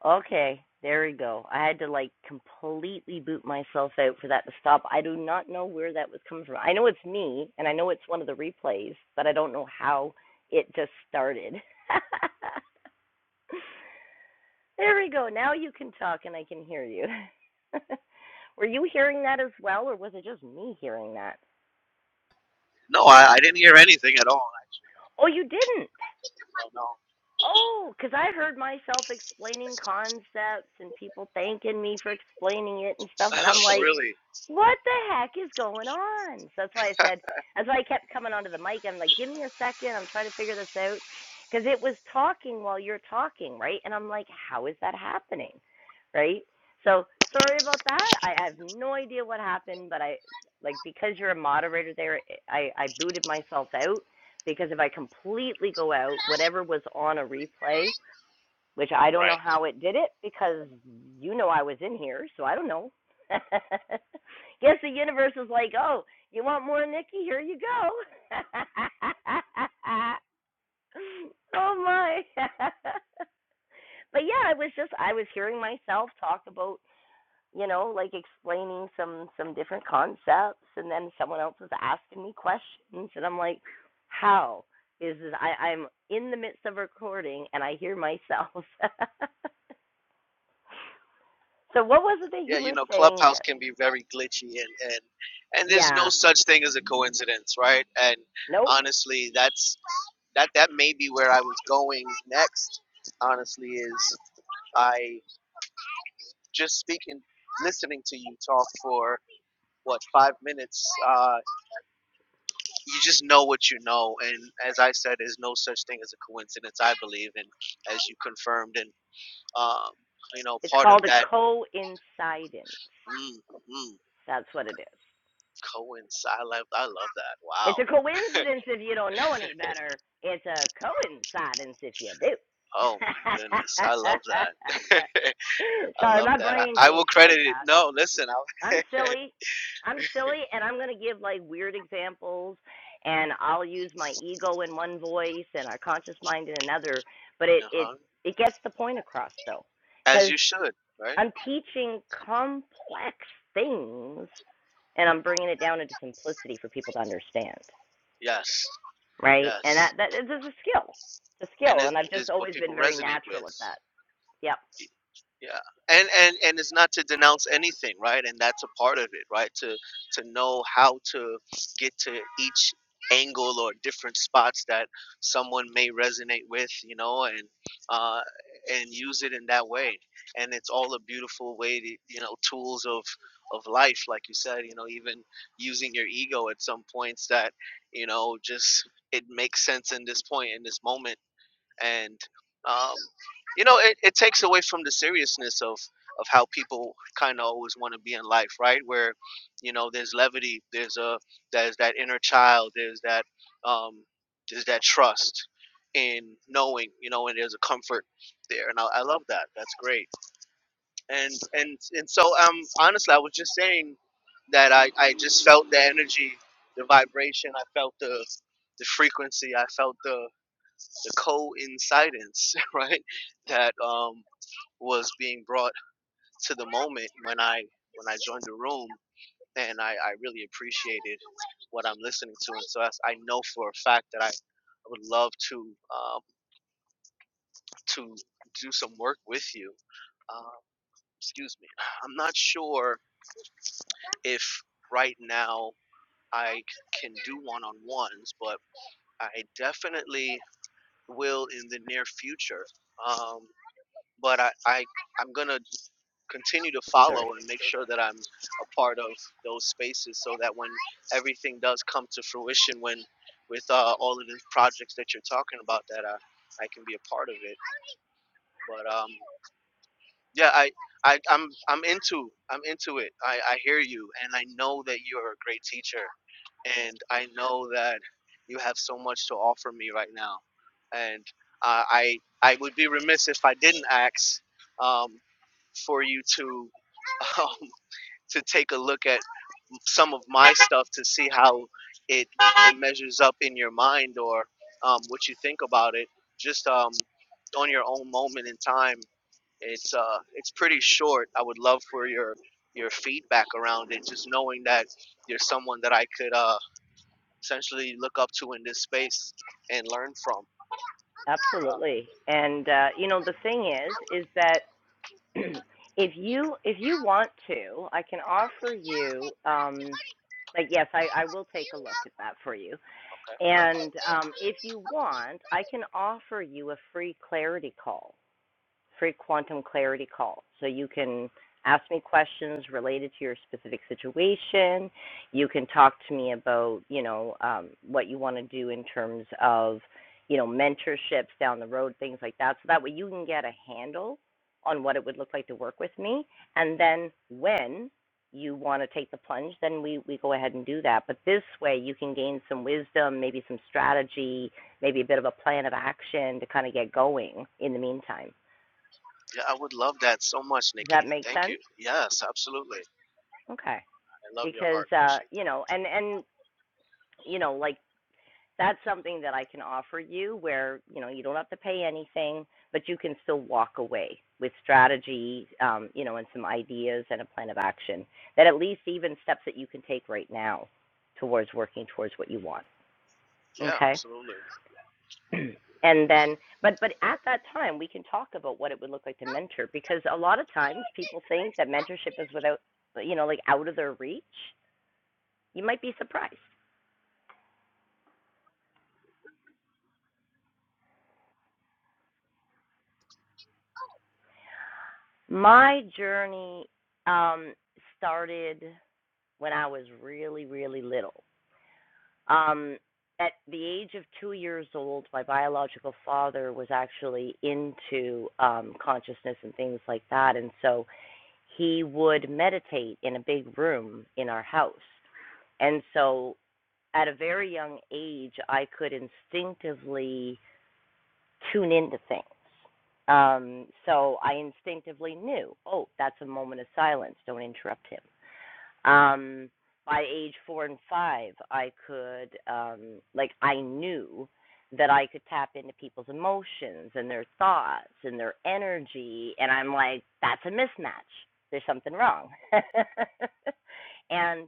A: Okay, there we go. I had to like completely boot myself out for that to stop. I do not know where that was coming from. I know it's me, and I know it's one of the replays, but I don't know how it just started. there we go. Now you can talk and I can hear you. Were you hearing that as well, or was it just me hearing that?
J: No, I, I didn't hear anything at all.
A: Oh, you didn't.
J: I don't
A: Oh, because I heard myself explaining concepts and people thanking me for explaining it and stuff, and I'm
J: know.
A: like,
J: really.
A: what the heck is going on? So that's why I said, that's why I kept coming onto the mic. I'm like, give me a second. I'm trying to figure this out," because it was talking while you're talking, right? And I'm like, how is that happening, right? So sorry about that. I have no idea what happened, but I like because you're a moderator there, I I booted myself out because if I completely go out, whatever was on a replay, which I don't know
J: Right.
A: how it did it because you know I was in here, so I don't know. Guess the universe is like, oh, you want more Nikki? Here you go. oh my. but yeah, I was just I was hearing myself talk about you know, like explaining some some different concepts, and then someone else was asking me questions, and I'm like, how is this? I, I'm in the midst of recording, and I hear myself. so what was it that
J: Yeah,
A: you
J: you
A: were
J: know,
A: saying
J: Clubhouse
A: there?
J: can be very glitchy and, and and there's no
A: Yeah,
J: such thing as a coincidence, right? And
A: nope.
J: honestly, that's that that may be where I was going next. Honestly, is I just speaking, listening to you talk for what five minutes. Uh, you just know what you know, and as I said, there's no such thing as a coincidence. I believe, and as you confirmed, and um, you know,
A: It's
J: part of
A: called a
J: that.
A: coincidence.
J: Mm, mm,
A: That's what it is.
J: coincide. I love, I love that.
A: It's
J: Wow.
A: a coincidence if you don't know any better. It's a coincidence if you do.
J: Oh my goodness. I love that. I
A: Sorry,
J: love
A: my
J: that. I,
A: brain
J: I will
A: thinks
J: credit
A: like
J: it.
A: that.
J: No, listen. I'll,
A: I'm silly. I'm silly, and I'm going to give like weird examples, and I'll use my ego in one voice and our conscious mind in another. But it it
J: uh-huh.
A: it gets the point across though,
J: As
A: because
J: you should, right?
A: I'm teaching complex things, and I'm bringing it down into simplicity for people to understand
J: Yes.
A: right? And that
J: Yes.
A: that is a skill. It's a
J: And
A: skill,
J: it's,
A: and I've just
J: it's what
A: always been
J: people
A: very
J: resonate
A: natural
J: with.
A: at that. Yep.
J: yeah and and and it's not to denounce anything right and that's a part of it right to to know how to get to each angle or different spots that someone may resonate with you know and uh and use it in that way and it's all a beautiful way to you know tools of of life like you said you know even using your ego at some points that you know just it makes sense in this point in this moment and um, you know it, it takes away from the seriousness of of how people kind of always want to be in life right where you know there's levity there's a there's that inner child there's that um there's that trust in knowing you know and there's a comfort there and i, I love that that's great and and and so um honestly i was just saying that i i just felt the energy the vibration i felt the the frequency i felt the the coincidence, right, that um, was being brought to the moment when I when I joined the room, and I, I really appreciated what I'm listening to, and so that's, I know for a fact that I would love to um, to do some work with you. Um, excuse me, I'm not sure if right now I can do one-on-ones, but I definitely will in the near future. Um, but I, I I'm gonna continue to
A: Sure.
J: follow and make sure that I'm a part of those spaces so that when everything does come to fruition, when with uh, all of the projects that you're talking about, that I, I can be a part of it. But um, yeah, I, I I'm I'm into I'm into it. I, I hear you, and I know that you're a great teacher, and I know that you have so much to offer me right now, and uh, I I would be remiss if I didn't ask um, for you to. um to take a look at some of my stuff to see how it, it measures up in your mind or um, what you think about it. Just um, on your own moment in time. It's uh, it's pretty short. I would love for your your feedback around it. Just knowing that you're someone that I could uh, essentially look up to in this space and learn from. Uh,
A: Absolutely. And uh, you know, the thing is, is that if you if you want to, I can offer you. Um, like yes, I, I will take a look at that for you.
J: okay.
A: And um, if you want, I can offer you a free clarity call free quantum clarity call. So you can ask me questions related to your specific situation. You can talk to me about, you know, um, what you want to do in terms of, you know, mentorships down the road, things like that. So that way you can get a handle on what it would look like to work with me. And then when you want to take the plunge, then we, we go ahead and do that. But this way you can gain some wisdom, maybe some strategy, maybe a bit of a plan of action to kind of get going in the meantime.
J: Yeah, I would love that so much,
A: Does
J: Nikki.
A: that make
J: Thank
A: sense?
J: you. Yes, absolutely.
A: Okay.
J: I love your
A: Because
J: heart.
A: uh,
J: Appreciate
A: you know, and and you know, like that's something that I can offer you where, you know, you don't have to pay anything, but you can still walk away with strategy, um, you know, and some ideas and a plan of action that at least even steps that you can take right now towards working towards what you want.
J: that. Yeah,
A: Okay?
J: absolutely.
A: and then but but at that time we can talk about what it would look like to mentor because a lot of times people think that mentorship is without you know like out of their reach You might be surprised. My journey um, started when I was really, really little. Um, at the age of two years old, my biological father was actually into um, consciousness and things like that. And so he would meditate in a big room in our house. And so at a very young age, I could instinctively tune into things. Um, so I instinctively knew, oh, that's a moment of silence. Don't interrupt him. Um, by age four and five, I could, um, like, I knew that I could tap into people's emotions and their thoughts and their energy. And I'm like, that's a mismatch. There's something wrong. and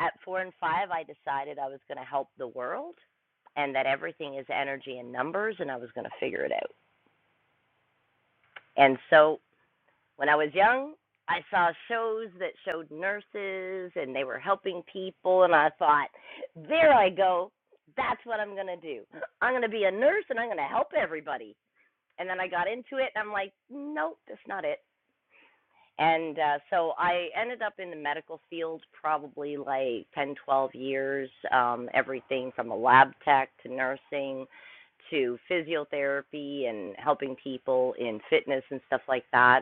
A: at four and five, I decided I was going to help the world and that everything is energy and numbers, and I was going to figure it out. And so when I was young, I saw shows that showed nurses and they were helping people. And I thought, there I go. That's what I'm going to do. I'm going to be a nurse and I'm going to help everybody. And then I got into it and I'm like, nope, that's not it. And uh, so I ended up in the medical field probably like 10, 12 years, um, everything from a lab tech to nursing to physiotherapy and helping people in fitness and stuff like that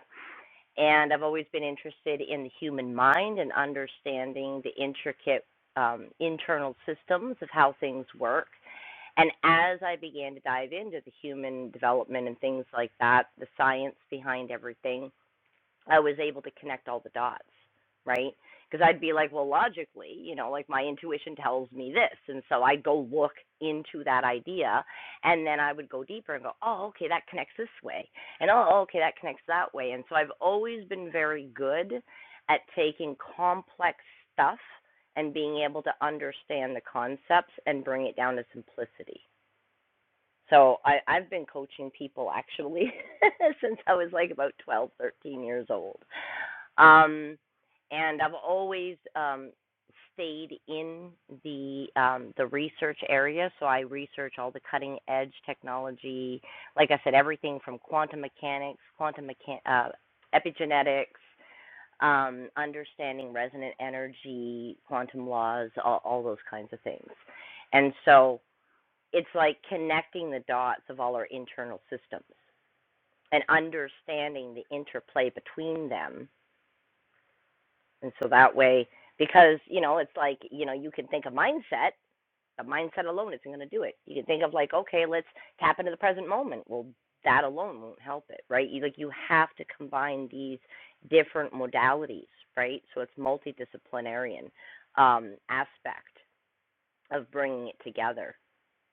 A: and I've always been interested in the human mind and understanding the intricate um, internal systems of how things work. And as I began to dive into the human development and things like that, the science behind everything, I was able to connect all the dots, right? Because I'd be like, well, logically, you know, like my intuition tells me this. And so I'd go look into that idea and then I would go deeper and go, oh, okay, that connects this way. And oh, oh, okay, that connects that way. And so I've always been very good at taking complex stuff and being able to understand the concepts and bring it down to simplicity. So I, I've been coaching people actually since I was like about 12, 13 years old. Um, and I've always um, stayed in the um, the research area, so I research all the cutting edge technology. Like I said, everything from quantum mechanics, quantum mechan- uh, epigenetics, um, understanding resonant energy, quantum laws, all, all those kinds of things. And so it's like connecting the dots of all our internal systems and understanding the interplay between them and so that way, because, you know, it's like, you know, you can think of mindset, A mindset alone isn't going to do it. You can think of like, okay, let's tap into the present moment. Well, that alone won't help it, right? You, like, you have to combine these different modalities, right? So it's multidisciplinarian um, aspect of bringing it together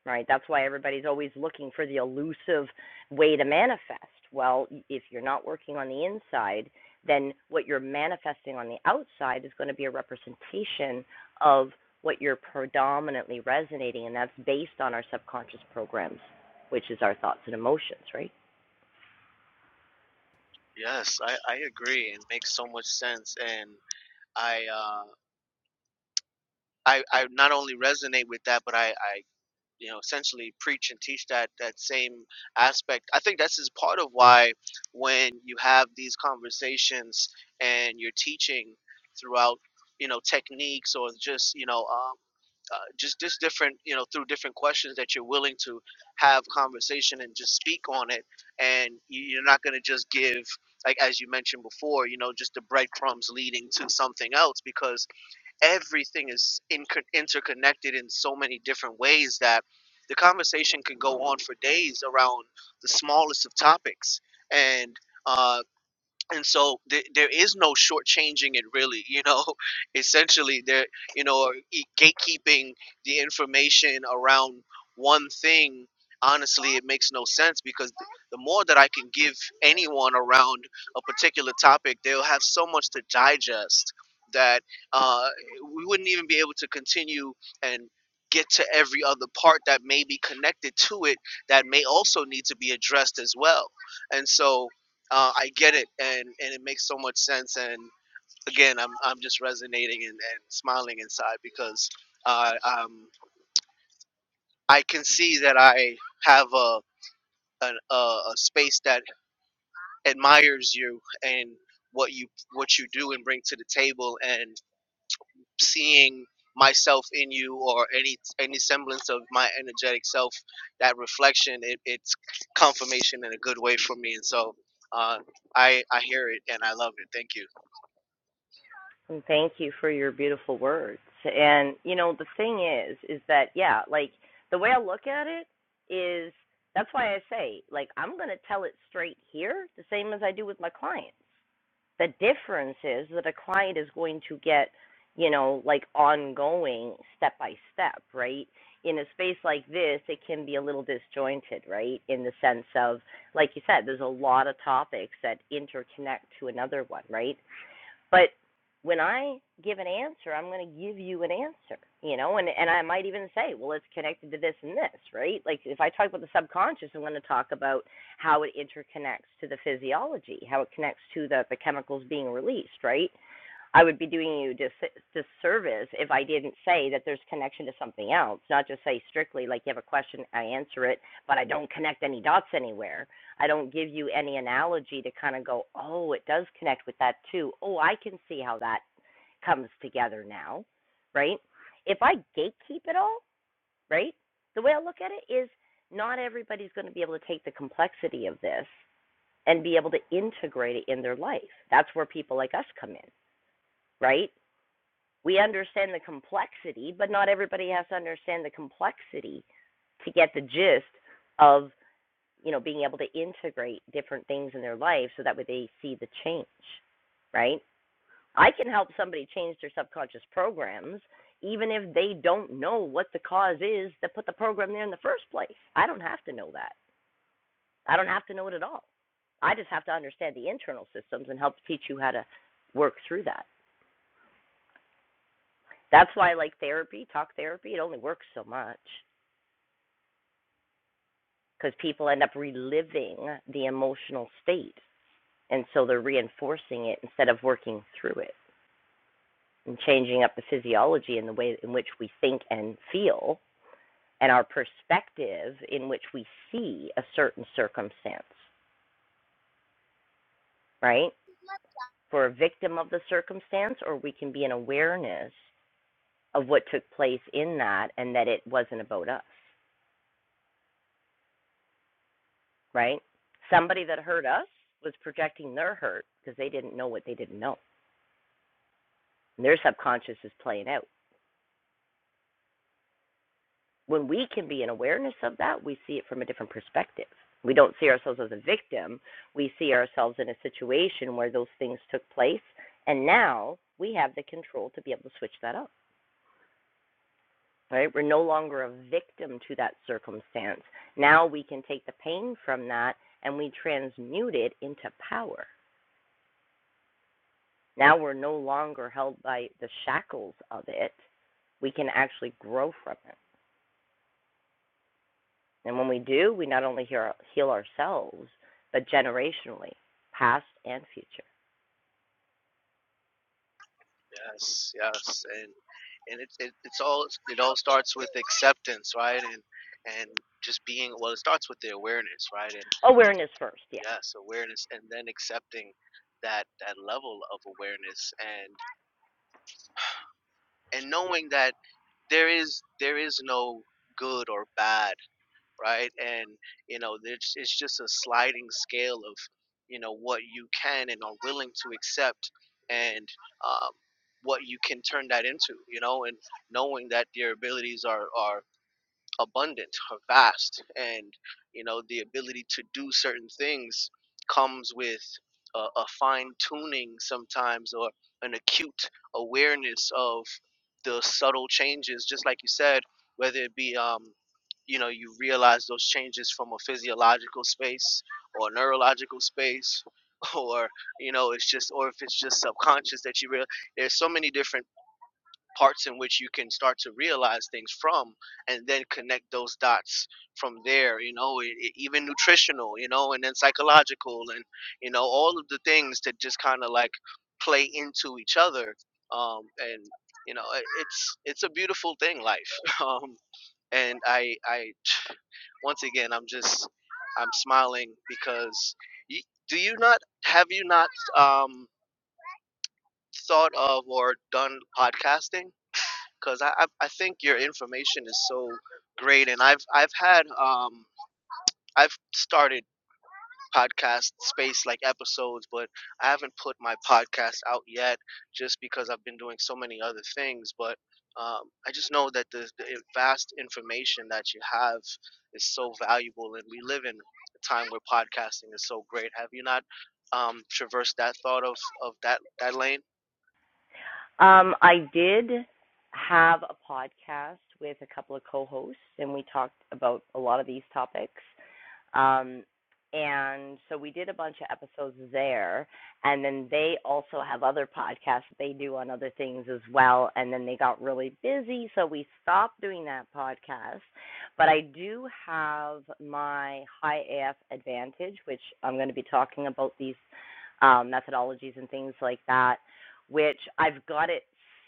A: right? That's why everybody's always looking for the elusive way to manifest. Well, if you're not working on the inside, then what you're manifesting on the outside is going to be a representation of what you're predominantly resonating, and that's based on our subconscious programs, which is our thoughts and emotions, right?
J: Yes, I, I agree. It makes so much sense, and I uh, I I not only resonate with that, but I I you know essentially preach and teach that that same aspect. I think that's is part of why when you have these conversations and you're teaching throughout you know techniques or just you know uh, just just different you know through different questions that you're willing to have conversation and just speak on it and you- you're not going to just give like as you mentioned before you know just the breadcrumbs leading to something else because everything is inco- interconnected in so many different ways that the conversation can go on for days around the smallest of topics and uh, and so th- there is no shortchanging it really you know essentially there you know or e- gatekeeping the information around one thing honestly it makes no sense because th- the more that i can give anyone around a particular topic they'll have so much to digest that uh, we wouldn't even be able to continue and get to every other part that may be connected to it that may also need to be addressed as well and so uh, I get it, and and it makes so much sense. And again, I'm I'm just resonating and, and smiling inside because uh, um, I can see that I have a, a a a space that admires you and what you what you do and bring to the table, and seeing myself in you or any any semblance of my energetic self that reflection it, it's confirmation in a good way for me and so uh, I I hear it and I love it thank you
A: And thank you for your beautiful words. And you know, the thing is, is that yeah, like the way I look at it is that's why I say, like, I'm gonna tell it straight here, the same as I do with my clients. The difference is that a client is going to get, you know, like ongoing step by step, right? In a space like this, it can be a little disjointed, right? In the sense of, like you said, there's a lot of topics that interconnect to another one, right? But when I give an answer, I'm going to give you an answer, you know, and and I might even say, well, it's connected to this and this, right? Like if I talk about the subconscious, I'm going to talk about how it interconnects to the physiology, how it connects to the the chemicals being released, right? I would be doing you dis- disservice if I didn't say that there's connection to something else, not just say strictly like you have a question, I answer it, but I don't connect any dots anywhere. I don't give you any analogy to kind of go, oh, it does connect with that too. Oh, I can see how that comes together now, right? If I gatekeep it all, right? The way I look at it is not everybody's going to be able to take the complexity of this and be able to integrate it in their life. That's where people like us come in, right? we understand the complexity, but not everybody has to understand the complexity to get the gist of you know being able to integrate different things in their life so that way they see the change, right? I can help somebody change their subconscious programs even if they don't know what the cause is that put the program there in the first place. I don't have to know that. I don't have to know it at all. I just have to understand the internal systems and help teach you how to work through that. That's why I like therapy, talk therapy. It only works so much because people end up reliving the emotional state. And so they're reinforcing it instead of working through it and changing up the physiology and the way in which we think and feel and our perspective in which we see a certain circumstance, right? For a victim of the circumstance, or we can be an awareness of what took place in that and that it wasn't about us. right? Somebody that hurt us was projecting their hurt because they didn't know what they didn't know. And their subconscious is playing out. When we can be in awareness of that, we see it from a different perspective. We don't see ourselves as a victim. We see ourselves in a situation where those things took place. And now we have the control to be able to switch that up, right? We're no longer a victim to that circumstance. Now we can take the pain from that and we transmute it into power. Now we're no longer held by the shackles of it. We can actually grow from it. And when we do, we not only heal ourselves, but generationally, past and future.
J: Yes, yes, and and it, it it's all it all starts with acceptance, right? And and just being well, it starts with the awareness, right? And
A: Awareness first, yes.
J: yes, awareness, and then accepting that that level of awareness, and and knowing that there is there is no good or bad right? And you know, it's it's just a sliding scale of you know what you can and are willing to accept, and um, what you can turn that into, you know, and knowing that your abilities are are abundant or vast and you know the ability to do certain things comes with a, a fine tuning sometimes or an acute awareness of the subtle changes just like you said whether it be um you know you realize those changes from a physiological space or a neurological space or you know it's just or if it's just subconscious that you real there's so many different parts in which you can start to realize things from and then connect those dots from there you know it, it- even nutritional you know and then psychological and you know all of the things that just kind of like play into each other um and you know it, it's it's a beautiful thing life um and i i once again i'm just i'm smiling because you, do you not have you not um thought of or done podcasting because I, I I think your information so great, and I've I've had um I've started podcast space like episodes, but I haven't put my podcast out yet just because I've been doing so many other things. But um, I just know that the, the vast information that you have is so valuable, and we live in a time where podcasting is so great. Have you not um, traversed that thought of of that that lane?
A: Um, I did have a podcast with a couple of co hosts, and we talked about a lot of these topics. Um, and so we did a bunch of episodes there. And then they also have other podcasts that they do on other things as well. And then they got really busy, so we stopped doing that podcast. But I do have my high AF advantage, which I'm going to be talking about these um, methodologies and things like that which I've got it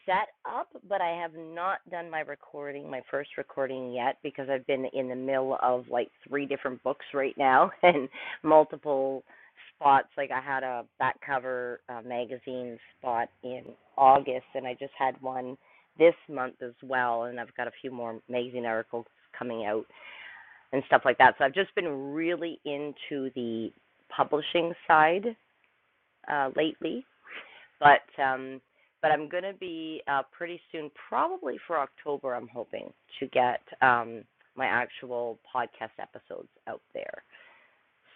A: set up, but I have not done my recording, my first recording yet, because I've been in the middle of like three different books right now and multiple spots. Like I had a back cover uh, magazine spot in August, and I just had one this month as well, and I've got a few more magazine articles coming out and stuff like that. So I've just been really into the publishing side uh, lately but um but I'm going to be uh pretty soon probably for October I'm hoping to get um my actual podcast episodes out there.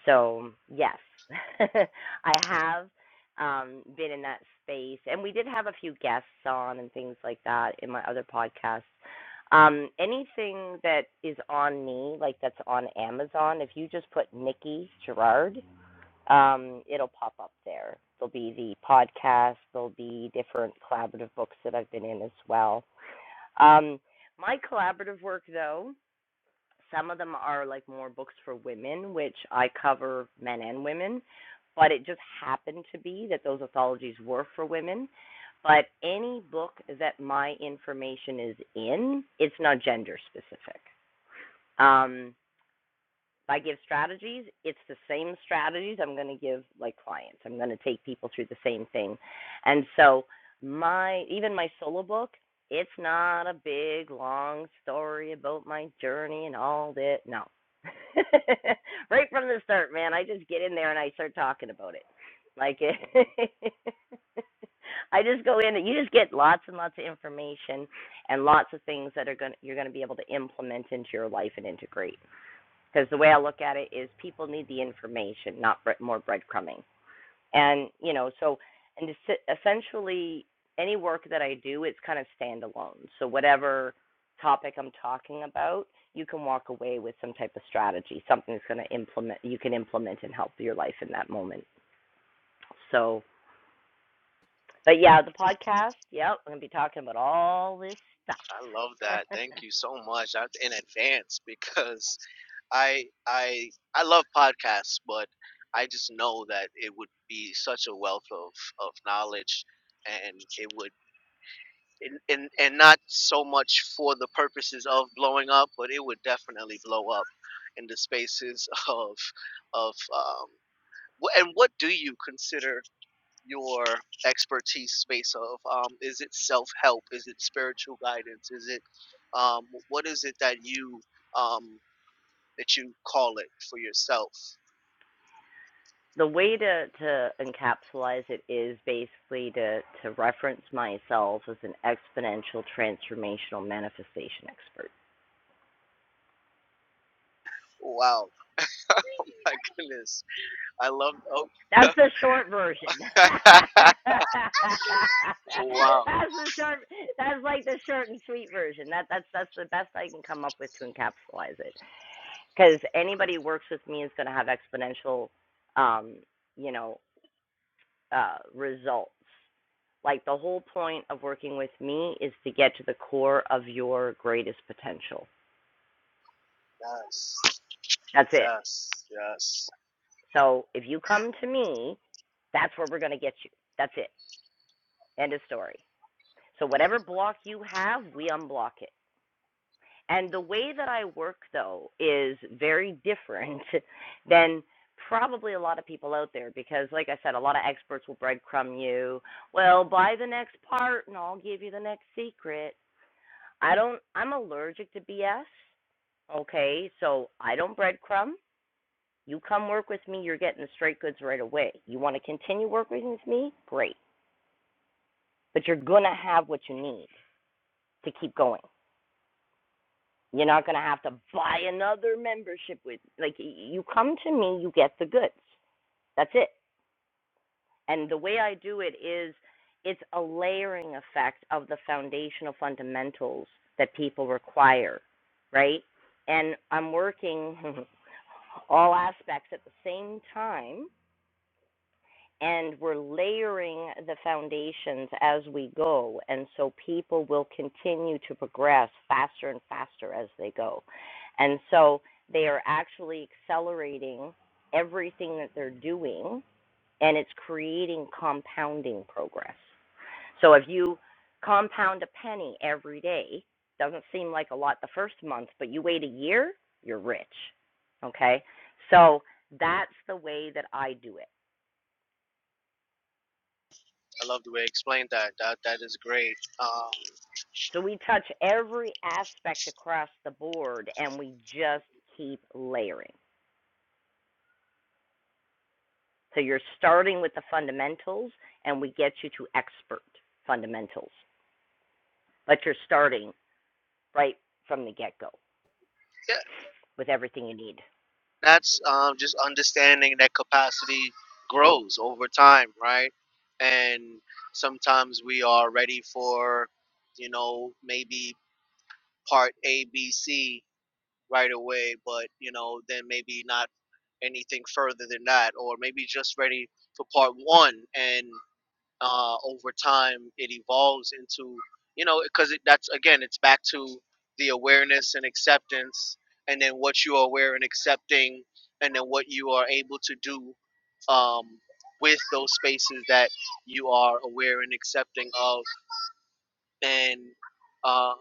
A: So, yes. I have um been in that space and we did have a few guests on and things like that in my other podcasts. Um anything that is on me, like that's on Amazon, if you just put Nikki Gerard um, it'll pop up there. There'll be the podcast, there'll be different collaborative books that I've been in as well. Um, my collaborative work, though, some of them are like more books for women, which I cover men and women, but it just happened to be that those anthologies were for women. But any book that my information is in, it's not gender specific. Um, if I give strategies. It's the same strategies I'm going to give like clients. I'm going to take people through the same thing. And so my even my solo book, it's not a big long story about my journey and all that. No. right from the start, man, I just get in there and I start talking about it. Like I just go in and you just get lots and lots of information and lots of things that are going to you're going to be able to implement into your life and integrate. Because the way I look at it is people need the information, not bre- more breadcrumbing. And, you know, so, and essentially any work that I do, it's kind of standalone. So, whatever topic I'm talking about, you can walk away with some type of strategy, something that's going to implement, you can implement and help your life in that moment. So, but yeah, the podcast, yep, I'm going to be talking about all this
J: I love
A: stuff.
J: that. Thank you so much. That's in advance because I I I love podcasts, but I just know that it would be such a wealth of of knowledge, and it would and and, and not so much for the purposes of blowing up, but it would definitely blow up in the spaces of of um. wh- And what do you consider? your expertise space of? Um, is it self help? Is it spiritual guidance? Is it um, what is it that you um, that you call it for yourself?
A: the way to to encapsulize it is basically to to reference myself as an exponential transformational manifestation expert.
J: Wow, my goodness, I love. Oh,
A: That's the short version. that's
J: wow,
A: the short. That's like the short and sweet version. That that's that's the best I can come up with to encapsulize it. Because anybody who works with me is going to have exponential, um, you know, uh, results. Like the whole point of working with me is to get to the core of your greatest potential.
J: yes,
A: That's it.
J: yes, yes,
A: So if you come to me, that's where we're going to get you. That's it. End of story. So
J: yes.
A: whatever block you have, we unblock it. And the way that I work though is very different than probably a lot of people out there because like I said, a lot of experts will breadcrumb you. Well, buy the next part and I'll give you the next secret. I don't. I'm allergic to BS. Okay, so I don't breadcrumb. You come work with me, you're getting the straight goods right away. You want to continue working with me? Great. But you're going to have what you need to keep going. You're not going to have to buy another membership with like you come to me, you get the goods. That's it. And the way I do it is it's a layering effect of the foundational fundamentals that people require, right? And I'm working all aspects at the same time, and we're layering the foundations as we go. And so people will continue to progress faster and faster as they go. And so they are actually accelerating everything that they're doing and it's creating compounding progress. So if you compound a penny every day, doesn't seem like a lot the first month, but you wait a year, you're rich. Okay? So that's the way that I do it.
J: I love the way you explained that. That that is great. Um,
A: So we touch every aspect across the board and we just keep layering. So you're starting with the fundamentals and we get you to expert fundamentals. But you're starting right from the get go
J: yeah,
A: with everything you need.
J: that's um, just understanding that capacity grows over time, right? And sometimes we are ready for, you know, maybe part A, B, C right away, but, you know, then maybe not anything further than that, or maybe just ready for part one. And uh, over time it evolves into you know because it, that's again it's back to the awareness and acceptance and then what you are aware and accepting and then what you are able to do um, with those spaces that you are aware and accepting of and uh,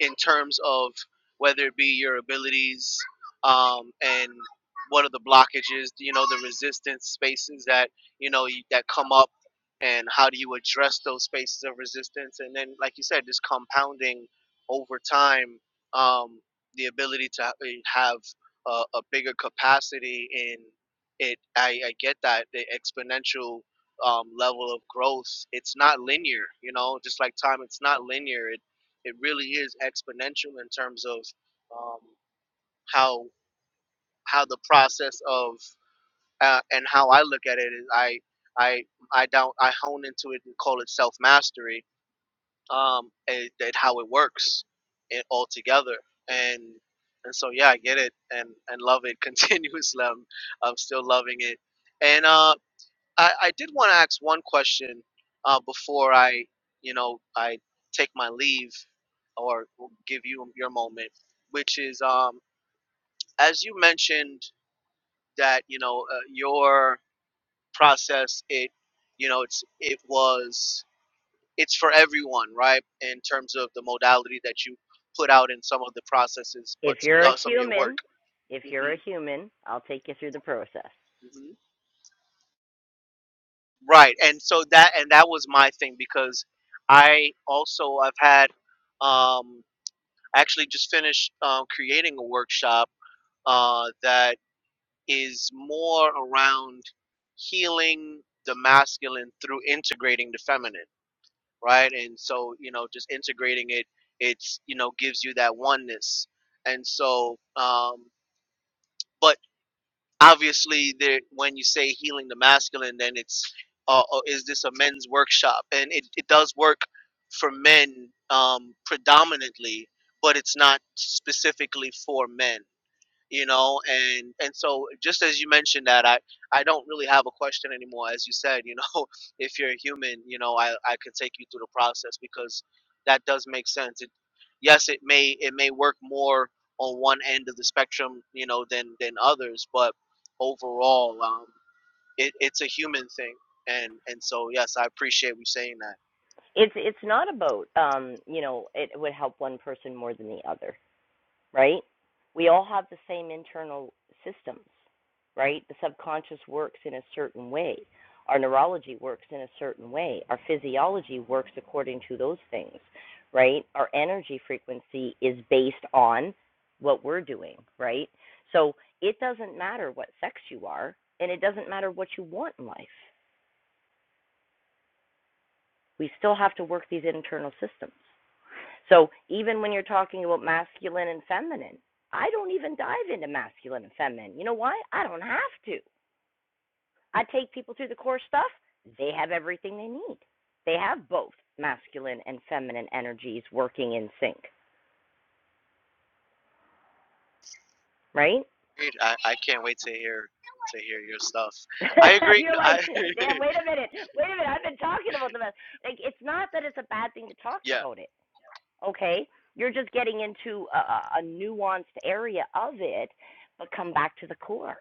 J: in terms of whether it be your abilities um, and what are the blockages, you know, the resistance spaces that you know you, that come up, and how do you address those spaces of resistance? And then, like you said, just compounding over time um, the ability to ha- eh, have a, a bigger capacity in it. I, I get that the exponential um, level of growth. It's not linear, you know, just like time. It's not linear. It, it really is exponential in terms of um, how how the process of uh, and how I look at it is I I I don't I hone into it and call it self mastery um, and, and how it works it altogether and and so yeah I get it and and love it continuously I'm, I'm still loving it and uh I, I did want to ask one question uh, before I, you know, I take my leave or give you your moment, which is um, as you mentioned that you know uh, your process it, you know, it's it was it's for everyone, right? In terms of the modality that you put out in some of the processes, but
A: If you're a
J: uh, some of your work.
A: human, if
J: hmm
A: you're a human, I'll take you through the process.
J: hmm Right, and so that and that was my thing because I also I've had. Um, actually just finished um, creating a workshop uh, that is more around healing the masculine through integrating the feminine, right? And so, you know, just integrating it, it's, you know, gives you that oneness. And so, um, but obviously, there, when you say healing the masculine, then it's, uh, uh, is this a men's workshop? And it, it does work for men um, predominantly, but it's not specifically for men. you know and and so just as you mentioned that i i don't really have a question anymore as you said you know if you're a human you know i i could take you through the process because that does make sense it, yes it may it may work more on one end of the spectrum you know than than others but overall um it, it's a human thing and and so yes i appreciate you saying that
A: It's it's not about um, you know, it would help one person more than the other. right? We all have the same internal systems, right? The subconscious works in a certain way. Our neurology works in a certain way. Our physiology works according to those things, right? Our energy frequency is based on what we're doing, right? So it doesn't matter what sex you are, and it doesn't matter what you want in life. We still have to work these internal systems. So even when you're talking about masculine and feminine, I don't even dive into masculine and feminine. You know why? I don't have to. I take people through the core stuff. They have everything they need. They have both masculine and feminine energies working in sync, right?
J: Agreed. I, I can't wait to hear to hear your stuff i agree
A: you're
J: No,
A: like,
J: i
A: damn, wait a minute, wait a minute, I've been talking about the mas- like it's not that it's a bad thing to talk
J: yeah
A: about it, okay? You're just getting into a a nuanced area of it, but come back to the core,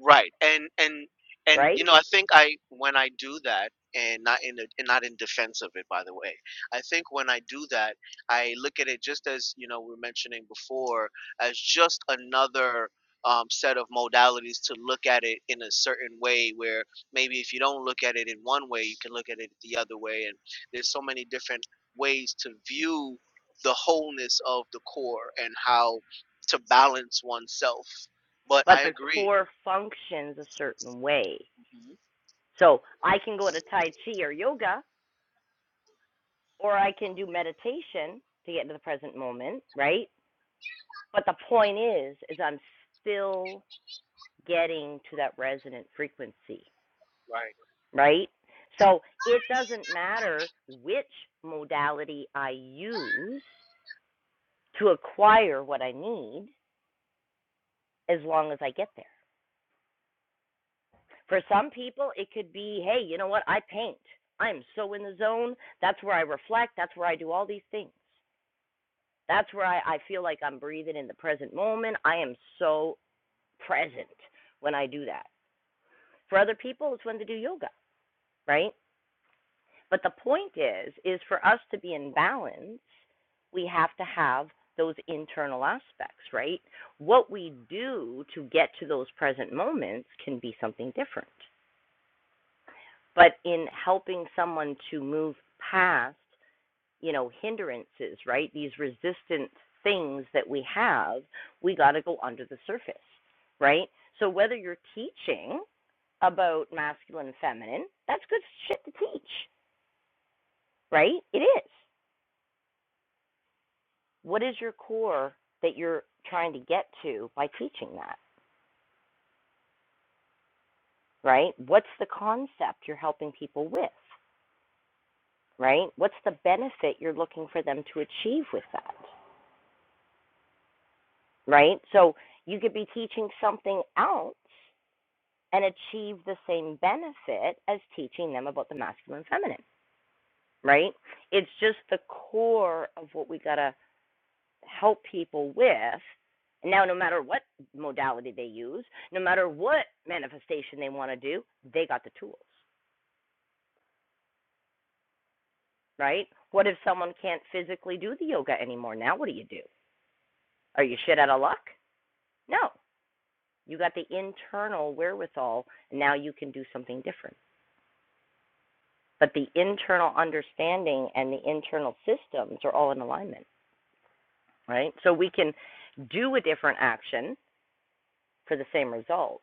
J: Right. And and and
A: right?
J: you know, I think I when I do that and not in a, and not in defense of it by the way. I think when I do that, I look at it just as, you know, we were mentioning before as just another um, set of modalities to look at it in a certain way where maybe if you don't look at it in one way, you can look at it the other way and there's so many different ways to view the wholeness of the core and how to balance oneself. But
A: but
J: I
A: the
J: agree.
A: core functions a certain way. So I can go to Tai Chi or yoga, or I can do meditation to get into the present moment, right? But the point is, is I'm still getting to that resonant frequency,
J: Right.
A: right? So it doesn't matter which modality I use to acquire what I need as long as I get there. For some people, it could be, hey, you know what? I paint. I'm so in the zone. That's where I reflect. That's where I do all these things. That's where I, I feel like I'm breathing in the present moment. I am so present when I do that. For other people, it's when they do yoga, right? But the point is, is for us to be in balance, we have to have those internal aspects, right? What we do to get to those present moments can be something different. but in helping someone to move past, you know, hindrances, right? These resistant things that we have, we got to go under the surface, right? So whether you're teaching about masculine and feminine, that's good shit to teach, right? It is. What is your core that you're trying to get to by teaching that, right? What's the concept you're helping people with, right? What's the benefit you're looking for them to achieve with that? right? So you could be teaching something else and achieve the same benefit as teaching them about the masculine and feminine, right? It's just the core of what we got to help people with. Now, no matter what modality they use, no matter what manifestation they want to do, they got the tools, right? What if someone can't physically do the yoga anymore? Now, what do you do? Are you shit out of luck? No. You got the internal wherewithal. and Now you can do something different. but the internal understanding and the internal systems are all in alignment, right? So we can do a different action for the same result,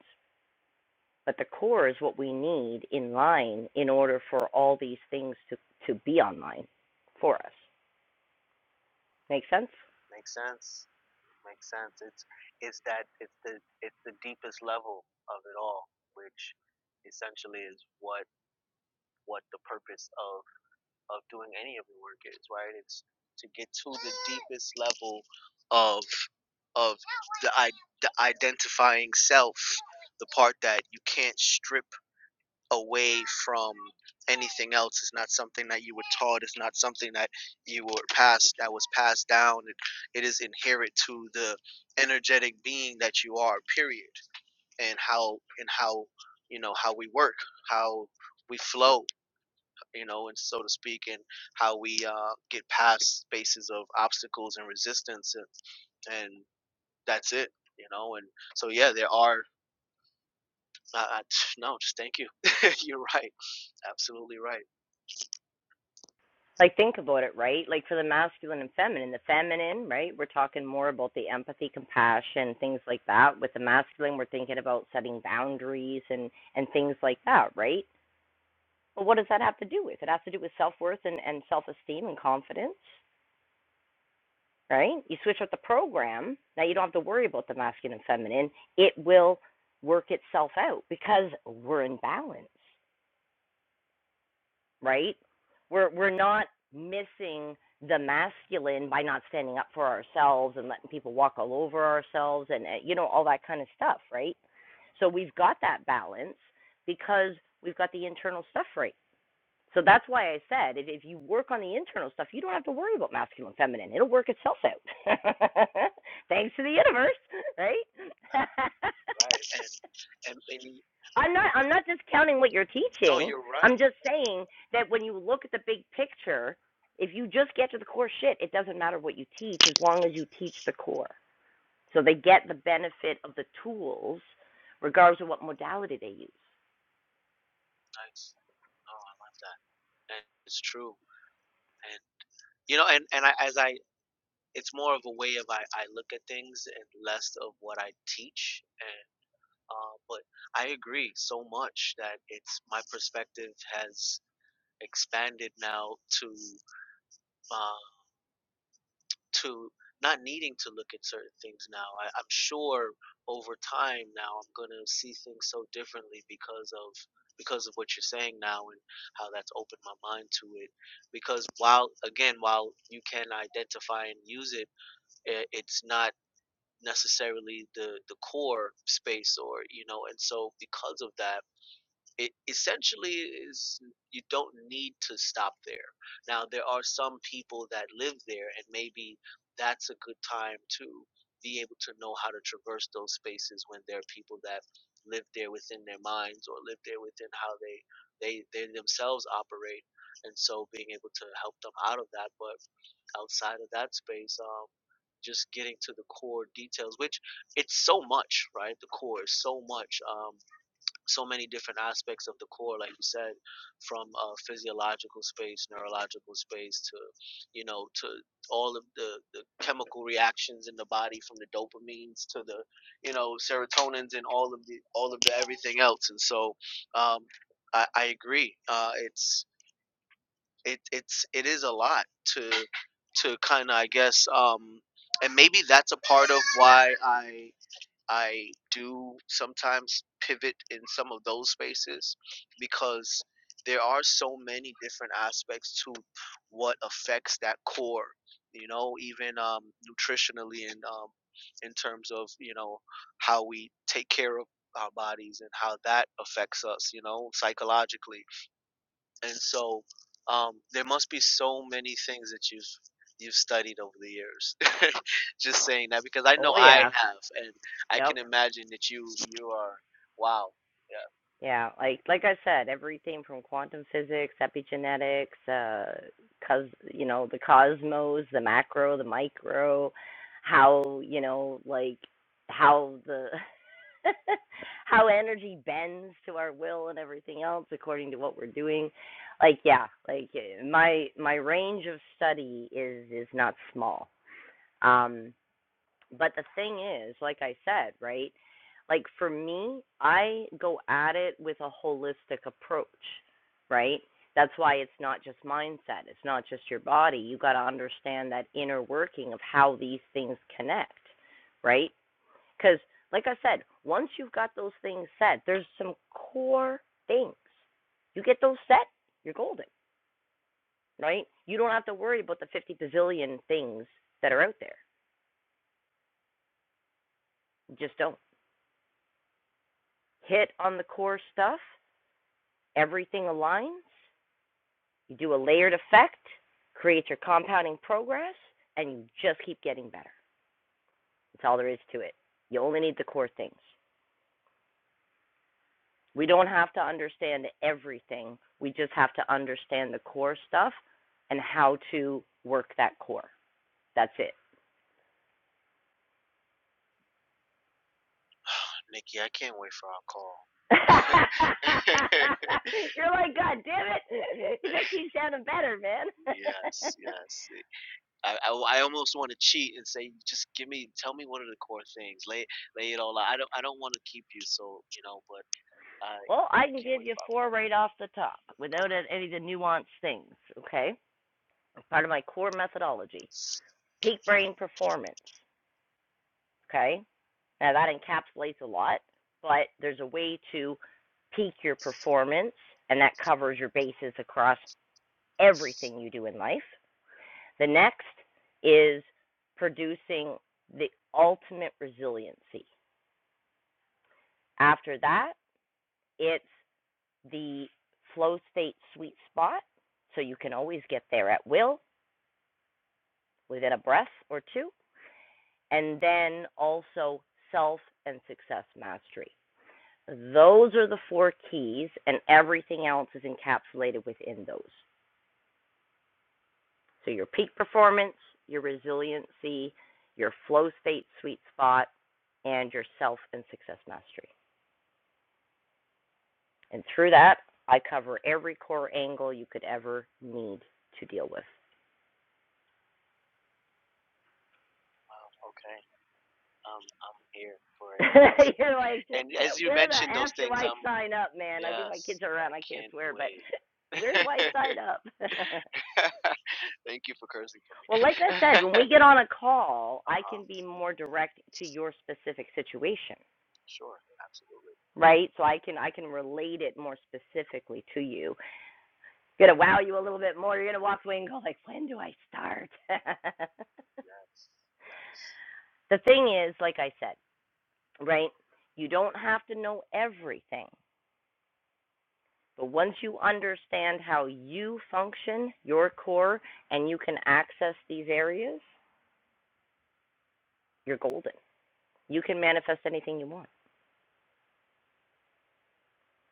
A: but the core is what we need in line in order for all these things to, to be online for us. Make sense?
J: Makes sense. Makes sense. It's it's that it's the it's the deepest level of it all, which essentially is what what the purpose of of doing any of the work is, right? It's to get to the deepest level of of the identifying self, the part that you can't strip away from anything else. It's not something that you were taught. It's not something that you were passed that was passed down. It, it is inherent to the energetic being that you are. Period. And how and how you know how we work, how we flow, you know, and so to speak, and how we uh, get past spaces of obstacles and resistance, and, and that's it, you know. And so yeah, there are. Uh, uh, no, just thank you. You're right. Absolutely right.
A: Like, think about it, right? Like, for the masculine and feminine, the feminine, right? We're talking more about the empathy, compassion, things like that. With the masculine, we're thinking about setting boundaries and, and things like that, right? Well, what does that have to do with? It has to do with self worth and, and self esteem and confidence, right? You switch up the program, now you don't have to worry about the masculine and feminine. It will work itself out because we're in balance, right? We're we're not missing the masculine by not standing up for ourselves and letting people walk all over ourselves and uh, you know all that kind of stuff, right? So we've got that balance because we've got the internal stuff right So that's why I said if, if you work on the internal stuff, you don't have to worry about masculine and feminine. It'll work itself out. Thanks to the universe, right?
J: right? And and, and you,
A: I'm not I'm not discounting what you're
J: no,
A: teaching.
J: you're
A: I'm
J: right.
A: just saying that when you look at the big picture, if you just get to the core shit, it doesn't matter what you teach as long as you teach the core. So they get the benefit of the tools regardless of what modality they use.
J: Nice. Oh, I love that. And it's true. And you know, and and I, as I, it's more of a way of I, I look at things and less of what I teach. And uh, but I agree so much that it's my perspective has expanded now to. uh, to not needing to look at certain things now. I, I'm sure over time now I'm gonna see things so differently because of because of what you're saying now and how that's opened my mind to it. Because while again while you can identify and use it, i it's not necessarily the the core space or you know and so because of that it essentially is you don't need to stop there. Now there are some people that live there and maybe that's a good time to be able to know how to traverse those spaces when there are people that live there within their minds or live there within how they they, they themselves operate and so being able to help them out of that but outside of that space um just getting to the core details which it's so much right the core is so much um so many different aspects of the core, like you said, from uh, physiological space, neurological space, to you know, to all of the, the chemical reactions in the body, from the dopamines to the you know serotonins and all of the all of the everything else. And so, um, I, I agree. Uh, it's it it's it is a lot to to kind of I guess, um, and maybe that's a part of why I I do sometimes pivot in some of those spaces because there are so many different aspects to what affects that core, you know, even um, nutritionally and um, in terms of, you know, how we take care of our bodies and how that affects us, you know, psychologically and so um, there must be so many things that you've you've studied over the years. Just saying that because I know
A: Oh
J: I
A: yeah.
J: have, and I
A: Yep.
J: can imagine that you you are wow, yeah,
A: Yeah, like like I said, everything from quantum physics, epigenetics, uh, cos you know the cosmos, the macro, the micro, how you know like how the how energy bends to our will and everything else according to what we're doing. Like yeah, like eh, my my range of study is is not small. Um, but the thing is, like I said, right? Like for me, I go at it with a holistic approach, right? That's why it's not just mindset, it's not just your body. You got to understand that inner working of how these things connect, right? Cuz like I said, once you've got those things set, there's some core things. You get those set, you're golden, right? You don't have to worry about the 50 bazillion things that are out there. You just don't. hit on the core stuff, everything aligns. You do a layered effect, create your compounding progress, and you just keep getting better. That's all there is to it. You only need the core things. We don't have to understand everything. We just have to understand the core stuff and how to work that core. That's it.
J: Nikki. I can't wait for our call.
A: You're like, God damn it. It just keeps sounding better, man.
J: yes, yes. I, I, I almost want to cheat and say just give me tell me what are the core things. Lay lay it all out. I don't I don't want to keep you so you know, but I
A: Well, I
J: I
A: can
J: can't
A: give
J: wait
A: you
J: for our
A: four
J: call.
A: right off the top without
J: Okay.
A: any of the nuanced things, okay? Part of my core methodology peak brain performance, okay? Now, that encapsulates a lot, but there's a way to peak your performance, and that covers your bases across everything you do in life. The next is producing the ultimate resiliency. After that, it's the flow state sweet spot, so you can always get there at will within a breath or two, and then also self and success mastery. Those are the four keys, and everything else is encapsulated within those. So, your peak performance, your resiliency, your flow state sweet spot, and your self and success mastery. And through that, I cover every core angle you could ever need to deal with.
J: Wow. Okay. I'm I'm here for it. I'm listening.
A: You're like,
J: And as you
A: where the
J: mentioned
A: f
J: those
A: do
J: things,
A: I
J: I'm
A: sign up, man? I think my
J: yes,
A: kids are around.
J: I
A: I can't
J: can't
A: swear, but
J: wait.
A: where do I sign up?
J: Thank you for cursing for me.
A: well, like I said, when we get on a call,
J: uh
A: I
J: huh.
A: can be more direct to your specific situation,
J: Sure. Absolutely.
A: right? So I can I can relate it more specifically to you. Gonna wow you a little bit more. You're gonna walk away and go like, when do I start?
J: Yes. Yes.
A: the thing is, like I said, right? You don't have to know everything. But once you understand how you function, your core, and you can access these areas, you're golden. You can manifest anything you want.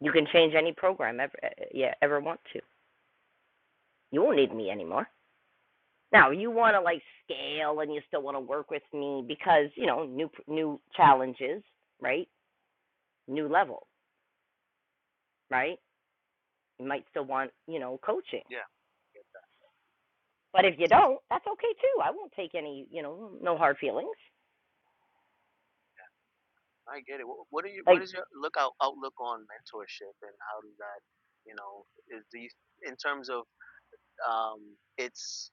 A: You can change any program ever eh, you ever want to. You won't need me anymore. Now, you want to like scale and you still want to work with me because, you know, new new challenges, right? New level, right? You might still want, you know, coaching.
J: Yeah. yeah,
A: But if you don't, that's okay too. I won't take any, you know, no hard feelings.
J: I get it. What, what are you? What
A: Like
J: is your look out outlook on mentorship and how does that? You know, is these in terms of um, its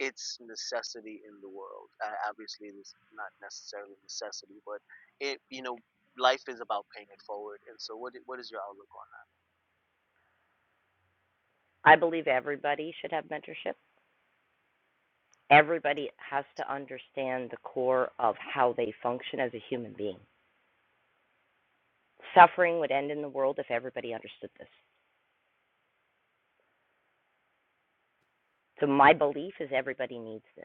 J: its necessity in the world. Uh, obviously, it's not necessarily necessity, but it you know life is about paying it forward. And so, what what is your outlook on that?
A: I believe everybody should have mentorship. everybody has to understand the core of how they function as a human being. Suffering would end in the world if everybody understood this. So my belief is everybody needs this.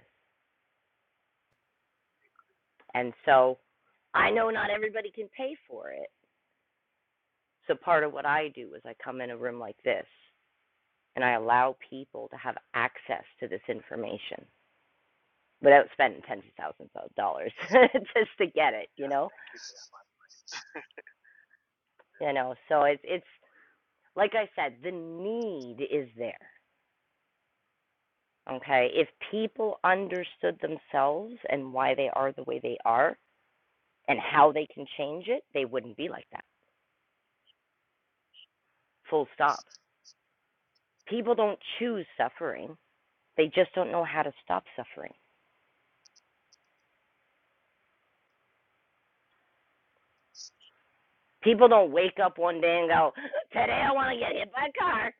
A: And so I know not everybody can pay for it. So part of what I do is I come in a room like this and I allow people to have access to this information without spending tens of thousands of dollars just to get it, you
J: Yeah,
A: know?
J: thank you for that. Man.
A: You know, so it's it's like I said, the need is there. Okay. If people understood themselves and why they are the way they are and how they can change it, they wouldn't be like that. Full stop. People don't choose suffering, they just don't know how to stop suffering. People don't wake up one day and go, Today I want to get hit by a car,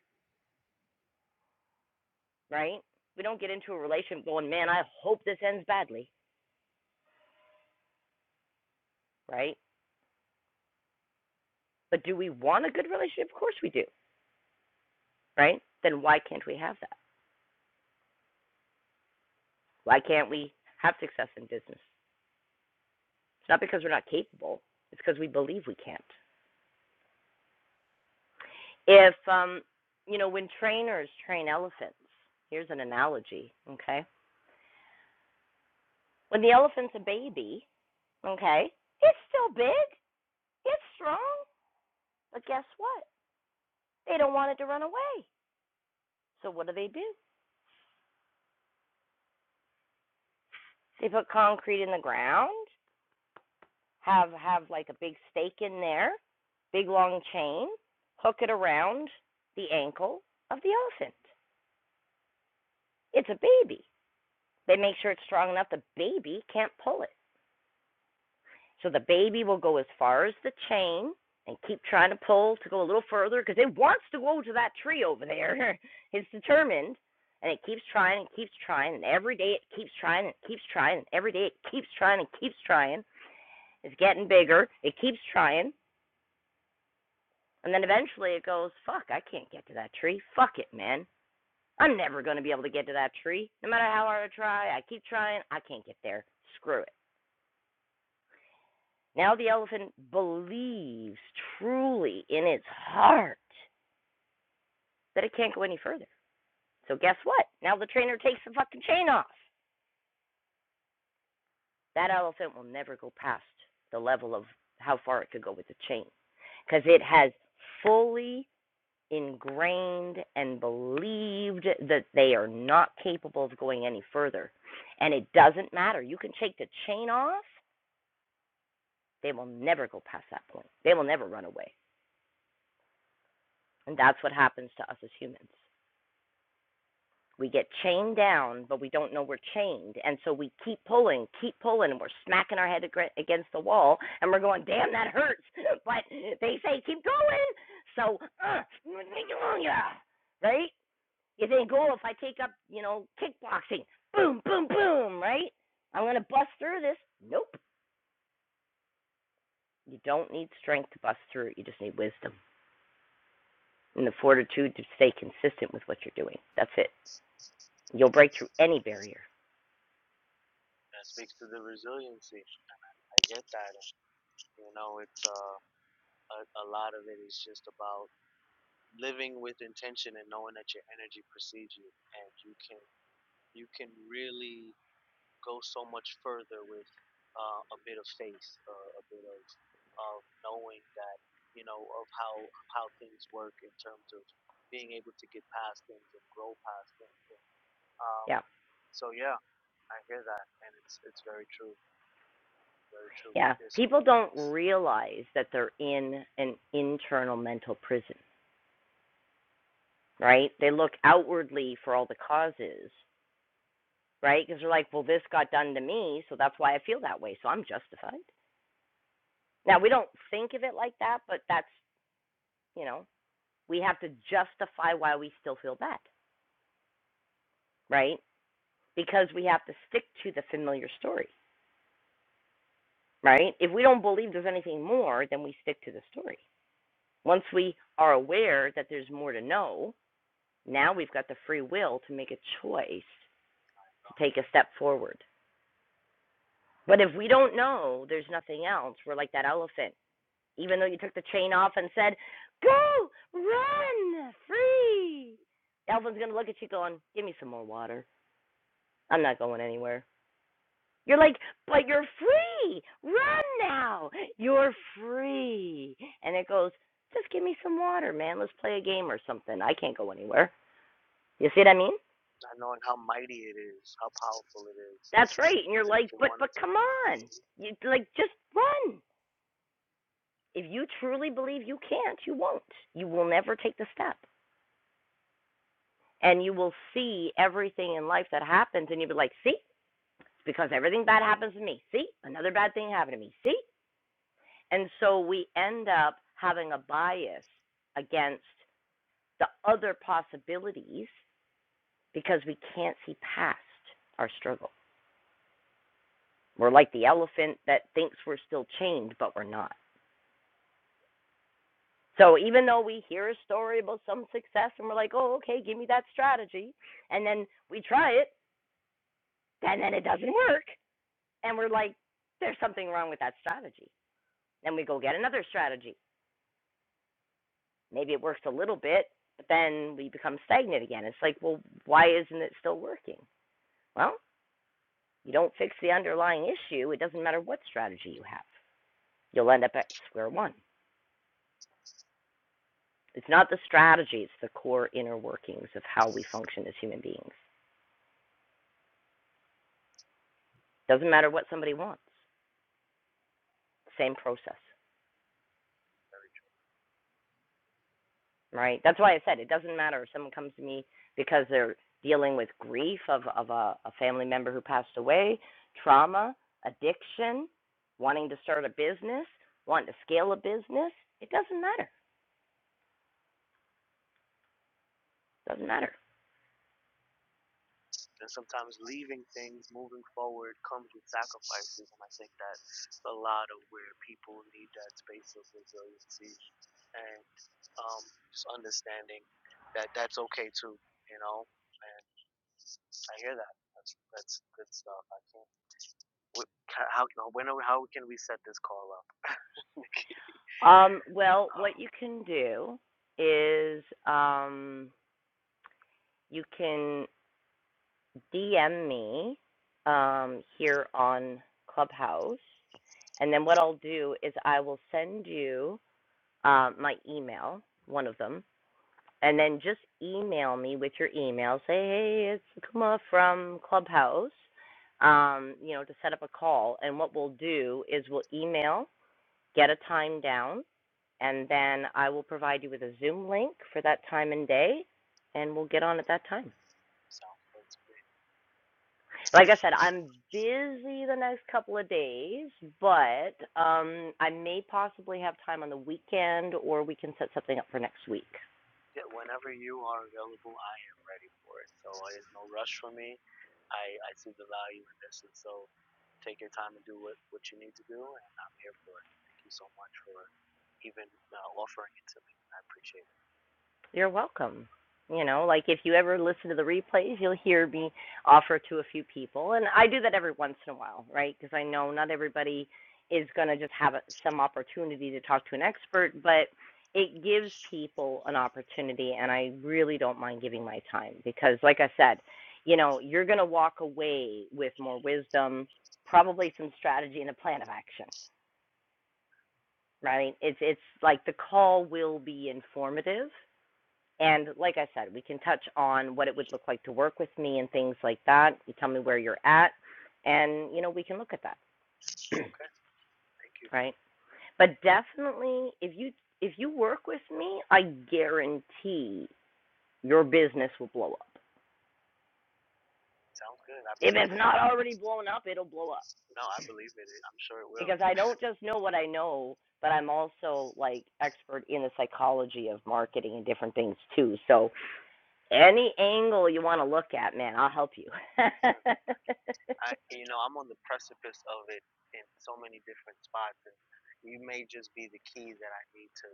A: right? We don't get into a relationship going, Man, I hope this ends badly, right? But do we want a good relationship? Of course we do, right? Then why can't we have that? Why can't we have success in business? It's not because we're not capable, it's because we believe we can't. If, um, you know, when trainers train elephants, here's an analogy, okay? When the elephant's a baby, okay, it's still big, it's strong, but guess what? They don't want it to run away. So what do they do? They put concrete in the ground, have have like a big stake in there, big long chain, hook it around the ankle of the elephant. It's a baby. They make sure it's strong enough the baby can't pull it. So the baby will go as far as the chain and keep trying to pull to go a little further because it wants to go to that tree over there. it's determined. And it keeps trying and keeps trying, and every day it keeps trying and keeps trying, and every day it keeps trying and keeps trying. It's getting bigger. It keeps trying. And then eventually it goes, fuck, I can't get to that tree. Fuck it, man. I'm never going to be able to get to that tree. No matter how hard I try, I keep trying, I can't get there. Screw it. Now the elephant believes truly in its heart that it can't go any further. So guess what? Now the trainer takes the fucking chain off. That elephant will never go past the level of how far it could go with the chain because it has fully ingrained and believed that they are not capable of going any further. And it doesn't matter. You can take the chain off, they will never go past that point. They will never run away. And that's what happens to us as humans. We get chained down, but we don't know we're chained. And so we keep pulling, keep pulling, and we're smacking our head against the wall. And we're going, damn, that hurts. But they say, keep going. So, uh, right? You think, oh, if I take up, you know, kickboxing, boom, boom, boom, right? I'm going to bust through this. Nope. You don't need strength to bust through it. You just need wisdom and the fortitude to stay consistent with what you're doing. That's it. You'll break through any barrier.
J: That speaks to the resiliency. I get that. you know, it's uh, a a lot of it is just about living with intention and knowing that your energy precedes you, and you can you can really go so much further with uh, a bit of faith, uh, a bit of of knowing that you know of how how things work in terms of being able to get past things and grow past things. Um,
A: Yeah.
J: so yeah, I hear that, and it's it's very true, very true. We,
A: Yeah.
J: there's so
A: People
J: many
A: don't
J: limits.
A: realize that they're in an internal mental prison, right? They look outwardly for all the causes, right? Because they're like, well, this got done to me, so that's why I feel that way. So I'm justified. Now, we don't think of it like that, but that's, you know, we have to justify why we still feel bad, right? Because we have to stick to the familiar story, right? If we don't believe there's anything more, then we stick to the story. Once we are aware that there's more to know, Now we've got the free will to make a choice to take a step forward. But if we don't know, there's nothing else. We're like that elephant. Even though you took the chain off and said, Go, run, free. The elephant's going to look at you going, Give me some more water. I'm not going anywhere. You're like, But you're free. Run now. You're free. And it goes, Just give me some water, man. Let's play a game or something. I can't go anywhere. You see what I mean?
J: Not knowing how mighty it is, how powerful it is,
A: That's right. And you're
J: even if
A: like,
J: we
A: but
J: wanted
A: but come
J: to.
A: on. You like just run. If you truly believe you can't, you won't. You will never take the step. And you will see everything in life that happens and you'll be like, see? It's because everything bad happens to me. See? Another bad thing happened to me. See? And so we end up having a bias against the other possibilities because we can't see past our struggle. We're like the elephant that thinks we're still chained, but we're not. So even though we hear a story about some success and we're like, oh, okay, give me that strategy, and then we try it, and then it doesn't work, and we're like, there's something wrong with that strategy. Then we go get another strategy. Maybe it works a little bit, but then we become stagnant again. It's like, well, why isn't it still working? Well, you don't fix the underlying issue. It doesn't matter what strategy you have, you'll end up at square one. It's not the strategy, it's the core inner workings of how we function as human beings. Doesn't matter what somebody wants same process, right? That's why I said it doesn't matter if someone comes to me because they're dealing with grief of of a, a family member who passed away, trauma, addiction, wanting to start a business, wanting to scale a business. It doesn't matter. It Doesn't matter.
J: and sometimes leaving things, moving forward, comes with sacrifices. And I think that's a lot of where people need that space of resiliency and um, just understanding that that's okay too, you know. And I hear that. That's that's good stuff. I can't. What, how when how can we set this call up?
A: Um, well, what
J: Um,
A: you can do is um, you can DM me um, here on Clubhouse, and then what I'll do is I will send you um, my email, one of them, and then just email me with your email. Say, hey, it's Kuma from Clubhouse. Um, you know, to set up a call. And what we'll do is we'll email, get a time down, and then I will provide you with a Zoom link for that time and day, and we'll get on at that time.
J: sounds good. to me.
A: Like I said, I'm busy the next couple of days, but um, I may possibly have time on the weekend, or we can set something up for next week.
J: yeah, whenever you are available, I am ready for it. So uh, there's no rush for me. I, I see the value in this, and so take your time and do what, what you need to do, and I'm here for it. Thank you so much for even uh, offering it to me. I appreciate it.
A: You're welcome. You know, like if you ever listen to the replays, you'll hear me offer to a few people. And I do that every once in a while, right? Because I know not everybody is going to just have a, some opportunity to talk to an expert, but it gives people an opportunity. And I really don't mind giving my time because, like I said, you know, you're going to walk away with more wisdom, probably some strategy and a plan of action, right? It's, it's like the call will be informative and like I said, we can touch on what it would look like to work with me and things like that. You tell me where you're at, and you know we can look at that,
J: Okay, thank you.
A: right? But definitely, if you if you work with me, I guarantee your business will blow up.
J: Sounds good. I
A: If
J: believe
A: it's
J: it.
A: not already blown up, it'll blow up
J: No, I believe it. I'm sure it will.
A: because I don't just know what I know, but I'm also like expert in the psychology of marketing and different things too. So any angle you want to look at, man, I'll help you.
J: Mm. I, you know, I'm on the precipice of it in so many different spots, and you may just be the key that I need to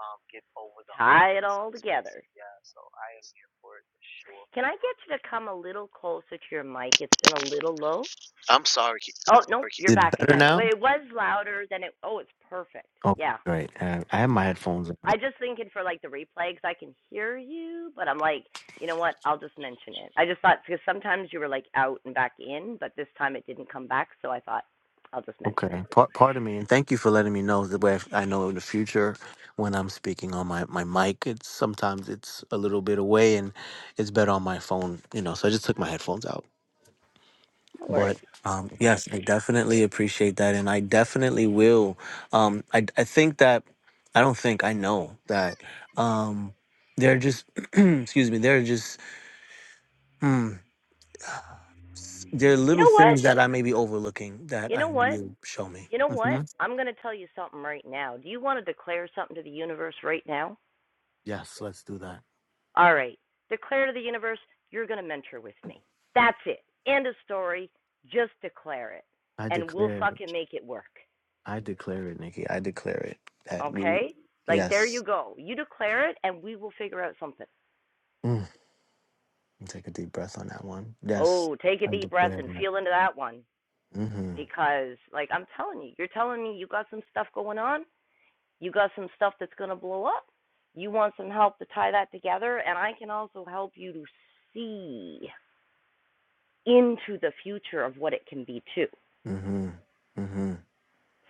J: um, get over the hump
A: tie it
J: in some
A: all together.
J: spaces. Yeah, so I am here for it for sure.
A: Can
J: For
A: I
J: sure.
A: get you to come a little closer to your mic? It's been a little low.
J: I'm sorry.
A: Oh,
J: I'm
A: no,
J: sorry.
A: you're
J: Is it
A: back
J: better
A: again.
J: now?
A: Wait, it was louder than it. Oh, it's perfect.
J: Okay,
A: Yeah.
J: great. Uh, I have my headphones on.
A: I just thinking for like the replay because I can hear you, but I'm like, you know what? I'll just mention it. I just thought because sometimes you were like out and back in, but this time it didn't come back, so I thought I'll just mention it.
J: Okay, part pardon me, and thank you for letting me know the way I know in the future when I'm speaking on my my mic. It's sometimes it's a little bit away, and it's better on my phone. You know, so I just took my headphones out.
A: No
J: But
A: worries.
J: um, yes, I definitely appreciate that, and I definitely will. Um, I I think that I don't think I know that um, they're just excuse me. They're just hmm, there are
A: You
J: little
A: know what?
J: things that I may be overlooking
A: You
J: that I
A: know
J: need
A: what?
J: you to show me.
A: You know what?
J: hmm
A: I'm going to tell you something right now. Do you want to declare something to the universe right now?
J: Yes, let's do that.
A: All right. Declare to the universe, you're going to mentor with me. That's it. End of story. Just declare it,
J: I
A: and we'll
J: declare it.
A: fucking make it work.
J: I declare it, Nikki. I declare it that we.
A: Okay? Like, there you
J: Yes.
A: go. You declare it, and we will figure out something.
J: Mm, take a deep breath on that one. Yes,
A: Oh, take a
J: I
A: deep breath
J: declare
A: and
J: that.
A: feel into that one
J: Mm-hmm.
A: because, like, I'm telling you, you're telling me you got some stuff going on. You got some stuff that's going to blow up. You want some help to tie that together, and I can also help you to see into the future of what it can be, too.
J: Mm-hmm.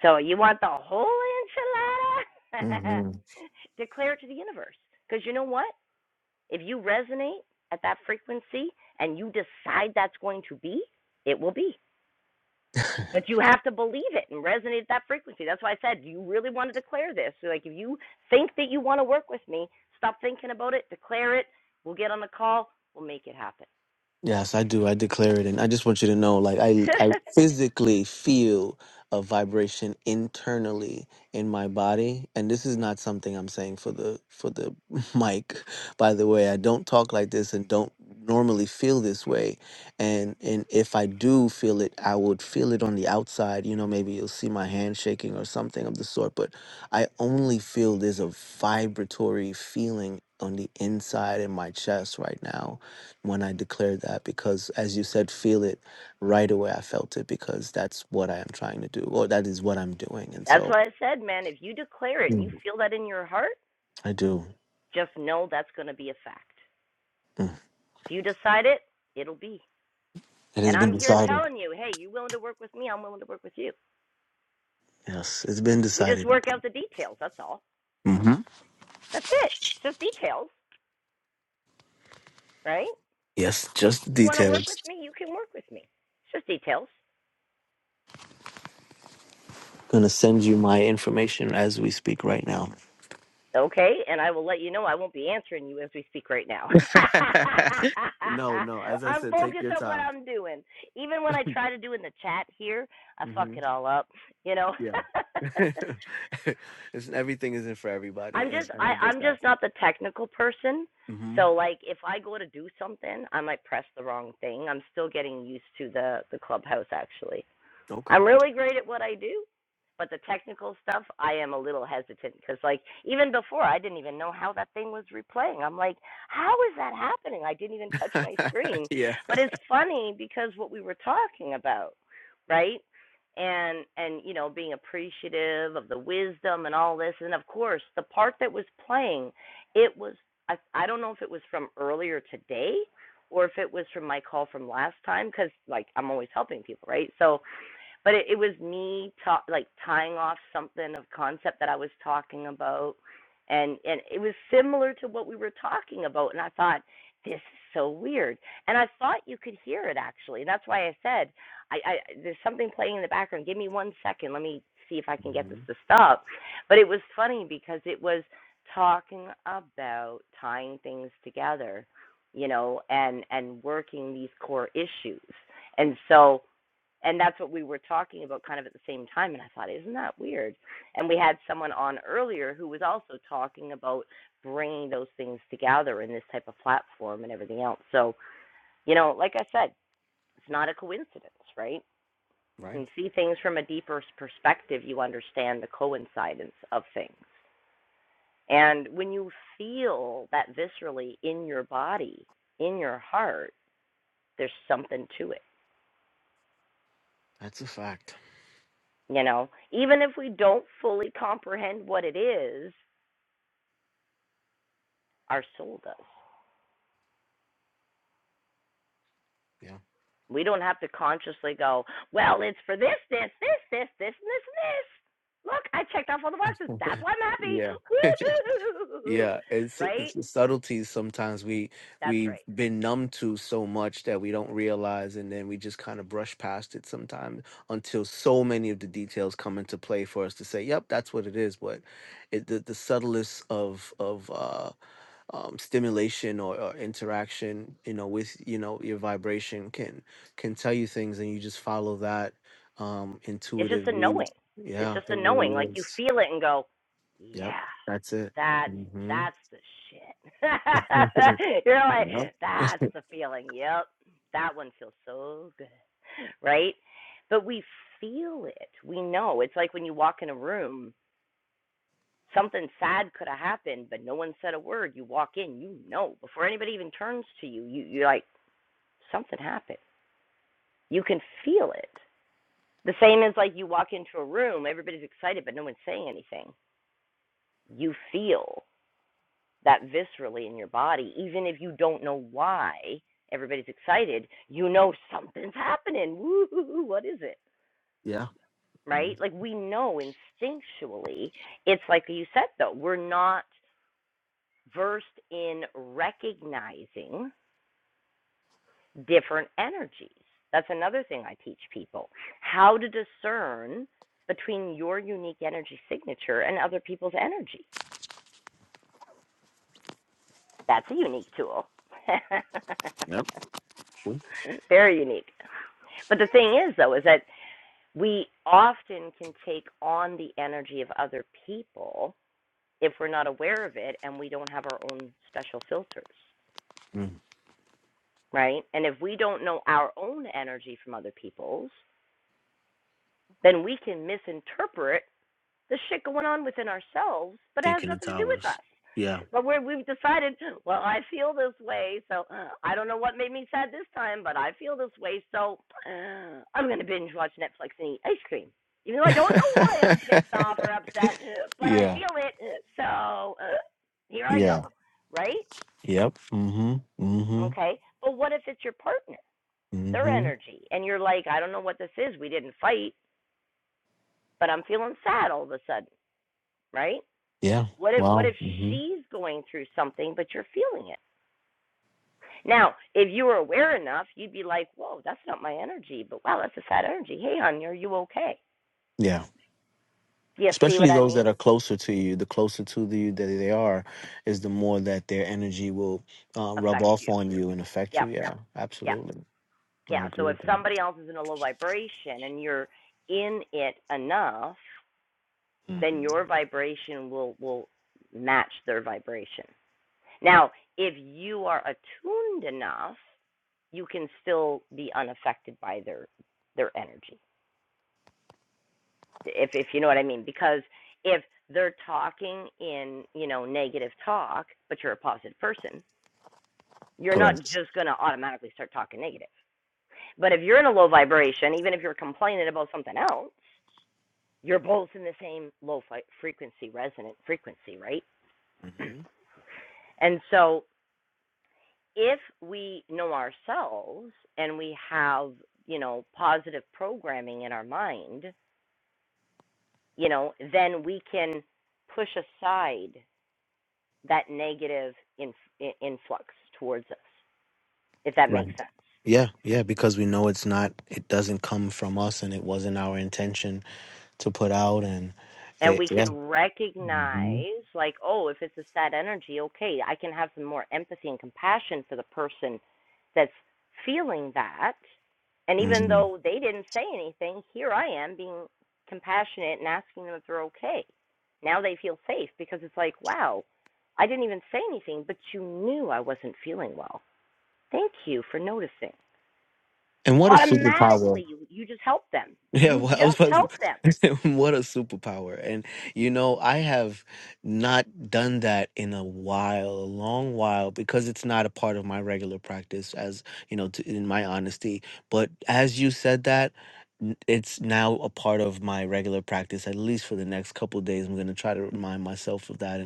A: So you want the whole enchilada?
J: hmm
A: Declare it to the universe. Because you know what? If you resonate at that frequency and you decide that's going to be, it will be. But you have to believe it and resonate at that frequency. That's why I said, do you really want to declare this? So, like, if you think that you want to work with me, stop thinking about it, declare it. We'll get on the call, we'll make it happen.
J: Yes, I do. I declare it, and I just want you to know, like I, I physically feel a vibration internally in my body, and this is not something I'm saying for the for the mic. By the way, I don't talk like this, and don't normally feel this way, and and if I do feel it, I would feel it on the outside. You know, maybe you'll see my hand shaking or something of the sort, but I only feel there's a vibratory feeling on the inside in my chest right now when I declared that because, as you said, feel it right away. I felt it because that's what I am trying to do, or that is what I'm doing. And
A: that's
J: so
A: why I said, man, if you declare it and you
J: Mm.
A: feel that in your heart,
J: I do.
A: just know that's going to be a fact.
J: Mm.
A: If you decide it, it'll be.
J: It has
A: And
J: been
A: I'm here
J: decided.
A: telling you, hey, you willing to work with me? I'm willing to work with you.
J: Yes, it's been
A: We just
J: decided.
A: work out the details. That's all.
J: hmm
A: That's it. It's just details, right?
J: Yes, just the
A: You want to work
J: details.
A: with me? You can work with me. It's just details.
J: Gonna send you my information as we speak right now.
A: Okay, and I will let you know I won't be answering you as we speak right now.
J: no, no. As I
A: I'm
J: said, take
A: focused
J: your
A: on what
J: time.
A: I'm doing. Even when I try to do in the chat here, I fuck
J: hmm
A: it all up, you know.
J: Yeah. it's, everything isn't for everybody,
A: I'm
J: and,
A: just
J: and
A: I
J: I get
A: I'm
J: that.
A: just not the technical person.
J: hmm
A: So like if I go to do something, I might press the wrong thing. I'm still getting used to the the clubhouse actually.
J: Okay.
A: I'm really great at what I do, but the technical stuff, I am a little hesitant because, like, even before, I didn't even know how that thing was replaying. I'm like, how is that happening? I didn't even touch my screen.
J: yeah.
A: But it's funny because what we were talking about, right? And and you know being appreciative of the wisdom and all this, and of course the part that was playing, it was I, I don't know if it was from earlier today, or if it was from my call from last time, because like I'm always helping people, right? So but it, it was me ta- like tying off something of concept that I was talking about, and and it was similar to what we were talking about, and I thought this is so weird, and I thought you could hear it actually, and that's why I said I, I there's something playing in the background. Give me one second, let me see if I can get this to stop, but it was funny because it was talking about tying things together, you know, and and working these core issues, and so and that's what we were talking about kind of at the same time and i thought isn't that weird and we had someone on earlier who was also talking about bringing those things together in this type of platform and everything else so you know like i said it's not a coincidence right
J: Right.
A: and see things from a deeper perspective you understand the coincidence of things and when you feel that viscerally in your body in your heart there's something to it
J: That's a fact.
A: you know even if we don't fully comprehend what it is Our soul does.
J: Yeah.
A: We don't have to consciously go, well, it's for this, this, this, this, this, and this, and this. Look, I checked off all the boxes. That's why I'm happy.
J: yeah.
A: Woo!
J: Yeah, it's it's
A: Right?
J: the subtleties sometimes we
A: That's
J: we've
A: right.
J: been numb to so much that we don't realize, and then we just kind of brush past it sometimes until so many of the details come into play for us to say, "Yep, that's what it is." But it, the the subtlest of of uh, um, stimulation or, or interaction, you know, with you know your vibration can can tell you things, and you just follow that um,
A: It's just
J: intuitive
A: a
J: lead.
A: knowing. It's
J: Yeah,
A: just
J: it
A: a
J: really
A: knowing. Like you
J: is.
A: feel it and go,
J: Yep,
A: yeah,
J: that's it.
A: that's
J: hmm
A: that's the shit. You're like,
J: Yep.
A: that's the feeling. Yep, that one feels so good, right? But we feel it. We know. It's like when you walk in a room Something sad could have happened, but no one said a word. You walk in, you know, before anybody even turns to you, you you're like, something happened. You can feel it. The same as like you walk into a room, everybody's excited, but no one's saying anything. You feel that viscerally in your body, even if you don't know why everybody's excited, you know something's happening. Woo, what is it?
J: Yeah.
A: Right?
J: Mm,
A: Like we know instinctually. It's like you said though, we're not versed in recognizing different energies. That's another thing I teach people how to discern between your unique energy signature and other people's energy. That's a unique tool.
J: Yep. True.
A: Very unique. But the thing is, though, is that we often can take on the energy of other people if we're not aware of it and we don't have our own special filters,
J: Mm,
A: right? And if we don't know our own energy from other people's, then we can misinterpret the shit going on within ourselves, but it has
J: Thinking it's
A: nothing to do with
J: ours.
A: us.
J: Yeah.
A: But we're, we've decided, well, I feel this way, so uh, I don't know what made me sad this time, but I feel this way, so uh, I'm going to binge watch Netflix and eat ice cream. Even though I don't know why I'm pissed off or upset, but I
J: yeah.
A: feel it, so uh, here I go,
J: Yeah.
A: right?
J: Yep. Mm-hmm. Mm-hmm.
A: Okay, but what if it's your partner, their
J: Mm-hmm.
A: energy, and you're like, I don't know what this is, we didn't fight, but I'm feeling sad all of a sudden, right?
J: Yeah.
A: What if what
J: Wow.
A: if
J: Mm-hmm.
A: she's going through something but you're feeling it? Now, if you were aware enough, you'd be like, Whoa, that's not my energy, but wow, that's a sad energy. Hey honey, are you okay?
J: Yeah.
A: Do you see what
J: Especially
A: I
J: those that
A: mean?
J: are closer to you, the closer to you that they are, is the more that their energy will uh, rub
A: Affect
J: off
A: you.
J: on you and affect
A: Yep.
J: you. Yeah,
A: Yeah.
J: absolutely. I
A: Yeah.
J: agree
A: So if
J: with that.
A: somebody else is in a low vibration and you're in it enough, then
J: hmm
A: your vibration will will match their vibration. Now, if you are attuned enough, you can still be unaffected by their their energy if if you know what I mean. Because if they're talking in you know negative talk, but you're a positive person, you're not
J: Correct.
A: just going to automatically start talking negative. But if you're in a low vibration, even if you're complaining about something else, you're both in the same low frequency, resonant frequency, right? and so if we know ourselves and we have you know positive programming in our mind, you know, then we can push aside that negative in, in, influx towards us, if that makes
J: Right.
A: sense.
J: Yeah, yeah, because we know it's not, it doesn't come from us, and it wasn't our intention to put out, and
A: And
J: it,
A: we
J: yeah.
A: can recognize,
J: hmm
A: like, oh, if it's a sad energy, okay, I can have some more empathy and compassion for the person that's feeling that. And even
J: hmm
A: though they didn't say anything, here I am being compassionate and asking them if they're okay. Now they feel safe because it's like, wow, I didn't even say anything, but you knew I wasn't feeling well. Thank you for noticing.
J: And what a superpower!
A: automatically you, you just help them.
J: Yeah,
A: You
J: well, I was
A: just
J: about
A: help them.
J: to- what a superpower. And you know, I have not done that in a while, a long while, because it's not a part of my regular practice as, you know, to, in my honesty. But as you said that, n- it's now a part of my regular practice, at least for the next couple days. I'm going to try to remind myself of that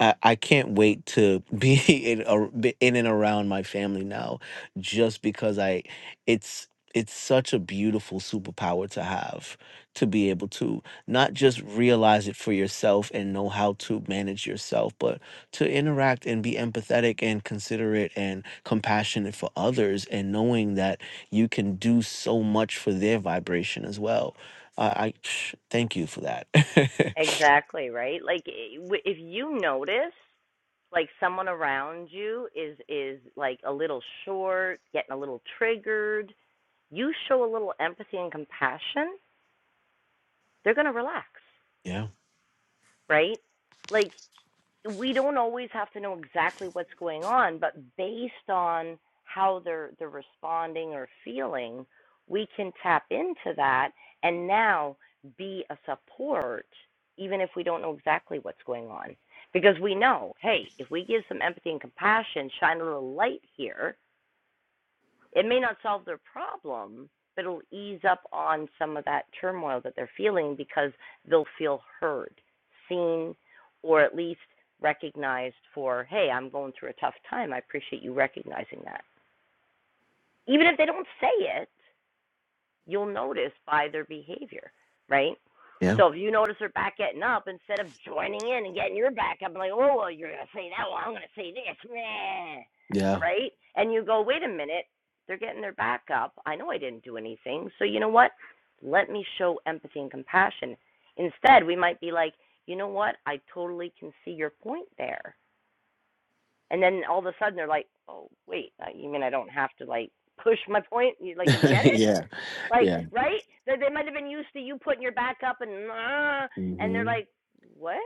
J: I, I can't wait to be in, a, be in and around my family now just because I it's it's such a beautiful superpower to have to be able to not just realize it for yourself and know how to manage yourself but to interact and be empathetic and considerate and compassionate for others and knowing that you can do so much for their vibration as well i, I thank you for that
A: Exactly, right? Like if you notice like someone around you is is like a little short, getting a little triggered, you show a little empathy and compassion, they're going to relax,
J: yeah
A: right? Like we don't always have to know exactly what's going on, but based on how they're they're responding or feeling, we can tap into that and now be a support even if we don't know exactly what's going on. Because we know, hey, if we give some empathy and compassion, shine a little light here, it may not solve their problem, but it'll ease up on some of that turmoil that they're feeling because they'll feel heard, seen, or at least recognized for, hey, I'm going through a tough time. I appreciate you recognizing that. Even if they don't say it, You'll notice by their behavior, right?
J: yeah
A: So if you notice her back getting up, instead of joining in and getting your back up, like, oh, well, you're going to say that, well, I'm going to say this, meh,"
J: yeah
A: right? And you go, wait a minute, they're getting their back up. I know I didn't do anything. So you know what? Let me show empathy and compassion. Instead, we might be like, you know what? I totally can see your point there. And then all of a sudden they're like, oh, wait, uh, you mean I don't have to like push my point? You, like, you get it?
J: yeah
A: Like,
J: Yeah.
A: right? They, they might have been used to you putting your back up and uh, and they're
J: hmm
A: like, what?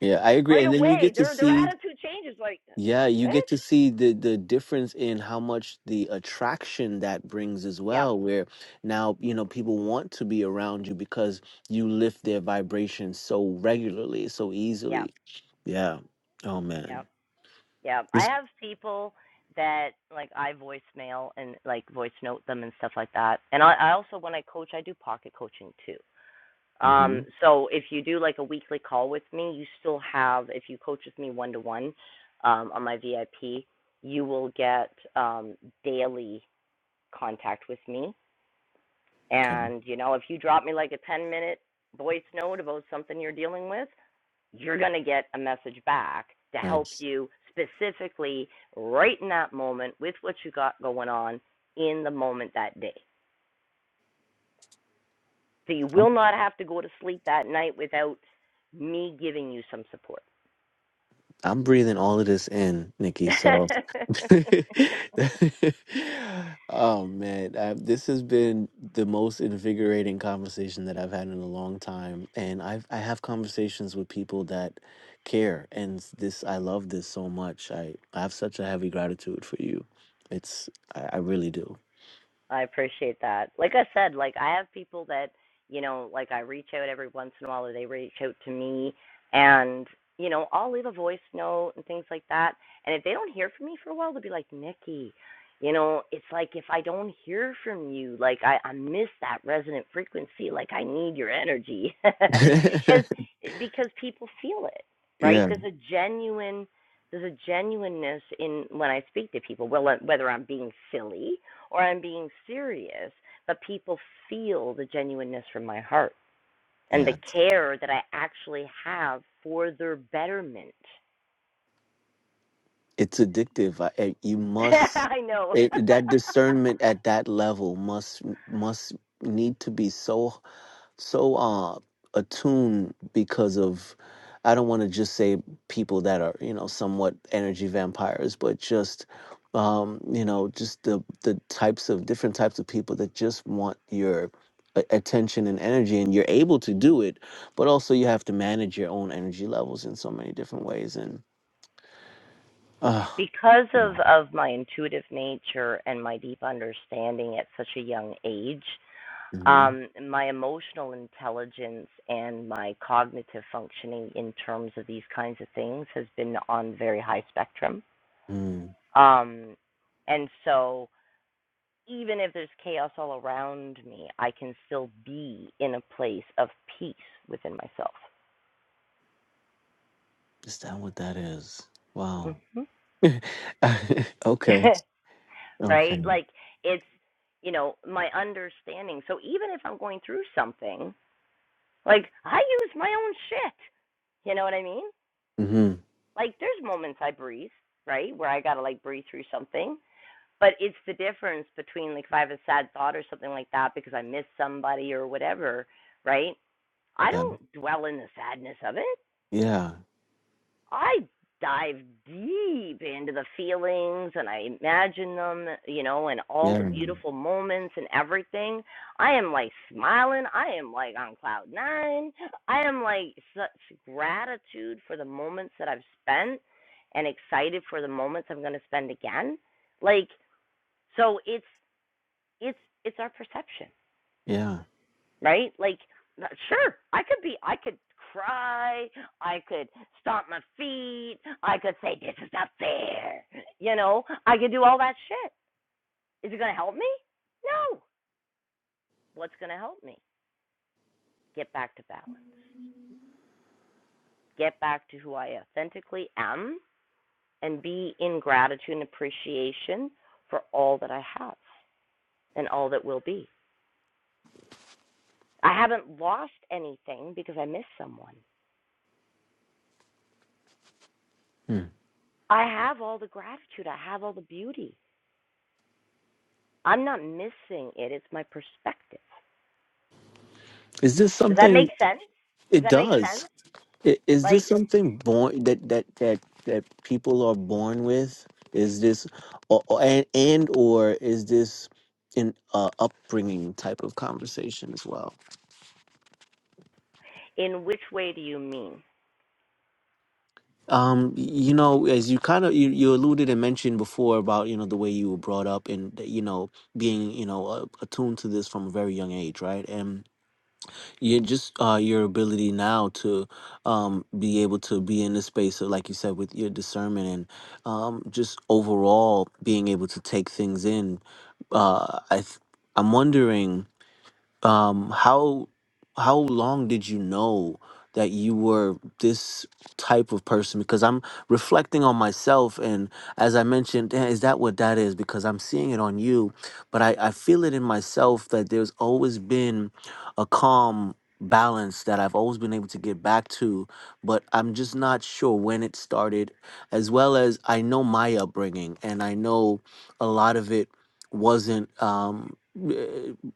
J: Yeah, I agree.
A: Right
J: And then you
A: away,
J: get to
A: their their
J: see,
A: attitude changes. Like, "Uh,
J: yeah, you get
A: what?
J: to see the the difference in how much the attraction that brings as
A: Yep,
J: well, where now, you know, people want to be around you because you lift their vibration so regularly, so
A: yep,
J: easily. Yeah. Oh
A: yep,
J: man.
A: yep. I
J: Yes.
A: have people that like I voicemail and like voice note them and stuff like that. And I, I also when I coach, I do pocket coaching too. Um,
J: hmm
A: so if you do like a weekly call with me, you still have if you coach with me one to one um on my VIP, you will get um daily contact with me.
J: Okay.
A: And, you know, if you drop me like a 10 minute voice note about something you're dealing with, you're going to get a message back to help
J: Nice.
A: you specifically right in that moment with what you got going on in the moment that day. So you
J: I'm
A: will not have to go to sleep that night without me giving you some support.
J: I'm breathing all of this in, Nikki. So Oh man, I, this has been the most invigorating conversation that I've had in a long time, and I've I have conversations with people that care, and s- this I love this so much. I I have such a heavy gratitude for you. It's I, I really do.
A: I appreciate that. Like I said, like I have people that, you know, like I reach out every once in a while or they reach out to me and, you know, I'll leave a voice note and things like that. And if they don't hear from me for a while, they'll be like, Nikki, you know, it's like if I don't hear from you, like I, I miss that resonant frequency. Like I need your energy. Cause, because people feel it, right?
J: Yeah,
A: There's a genuine there's a genuineness in when I speak to people, well, uh, whether I'm being silly or I'm being serious, but people feel the genuineness from my heart and
J: yeah,
A: the
J: it's,
A: care that I actually have for their betterment.
J: it's addictive. I, I- you must
A: I know.
J: it, that discernment at that level must must need to be so so uh attuned because of I don't want to just say people that are, you know, somewhat energy vampires, but just um, you know, just the the types of different types of people that just want your a- attention and energy and you're able to do it, but also you have to manage your own energy levels in so many different ways and uh
A: because of,
J: yeah.
A: of my intuitive nature and my deep understanding at such a young age,
J: mhm,
A: um, my emotional intelligence and my cognitive functioning in terms of these kinds of things has been on very high spectrum.
J: mm,
A: Um, and so, even if there's chaos all around me, I can still be in a place of peace within myself.
J: is that what that is? Wow.
A: hmm
J: okay.
A: right?
J: Okay.
A: Like, it's, you know, my understanding. So, even if I'm going through something, like, I use my own shit. You know what I mean?
J: Mhm.
A: Like there's moments I breathe, right, where I gotta like breathe through something. But it's the difference between like if I have a sad thought or something like that because I miss somebody or whatever, right? I
J: Yeah.
A: don't dwell in the sadness of it.
J: Yeah.
A: I dive deep into the feelings and I imagine them, you know, and all the
J: Yeah,
A: beautiful moments and everything. I am like smiling. I am like on cloud nine. I am like such gratitude for the moments that I've spent and excited for the moments I'm going to spend again. Like, so it's, it's, it's our perception
J: yeah.
A: right? Like, sure, I could be, I could cry, I could stomp my feet, I could say this is not fair, you know, I could do all that shit. Is it going to help me? No. What's going to help me? Get back to balance. Get back to who I authentically am and be in gratitude and appreciation for all that I have and all that will be. I haven't lost anything because I missed someone.
J: Hmm.
A: I have all the gratitude. I have all the beauty. I'm not missing it. It's my perspective.
J: Is this
A: Does that make
J: something
A: sense? Does
J: it
A: that make
J: does?
A: sense?
J: I- Is this
A: Like,
J: something born that that that that people are born with? Is this or, or- and and or is this an uh, upbringing type of conversation as well?
A: in which way do you mean?
J: Um, y- you know, as you kind of you, you alluded and mentioned before about you know the way you were brought up and you know being you know uh, attuned to this from a very young age, right? And you just uh, your ability now to um, be able to be in the space of, like you said, with your discernment and um, just overall being able to take things in. Uh, I th- I'm wondering um how how long did you know that you were this type of person because i'm reflecting on myself and as i mentioned "Damn, is that what that is because i'm seeing it on you but i i feel it in myself that there's always been a calm balance that i've always been able to get back to but i'm just not sure when it started as well as i know my upbringing and i know a lot of it wasn't um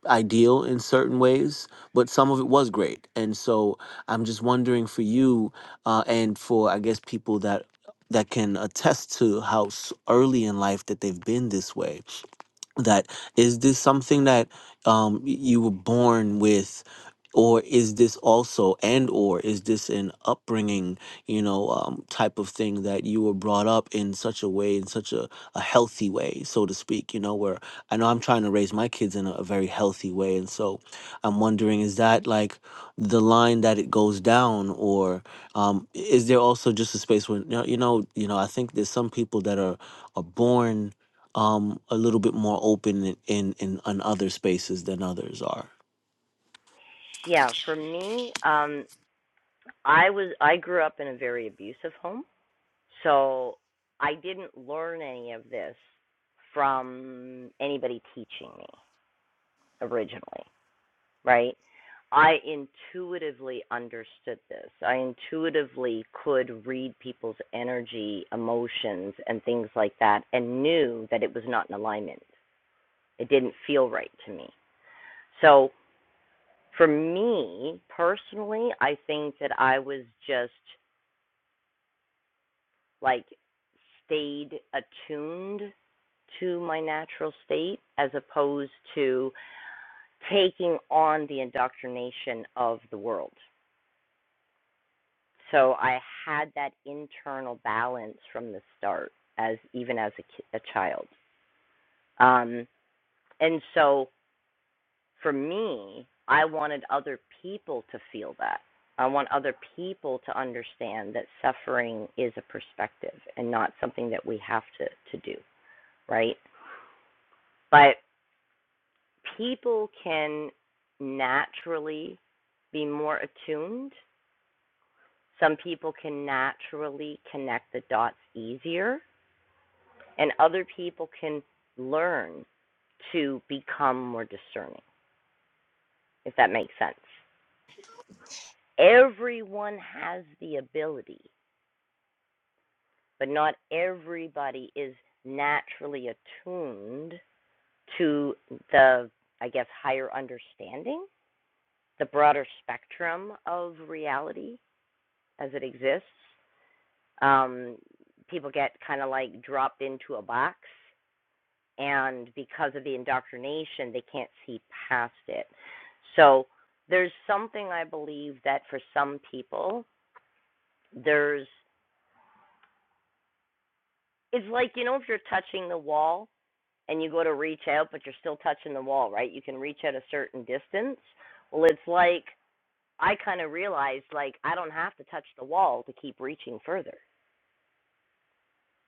J: ideal in certain ways, but some of it was great. And so I'm just wondering for you uh, and for I guess people that that can attest to how s- early in life that they've been this way that is this something that um y- you were born with or is this also and or is this an upbringing you know um, type of thing that you were brought up in such a way in such a, a healthy way so to speak you know where i know i'm trying to raise my kids in a, a very healthy way and so i'm wondering is that like the line that it goes down or um, is there also just a space where you know you know you know, i think there's some people that are are born um a little bit more open in in, in in other spaces than others are
A: Yeah, for me, um, I was I grew up in a very abusive home, so I didn't learn any of this from anybody teaching me originally. right? I intuitively understood this. I intuitively could read people's energy, emotions, and things like that, and knew that it was not in alignment. It didn't feel right to me. So, for me personally, I think that I was just like stayed attuned to my natural state as opposed to taking on the indoctrination of the world So I had that internal balance from the start, as even as a, a child. Um, and so for me, I wanted other people to feel that. I want other people to understand that suffering is a perspective and not something that we have to, to do, right? But people can naturally be more attuned. Some people can naturally connect the dots easier and other people can learn to become more discerning, if that makes sense. Everyone has the ability, but not everybody is naturally attuned to the, I guess, higher understanding, the broader spectrum of reality as it exists. Um, people get kind of like dropped into a box and because of the indoctrination they can't see past it so there's something i believe that for some people there's it's like you know if you're touching the wall and you go to reach out but you're still touching the wall right you can reach at a certain distance well it's like i kind of realized like i don't have to touch the wall to keep reaching further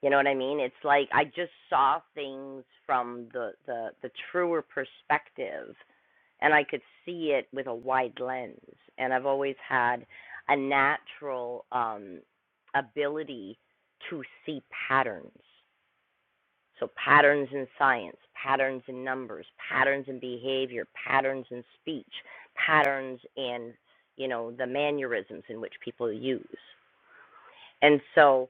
A: you know what i mean it's like i just saw things from the the the truer perspective and I could see it with a wide lens. And I've always had a natural um, ability to see patterns. So, patterns in science, patterns in numbers, patterns in behavior, patterns in speech, patterns in, you know, the mannerisms in which people use. And so,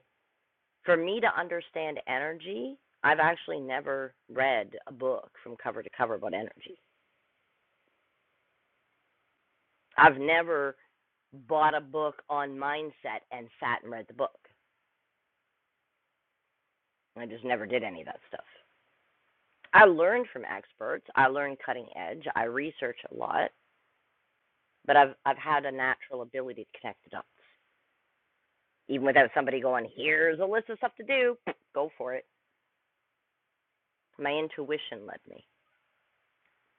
A: for me to understand energy, I've actually never read a book from cover to cover about energy. I've never bought a book on mindset and sat and read the book. I just never did any of that stuff. I learned from experts. I learned cutting edge. I research a lot, but I've I've had a natural ability to connect the dots, even without somebody going, "Here's a list of stuff to do. Go for it." My intuition led me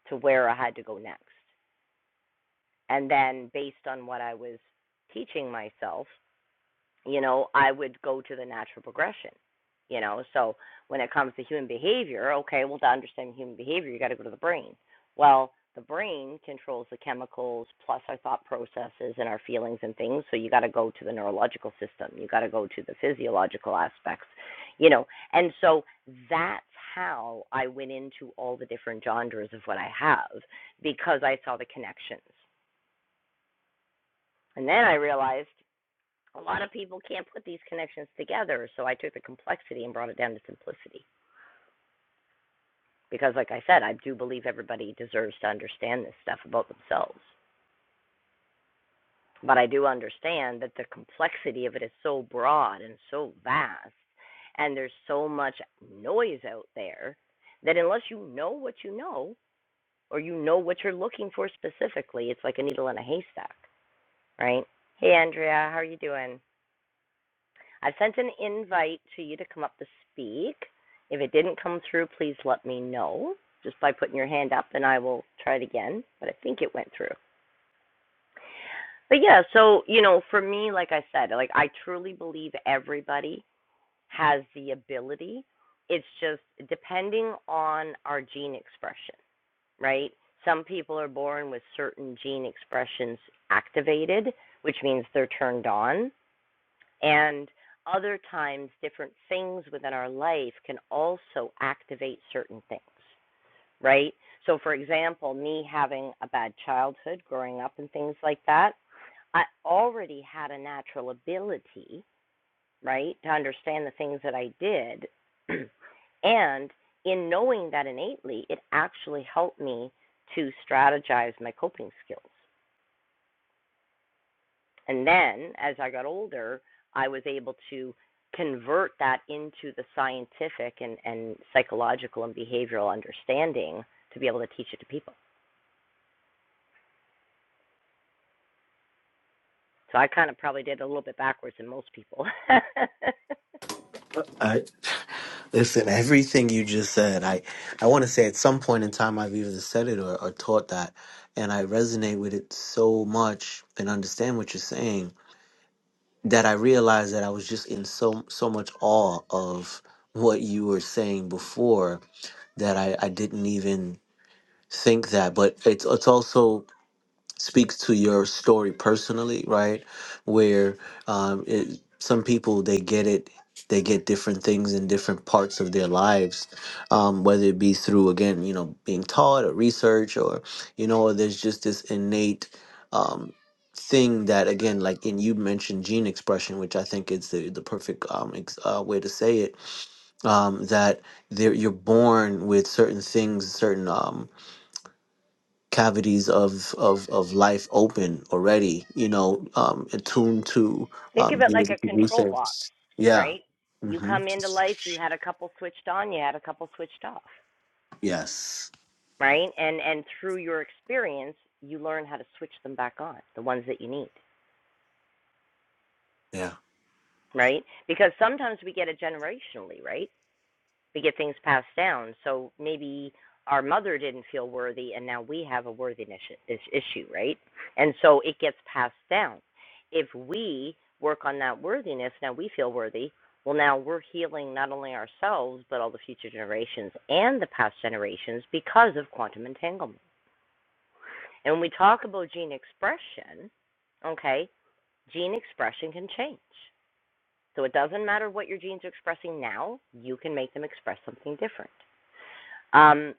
A: to where I had to go next, and then based on what I was teaching myself, you know, I would go to the natural progression. You know, so when it comes to human behavior, okay, well, to understand human behavior, you got to go to the brain. Well, the brain controls the chemicals plus our thought processes and our feelings and things. So you got to go to the neurological system. You got to go to the physiological aspects, you know. And so that's how I went into all the different genres of what I have because I saw the connections. And then I realized a lot of people can't put these connections together. So I took the complexity and brought it down to simplicity. Because, like I said, I do believe everybody deserves to understand this stuff about themselves. But I do understand that the complexity of it is so broad and so vast, and there's so much noise out there that unless you know what you know or you know what you're looking for specifically, it's like a needle in a haystack, right? Hey, Andrea, how are you doing? I've sent an invite to you to come up to speak. If it didn't come through, please let me know just by putting your hand up and I will try it again. But I think it went through. But yeah, so, you know, for me, like I said, like I truly believe everybody has the ability. It's just depending on our gene expression, right? Some people are born with certain gene expressions activated, which means they're turned on And other times, different things within our life can also activate certain things, right? So, for example, me having a bad childhood growing up and things like that, I already had a natural ability, right, to understand the things that I did. and in knowing that innately, it actually helped me to strategize my coping skills, And then as I got older, I was able to convert that into the scientific and, and psychological and behavioral understanding to be able to teach it to people. So I kind of probably did a little bit backwards than most people.
J: I listen. Everything you just said, I I want to say at some point in time I've either said it or, or taught that, and I resonate with it so much and understand what you're saying that I realized that I was just in so so much awe of what you were saying before that I I didn't even think that. But it's it's also speaks to your story personally, right? Where um, it, some people they get it, they get different things in different parts of their lives, um, whether it be through again, you know, being taught or research, or you know, there's just this innate um, thing that again, like and you mentioned gene expression, which I think is the the perfect um, ex- uh, way to say it um, that they're, you're born with certain things, certain um, cavities of of of life open already you know um attuned to
A: Think of
J: um
A: it
J: being
A: like
J: able
A: a
J: to do
A: control box,
J: things yeah
A: right? You
J: hmm
A: come into life, you had a couple switched on, you had a couple switched off,
J: yes
A: right? And and through your experience, you learn how to switch them back on, the ones that you need,
J: yeah
A: right? Because sometimes we get it generationally, right? we get things passed down. So maybe our mother didn't feel worthy, and now we have a worthiness issue, right? And so it gets passed down. If we work on that worthiness, now we feel worthy. Well, now we're healing not only ourselves, but all the future generations and the past generations because of quantum entanglement. And when we talk about gene expression, okay, gene expression can change. So it doesn't matter what your genes are expressing now, you can make them express something different. Um,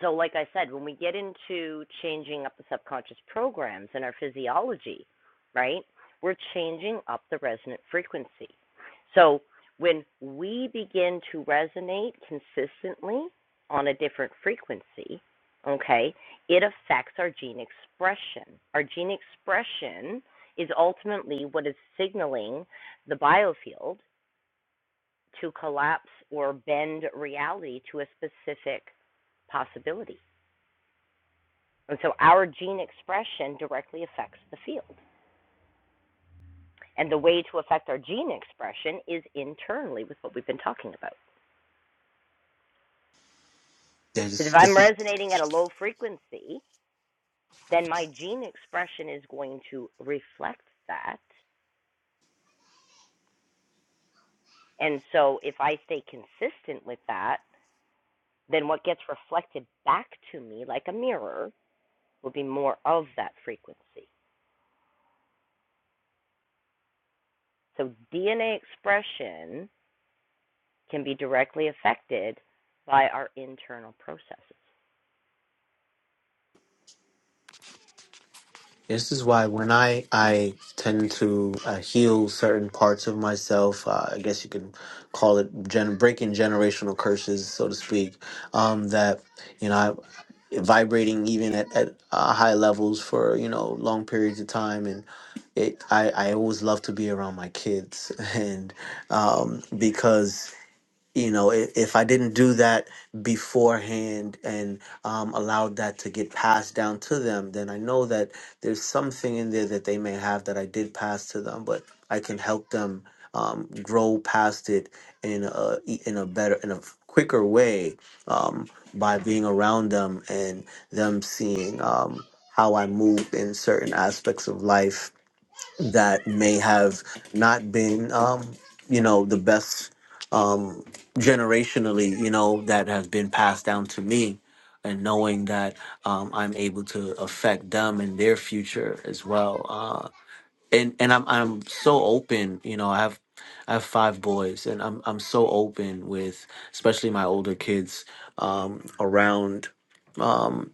A: so like i said when we get into changing up the subconscious programs in our physiology right we're changing up the resonant frequency so when we begin to resonate consistently on a different frequency okay it affects our gene expression our gene expression is ultimately what is signaling the biofield to collapse or bend reality to a specific possibility and so our gene expression directly affects the field. And the way to affect our gene expression is internally with what we've been talking about. Because
J: this,
A: if I'm
J: this, is,
A: resonating at a low frequency, then my gene expression is going to reflect that. And so if I stay consistent with that, then what gets reflected back to me like a mirror will be more of that frequency. So DNA expression can be directly affected by our internal processes.
J: this is why when I, I tend to uh, heal certain parts of myself, uh, I guess you could call it gen- breaking generational curses, so to speak. Um, that you know vibrating even at, at uh, high levels for you know long periods of time and it I, I always love to be around my kids and um, because you know if, if i didn't do that beforehand and um, allowed that to get passed down to them then i know that there's something in there that they may have that i did pass to them but i can help them um, grow past it in a e, in a better in a quicker way um, by being around them and them seeing um, how i move in certain aspects of life that may have not been, um, you know, the best um, generationally, you know, that has been passed down to me. And knowing that um, I'm able to affect them and their future as well, uh, and and I'm I'm so open, you know. I have I have five boys, and I'm I'm so open with, especially my older kids, um, around um,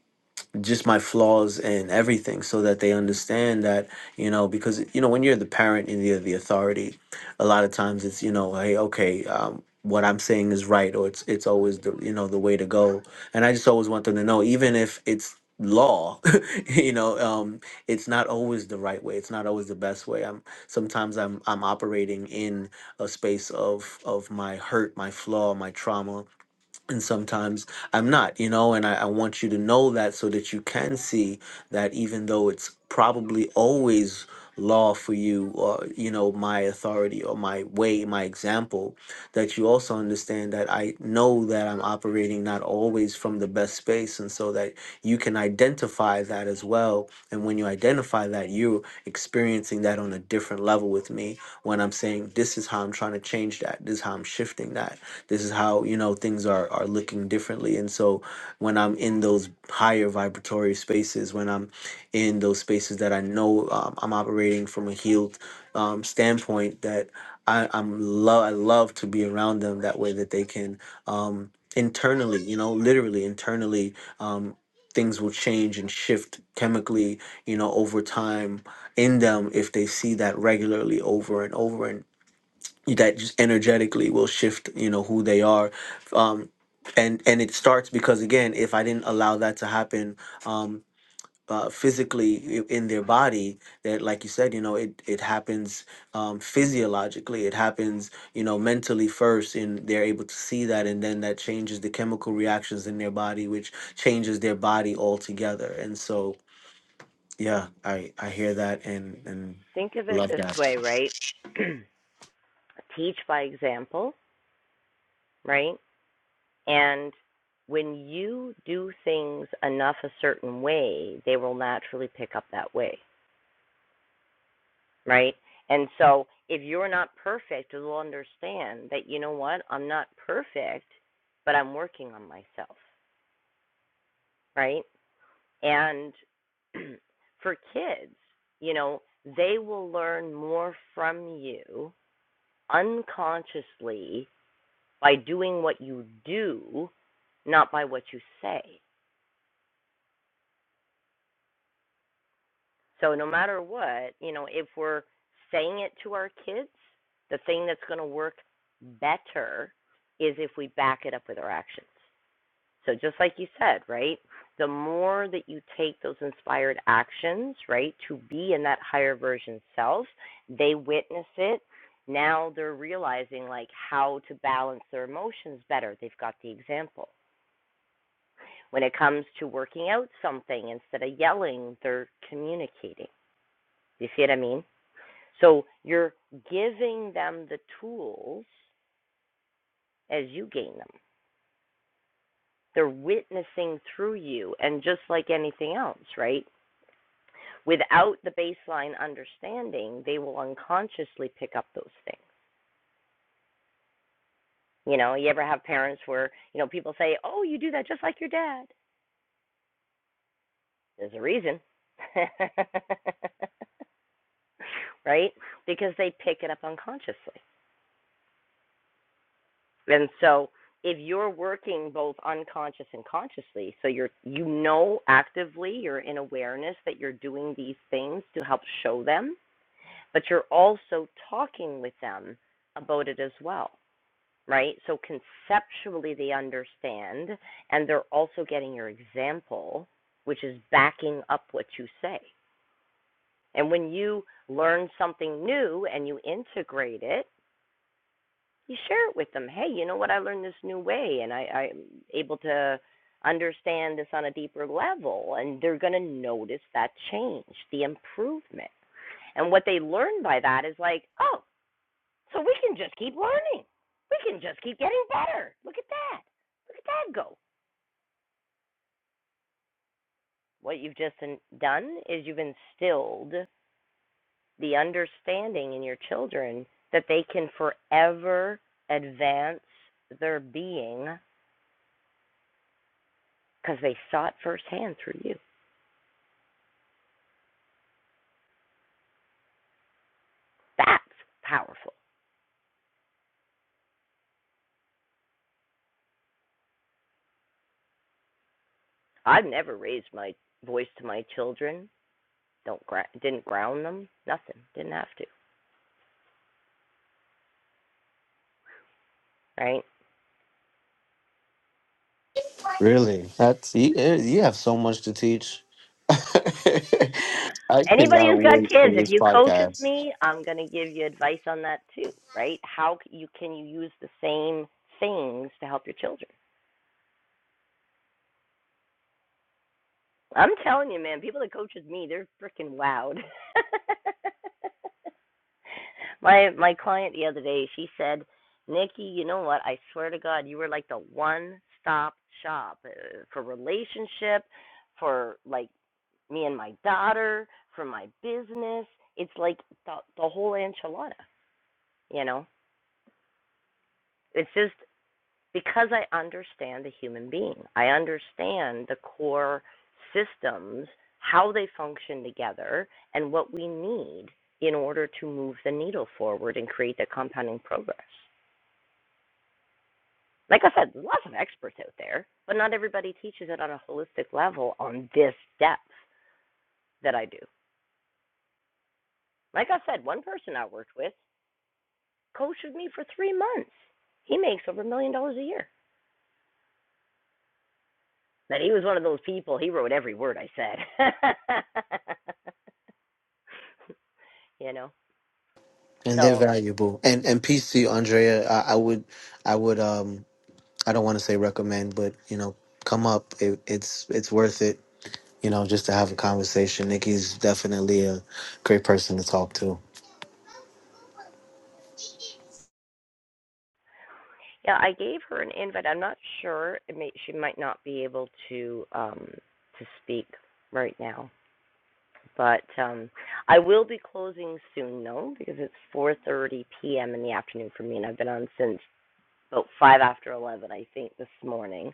J: just my flaws and everything so that they understand that you know because you know when you're the parent and you're the authority a lot of times it's you know hey okay um, what i'm saying is right or it's it's always the you know the way to go and i just always want them to know even if it's law you know um it's not always the right way it's not always the best way i'm sometimes i'm i'm operating in a space of of my hurt my flaw my trauma and sometimes I'm not, you know, and I, I want you to know that so that you can see that even though it's probably always law for you or you know my authority or my way my example that you also understand that i know that i'm operating not always from the best space and so that you can identify that as well and when you identify that you're experiencing that on a different level with me when i'm saying this is how i'm trying to change that this is how i'm shifting that this is how, you know, things are, are looking differently. And so when I'm in those higher vibratory spaces, when I'm in those spaces that I know um, I'm operating from a healed um, standpoint, that I, I'm love, I love to be around them that way that they can um, internally, you know, literally internally, um, things will change and shift chemically, you know, over time in them if they see that regularly over and over. and that just energetically will shift you know who they are um and and it starts because again if i didn't allow that to happen um uh, physically i- in their body that like you said you know it it happens um physiologically it happens you know mentally first and they're able to see that and then that changes the chemical reactions in their body which changes their body altogether and so yeah i i hear that and and
A: think of it
J: love
A: this
J: that
A: way, right? Teach by example, right? And when you do things enough a certain way, they will naturally pick up that way, right? And so if you're not perfect, they'll understand that, you know what, I'm not perfect, but I'm working on myself, right? And for kids, you know, they will learn more from you unconsciously by doing what you do, not by what you say. So no matter what, you know, if we're saying it to our kids, the thing that's going to work better is if we back it up with our actions. So just like you said, right? The more that you take those inspired actions, right, to be in that higher version self, they witness it. Now they're realizing like how to balance their emotions better. They've got the example When it comes to working out something, instead of yelling, they're communicating. You see what I mean? So you're giving them the tools as you gain them. They're witnessing through you, and just like anything else, right? Without the baseline understanding, they will unconsciously pick up those things. You know, you ever have parents where, you know, people say, Oh, you do that just like your dad? There's a reason. right? Because they pick it up unconsciously. And so if you're working both unconscious and consciously, so you're you know actively, you're in awareness that you're doing these things to help show them, but you're also talking with them about it as well, right? So conceptually they understand and they're also getting your example, which is backing up what you say. And when you learn something new and you integrate it, you share it with them. Hey, you know what? I learned this new way, and I, I'm able to understand this on a deeper level. And they're going to notice that change, the improvement. And what they learn by that is like, oh, so we can just keep learning. We can just keep getting better. Look at that. Look at that go. What you've just done is you've instilled the understanding in your children that they can forever advance their being because they saw it firsthand through you. That's powerful. I've never raised my voice to my children. Don't gra- didn't ground them. Nothing. Didn't have to. Right.
J: Really? That's you, eh, you have so much to teach. I
A: Anybody who's
J: cannot
A: got
J: wait for
A: kids, if
J: this
A: you coach
J: podcast.
A: with me, I'm going to give you advice on that too. Right? How you can you use the same things to help your children? I'm telling you, man. People that coach with me, they're freaking wowed. My my client the other day, she said, "Nikki, you know what? I swear to God, you were like the one-stop shop uh, for relationship, for like me and my daughter, for my business. It's like the the whole enchilada, you know? It's just because I understand the human being. I understand the core systems, how they function together, and what we need in order to move the needle forward and create the compounding progress." Like I said, there's lots of experts out there, but not everybody teaches it on a holistic level on this depth that I do. Like I said, one person I worked with coached with me for three months. He makes over a million dollars a year. But he was one of those people, he wrote every word I said. you know?
J: And they're
A: So,
J: valuable. And and peace to you, Andrea. I, I would I would um I don't want to say recommend, but you know, come up. It, it's it's worth it, you know, just to have a conversation. Nikki's definitely a great person to talk to.
A: yeah, I gave her an invite. I'm not sure. It may, she might not be able to um, to speak right now. But um, I will be closing soon, though, because it's 4:30 p.m. in the afternoon for me, and I've been on since about five after 11, I think, this morning.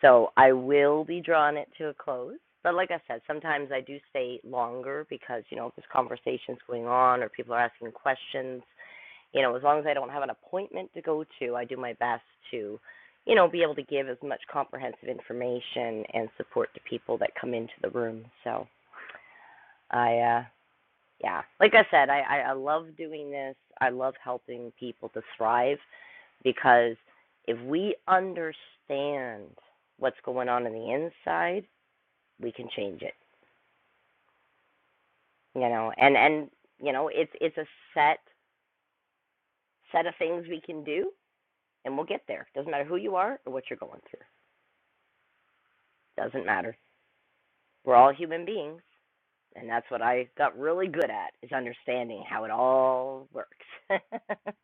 A: So I will be drawing it to a close. But like I said, sometimes I do stay longer because you know if there's conversations going on or people are asking questions. You know, as long as I don't have an appointment to go to, I do my best to, you know, be able to give as much comprehensive information and support to people that come into the room. So. I uh, yeah like i said I, I i love doing this i love helping people to thrive because if we understand what's going on in the inside we can change it you know and and you know it's it's a set set of things we can do and we'll get there doesn't matter who you are or what you're going through doesn't matter we're all human beings and that's what i got really good at is understanding how it all works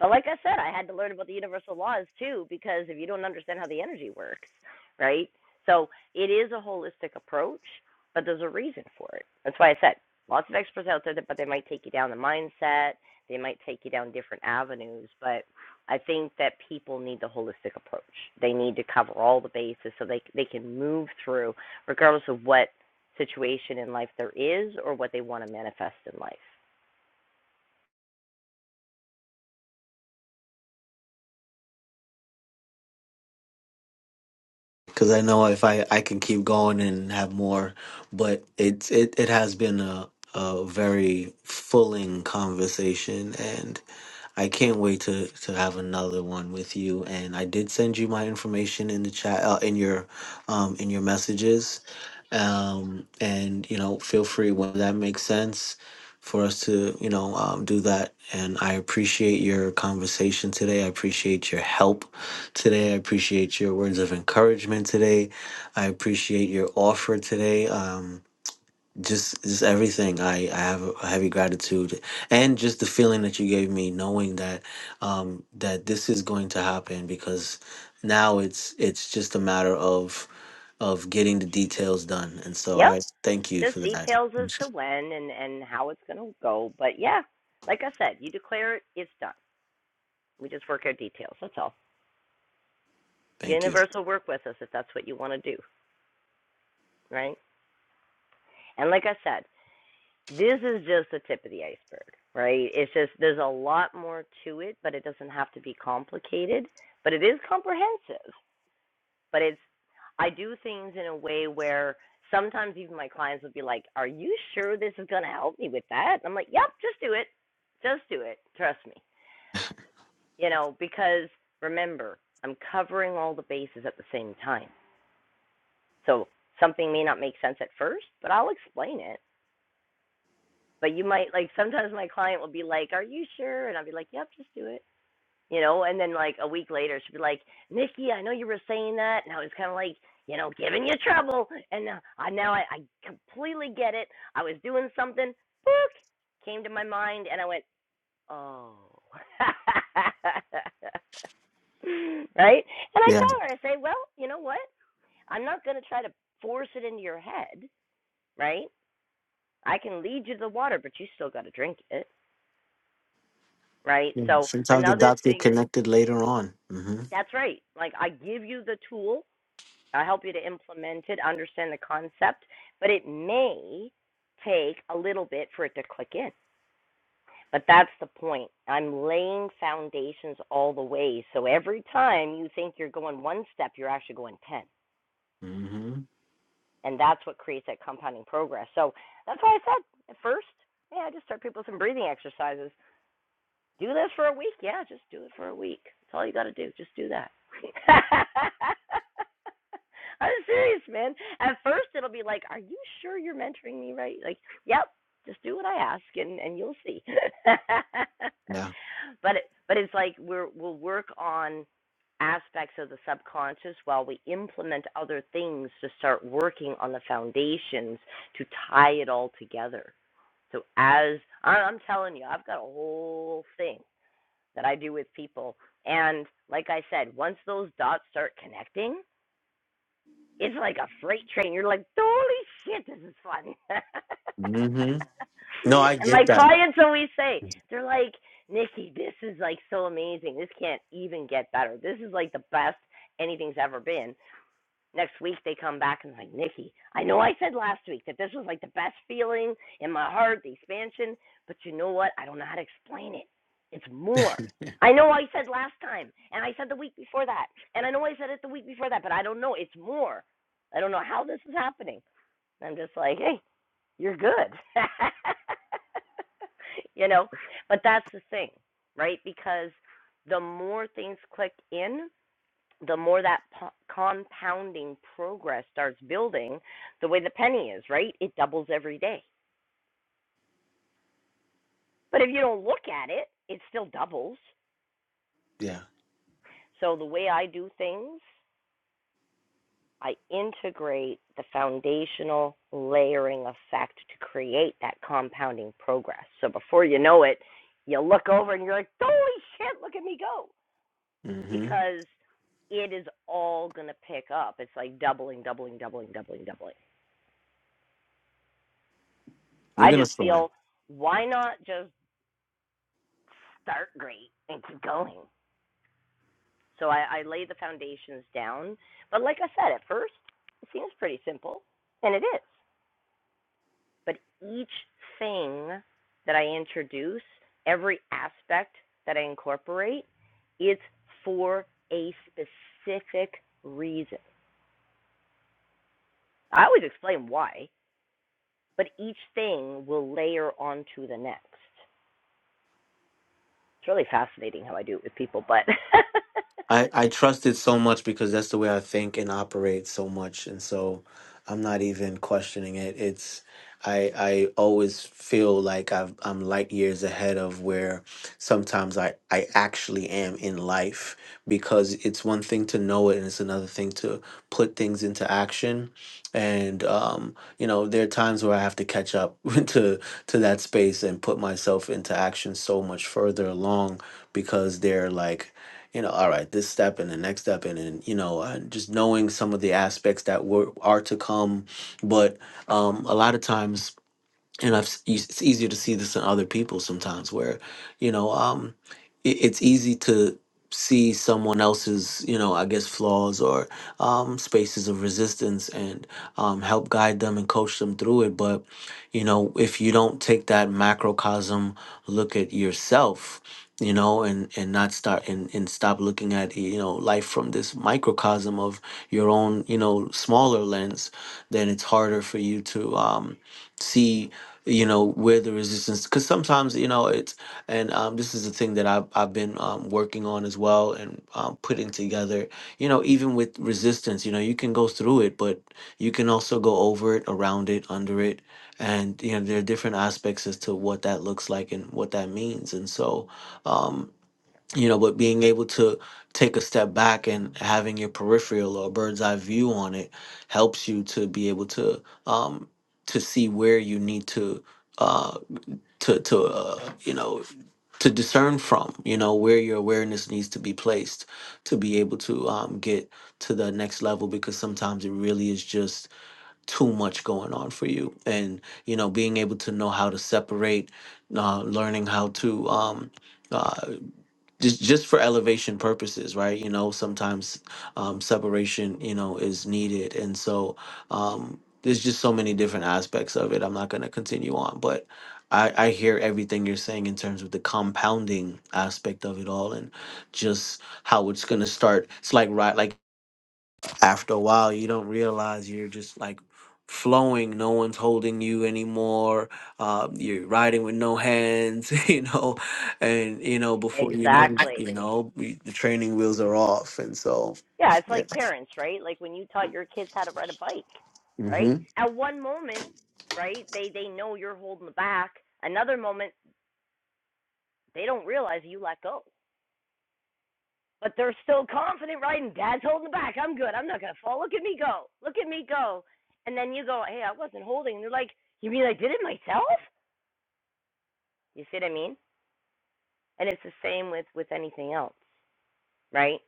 A: But like I said, I had to learn about the universal laws too, because if you don't understand how the energy works, right? So it is a holistic approach, but there's a reason for it. That's why I said lots of experts out there, but they might take you down the mindset, they might take you down different avenues. But I think that people need the holistic approach. They need to cover all the bases so they they can move through, regardless of what situation in life there is or what they want to manifest in life.
J: Cause I know if I, I can keep going and have more, but it's it, it has been a, a very fulling conversation and. I can't wait to to have another one with you. And I did send you my information in the chat, uh, in your, um, in your messages. Um, and you know, feel free when that makes sense for us to you know um, do that. And I appreciate your conversation today. I appreciate your help today. I appreciate your words of encouragement today. I appreciate your offer today. Um, just just everything i i have a heavy gratitude and just the feeling that you gave me knowing that um that this is going to happen because now it's it's just a matter of of getting the details done and so
A: Yep.
J: i thank you for
A: just
J: that
A: details as to when and and how it's going to go. But yeah, like I said, you declare it, it's done. We just work out details. That's all.
J: thank you
A: Universe will work with us if that's what you want to do, right? And like I said, this is just the tip of the iceberg, right? It's just there's a lot more to it, but it doesn't have to be complicated. But it is comprehensive, but it's I do things in a way where sometimes even my clients would be like, "Are you sure this is going to help me with that?" And I'm like, "Yep, just do it. Just do it. Trust me." You know, because remember, I'm covering all the bases at the same time. So something may not make sense at first, but I'll explain it. But you might like sometimes my client will be like, "Are you sure?" And I'll be like, "Yep, just do it." you know, and then like a week later she'd be like, Nikki, I know you were saying that, and I was kind of like, you know, giving you trouble, and now I now I, I completely get it. I was doing something, book came to my mind, and I went, oh, right, and I
J: yeah
A: tell her, I say, well, you know what? I'm not gonna try to force it into your head, right? I can lead you to the water, but you still got to drink it, right?
J: Yeah.
A: So
J: sometimes the
A: another
J: dots get
A: thing,
J: connected later on mm-hmm
A: that's right. Like I give you the tool I'll help you to implement it, understand the concept, but it may take a little bit for it to click in. But that's the point. I'm laying foundations all the way. So every time you think you're going one step, you're actually going 10.
J: mm-hmm
A: And that's what creates that compounding progress. So that's why I said at first, yeah, just start people with some breathing exercises. Do this for a week. Yeah, just do it for a week. That's all you got to do. Just do that. I'm serious, man. At first, it'll be like, "Are you sure you're mentoring me right?" Like, "Yep, just do what I ask, and and you'll see." but
J: yeah
A: it, but it's like we're we'll work on aspects of the subconscious while we implement other things to start working on the foundations to tie it all together. So as I- I'm telling you, I've got a whole thing that I do with people. And like I said, once those dots start connecting, it's like a freight train. You're like, holy shit, this is fun.
J: mm-hmm no i
A: and my
J: get that
A: clients always say, they're like, Nikki, this is like so amazing. This can't even get better. This is like the best anything's ever been. Next week they come back and like Nikki, I know I said last week that this was like the best feeling in my heart, the expansion, but you know what? I don't know how to explain it. It's more. I know I said last time, and I said the week before that, and I know I said it the week before that, but I don't know. It's more. I don't know how this is happening. I'm just like, hey, you're good. you know, but that's the thing, right? Because the more things click in, the more that po- compounding progress starts building, the way the penny is, right? It doubles every day. But if you don't look at it, it still doubles.
J: yeah
A: So the way I do things, I integrate the foundational layering effect to create that compounding progress. So before you know it, you look over and you're like, holy shit, look at me go.
J: mm-hmm
A: Because it is all going to pick up. It's like doubling, doubling, doubling, doubling, doubling.
J: we're
A: I
J: gonna
A: just
J: fly
A: feel why not just start great and keep going. So I, I lay the foundations down. But like I said, at first it seems pretty simple, and it is. But each thing that I introduce, every aspect that I incorporate, it's for a specific reason. I always explain why, but each thing will layer onto the next. It's really fascinating how I do it with people, but
J: I I trust it so much because that's the way I think and operate so much, and so I'm not even questioning it. It's I I always feel like I've, I'm light years ahead of where sometimes I I actually am in life because it's one thing to know it and it's another thing to put things into action. And um, you know, there are times where I have to catch up to to that space and put myself into action so much further along because they're like you know, all right, this step and the next step, and then you know, uh, just knowing some of the aspects that were are to come. But um, a lot of times and I've s- you- it's easier to see this in other people sometimes, where you know, um, it, it's easy to see someone else's, you know, I guess flaws or um, spaces of resistance and um, help guide them and coach them through it. But you know, if you don't take that macrocosm look at yourself you know and and not start and and stop looking at you know life from this microcosm of your own you know smaller lens then it's harder for you to um see you know where the resistance because sometimes you know it's and um, this is the thing that i've, I've been um, working on as well and um, putting together you know even with resistance you know you can go through it but you can also go over it around it under it and you know there are different aspects as to what that looks like and what that means and so um, you know but being able to take a step back and having your peripheral or bird's eye view on it helps you to be able to um to see where you need to uh to to uh, you know to discern from you know where your awareness needs to be placed to be able to um get to the next level because sometimes it really is just too much going on for you and you know being able to know how to separate uh, learning how to um uh, just just for elevation purposes right you know sometimes um, separation you know is needed and so um, there's just so many different aspects of it i'm not going to continue on but I, I hear everything you're saying in terms of the compounding aspect of it all and just how it's going to start it's like right like after a while you don't realize you're just like flowing no one's holding you anymore uh, you're riding with no hands you know and you know before you know
A: Exactly.
J: you know we- the training wheels are off and so
A: Yeah, it's
J: yeah.
A: like parents, right? Like when you taught your kids how to ride a bike, right?
J: hmm
A: At one moment, right, they they know you're holding the back. Another moment, they don't realize you let go. But they're still confident riding. Dad's holding the back. I'm good. I'm not gonna fall. Look at me go. Look at me go. And then you go, hey, I wasn't holding. And they're like, you mean I did it myself? You see what I mean? And it's the same with with anything else, right?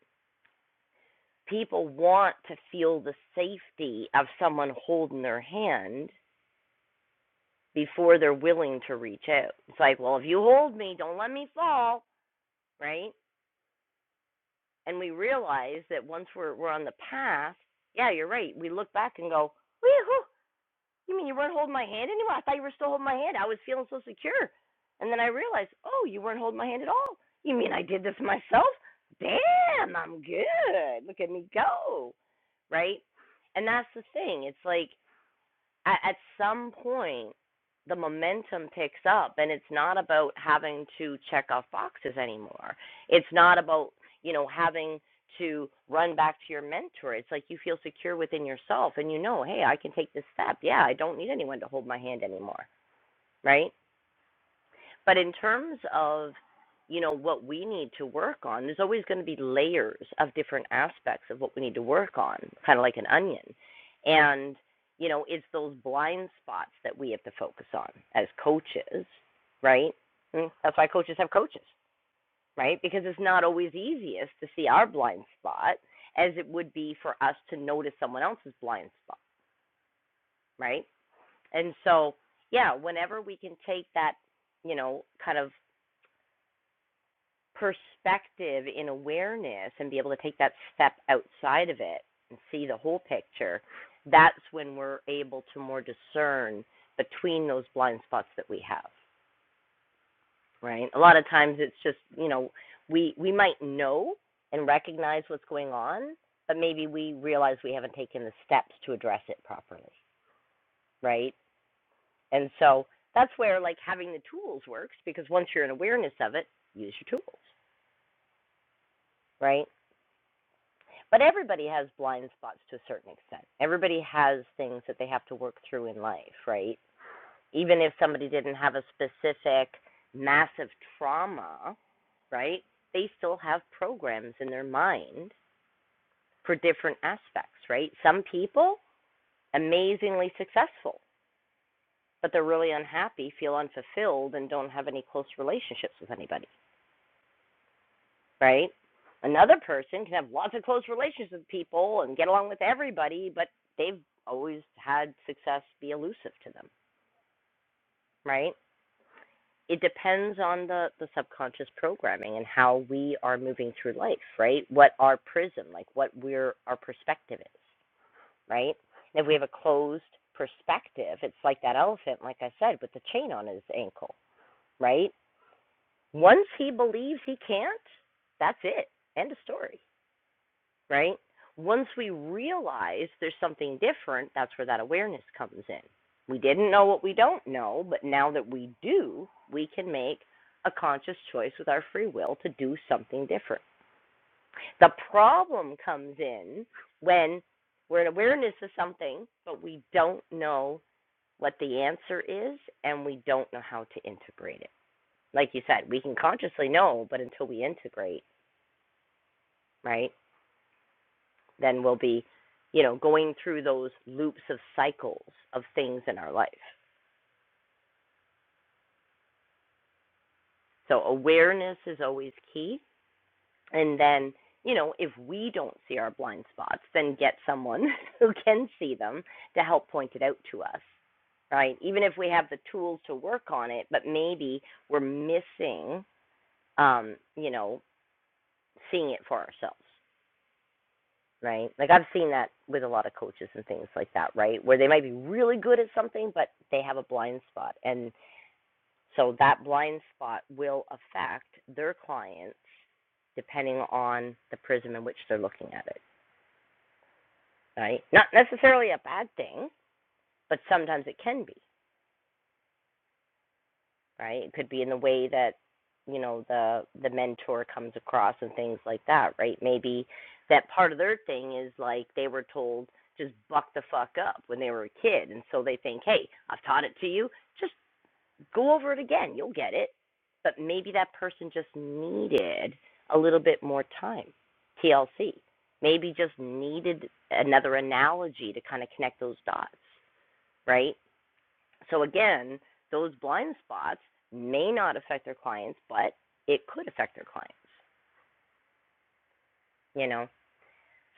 A: People want to feel the safety of someone holding their hand before they're willing to reach out. It's like, well, if you hold me, don't let me fall, right? And we realize that once we're we're on the path, yeah, you're right. We look back and go, Wee-hoo, you mean you weren't holding my hand anymore? I thought you were still holding my hand. I was feeling so secure. And then I realized, oh, you weren't holding my hand at all. You mean I did this myself? Damn, I'm good. Look at me go. Right? And that's the thing. It's like at, at some point the momentum picks up and it's not about having to check off boxes anymore it's not about you know having to run back to your mentor it's like you feel secure within yourself and you know hey i can take this step yeah i don't need anyone to hold my hand anymore right but in terms of, you know, what we need to work on, there's always going to be layers of different aspects of what we need to work on, kind of like an onion. And, you know, it's those blind spots that we have to focus on as coaches, right? Mm, That's why coaches have coaches, right? Because it's not always easiest to see our blind spot as it would be for us to notice someone else's blind spot, right? And so, yeah, whenever we can take that, you know, kind of perspective in awareness and be able to take that step outside of it and see the whole picture, that's when we're able to more discern between those blind spots that we have, right? A lot of times it's just, you know, we we might know and recognize what's going on, but maybe we realize we haven't taken the steps to address it properly, right? And so that's where like having the tools works because once you're in awareness of it, use your tools, right? But everybody has blind spots to a certain extent. Everybody has things that they have to work through in life, right? Even if somebody didn't have a specific massive trauma, right? They still have programs in their mind for different aspects, right? Some people amazingly successful, but they're really unhappy, feel unfulfilled, and don't have any close relationships with anybody. right? Another person can have lots of close relations with people and get along with everybody, but they've always had success be elusive to them, right? It depends on the, the subconscious programming and how we are moving through life, right? What our prism, like what we're our perspective is, right? And if we have a closed perspective, it's like that elephant, like I said, with the chain on his ankle, right? Once he believes he can't, that's it. End of story right? Once we realize there's something different, that's where that awareness comes in. We didn't know what we don't know, but now that we do, we can make a conscious choice with our free will to do something different. The problem comes in when we're in awareness of something, but we don't know what the answer is and we don't know how to integrate it. Like you said, we can consciously know, but until we integrate, right? then we'll be, you know, going through those loops of cycles of things in our life. So awareness is always key. And then, you know, if we don't see our blind spots, then get someone who can see them to help point it out to us, right? Even if we have the tools to work on it, but maybe we're missing, um, you know, seeing it for ourselves. right? Like I've seen that with a lot of coaches and things like that, right? Where they might be really good at something, but they have a blind spot. And so that blind spot will affect their clients depending on the prism in which they're looking at it, right? Not necessarily a bad thing, but sometimes it can be, right? It could be in the way that you know the the mentor comes across and things like that, right? Maybe that part of their thing is like they were told just buck the fuck up when they were a kid, and so they think, hey, I've taught it to you, just go over it again, you'll get it. But maybe that person just needed a little bit more time, TLC. Maybe just needed another analogy to kind of connect those dots, right? So again, those blind spots may not affect their clients, but it could affect their clients, you know.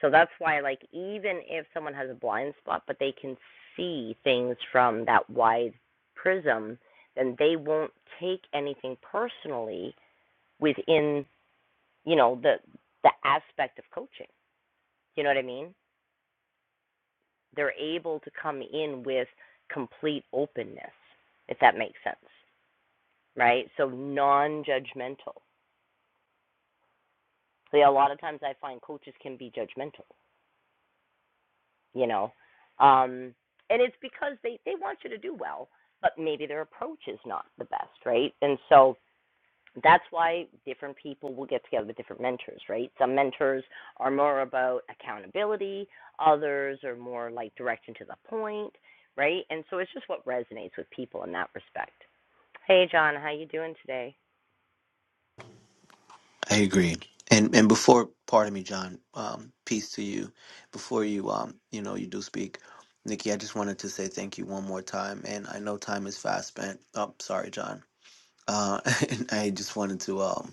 A: So that's why like even if someone has a blind spot but they can see things from that wide prism, then they won't take anything personally within, you know, the the aspect of coaching. You know what I mean? They're able to come in with complete openness, if that makes sense, right? So non-judgmental So yeah, a lot of times I find coaches can be judgmental, you know. Um and it's because they they want you to do well, but maybe their approach is not the best, right? And so that's why different people will get together with different mentors, right? Some mentors are more about accountability, others are more like direction to the point, right? And so it's just what resonates with people in that respect. Hey John, how you doing today?
J: i agree and and before pardon me john um, peace to you before you um you know you do speak nikki i just wanted to say thank you one more time and i know time is fast spent oh sorry john uh, and I just wanted to um,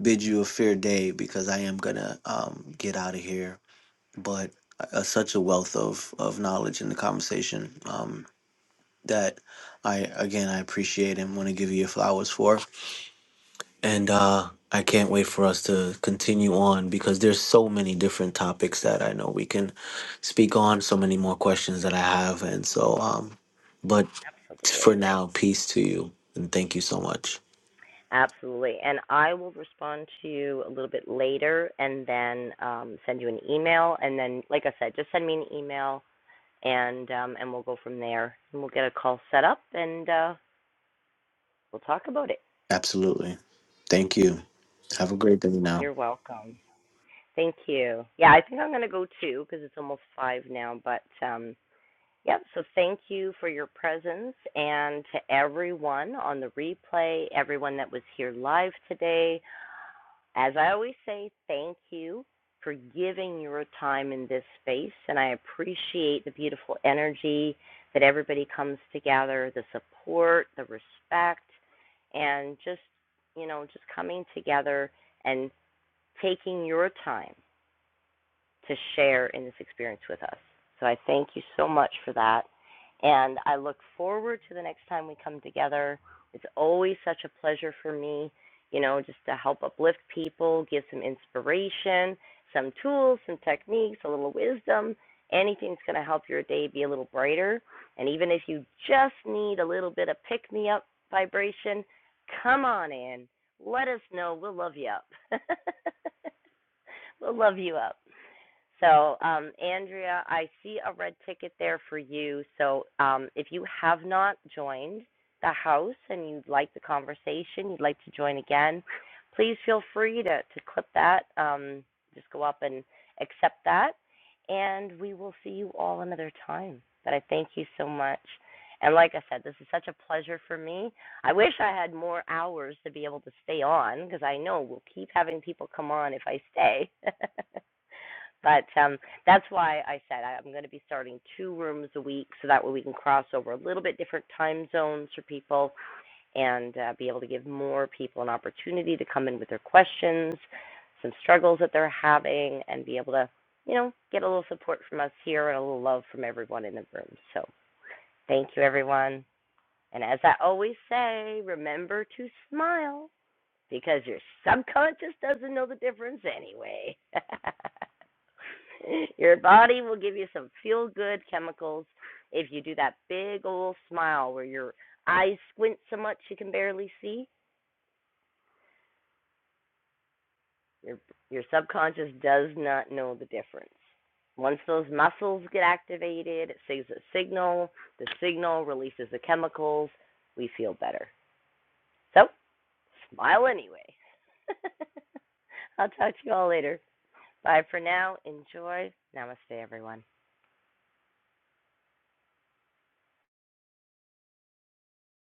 J: bid you a fair day because I am gonna um, get out of here. But uh, such a wealth of of knowledge in the conversation um, that I again I appreciate and want to give you your flowers for. And uh, I can't wait for us to continue on because there's so many different topics that I know we can speak on. So many more questions that I have, and so um, but
A: Absolutely.
J: for now, peace to you and thank you so much.
A: Absolutely. And I will respond to you a little bit later and then um, send you an email. And then, like I said, just send me an email and um, and we'll go from there. And we'll get a call set up and uh, we'll talk about it.
J: Absolutely. Thank you. Have a great day now.
A: You're welcome. Thank you. Yeah, I think I'm going to go too because it's almost five now. But um, yep, so thank you for your presence and to everyone on the replay, everyone that was here live today. As I always say, thank you for giving your time in this space, and I appreciate the beautiful energy that everybody comes together, the support, the respect, and just, you know, just coming together and taking your time to share in this experience with us. So I thank you so much for that. And I look forward to the next time we come together. It's always such a pleasure for me, you know, just to help uplift people, give some inspiration, some tools, some techniques, a little wisdom, anything that's going to help your day be a little brighter. And even if you just need a little bit of pick me up vibration, come on in. Let us know. We'll love you up. we'll love you up. So, um, Andrea, I see a red ticket there for you. So, um, if you have not joined the house and you'd like the conversation, you'd like to join again, please feel free to, to clip that. Um, just go up and accept that. And we will see you all another time. But I thank you so much. And like I said, this is such a pleasure for me. I wish I had more hours to be able to stay on because I know we'll keep having people come on if I stay. But um, that's why I said I- am going to be starting two rooms a week so that way we can cross over a little bit different time zones for people and uh, be able to give more people an opportunity to come in with their questions, some struggles that they're having, and be able to, you know, get a little support from us here and a little love from everyone in the room. So thank you, everyone. And as I always say, remember to smile because your subconscious doesn't know the difference anyway. Your body will give you some feel good chemicals if you do that big old smile where your eyes squint so much you can barely see. Your your subconscious does not know the difference. Once those muscles get activated, it sends a signal. The signal releases the chemicals. We feel better. So, smile anyway. I'll talk to you all later. Bye for now. Enjoy. Namaste, everyone.